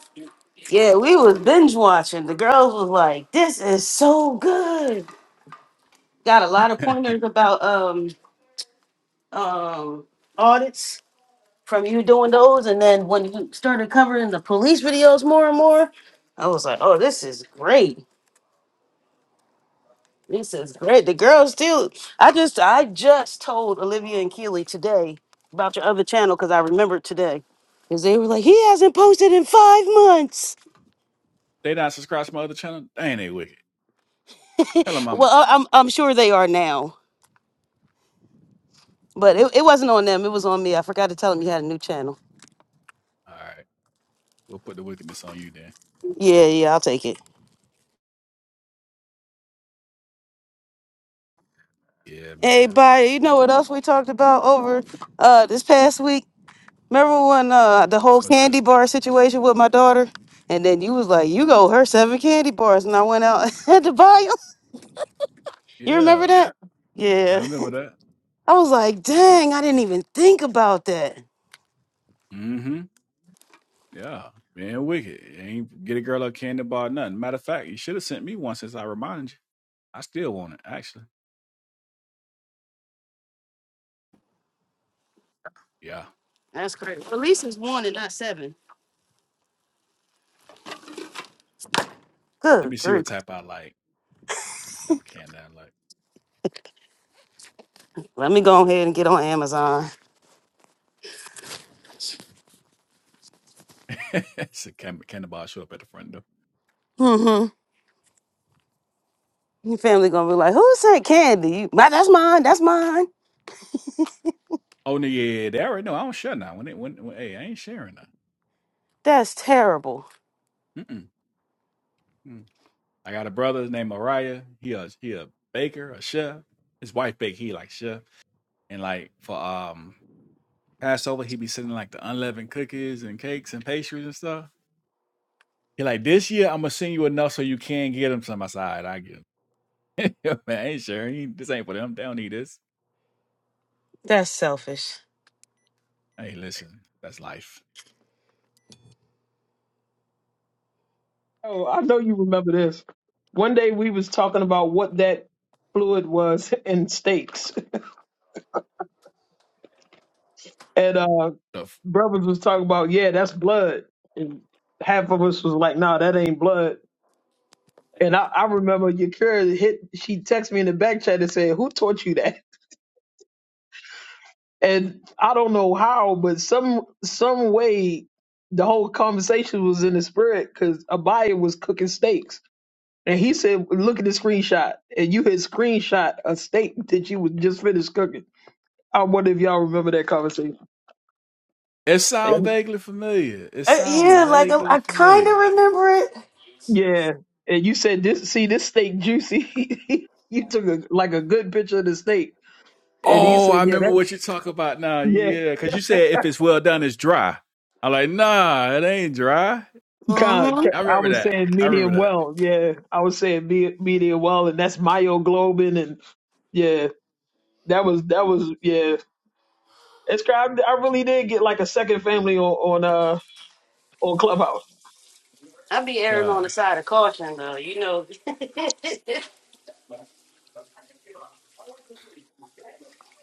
Speaker 2: yeah, we was binge watching. The girls was like, This is so good. Got a lot
Speaker 9: [laughs]
Speaker 2: of
Speaker 9: they
Speaker 2: pointers about um um audits from you doing those and then when you started covering the police videos more and more, I was like, Oh, this is great. This is great. The girls still. I just I just told Olivia and Keely today about your other channel because I remembered today. Because they were like, he hasn't posted in five months.
Speaker 9: not subscribed to my other channel? Dang, they wicked. Tell them I'm.
Speaker 2: Well, I- I'm I'm sure they are now, but it, it wasn't on them. It was on me. I forgot to tell them you had a new channel.
Speaker 9: All right. We'll put the wickedness on you then.
Speaker 2: Yeah, yeah, I'll take it.
Speaker 9: Yeah,
Speaker 2: Hey,
Speaker 9: man.
Speaker 2: bye. You know what else we talked about over uh this past week? Remember when uh the whole
Speaker 9: What's
Speaker 2: candy
Speaker 9: that?
Speaker 2: bar situation with my daughter? And then you was like, you go her seven candy bars, and I went out [laughs] and had to buy 'em. You remember
Speaker 9: Yeah.
Speaker 2: that?
Speaker 9: I
Speaker 2: Yeah.
Speaker 9: remember
Speaker 2: [laughs]
Speaker 9: that.
Speaker 2: I was like, dang, I didn't even think about that.
Speaker 9: Mm hmm. Yeah. Being wicked. You Ain't get a girl a candy bar, or nothing. Matter of fact, you should have sent me one since I reminded you. I still want it, actually. Yeah.
Speaker 2: That's crazy. Well, at least it's one and not seven.
Speaker 9: Let me
Speaker 2: Good
Speaker 9: see
Speaker 2: grief.
Speaker 9: what type I like. Type of candy I
Speaker 2: [laughs] Let me go ahead and get on Amazon.
Speaker 9: like. [laughs] it's a can- candy bar show up at the front door.
Speaker 2: Mm-hmm. Your family gonna be like, who said candy? You, my, that's mine. That's mine.
Speaker 9: Oh, no. Yeah. yeah, They already know. I don't share now. When it, when, when, hey, I ain't sharing now.
Speaker 2: That's terrible.
Speaker 9: Mm-mm. I got a brother named Mariah. He a he a baker, a chef. His wife bake. He like chef, and like for um Passover, he be sending like the unleavened cookies and cakes and pastries and stuff. He like this year I'm gonna send you enough so you can get them. Some I said, "All right, I get 'em." [laughs] Man, I ain't sure. He- This ain't for them. They don't need this.
Speaker 2: That's selfish.
Speaker 9: Hey, listen, that's life.
Speaker 4: Oh, I know you remember this. One day we was talking about what that fluid was [laughs] in steaks. And uh, brothers was talking about, yeah, that's blood. And half of us was like, nah, that ain't blood. And I, I remember Yakira hit, she texted me in the back chat and said, who taught you that? And I don't know how, but some some way the whole conversation was in the spirit because Abaya was cooking steaks. And he said, look at the screenshot. And you had screenshot a steak that you was just finished cooking. I wonder if y'all remember that conversation.
Speaker 9: It sound vaguely familiar. It
Speaker 2: Uh,
Speaker 9: sound
Speaker 2: yeah, like I,
Speaker 9: vaguely
Speaker 2: I kind of
Speaker 9: familiar.
Speaker 2: remember it.
Speaker 4: Yeah, and you said this. See, this steak juicy. [laughs] you took a, like a good picture of the steak, and he
Speaker 9: Oh,
Speaker 4: said,
Speaker 9: I
Speaker 4: "Yeah,
Speaker 9: remember
Speaker 4: that."
Speaker 9: what you talk about now.
Speaker 4: Yeah,
Speaker 9: Yeah, because you said if it's well done, it's dry. I'm like, nah, it ain't dry.
Speaker 4: kind.
Speaker 2: Mm-hmm.
Speaker 9: I
Speaker 4: I
Speaker 9: remember
Speaker 4: was
Speaker 9: that.
Speaker 4: saying
Speaker 9: I
Speaker 4: medium
Speaker 9: remember that.
Speaker 4: well. Yeah, I was saying me, medium well, and that's myoglobin, and yeah, that was that was yeah. It's kind. I, really did get like a second family on on uh on Clubhouse.
Speaker 9: Yeah.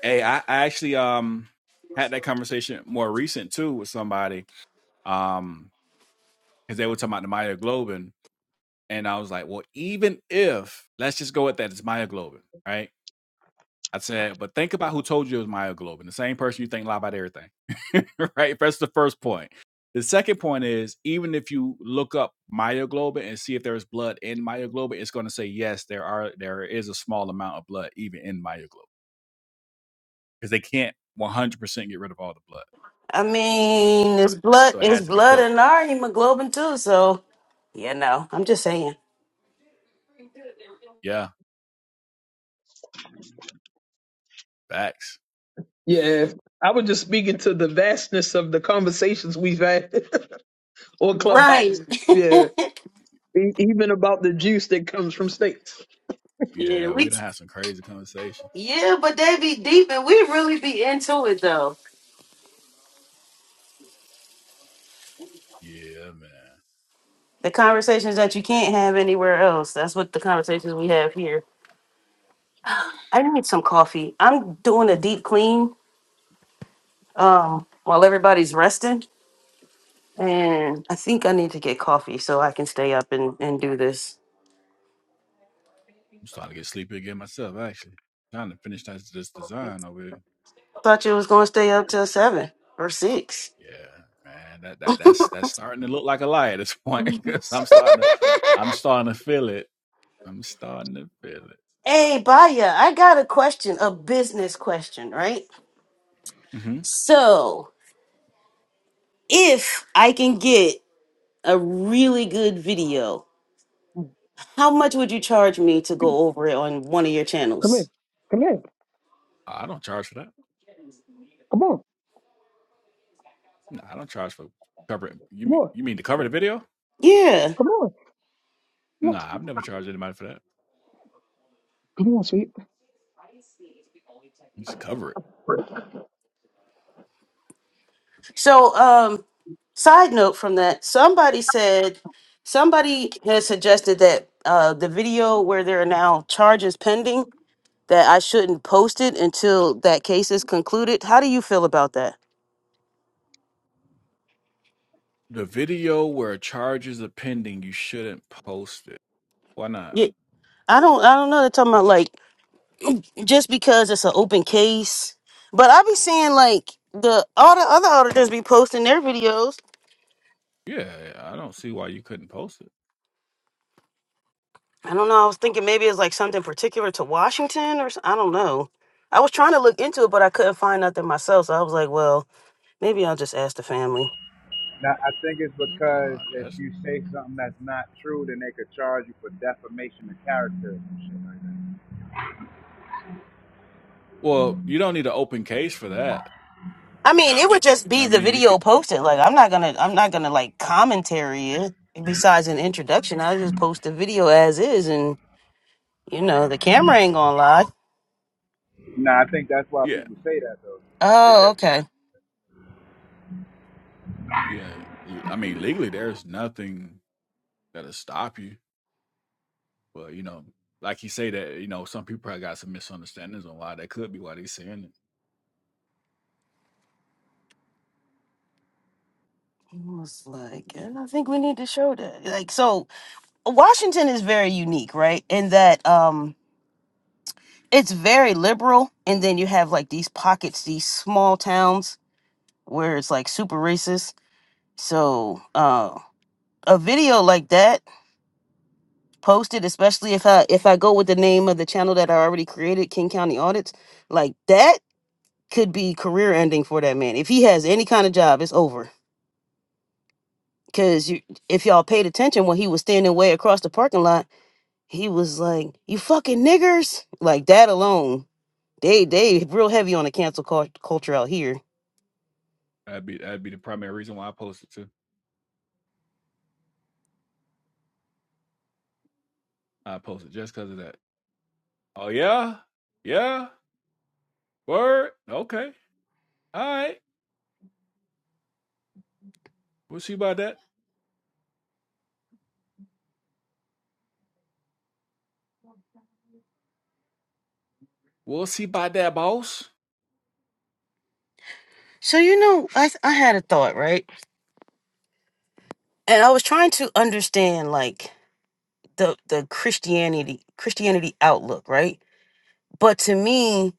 Speaker 9: Hey, I, I actually um had that conversation more recent too with somebody um because they were talking about the myoglobin, and I was like, well, even if let's just go with that, it's myoglobin, right? I said, but think about who told you it was myoglobin, the same person you think lie about everything. [laughs] right? That's the first point. The second point is even if you look up myoglobin and see if there's blood in myoglobin, it's going to say yes, there are there is a small amount of blood even in myoglobin because they can't 100% get rid of all the blood.
Speaker 2: I mean, it's blood.
Speaker 9: So it
Speaker 2: It's
Speaker 9: has to be
Speaker 2: blood
Speaker 9: cooked.
Speaker 2: and our hemoglobin too. So, yeah, no, I'm just saying.
Speaker 9: Yeah, facts.
Speaker 4: Yeah, I was just speaking to the vastness of the conversations we've had [laughs] on
Speaker 2: Right.
Speaker 4: Clubhouse.
Speaker 2: [laughs]
Speaker 4: Yeah, e- even about the juice that comes from steaks.
Speaker 2: Yeah,
Speaker 9: Yeah,
Speaker 2: we
Speaker 9: we don't have some crazy conversations.
Speaker 2: Yeah, but they be deep and we really be into it though.
Speaker 9: Yeah, man.
Speaker 2: The conversations that you can't have anywhere else. That's what the conversations we have here. I need some coffee. I'm doing a deep clean um while everybody's resting. And I think I need to get coffee so I can stay up and, and do this.
Speaker 9: I'm starting to get sleepy again myself actually. Trying to finish this design over here.
Speaker 2: Thought you was gonna stay up till seven or six.
Speaker 9: Yeah, man, that that that's that's starting to look like a lie at this point [laughs] because I'm starting to, I'm starting to feel it. I'm starting to feel it.
Speaker 2: Hey Baya, I got a question, a business question, right?
Speaker 9: hmm
Speaker 2: So if I can get a really good video How much would you charge me to go over it on one of your
Speaker 4: Come in.
Speaker 2: channels?
Speaker 4: Come in.
Speaker 9: I don't charge for that.
Speaker 4: Come on.
Speaker 9: No, I don't charge for covering. You
Speaker 4: Come
Speaker 9: mean
Speaker 4: on.
Speaker 9: you mean to cover the video?
Speaker 2: Yeah.
Speaker 4: Come on. Come
Speaker 9: No,
Speaker 4: on, sweet.
Speaker 9: I've never charged anybody for that.
Speaker 4: Come on, sweet.
Speaker 9: Just cover it.
Speaker 2: So, um, side note from that, somebody said somebody has suggested that uh, the video where there are now charges pending that I shouldn't post it until that case is concluded. How do you feel about that?
Speaker 9: The video where charges are pending, you shouldn't post it. Why not?
Speaker 2: Yeah, I don't. I don't know. They're talking about like just because it's an open case, but I be seeing like the all the other auditors be posting their videos
Speaker 9: Yeah, I don't see why you couldn't post it.
Speaker 2: I don't know. I was thinking maybe it's like something particular to Washington or s- I don't know. I was trying to look into it, but I couldn't find nothing myself. So I was like, well, maybe I'll just ask the family.
Speaker 10: Now, I think it's
Speaker 9: No,
Speaker 10: because if
Speaker 9: yes.
Speaker 10: you say something that's not true, then they could charge you for defamation of character and shit like that.
Speaker 9: Well, you don't need an open case for that.
Speaker 2: I mean, it would just
Speaker 9: You know
Speaker 2: be
Speaker 9: what I
Speaker 2: the
Speaker 9: mean? You
Speaker 2: video
Speaker 9: could.
Speaker 2: posted. Like, I'm not gonna, I'm not gonna like commentary it. Besides an introduction, I just post the video as is, and you know, the camera ain't gonna lie.
Speaker 10: Nah, I think that's why
Speaker 9: Yeah.
Speaker 10: people say that though. I think
Speaker 2: Oh,
Speaker 10: that's.
Speaker 2: okay.
Speaker 9: Yeah, l- I mean, legally, there's nothing that'll stop you. But you know, like you say that, you know, some people probably got some misunderstandings on why that could be why they saying it.
Speaker 2: I was like, "Yeah, I don't think we need to show that. Like, so Washington is very unique, right? In that, um, it's very liberal and then you have like these pockets these small towns where it's like super racist so uh a video like that posted especially if i if i go with the name of the channel that i already created king county audits like that could be career ending for that man if he has any kind of job it's over because you if y'all paid attention when he was standing way across the parking lot he was like you fucking niggers like that alone They they real heavy on the cancel cul- culture out here.
Speaker 9: That'd be that'd be the primary reason why I posted too. I posted just because of that. Oh yeah, yeah, word, okay, all right. We'll see about that. We'll see about that, boss.
Speaker 2: So you know, I I had a thought, right? And I was trying to understand like the the Christianity Christianity outlook, right? But to me,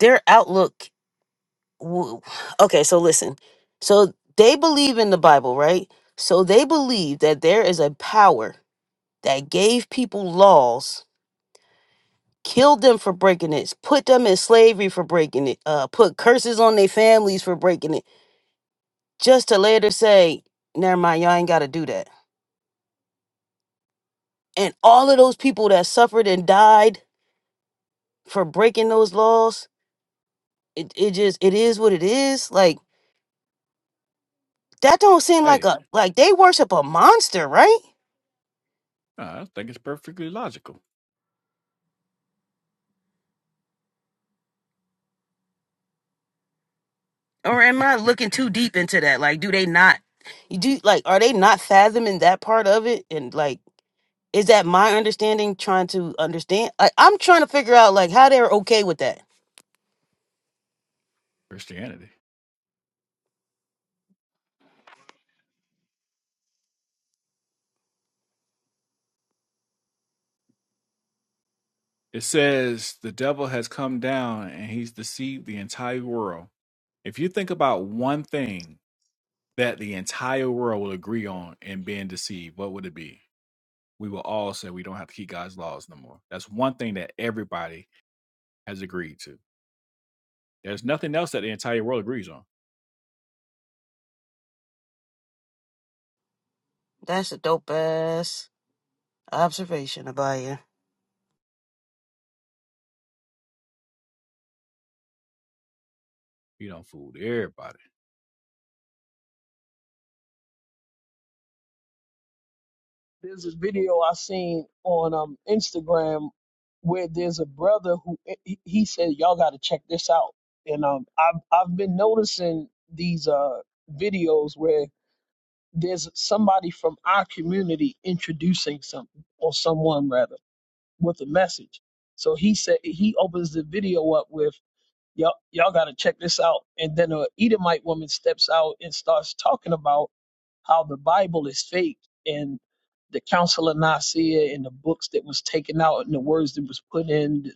Speaker 2: their outlook w- okay so listen so they believe in the bible right so they believe that there is a power that gave people laws killed them for breaking it put them in slavery for breaking it uh put curses on their families for breaking it just to later say never mind y'all ain't gotta do that and all of those people that suffered and died for breaking those laws it, it just it is what it is like that don't seem like
Speaker 9: Hey,
Speaker 2: a like they worship a monster right
Speaker 9: I think it's perfectly logical.
Speaker 2: or am I looking too deep into that? Like, do they not? You do like, are they not fathoming that part of it? And like, is that my understanding trying to understand? I, I'm trying to figure out like how they're okay with that.
Speaker 9: Christianity. It says the devil has come down and he's deceived the entire world. If you think about one thing that the entire world will agree on and being deceived, what would it be? We will all say we don't have to keep God's laws no more. That's one thing that everybody has agreed to. There's nothing else that the entire world agrees on.
Speaker 2: That's a dope ass observation, Abaya.
Speaker 9: You don't fool everybody.
Speaker 4: There's this video I seen on um Instagram where there's a brother who eh, he, he said y'all got to check this out. And um I've I've been noticing these uh videos where there's somebody from our community introducing something or someone rather with a message. So he said he opens the video up with y'all, y'all got to check this out. And then a Edomite woman steps out and starts talking about how the Bible is fake and the Council of Nicaea and the books that was taken out and the words that was put in,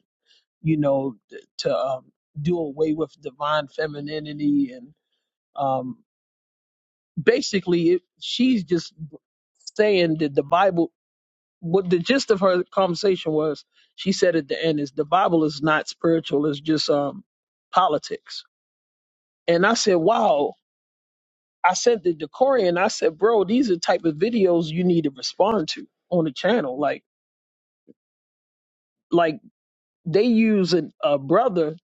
Speaker 4: you know, th- to um, do away with divine femininity and um, basically it, she's just saying that the Bible. What the gist of her conversation was, she said at the end is the Bible is not spiritual; it's just um, politics And I said, wow. I sent the Decorian. I said, bro, these are type of videos you need to respond to on the channel. Like, like they use an, a brother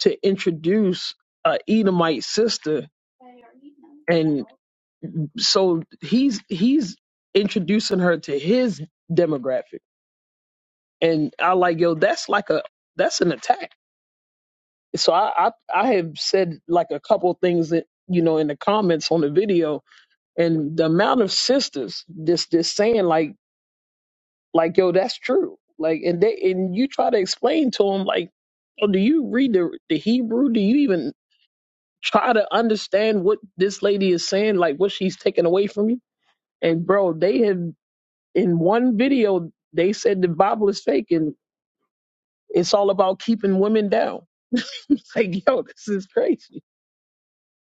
Speaker 4: to introduce a Edomite sister, and so he's he's introducing her to his demographic. And I like, yo, that's like a that's an attack. So I I, I have said like a couple things that you know in the comments on the video, and the amount of sisters this this saying like Like, yo, that's true. Like, and they and you try to explain to them, like, oh, do you read the the Hebrew? Do you even try to understand what this lady is saying? Like, what she's taking away from you? And bro, they had in one video they said the Bible is fake and it's all about keeping women down. [laughs] It's like, yo, this is crazy.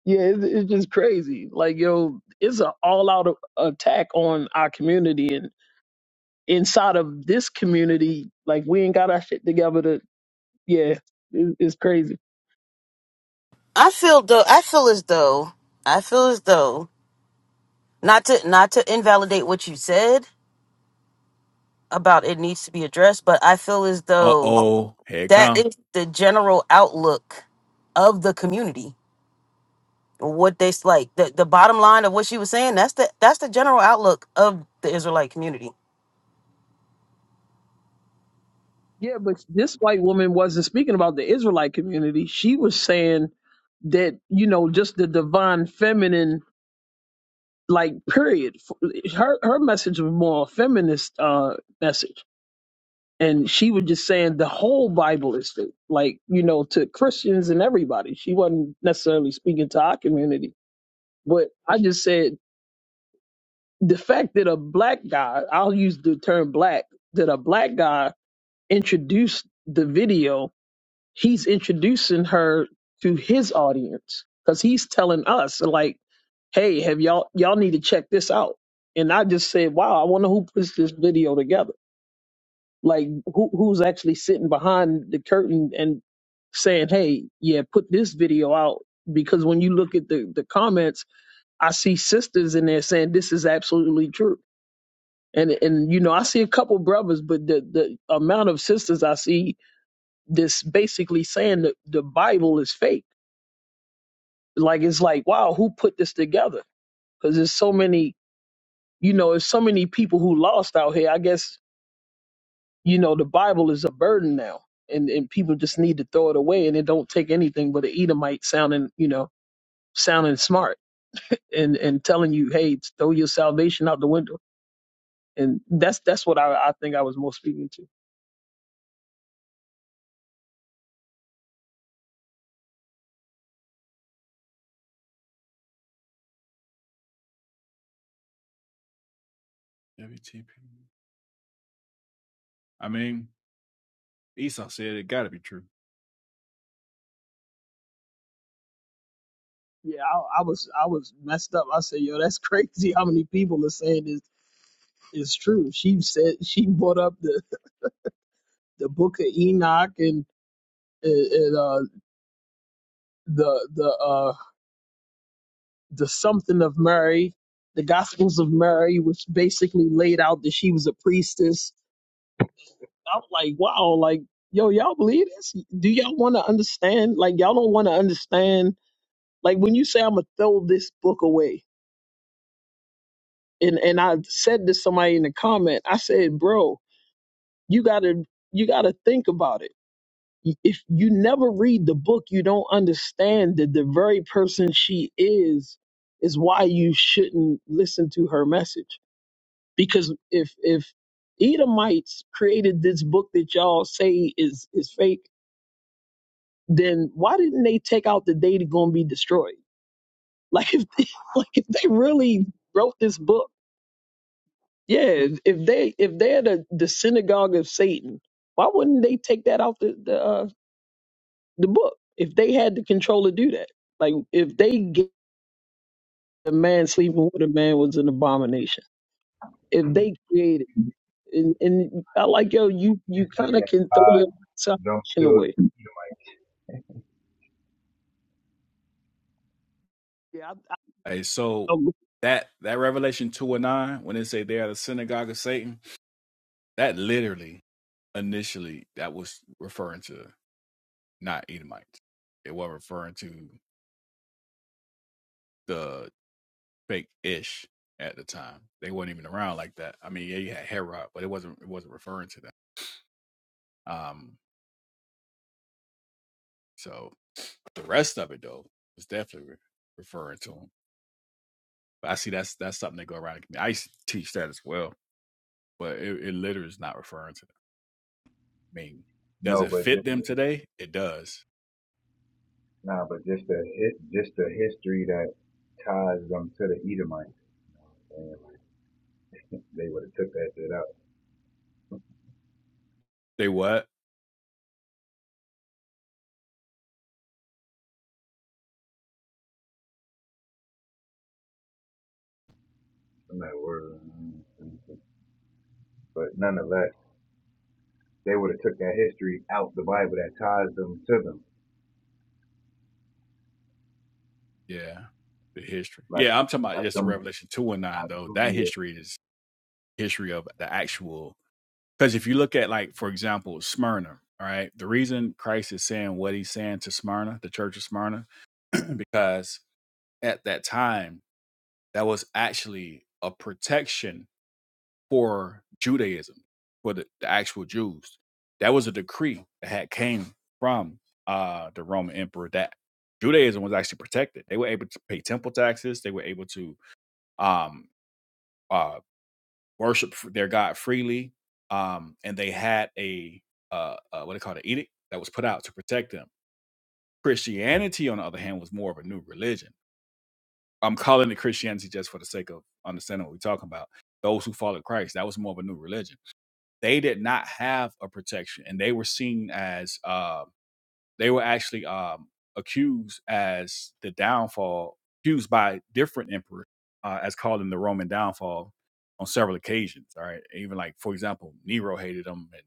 Speaker 4: Yeah, it's, it's just crazy. Like, yo, it's an all-out a- attack on our community and inside of this community, like we ain't got our shit together Yeah, it, it's crazy.
Speaker 2: I feel though. I feel as though. I feel as though not to not to invalidate what you said about it needs to be addressed, but I feel as
Speaker 9: Uh
Speaker 2: though
Speaker 9: oh, here it
Speaker 2: that
Speaker 9: come.
Speaker 2: is the general outlook of the community what they s- like the, the bottom line of what she was saying that's the that's the general outlook of the israelite community
Speaker 4: Yeah, but this white woman wasn't speaking about the Israelite community. She was saying that you know just the divine feminine, like period. F- Her her message was more a feminist uh, message, and she was just saying the whole Bible is fake, like you know to Christians and everybody. She wasn't necessarily speaking to our community, but I just said the fact that a black guy, I'll use the term black, that a black guy introduced the video he's introducing her to his audience because he's telling us like hey have y'all y'all need to check this out and i just said wow i wonder who puts this video together like who who's actually sitting behind the curtain and saying hey yeah put this video out because when you look at the the comments i see sisters in there saying this is absolutely true and and you know i see a couple brothers but the the amount of sisters i see this basically saying that the bible is fake like it's like wow who put this together because there's so many you know there's so many people who lost out here i guess you know the bible is a burden now and and people just need to throw it away and it don't take anything but an edomite sounding you know sounding smart and and telling you hey throw your salvation out the window and that's that's what i i think i was most speaking to
Speaker 9: WTP. I mean, Esau said it got to be true.
Speaker 4: yeah i, I was i was messed up i said yo that's [laughs] crazy how many people are saying this is true she said she brought up the the book of enoch and it, it, uh, the the uh, the something of Mary, the Gospels of Mary, which basically laid out that she was a priestess. I'm like, wow, like yo, y'all believe this? Do y'all want to understand? Like, y'all don't want to understand. Like when you say I'm gonna throw this book away, and and I said to somebody in the comment, I said, bro, you gotta you gotta think about it if you never read the book, you don't understand that the very person she is is why you shouldn't listen to her message. Because if if Edomites created this book that y'all say is is fake, then why didn't they take out the data going to be destroyed? [laughs] Like if they, [laughs] like if they really wrote this book, yeah. If if they if they're the, the synagogue of Satan, why wouldn't they take that out the the uh, the book if they had the control to do that. Like if they get a man sleeping with a man was an abomination. If they created and, and I like yo, you you kind
Speaker 10: history
Speaker 4: of
Speaker 10: that
Speaker 4: can throw
Speaker 10: God
Speaker 4: your
Speaker 10: don't
Speaker 4: salvation
Speaker 10: kill
Speaker 4: away.
Speaker 10: you
Speaker 4: Yeah, I, I
Speaker 9: Hey, so
Speaker 4: don't go
Speaker 9: that that Revelation two and nine, when they say they are the synagogue of Satan, that literally initially that was referring to not Edomites. It was referring to the fake ish at the time. They weren't even around like that. I mean, yeah, you had Herod, but it wasn't it wasn't referring to them. Um, so the rest of it though was definitely re- referring to them. But I see that's that's something that go around. I used to teach that as well, but it, it literally is not referring to them. I mean,
Speaker 10: know,
Speaker 9: does
Speaker 10: no,
Speaker 9: it
Speaker 10: but
Speaker 9: fit
Speaker 10: just
Speaker 9: them today? It does.
Speaker 10: nah, but just the hit, just the history that ties them to the Edomites, and like, [laughs] they would have took that shit out.
Speaker 9: They what?
Speaker 10: I'm not worried, but nonetheless, they would have took that history out the Bible that ties them to them,
Speaker 9: Yeah, the history.
Speaker 10: like
Speaker 9: Yeah, I'm talking about
Speaker 10: like
Speaker 9: just the
Speaker 10: them.
Speaker 9: Revelation two and nine
Speaker 10: I
Speaker 9: though.
Speaker 10: do,
Speaker 9: That
Speaker 10: yeah.
Speaker 9: history is history of the actual Because if you look at, like, for example, Smyrna, all right, the reason Christ is saying what he's saying to Smyrna, the church of Smyrna, [clears throat] because at that time, that was actually a protection for Judaism, for the, the actual Jews. That was a decree that had came from uh, the Roman emperor that Judaism was actually protected. They were able to pay temple taxes. They were able to um, uh, worship their God freely, um, and they had a uh, uh, what they call an edict that was put out to protect them. Christianity, on the other hand, was more of a new religion. I'm calling it Christianity just for the sake of understanding what we're talking about. Those who followed Christ, that was more of a new religion. They did not have a protection, and they were seen as uh, they were actually um, accused as the downfall, accused by different emperors uh, as calling the Roman downfall on several occasions. All right, even like for example, Nero hated them, and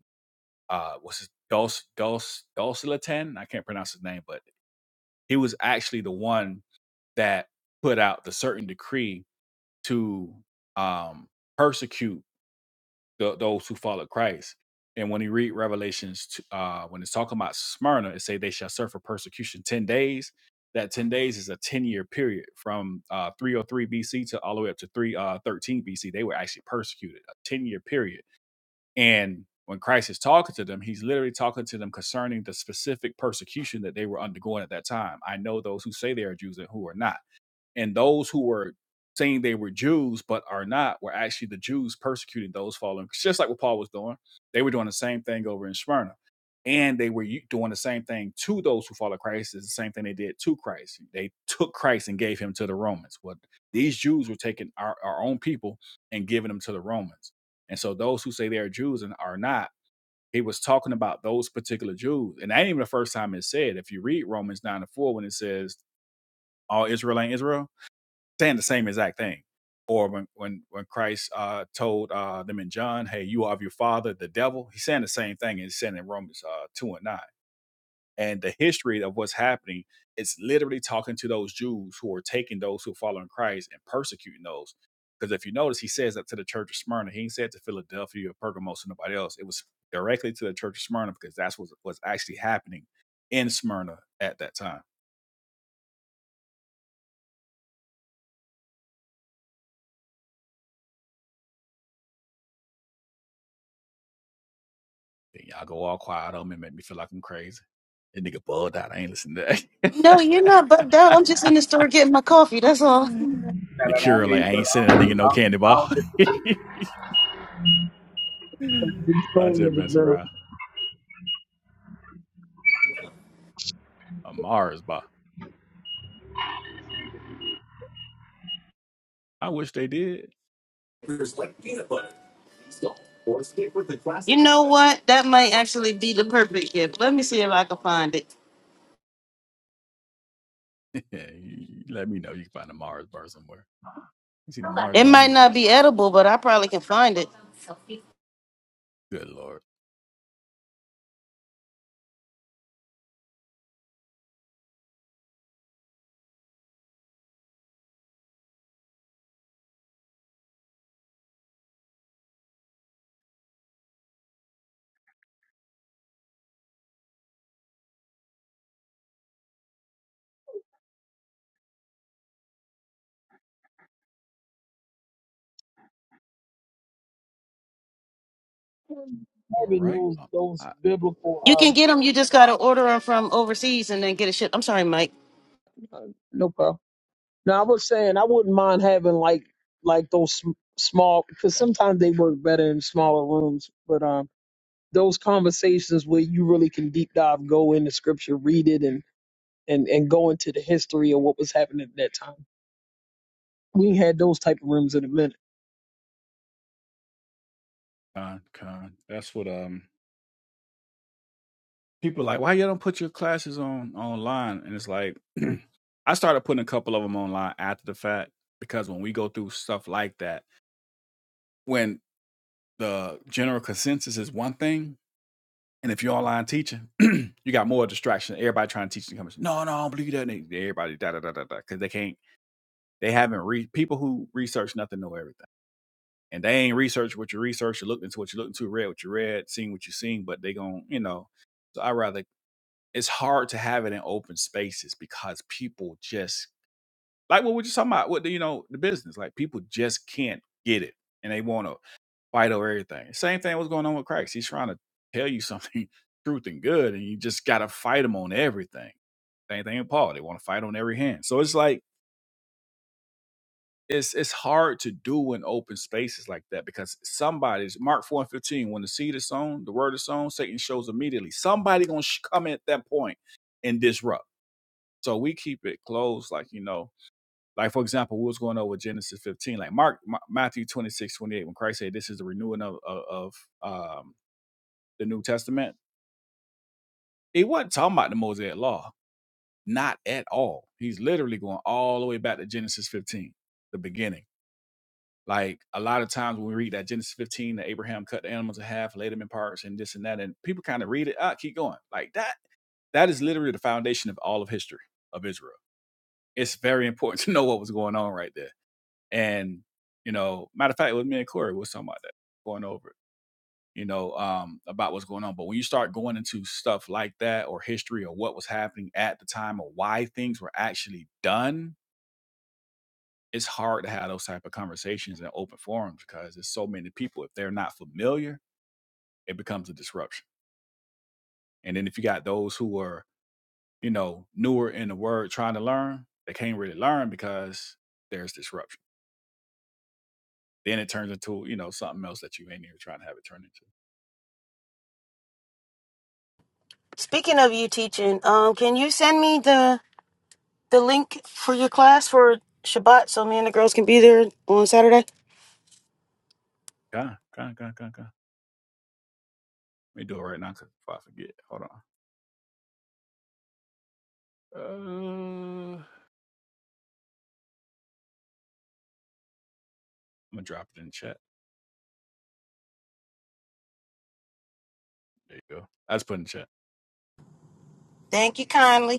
Speaker 9: uh, what's his Dulce Dulce Dulcilatan? I can't pronounce his name, but he was actually the one that put out the certain decree to um, persecute the, those who follow Christ. And when you read Revelations, t- uh, when it's talking about Smyrna, it say they shall suffer persecution ten days. That ten days is a ten year period from uh, 303 BC to all the way up to 313 BC. They were actually persecuted a ten year period. And when Christ is talking to them, he's literally talking to them concerning the specific persecution that they were undergoing at that time. I know those who say they are Jews and who are not and those who were saying they were Jews but are not were actually the Jews persecuting those following. It's just like what Paul was doing. They were doing the same thing over in Smyrna. And they were u- doing the same thing to those who follow Christ. It's the same thing they did to Christ. They took Christ and gave him to the Romans. What these Jews were taking our, our own people and giving them to the Romans. And so those who say they are Jews and are not, he was talking about those particular Jews. And that ain't even the first time it's said. If you read Romans 9 to 4, when it says, All Israel ain't Israel, saying the same exact thing. Or when when when Christ uh, told uh, them in John, "Hey, you are of your father, the devil." He's saying the same thing. He's saying in Romans uh, two and nine. And the history of what's happening is literally talking to those Jews who are taking those who follow in Christ and persecuting those. Because if you notice, he says that to the church of Smyrna. He ain't said to Philadelphia or Pergamos or nobody else. It was directly to the church of Smyrna because that's what was actually happening in Smyrna at that time. Then y'all go all quiet on me, and make me feel like I'm crazy. That nigga bugged out. I ain't listening to that.
Speaker 2: No, you're not bugged out. I'm just in the store getting my coffee. That's all.
Speaker 9: Yeah. [laughs]
Speaker 10: No,
Speaker 9: the
Speaker 10: no, no, I
Speaker 9: cure,
Speaker 10: hear
Speaker 9: like,
Speaker 10: you,
Speaker 9: I ain't
Speaker 10: brother.
Speaker 9: sending
Speaker 10: I
Speaker 9: that nigga
Speaker 10: don't, I
Speaker 9: no
Speaker 10: don't,
Speaker 9: candy
Speaker 10: I
Speaker 9: bar.
Speaker 10: don't
Speaker 9: [laughs]
Speaker 10: disagree.
Speaker 4: by these
Speaker 9: I
Speaker 4: stories of
Speaker 9: just mess
Speaker 4: the
Speaker 9: around. A Mars bar. I wish they did.
Speaker 2: you know what that might actually be the perfect gift let me see if i can find it
Speaker 9: [laughs] Let me know. You can find a Mars bar somewhere. You seen a Mars
Speaker 2: it
Speaker 9: bar in
Speaker 2: might not
Speaker 9: years.
Speaker 2: be edible but i probably can find it
Speaker 9: Good lord. All
Speaker 4: having
Speaker 9: right.
Speaker 4: those
Speaker 9: Uh,
Speaker 4: those
Speaker 2: you
Speaker 4: biblical
Speaker 2: can get them you just gotta order them from overseas and then get a ship i'm sorry mike
Speaker 4: um no problem. Now I was saying I wouldn't mind having like like those sm- small because sometimes they work better in smaller rooms, but um. those conversations where you really can deep dive, go into scripture, read it, and and and go into the history of what was happening at that time. We ain't had those type of rooms in a minute.
Speaker 9: con, con. That's what um people are like. Why you don't put your classes on online? And it's like [clears throat] I started putting a couple of them online after the fact because when we go through stuff like that when the general consensus is one thing, and if you're online teaching, [clears throat] you got more distraction. Everybody trying to teach the conversation. No, no, I don't believe that. And everybody da da da da da because they can't. They haven't read people who research nothing know everything, and they ain't researched what you researched, or looked into what you looked into, read what you read, seen what you seen. But they gon' you know. So I rather it's hard to have it in open spaces because people just like what we just talking about. What the- you know the business like people just can't get it, and they want to fight over everything. Same thing was going on with Christ. He's trying to tell you something, [laughs] truth and good, and you just got to fight him on everything. Same thing with Paul. They want to fight on every hand. So it's like it's it's hard to do in open spaces like that because somebody's Mark four and fifteen. When the seed is sown, the word is sown. Satan shows immediately. Somebody gonna sh- come in at that point and disrupt. So we keep it closed, like you know, like for example, we was going on with Genesis fifteen, like Mark Ma- Matthew 26 28 when Christ said, "This is the renewing of of, of, um, the New Testament, he wasn't talking about the Mosaic Law, not at all. He's literally going all the way back to Genesis 15, the beginning. Like a lot of times when we read that Genesis 15, that Abraham cut the animals in half, laid them in parts, and this and that, and people kind of read it, ah, keep going. Like that, that is literally the foundation of all of history of Israel. It's very important [laughs] to know what was going on right there. And, you know, matter of fact, it was me and Corey, we was talking about that going over. it you know, um, about what's going on. But when you start going into stuff like that or history or what was happening at the time or why things were actually done, it's hard to have those type of conversations in open forums because there's so many people. If they're not familiar, it becomes a disruption. And then if you got those who are, you know, newer in the word trying to learn, they can't really learn because there's disruption. Then it turns into, you know, something else that you ain't even trying to have it turn into.
Speaker 2: speaking of you teaching um can you send me the the link for your class for shabbat so me and the girls can be there on saturday
Speaker 9: God, God, God, God, God. Let me do it right now because if I forget, hold on. Uh, I'm gonna drop it in chat. There you go. I just put in chat.
Speaker 2: thank you kindly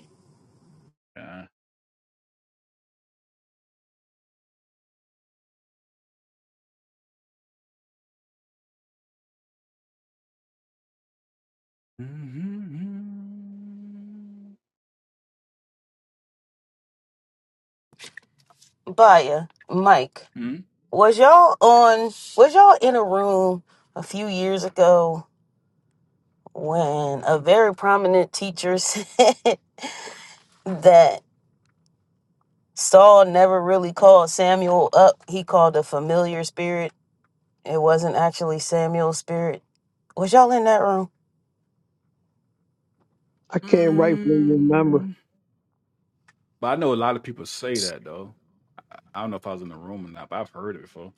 Speaker 9: Uh, mm-hmm,
Speaker 2: Baya, Mike,
Speaker 9: mm-hmm.
Speaker 2: was y'all on, was y'all in a room a few years ago when a very prominent teacher [laughs] said that Saul never really called Samuel up? He called a familiar spirit. It wasn't actually Samuel's spirit. Was y'all in that room?
Speaker 4: I can't rightfully remember.
Speaker 9: But I know a lot of people say that though. I I don't know if I was in the room or not, but I've heard it before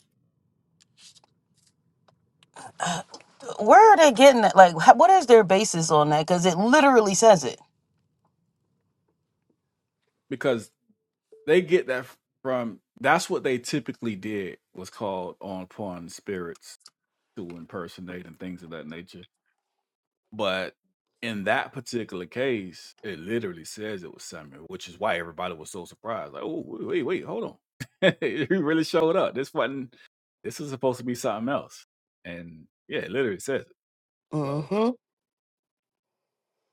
Speaker 2: Where are they getting that? Like, how- what is their basis on that? Because it literally says it.
Speaker 9: because they get that from. That's what they typically did was called on pawn spirits to impersonate and things of that nature. But in that particular case, it literally says it was Samuel, which is why everybody was so surprised. Like, oh, wait, wait, wait, hold on. [laughs] he really showed up. This wasn't, this is supposed to be something else. And yeah, it literally says it. So
Speaker 2: Mm-hmm.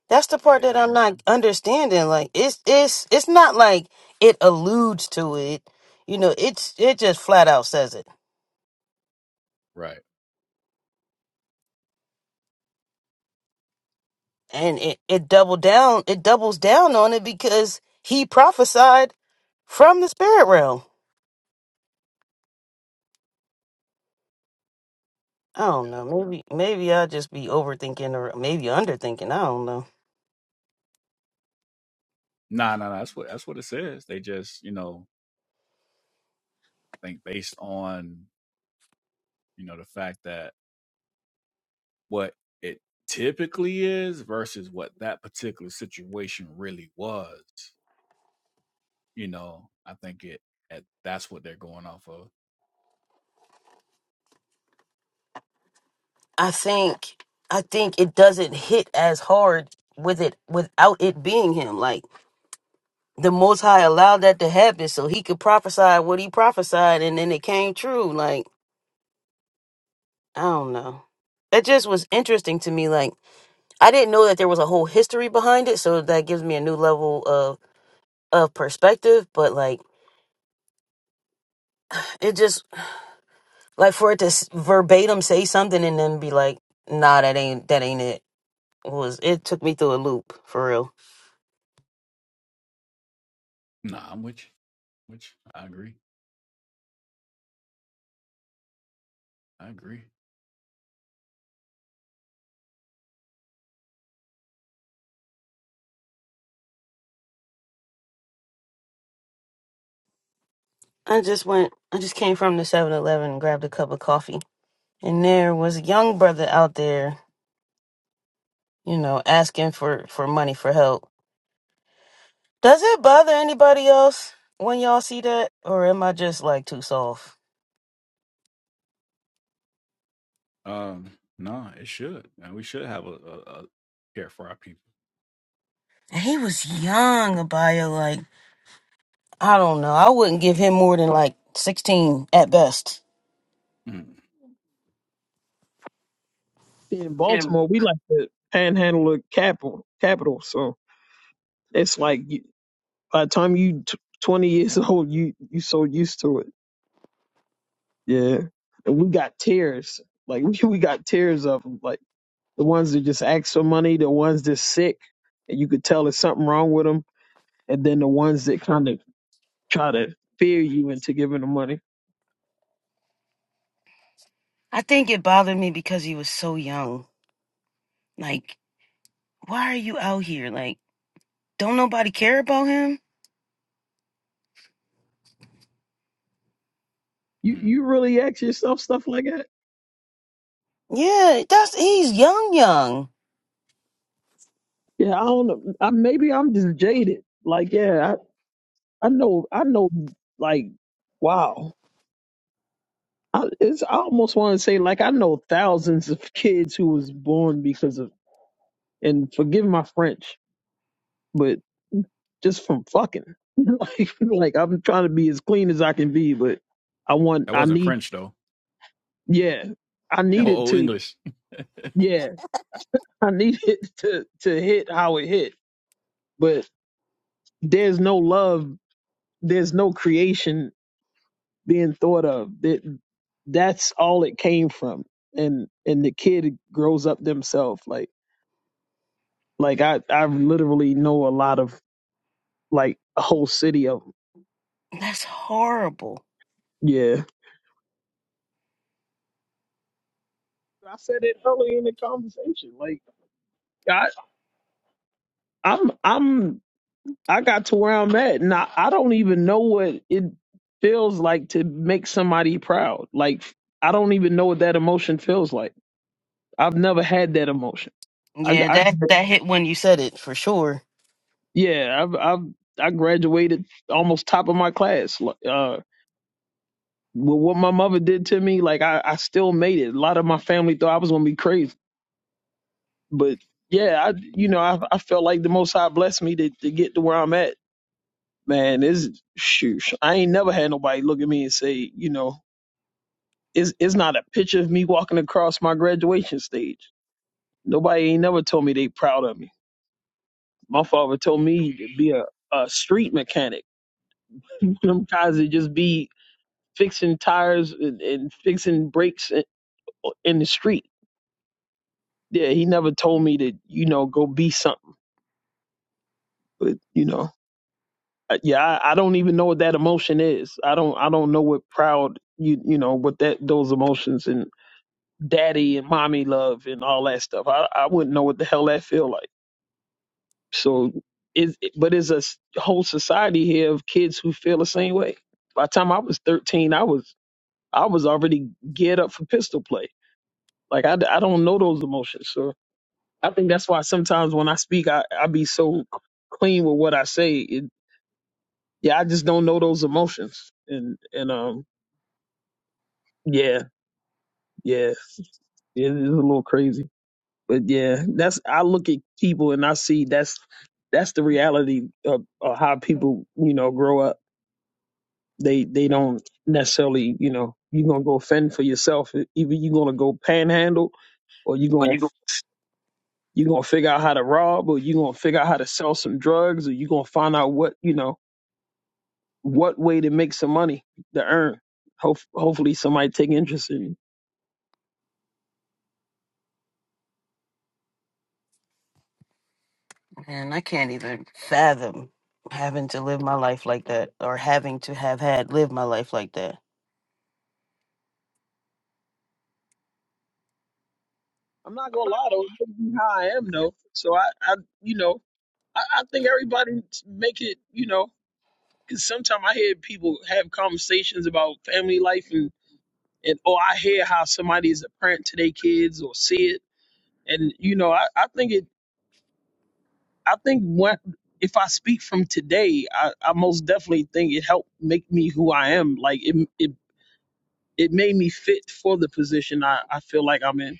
Speaker 2: That's the part that
Speaker 9: yeah, I
Speaker 2: I'm
Speaker 9: don't-
Speaker 2: not understanding. Like it's it's it's not like it alludes to it. You know, it's it just flat out says it.
Speaker 9: right.
Speaker 2: And it, it double down it doubles down on it because he prophesied from the spirit realm. I don't
Speaker 9: Yeah.
Speaker 2: know. Maybe maybe I'll just be overthinking or maybe underthinking. I don't know.
Speaker 9: Nah, nah, nah. That's what, that's what it says. They just, you know, think based on, you know, the fact that what it typically is versus what that particular situation really was You know, I think it at that's what they're going off of.
Speaker 2: I think I think it doesn't hit as hard with it without it being him. Like the Most High allowed that to happen so he could prophesy what he prophesied, and then it came true. Like, I don't know. That just was interesting to me. Like, I didn't know that there was a whole history behind it, so that gives me a new level of of perspective. But like, it just like for it to s- verbatim say something and then be like, "Nah, that ain't that ain't it." Was it took me through a loop for real.
Speaker 9: Nah, I'm with you. Which I agree. I agree.
Speaker 2: I just went. I just came from the Seven Eleven, and grabbed a cup of coffee, and there was a young brother out there you know, asking for for money for help. Does it bother anybody else when y'all see that, or am I just like too soft?
Speaker 9: Um, nah, it should. And we should have a, a, a care for our people.
Speaker 2: And He was young, Abaya. Like I don't know. I wouldn't give him more than like sixteen at best.
Speaker 9: Mm,
Speaker 4: In Baltimore, we like the panhandle of capital, capital. So it's like you, by the time you t- twenty years [laughs] old, you you so used to it. Yeah, and we got tears. Like [laughs] we, we got tears of 'em. Like the ones that just ask for money, the ones that's sick, and you could tell there's something wrong with 'em and then the ones that kind of try to fear you into giving them money.
Speaker 2: I think it bothered me because he was so young. Like, why are you out here? Like, don't nobody care about him?
Speaker 4: You
Speaker 9: mm.
Speaker 4: you really ask yourself stuff like that?
Speaker 2: Yeah, that's he's young, young.
Speaker 4: Yeah, I don't know. I, maybe I'm just jaded. Like, yeah, I, I know, I know. Like, wow, I, it's I almost want to say like I know thousands of kids who was born because of and forgive my French, but just from fucking. [laughs] like, like I'm trying to be as clean as I can be, but I want,
Speaker 9: That
Speaker 4: I
Speaker 9: wasn't
Speaker 4: need,
Speaker 9: French though. [laughs]
Speaker 4: yeah, I needed
Speaker 9: Oh, oh
Speaker 4: to.
Speaker 9: English.
Speaker 4: Yeah, [laughs] I need it to to hit how it hit, but there's no love, there's no creation being thought of. That that's all it came from, and and the kid grows up themselves. Like like I I literally know a lot of like a whole city of 'em.
Speaker 2: That's horrible.
Speaker 4: yeah. I said it earlier in the conversation. Like I I'm I'm I got to where I'm at, and I, I don't even know what it feels like to make somebody proud. Like I don't even know what that emotion feels like. I've never had that emotion. I,
Speaker 2: Yeah,
Speaker 4: I
Speaker 2: that that hit when you said it for sure.
Speaker 4: yeah, I've, I've I graduated almost top of my class. Like, Uh, with what my mother did to me, like I, I still made it. A lot of my family thought I was gonna be crazy, but yeah, I you know I, I felt like the Most High blessed me to, to get to where I'm at. Man, is shoot, I ain't never had nobody look at me and say, you know, It's it's not a picture of me walking across my graduation stage. Nobody ain't never told me they proud of me. My father told me to be a, a street mechanic. [laughs] Them guys that just be fixing tires and, and fixing brakes in, in the street. Yeah, he never told me to, you know, go be something. But you know, I- yeah, I, I don't even know what that emotion is. I don't I don't know what proud you you know what that those emotions and daddy and mommy love and all that stuff. I I wouldn't know what the hell that feel like. So is but is a s- whole society here of kids who feel the same way. By the time I was 13, I was I was already geared up for pistol play. Like I, d- I don't know those emotions. So I think that's why sometimes when I speak, I, I be so clean with what I say. It, yeah, I just don't know those emotions. And and um yeah yeah yeah, it is a little crazy. But yeah, that's I look at people and I see that's that's the reality of, of how people you know grow up they they don't necessarily you know you're gonna go fend for yourself either you're gonna go panhandle or you're gonna you're gonna figure out how to rob or you're gonna figure out how to sell some drugs or you're gonna find out what you know what way to make some money to earn Hope, hopefully somebody take interest in you
Speaker 2: And I can't even fathom having to live my life like that or having to have had lived my life like that.
Speaker 4: i'm not gonna lie though this is how i am though so i i you know i, I think everybody make it you know because sometimes i hear people have conversations about family life and. and or I hear how somebody is a parent to their kids or see it, and you know, I, I think it. I think what if I speak from today, I, I most definitely think it helped make me who I am. Like it, it, it made me fit for the position I, I feel like I'm in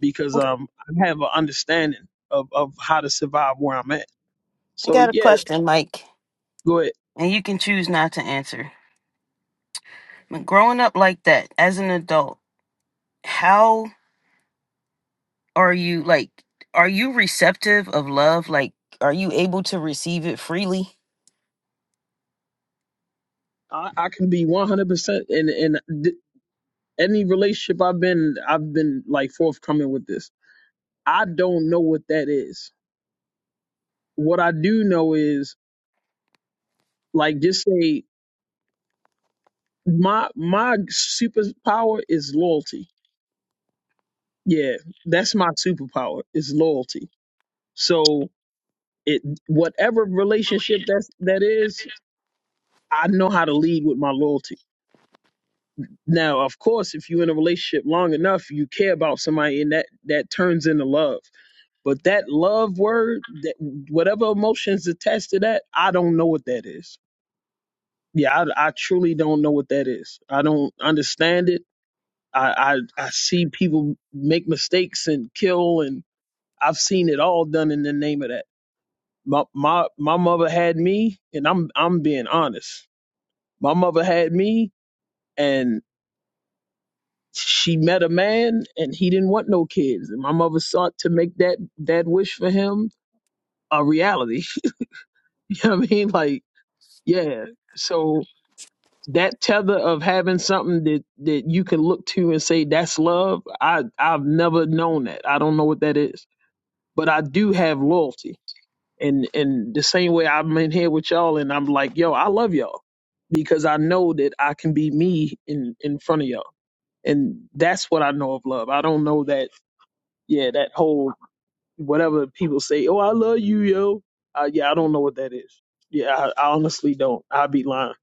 Speaker 4: because um I have an understanding of of how to survive where I'm at.
Speaker 2: I
Speaker 4: So
Speaker 2: got a
Speaker 4: yeah,
Speaker 2: question, Mike,
Speaker 4: go ahead.
Speaker 2: and you can choose not to answer. But growing up like that as an adult, how are you like are you receptive of love? Like are you able to receive it freely?
Speaker 4: I, I can be 100 percent in in th- any relationship I've been. I've been like forthcoming with this. I don't know what that is what I do know is like just say my my superpower is loyalty. Yeah, that's my superpower is loyalty. So it whatever relationship that's that is, I know how to lead with my loyalty. Now, of course, if you're in a relationship long enough, you care about somebody and that that turns into love. But that love word, that whatever emotions attached to that, I don't know what that is. Yeah, I, I truly don't know what that is. I don't understand it. I, I I see people make mistakes and kill, and I've seen it all done in the name of that. My my my mother had me, and I'm I'm being honest. My mother had me, and she met a man, and he didn't want no kids, and my mother sought to make that that wish for him a reality. [laughs] you know what I mean? Like, yeah. So that tether of having something that that you can look to and say that's love, I I've never known that. I don't know what that is. but I do have loyalty. And and the same way I'm in here with y'all and I'm like, yo, I love y'all because I know that I can be me in in front of y'all. And that's what I know of love. I don't know that yeah, that whole whatever people say, "Oh, I love you, yo." Uh, yeah, I don't know what that is. Yeah, I, I honestly don't. I'd be lying.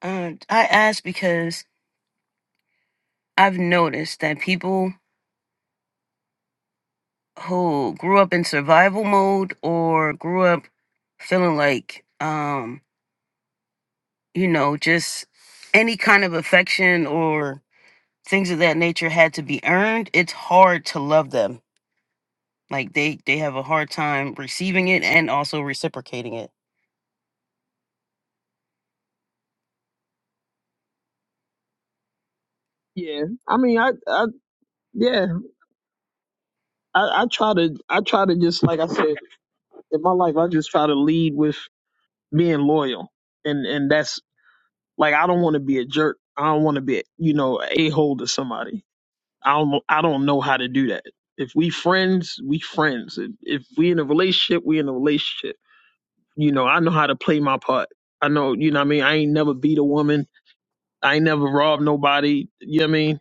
Speaker 2: Uh, I ask because I've noticed that people who grew up in survival mode or grew up feeling like, um, you know, just any kind of affection or things of that nature had to be earned, it's hard to love them Like they they have a hard time receiving it and also reciprocating it.
Speaker 4: Yeah. I mean, I I yeah, I I try to I try to just like I said, in my life I just try to lead with being loyal. And and that's Like I don't want to be a jerk. I don't want to be, you know, a hole to somebody. I don't. I don't know how to do that. If we friends, we friends. If if we in a relationship, we in a relationship. You know, I know how to play my part. I know, you know what I mean? I ain't never beat a woman. I ain't never robbed nobody. You know what I mean?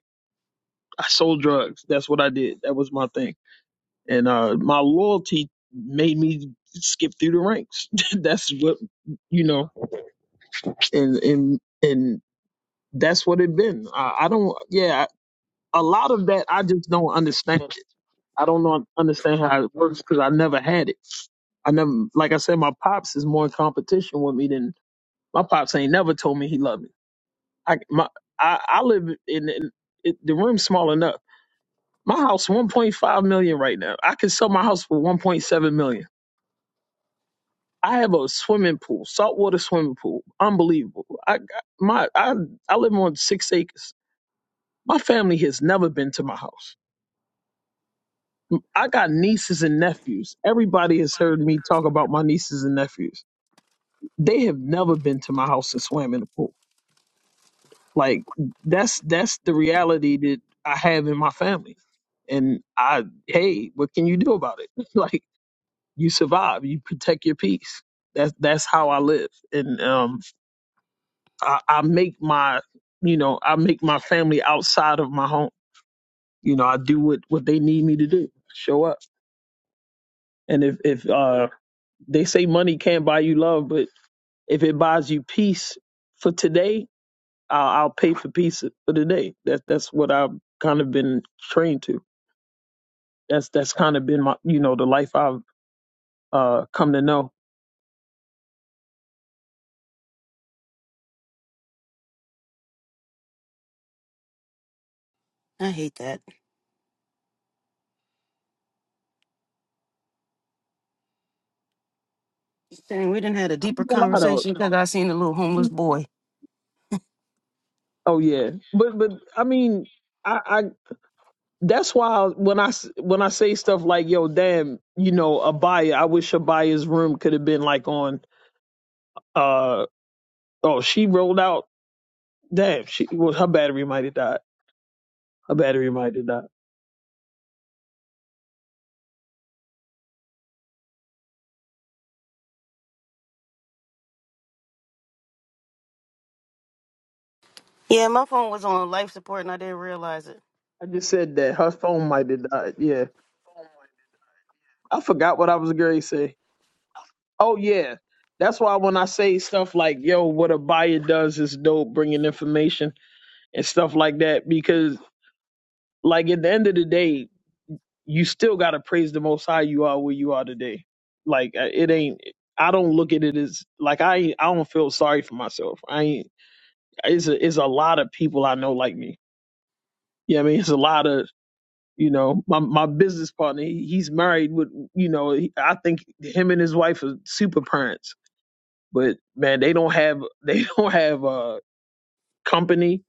Speaker 4: I sold drugs. That's what I did. That was my thing. And uh my loyalty made me skip through the ranks. [laughs] That's what you know, and and and that's what it been. I, I don't. Yeah, a lot of that I just don't understand. it. I don't know, understand how it works because I never had it. I never, like I said, my pops is more in competition with me than my pops ain't never told me he loved me. I my I, I live in, in it, the room small enough. My house 1.5 million right now. I could sell my house for 1.7 million. I have a swimming pool, saltwater swimming pool, unbelievable. I got- my I I live on six acres. My family has never been to my house. I got nieces and nephews. Everybody has heard me talk about my nieces and nephews. They have never been to my house and swam in the pool. Like that's that's the reality that I have in my family. And I hey, what can you do about it? [laughs] like you survive, you protect your peace. That's that's how I live. And um I, I make my you know, I make my family outside of my home. You know, I do what, what they need me to do. Show up. And if, if uh they say money can't buy you love, but If it buys you peace for today, I'll, I'll pay for peace for today. That that's what I've kind of been trained to. That's that's kind of been my you know the life I've uh, come to know.
Speaker 2: I hate that. Dang, we didn't had a
Speaker 4: I'm
Speaker 2: deeper
Speaker 4: gonna lie
Speaker 2: conversation because I seen the little homeless
Speaker 4: though.
Speaker 2: boy.
Speaker 4: Oh yeah, but but I mean, I, I that's why when I s- when I say stuff like yo, damn, you know, Abaya, I wish Abaya's room could have been like on. uh Oh, she rolled out. Damn, she well, her battery might have died. Her battery might have died.
Speaker 5: Yeah, my phone was on life support and I didn't realize it.
Speaker 4: I just said that her phone might have died. Yeah, I forgot what I was going to say. Oh yeah, that's why when I say stuff like "Yo, what a buyer does is dope," bringing information and stuff like that, because like at the end of the day, you still got to praise the Most High. You are where you are today. Like uh, it ain't. I don't look at it as like I. ain't- I don't feel sorry for myself. I ain't. It's a. It's a lot of people I know like me. Yeah, I mean, it's a lot of You know, my my business partner, he, he's married with, you know, he, I think him and his wife are super parents. But man, they don't have they [laughs] don't have uh company.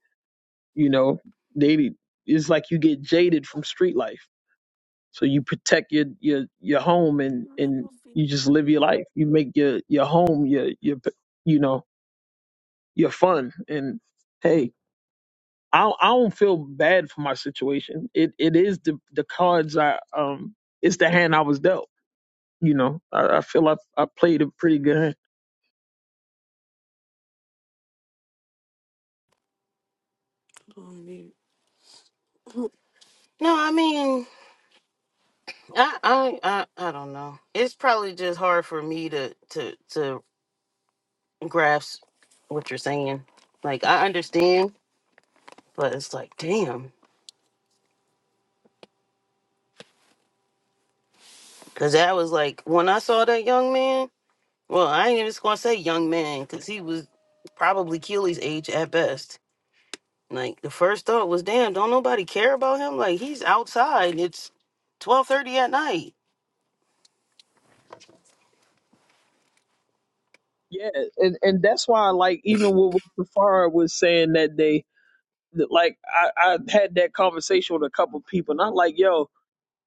Speaker 4: You know, they it's like you get jaded from street life, so you protect your your your home and and you just live your life. You make your your home your your you know your fun. And hey, I don't- I don't feel bad for my situation. It it is the the cards I um it's the hand I was dealt you know, I, I feel I I played a pretty good hand.
Speaker 5: No, I mean, I, I, I, I don't know. It's probably just hard for me to, to, to grasp what you're saying. Like, I understand, but it's like, damn, because that was like when I saw that young man. Well, I ain't even just gonna say young man because he was probably Keely's age at best. Like the first thought was, damn, don't nobody care about him? Like he's outside. It's twelve thirty at night.
Speaker 4: Yeah, and and that's why like even what Safara was saying that day, that, like I I had that conversation with a couple people, and I'm like, yo,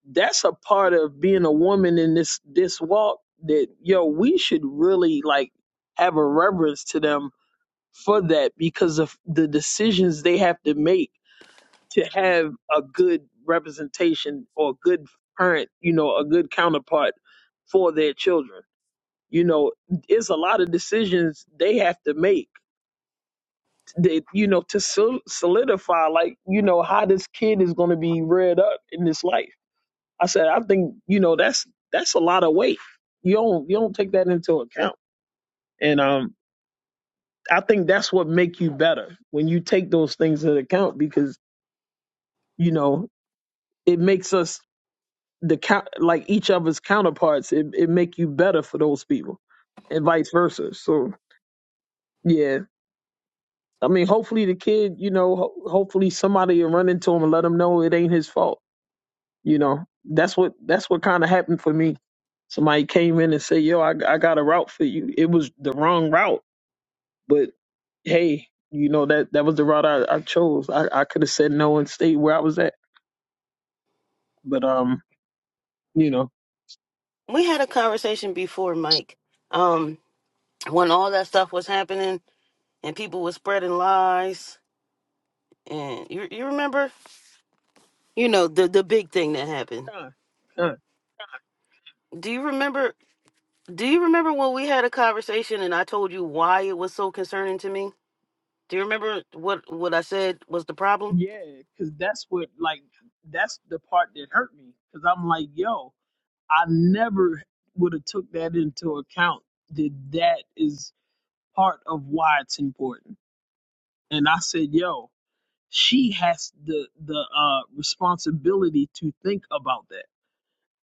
Speaker 4: that's a part of being a woman in this this walk that yo we should really like have a reverence to them for that because of the decisions they have to make to have a good representation or a good parent, you know, a good counterpart for their children you know it's a lot of decisions they have to make that you know to sol- solidify like you know how this kid is going to be reared up in this life i said i think you know that's that's a lot of weight you don't you don't take that into account and um i think that's what make you better when you take those things into account because you know it makes us the count like each other's counterparts it, it make you better for those people and vice versa so yeah I mean, hopefully the kid, you know, ho- hopefully somebody will run into him and let him know it ain't his fault. You know, that's what that's what kind of happened for me. Somebody came in and said, "Yo, I, I got a route for you." It was the wrong route, but hey, you know that that was the route I, I chose. I, I could have said no and stayed where I was at, but um, you know,
Speaker 5: We had a conversation before, Mike. Um, when all that stuff was happening and people were spreading lies and you you remember? You know, the the big thing that happened.
Speaker 4: Huh, huh.
Speaker 5: Do you remember do you remember when we had a conversation and I told you why it was so concerning to me? Do you remember what what I said was the problem?
Speaker 4: yeah, because that's what like that's the part that hurt me because I'm like, yo. I never would have took that into account that that is part of why it's important. And I said, yo, she has the the uh, responsibility to think about that.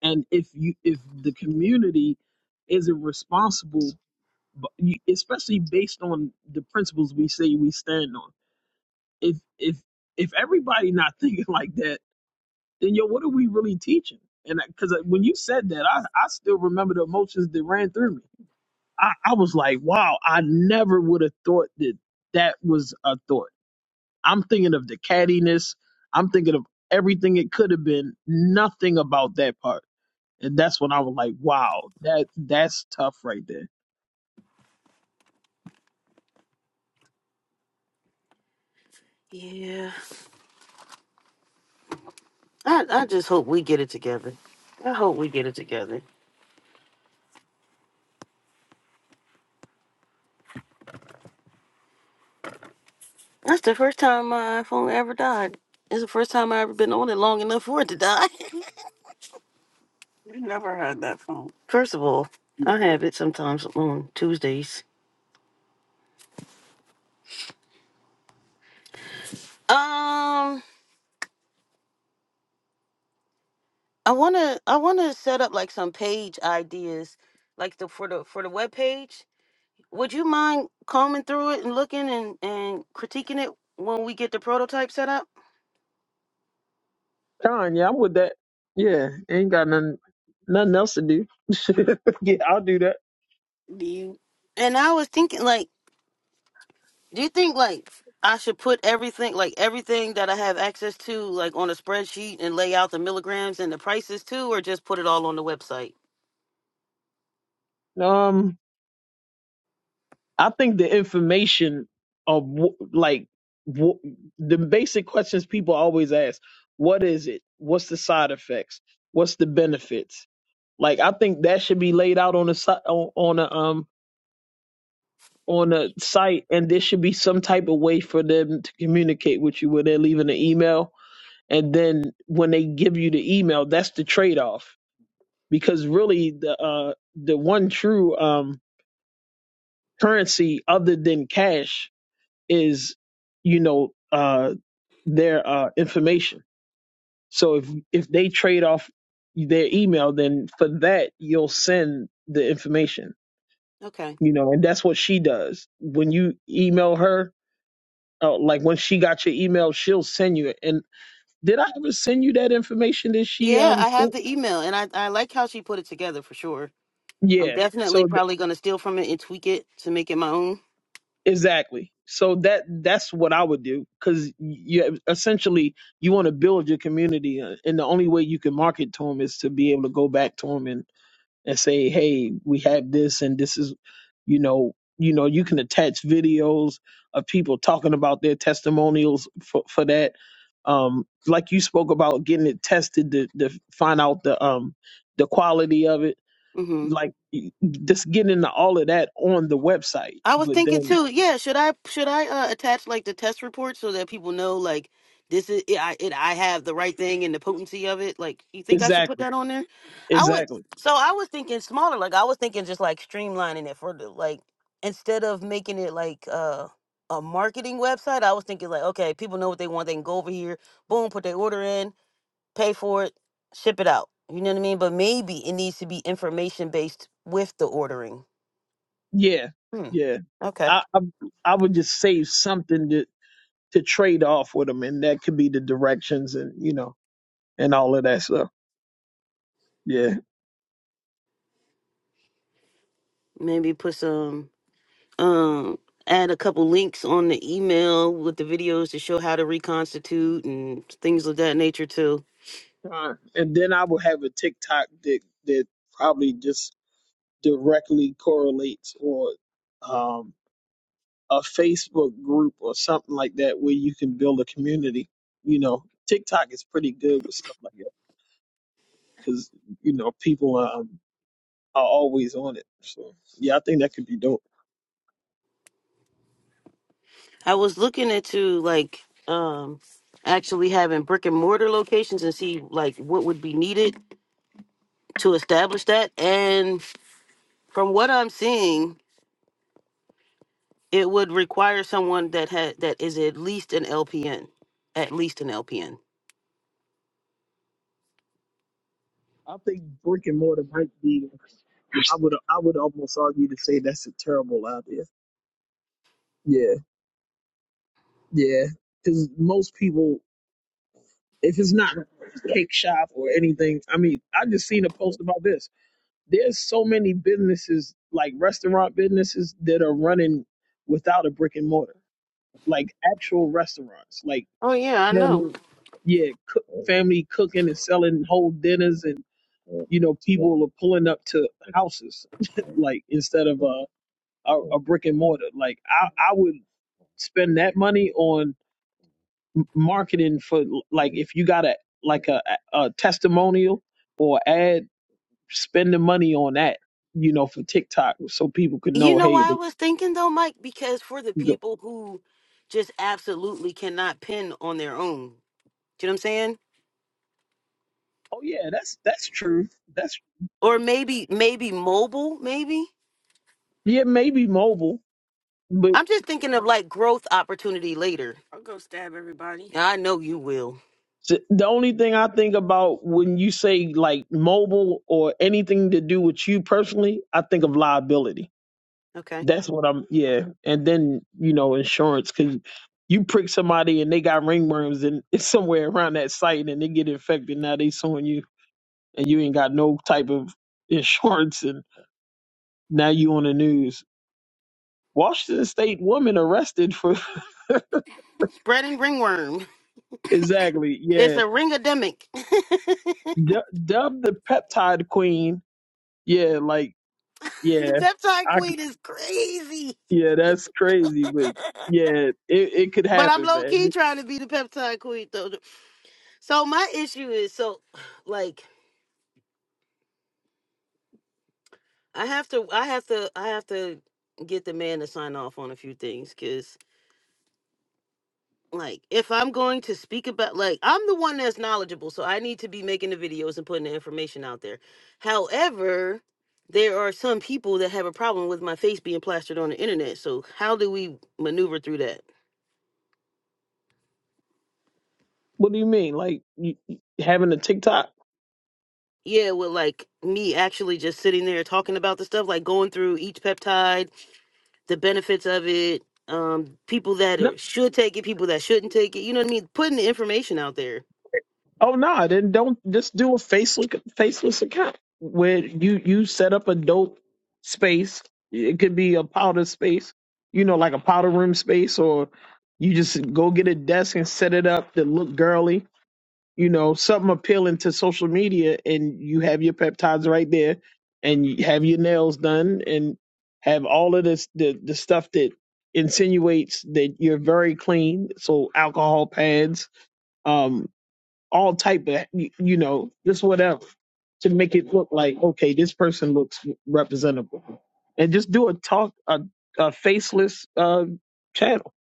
Speaker 4: And if you if the community isn't responsible, but you- especially based on the principles we say we stand on, if if if everybody not thinking [laughs] like that, then yo, what are we really teaching? And because when you said that, I I still remember the emotions that ran through me I, I was like, wow, I never would have thought that that was a thought. I'm thinking of the cattiness. I'm thinking of everything it could have been. Nothing about that part. And that's when I was like, wow, that that's tough right there.
Speaker 5: Yeah. I, I just hope we get it together. I hope we get it together. That's the first time my phone ever died. It's the first time I ever been on it long enough for it to die. [laughs] First of all, I have it sometimes on Tuesdays. Um, I wanna I wanna set up like some page ideas, like the for the for the web page. Would you mind combing through it and looking and and critiquing it when we get the prototype set up?
Speaker 4: Con, yeah, I'm with that. Yeah, ain't got nothing nothing else to do. [laughs] yeah, I'll do that.
Speaker 5: Do you? And I was thinking like. Do you think like I should put everything like everything that I have access to like on a spreadsheet and lay out the milligrams and the prices too, or just put it all on the website?
Speaker 4: Um. I think the information of wh- like wh- the basic questions people always ask: What is it? What's the side effects? What's the benefits? Like I think that should be laid out on a si- on on a um on a site, and there should be some type of way for them to communicate with you where they're leaving an email, and then when they give you the email, that's the trade off because really the uh the one true um currency other than cash is you know uh their uh information so if if they trade off their email then for that you'll send the information
Speaker 5: Okay.
Speaker 4: you know and that's what she does when you email her uh, like when she got your email she'll send you it and did i ever send you that information that she
Speaker 5: Yeah,
Speaker 4: um
Speaker 5: I have
Speaker 4: sent?
Speaker 5: the email and I, I like how she put it together for sure. I'm
Speaker 4: yeah
Speaker 5: definitely
Speaker 4: so
Speaker 5: probably gonna steal from it and tweak it to make it my own.
Speaker 4: Exactly. So that that's what I would do because you essentially you want to build your community, uh, and the only way you can market to them is to be able to go back to them and and say, hey, we have this, and this is, you know, you know, you can attach videos of people talking about their testimonials for for that. Um, like you spoke about getting it tested to to find out the um the quality of it,
Speaker 5: Mm-hmm.
Speaker 4: like just getting into all of that on the website,
Speaker 5: I was
Speaker 4: but
Speaker 5: thinking
Speaker 4: then.
Speaker 5: too. Yeah, should I should I uh, attach like the test report so that people know like this is it, I it, I have the right thing and the potency of it. Like, you think I should put
Speaker 4: Exactly.
Speaker 5: that on there? I would.
Speaker 4: Exactly.
Speaker 5: So I was thinking smaller. Like I was thinking just like streamlining it for the like instead of making it like uh a marketing website. I was thinking like okay, people know what they want. They can go over here, boom, put their order in, pay for it, ship it out. You know what I mean? But maybe it needs to be information based with the ordering.
Speaker 4: Yeah.
Speaker 5: Hmm.
Speaker 4: Yeah.
Speaker 5: Okay.
Speaker 4: I, I I would just save something to to trade off with them, and that could be the directions and you know and all of that stuff. Yeah.
Speaker 5: maybe put some um add a couple links on the email with the videos to show how to reconstitute and things of that nature too
Speaker 4: Uh, and then I would have a TikTok that that probably just directly correlates or um a Facebook group or something like that where you can build a community. You know, TikTok is pretty good with stuff like that because you know people um, are always on it. So yeah, I think that could be dope.
Speaker 5: i was looking into like um actually having brick and mortar locations and see like what would be needed to establish that and from what i'm seeing it would require someone that had that is at least an lpn at least an lpn
Speaker 4: I think brick and mortar might be. I would I would almost argue to say that's a terrible idea. Yeah, yeah. Because most people, if it's not a cake shop or anything, I mean, I just seen a post about this. There's so many businesses like restaurant businesses that are running without a brick and mortar, like actual restaurants, like
Speaker 5: oh yeah i
Speaker 4: family-
Speaker 5: know
Speaker 4: yeah, cook, family cooking and selling whole dinners and you know people are pulling up to houses [laughs] like instead of uh a, a brick and mortar. Like I, I would spend that money on m- marketing for like if you got a like a, a testimonial or ad, spend the money on that. You know, for TikTok, so people could
Speaker 5: You
Speaker 4: know.
Speaker 5: know
Speaker 4: Hey,
Speaker 5: why I was thinking though, Mike? Because for the
Speaker 4: you go,
Speaker 5: people who just absolutely cannot pin on their own. Do you know what I'm saying?
Speaker 4: oh yeah, that's that's true. That's
Speaker 5: Or maybe maybe mobile, maybe?
Speaker 4: yeah, maybe mobile, but
Speaker 5: I'm just thinking of like growth opportunity later. I'll go stab everybody. I know you will.
Speaker 4: th- the only thing I think about when you say like mobile or anything to do with you personally, I think of liability
Speaker 5: Okay.
Speaker 4: That's what I'm. Yeah, and then you know insurance because you prick somebody and they got ringworms and it's [laughs] somewhere around that site and they get infected. Now they suing you and you ain't got no type of [laughs] insurance and now you on the news. Washington State woman arrested for
Speaker 5: Spreading ringworm.
Speaker 4: [laughs] exactly
Speaker 5: It's
Speaker 4: yeah
Speaker 5: a ringademic. [laughs]
Speaker 4: du- dubbed the peptide queen. Yeah, like yeah,
Speaker 5: the peptide
Speaker 4: I c-
Speaker 5: queen is crazy.
Speaker 4: yeah that's crazy,
Speaker 5: [laughs]
Speaker 4: but
Speaker 5: but
Speaker 4: yeah it it could
Speaker 5: I'm
Speaker 4: happen,
Speaker 5: low key
Speaker 4: man.
Speaker 5: trying to be the peptide queen though. So my issue is so [sighs] like I have to I have to I have to get the man to sign off on a few things cuz like if I'm going to speak about like I'm the one that's knowledgeable so I need to be making the videos and putting the information out there. However, there are some people that have a problem with my face being plastered on the internet. So how do we maneuver through that?
Speaker 4: What do you mean like you, you- having a TikTok?
Speaker 5: Yeah, with like me actually just sitting there talking about the stuff like going through each peptide the benefits of it, um, people that are, should take it, people that shouldn't take it. You know what I mean? Putting the information out there.
Speaker 4: Oh no, then don't just do a faceless faceless account where you you set up a dope space. It could be a powder space, you know, like a powder room space, or you just go get a desk and set it up to look girly, you know, something appealing to social media, and you have your peptides right there, and you have your nails done, and have all of this the the stuff that insinuates that you're very clean. So alcohol pads, um, all type of you you know just whatever to make it look like okay this person looks representable and just do a talk a, a faceless uh channel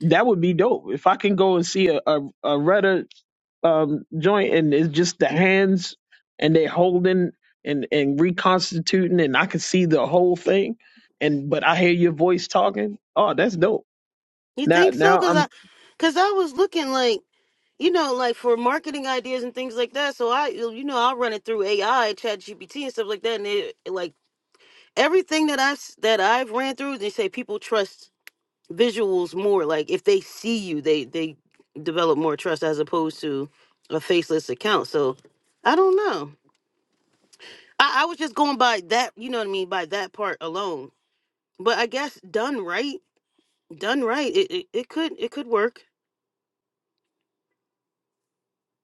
Speaker 4: that would be dope if i can go and see a a, a Reddit um joint and it's just the hands and they holding and and reconstituting and i can see the whole thing and but i hear your voice talking oh that's dope
Speaker 5: You
Speaker 4: now
Speaker 5: think so?
Speaker 4: now
Speaker 5: Cause I,
Speaker 4: i'm
Speaker 5: cause I was looking like, you know, like for marketing ideas and things like that. So I, you know, I'll run it through AI, Chat GPT, and stuff like that. And it, like everything that that I s- that I've ran through, they say people trust visuals more. Like if they see you, they they develop more trust as opposed to a faceless account. So I don't know. I, I was just going by that, you know what I mean, by that part alone. But I guess done right, done right, it, it, it could it could work.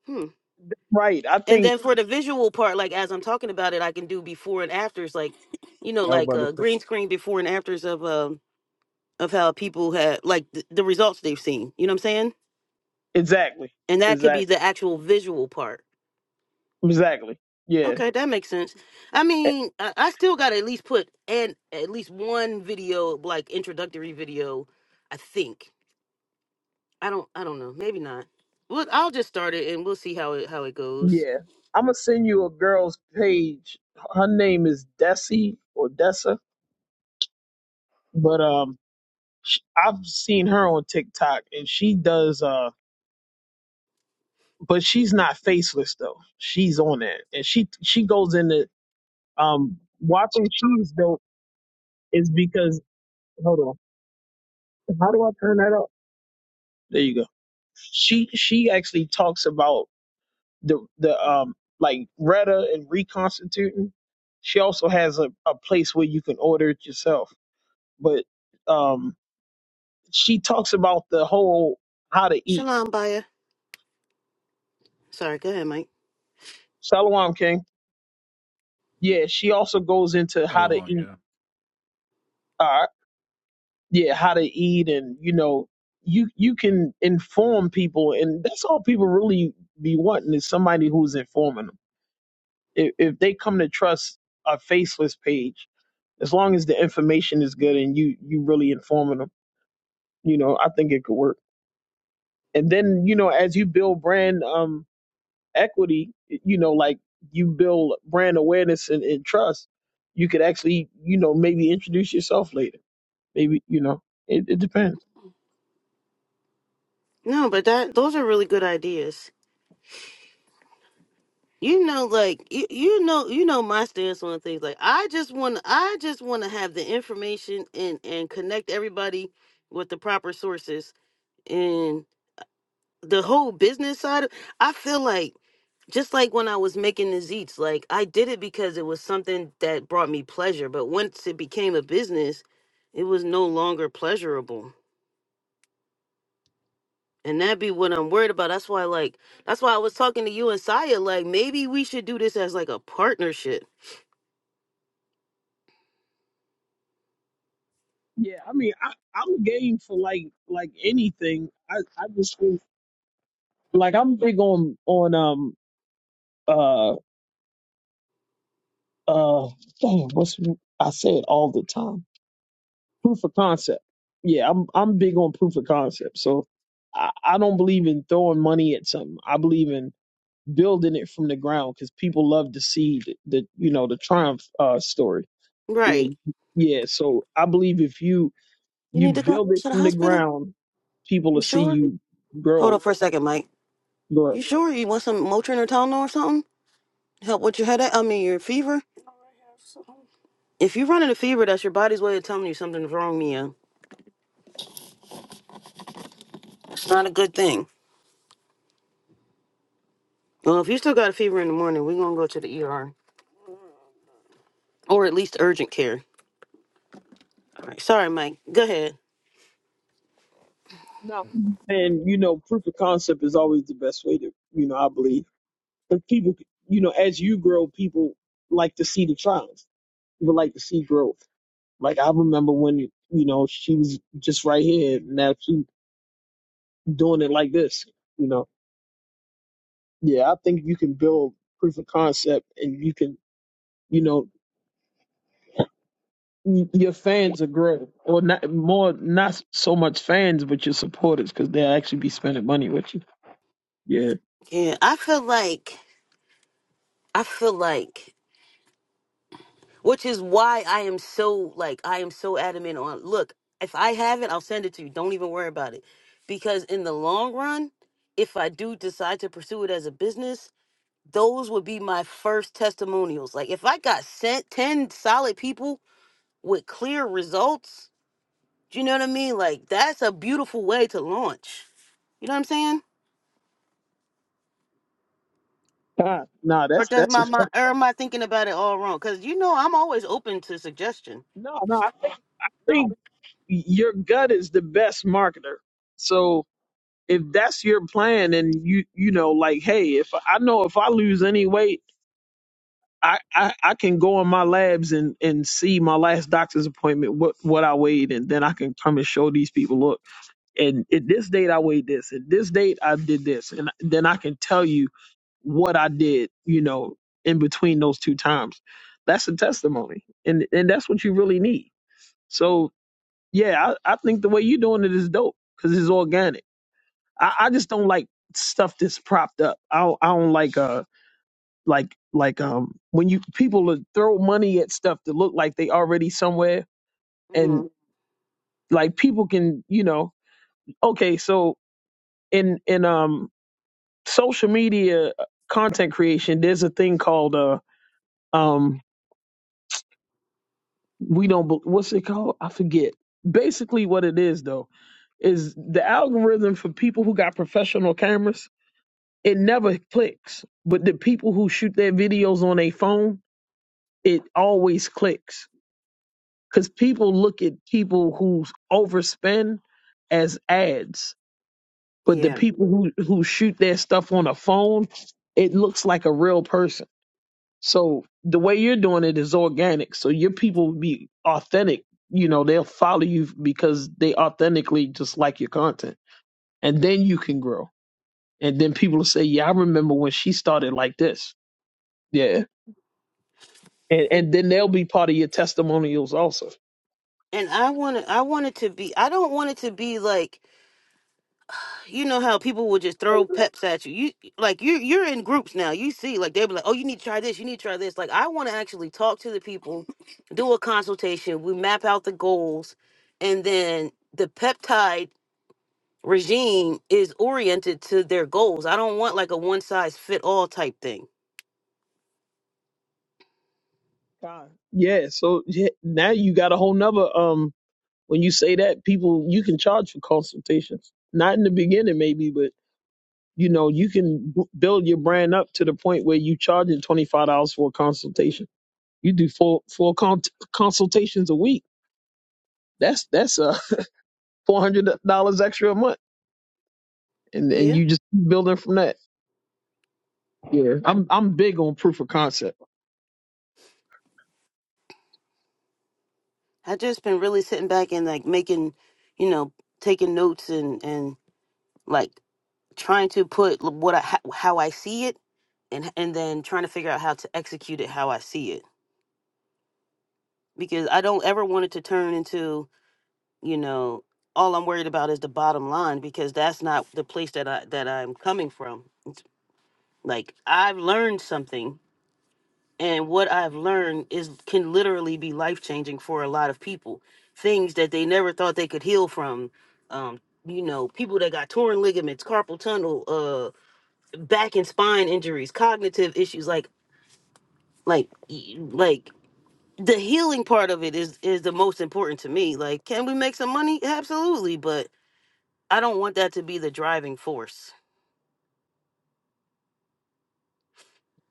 Speaker 5: Hmm.
Speaker 4: right i
Speaker 5: And
Speaker 4: think
Speaker 5: then for the visual part, like as I'm talking about it, I can do before and afters, like you know,
Speaker 10: No,
Speaker 5: like
Speaker 10: brother. sir.
Speaker 5: uh, green screen before and afters of um of how people have like th- the results they've seen. You know what I'm saying?
Speaker 4: exactly
Speaker 5: And that could be
Speaker 4: exactly
Speaker 5: the actual visual part.
Speaker 4: exactly yeah
Speaker 5: Okay, that makes sense. I mean, I, I still got to at least put and at least one video, like introductory video, I think. I don't I don't know. Maybe not. Well, I'll just start it and we'll see how it how it goes.
Speaker 4: Yeah. I'm gonna send you a girl's page. Her name is Desi or Dessa, but um, sh I've seen her on TikTok and she does uh, but she's not faceless though. She's on that and she she goes into um watching cheese though is because hold on, how do I turn that up? There you go. She she actually talks about the the um like Retta and reconstituting. She also has a, a place where you can order it yourself but um, she talks about the whole how to eat.
Speaker 5: Shalom Baya. Sorry, go ahead, Mike.
Speaker 4: Salawam King. Yeah, she also goes into
Speaker 9: [laughs]
Speaker 4: how to
Speaker 9: Shalom,
Speaker 4: eat.
Speaker 9: yeah.
Speaker 4: Uh, yeah, how to eat, and you know, you you can inform people, and that's all people really be wanting is somebody who's informing them. If, if they come to trust a faceless page, as long as the information is good and you you really informing them, you know, I think it could work. And then you know, as you build brand, um, equity, you know, like you build brand awareness and, and trust, you could actually, you know, maybe introduce yourself later. Maybe, you know, it, it depends.
Speaker 5: No, but that those are really good ideas. You know, like you, you know you know my stance on things. Like I just wanna I just wanna have the information and and connect everybody with the proper sources and the whole business side of, I feel like just like when I was making the zits, like I did it because it was something that brought me pleasure. But once it became a business, it was no longer pleasurable. And that'd be what I'm worried about. That's why, like, that's why I was talking to you and Saya. Like, maybe we should do this as like a partnership.
Speaker 4: Yeah, I mean, I, I'm game for like like anything. I I just think like I'm big on on um uh uh damn, what's I say it all the time. proof of concept. Yeah, I'm I'm big on proof of concept. So I, I don't believe in throwing money at something. I believe in building it from the ground because people love to see the, the you know the triumph uh, story. Where
Speaker 5: Right.
Speaker 4: yeah, so I believe if you
Speaker 5: You need
Speaker 4: you
Speaker 5: to go
Speaker 4: build it
Speaker 5: to the
Speaker 4: from the
Speaker 5: hospital?
Speaker 4: ground, people
Speaker 5: You
Speaker 4: will see
Speaker 5: sure?
Speaker 4: you
Speaker 5: Hold
Speaker 4: grow.
Speaker 5: up for a second, Mike.
Speaker 4: grow.
Speaker 5: You sure? You want some Motrin or Tylenol or something? Help with your headache? I mean, your fever? If you're running a fever, that's your body's way of telling you something's wrong, Mia. It's not a good thing. Well, if you still got a fever in the morning, we're gonna go to the ER or at least urgent care. All right. Sorry, Mike. Go ahead.
Speaker 4: No, and you know proof of concept is always the best way to you know I believe. But people, you know, as you grow, people like to see the triumph. People like to see growth. Like I remember when you know she was just right here. Now she doing it like this. You know, yeah. I think you can build proof of concept, and you can, you know, y- your fans are grow, or not more, not so much fans, but your supporters, because they'll actually be spending money with you. Yeah.
Speaker 5: Yeah, I feel like I feel like which is why I am so like I am so adamant on look, if I have it, I'll send it to you. Don't even worry about it. Because in the long run, if I do decide to pursue it as a business, those would be my first testimonials. Like if I got sent 10 solid people with clear results, Do you know what I mean? Like that's a beautiful way to launch. You know what I'm saying?
Speaker 4: Nah, nah,
Speaker 5: Or
Speaker 4: that's
Speaker 5: does
Speaker 4: that's
Speaker 5: my
Speaker 4: a
Speaker 5: mind,
Speaker 4: fact.
Speaker 5: or am I thinking about it all wrong? Because you know I'm always open to suggestion.
Speaker 4: no, no. I think I think your gut is the best marketer. So if that's your plan and you you know like hey if i know if i lose any weight I, I, I can go in my labs and, and see my last doctor's appointment what, what I weighed and then I can come and show these people look and at this date I weighed this at this date I did this and then I can tell you what I did you know in between those two times that's a testimony and and that's what you really need so yeah I, I think the way you're doing it is dope because it's organic I, I just don't like stuff that's propped up I don't, I don't like uh like like um when you people will throw money at stuff that look like they already somewhere and
Speaker 5: hmm
Speaker 4: like people can you know okay so in in um social media uh, content creation there's a thing called uh um we don't bel- what's it called i forget basically what it is though is the algorithm for people who got professional cameras it never clicks but the people who shoot their videos on a phone it always clicks because people look at people who overspend as ads, but the
Speaker 5: Yeah,
Speaker 4: people who who shoot their stuff on a phone, it looks like a real person. So the way you're doing it is organic. So your people will be authentic. You know, they'll follow you because they authentically just like your content, and then you can grow. And then people will say, "Yeah, I remember when she started like this." Yeah, and and then they'll be part of your testimonials also.
Speaker 5: and I want to. I want it to be. I don't want it to be like you know how people will just throw peps at you. You like you you're in groups now. You see, like they'll be like, oh, you need to try this. You need to try this. Like I want to actually talk to the people, do a consultation. We map out the goals, and then the peptides. regime is oriented to their goals. I don't want like a one size fit all type thing.
Speaker 4: God. Yeah. So yeah, now you got a whole nother um when you say that people you can charge for consultations. Not in the beginning maybe, but you know, you can b- build your brand up to the point where you charge it $25 for a consultation. You do four four con- consultations a week. That's that's uh [laughs] $400 extra a month. And and
Speaker 5: Yeah.
Speaker 4: you just building from that. I'm I'm big on proof of concept.
Speaker 5: I just been really sitting back and like making, you know, taking notes and and like trying to put l- what I ho- how I see it and and then trying to figure out how to execute it how I see it because I don't ever want it to turn into, you know, all I'm worried about is the bottom line because that's not the place that I that I'm coming from. It's like I've learned something and what I've learned is can literally be life changing for a lot of people. Things that they never thought they could heal from. Um, you know, people that got torn ligaments, carpal tunnel, uh, back and spine injuries, cognitive issues, like like y- like the healing part of it is is the most important to me. Like, can we make some money? Absolutely, but I don't want that to be the driving force.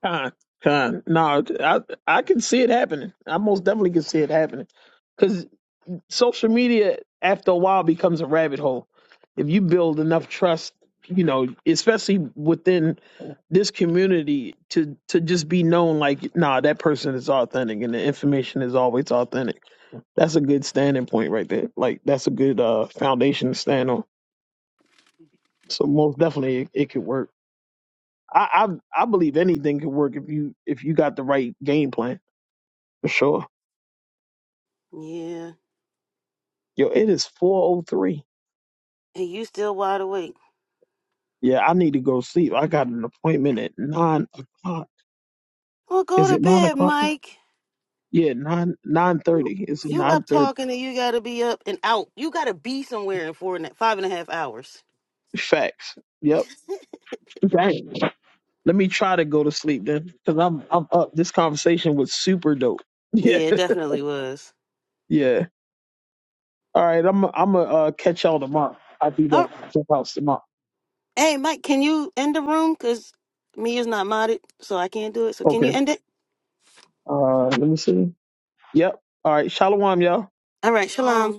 Speaker 4: Kind, kind. No, I I can see it happening. I most definitely can see it happening social media after a while becomes a rabbit hole if you build enough trust you know especially within this community to to just be known like nah that person is authentic and the information is always authentic that's a good standing point right there like that's a good uh foundation to stand on so most definitely it, it could work I, I i believe anything could work if you if you got the right game plan for sure
Speaker 5: Yeah,
Speaker 4: yo it is 403
Speaker 5: and you still wide awake?
Speaker 4: yeah i need to go sleep i got an appointment at 9 o'clock.
Speaker 5: Well, go
Speaker 4: Is
Speaker 5: to
Speaker 4: it nine
Speaker 5: bed,
Speaker 4: o'clock?
Speaker 5: Mike.
Speaker 4: Yeah, nine nine
Speaker 5: You
Speaker 4: thirty. Is it
Speaker 5: you
Speaker 4: nine
Speaker 5: up
Speaker 4: thirty?
Speaker 5: talking and you gotta be up and out. You gotta be somewhere in four and a- five and a half hours.
Speaker 4: Facts. Yep. Dang. Let me try to go to sleep then, because I'm I'm up. This conversation was super dope. [laughs] Yeah.
Speaker 5: Yeah, it definitely was.
Speaker 4: Yeah. All right. I'm I'm gonna uh, catch y'all tomorrow. I'll be back
Speaker 5: Oh,
Speaker 4: at house tomorrow.
Speaker 5: hey, Mike, can you end the room? Cause me is not modded, so I can't do it. So can
Speaker 4: Okay.
Speaker 5: you end it?
Speaker 4: Uh, let me see. Yep. All right. Shalom, y'all.
Speaker 5: All right, shalom.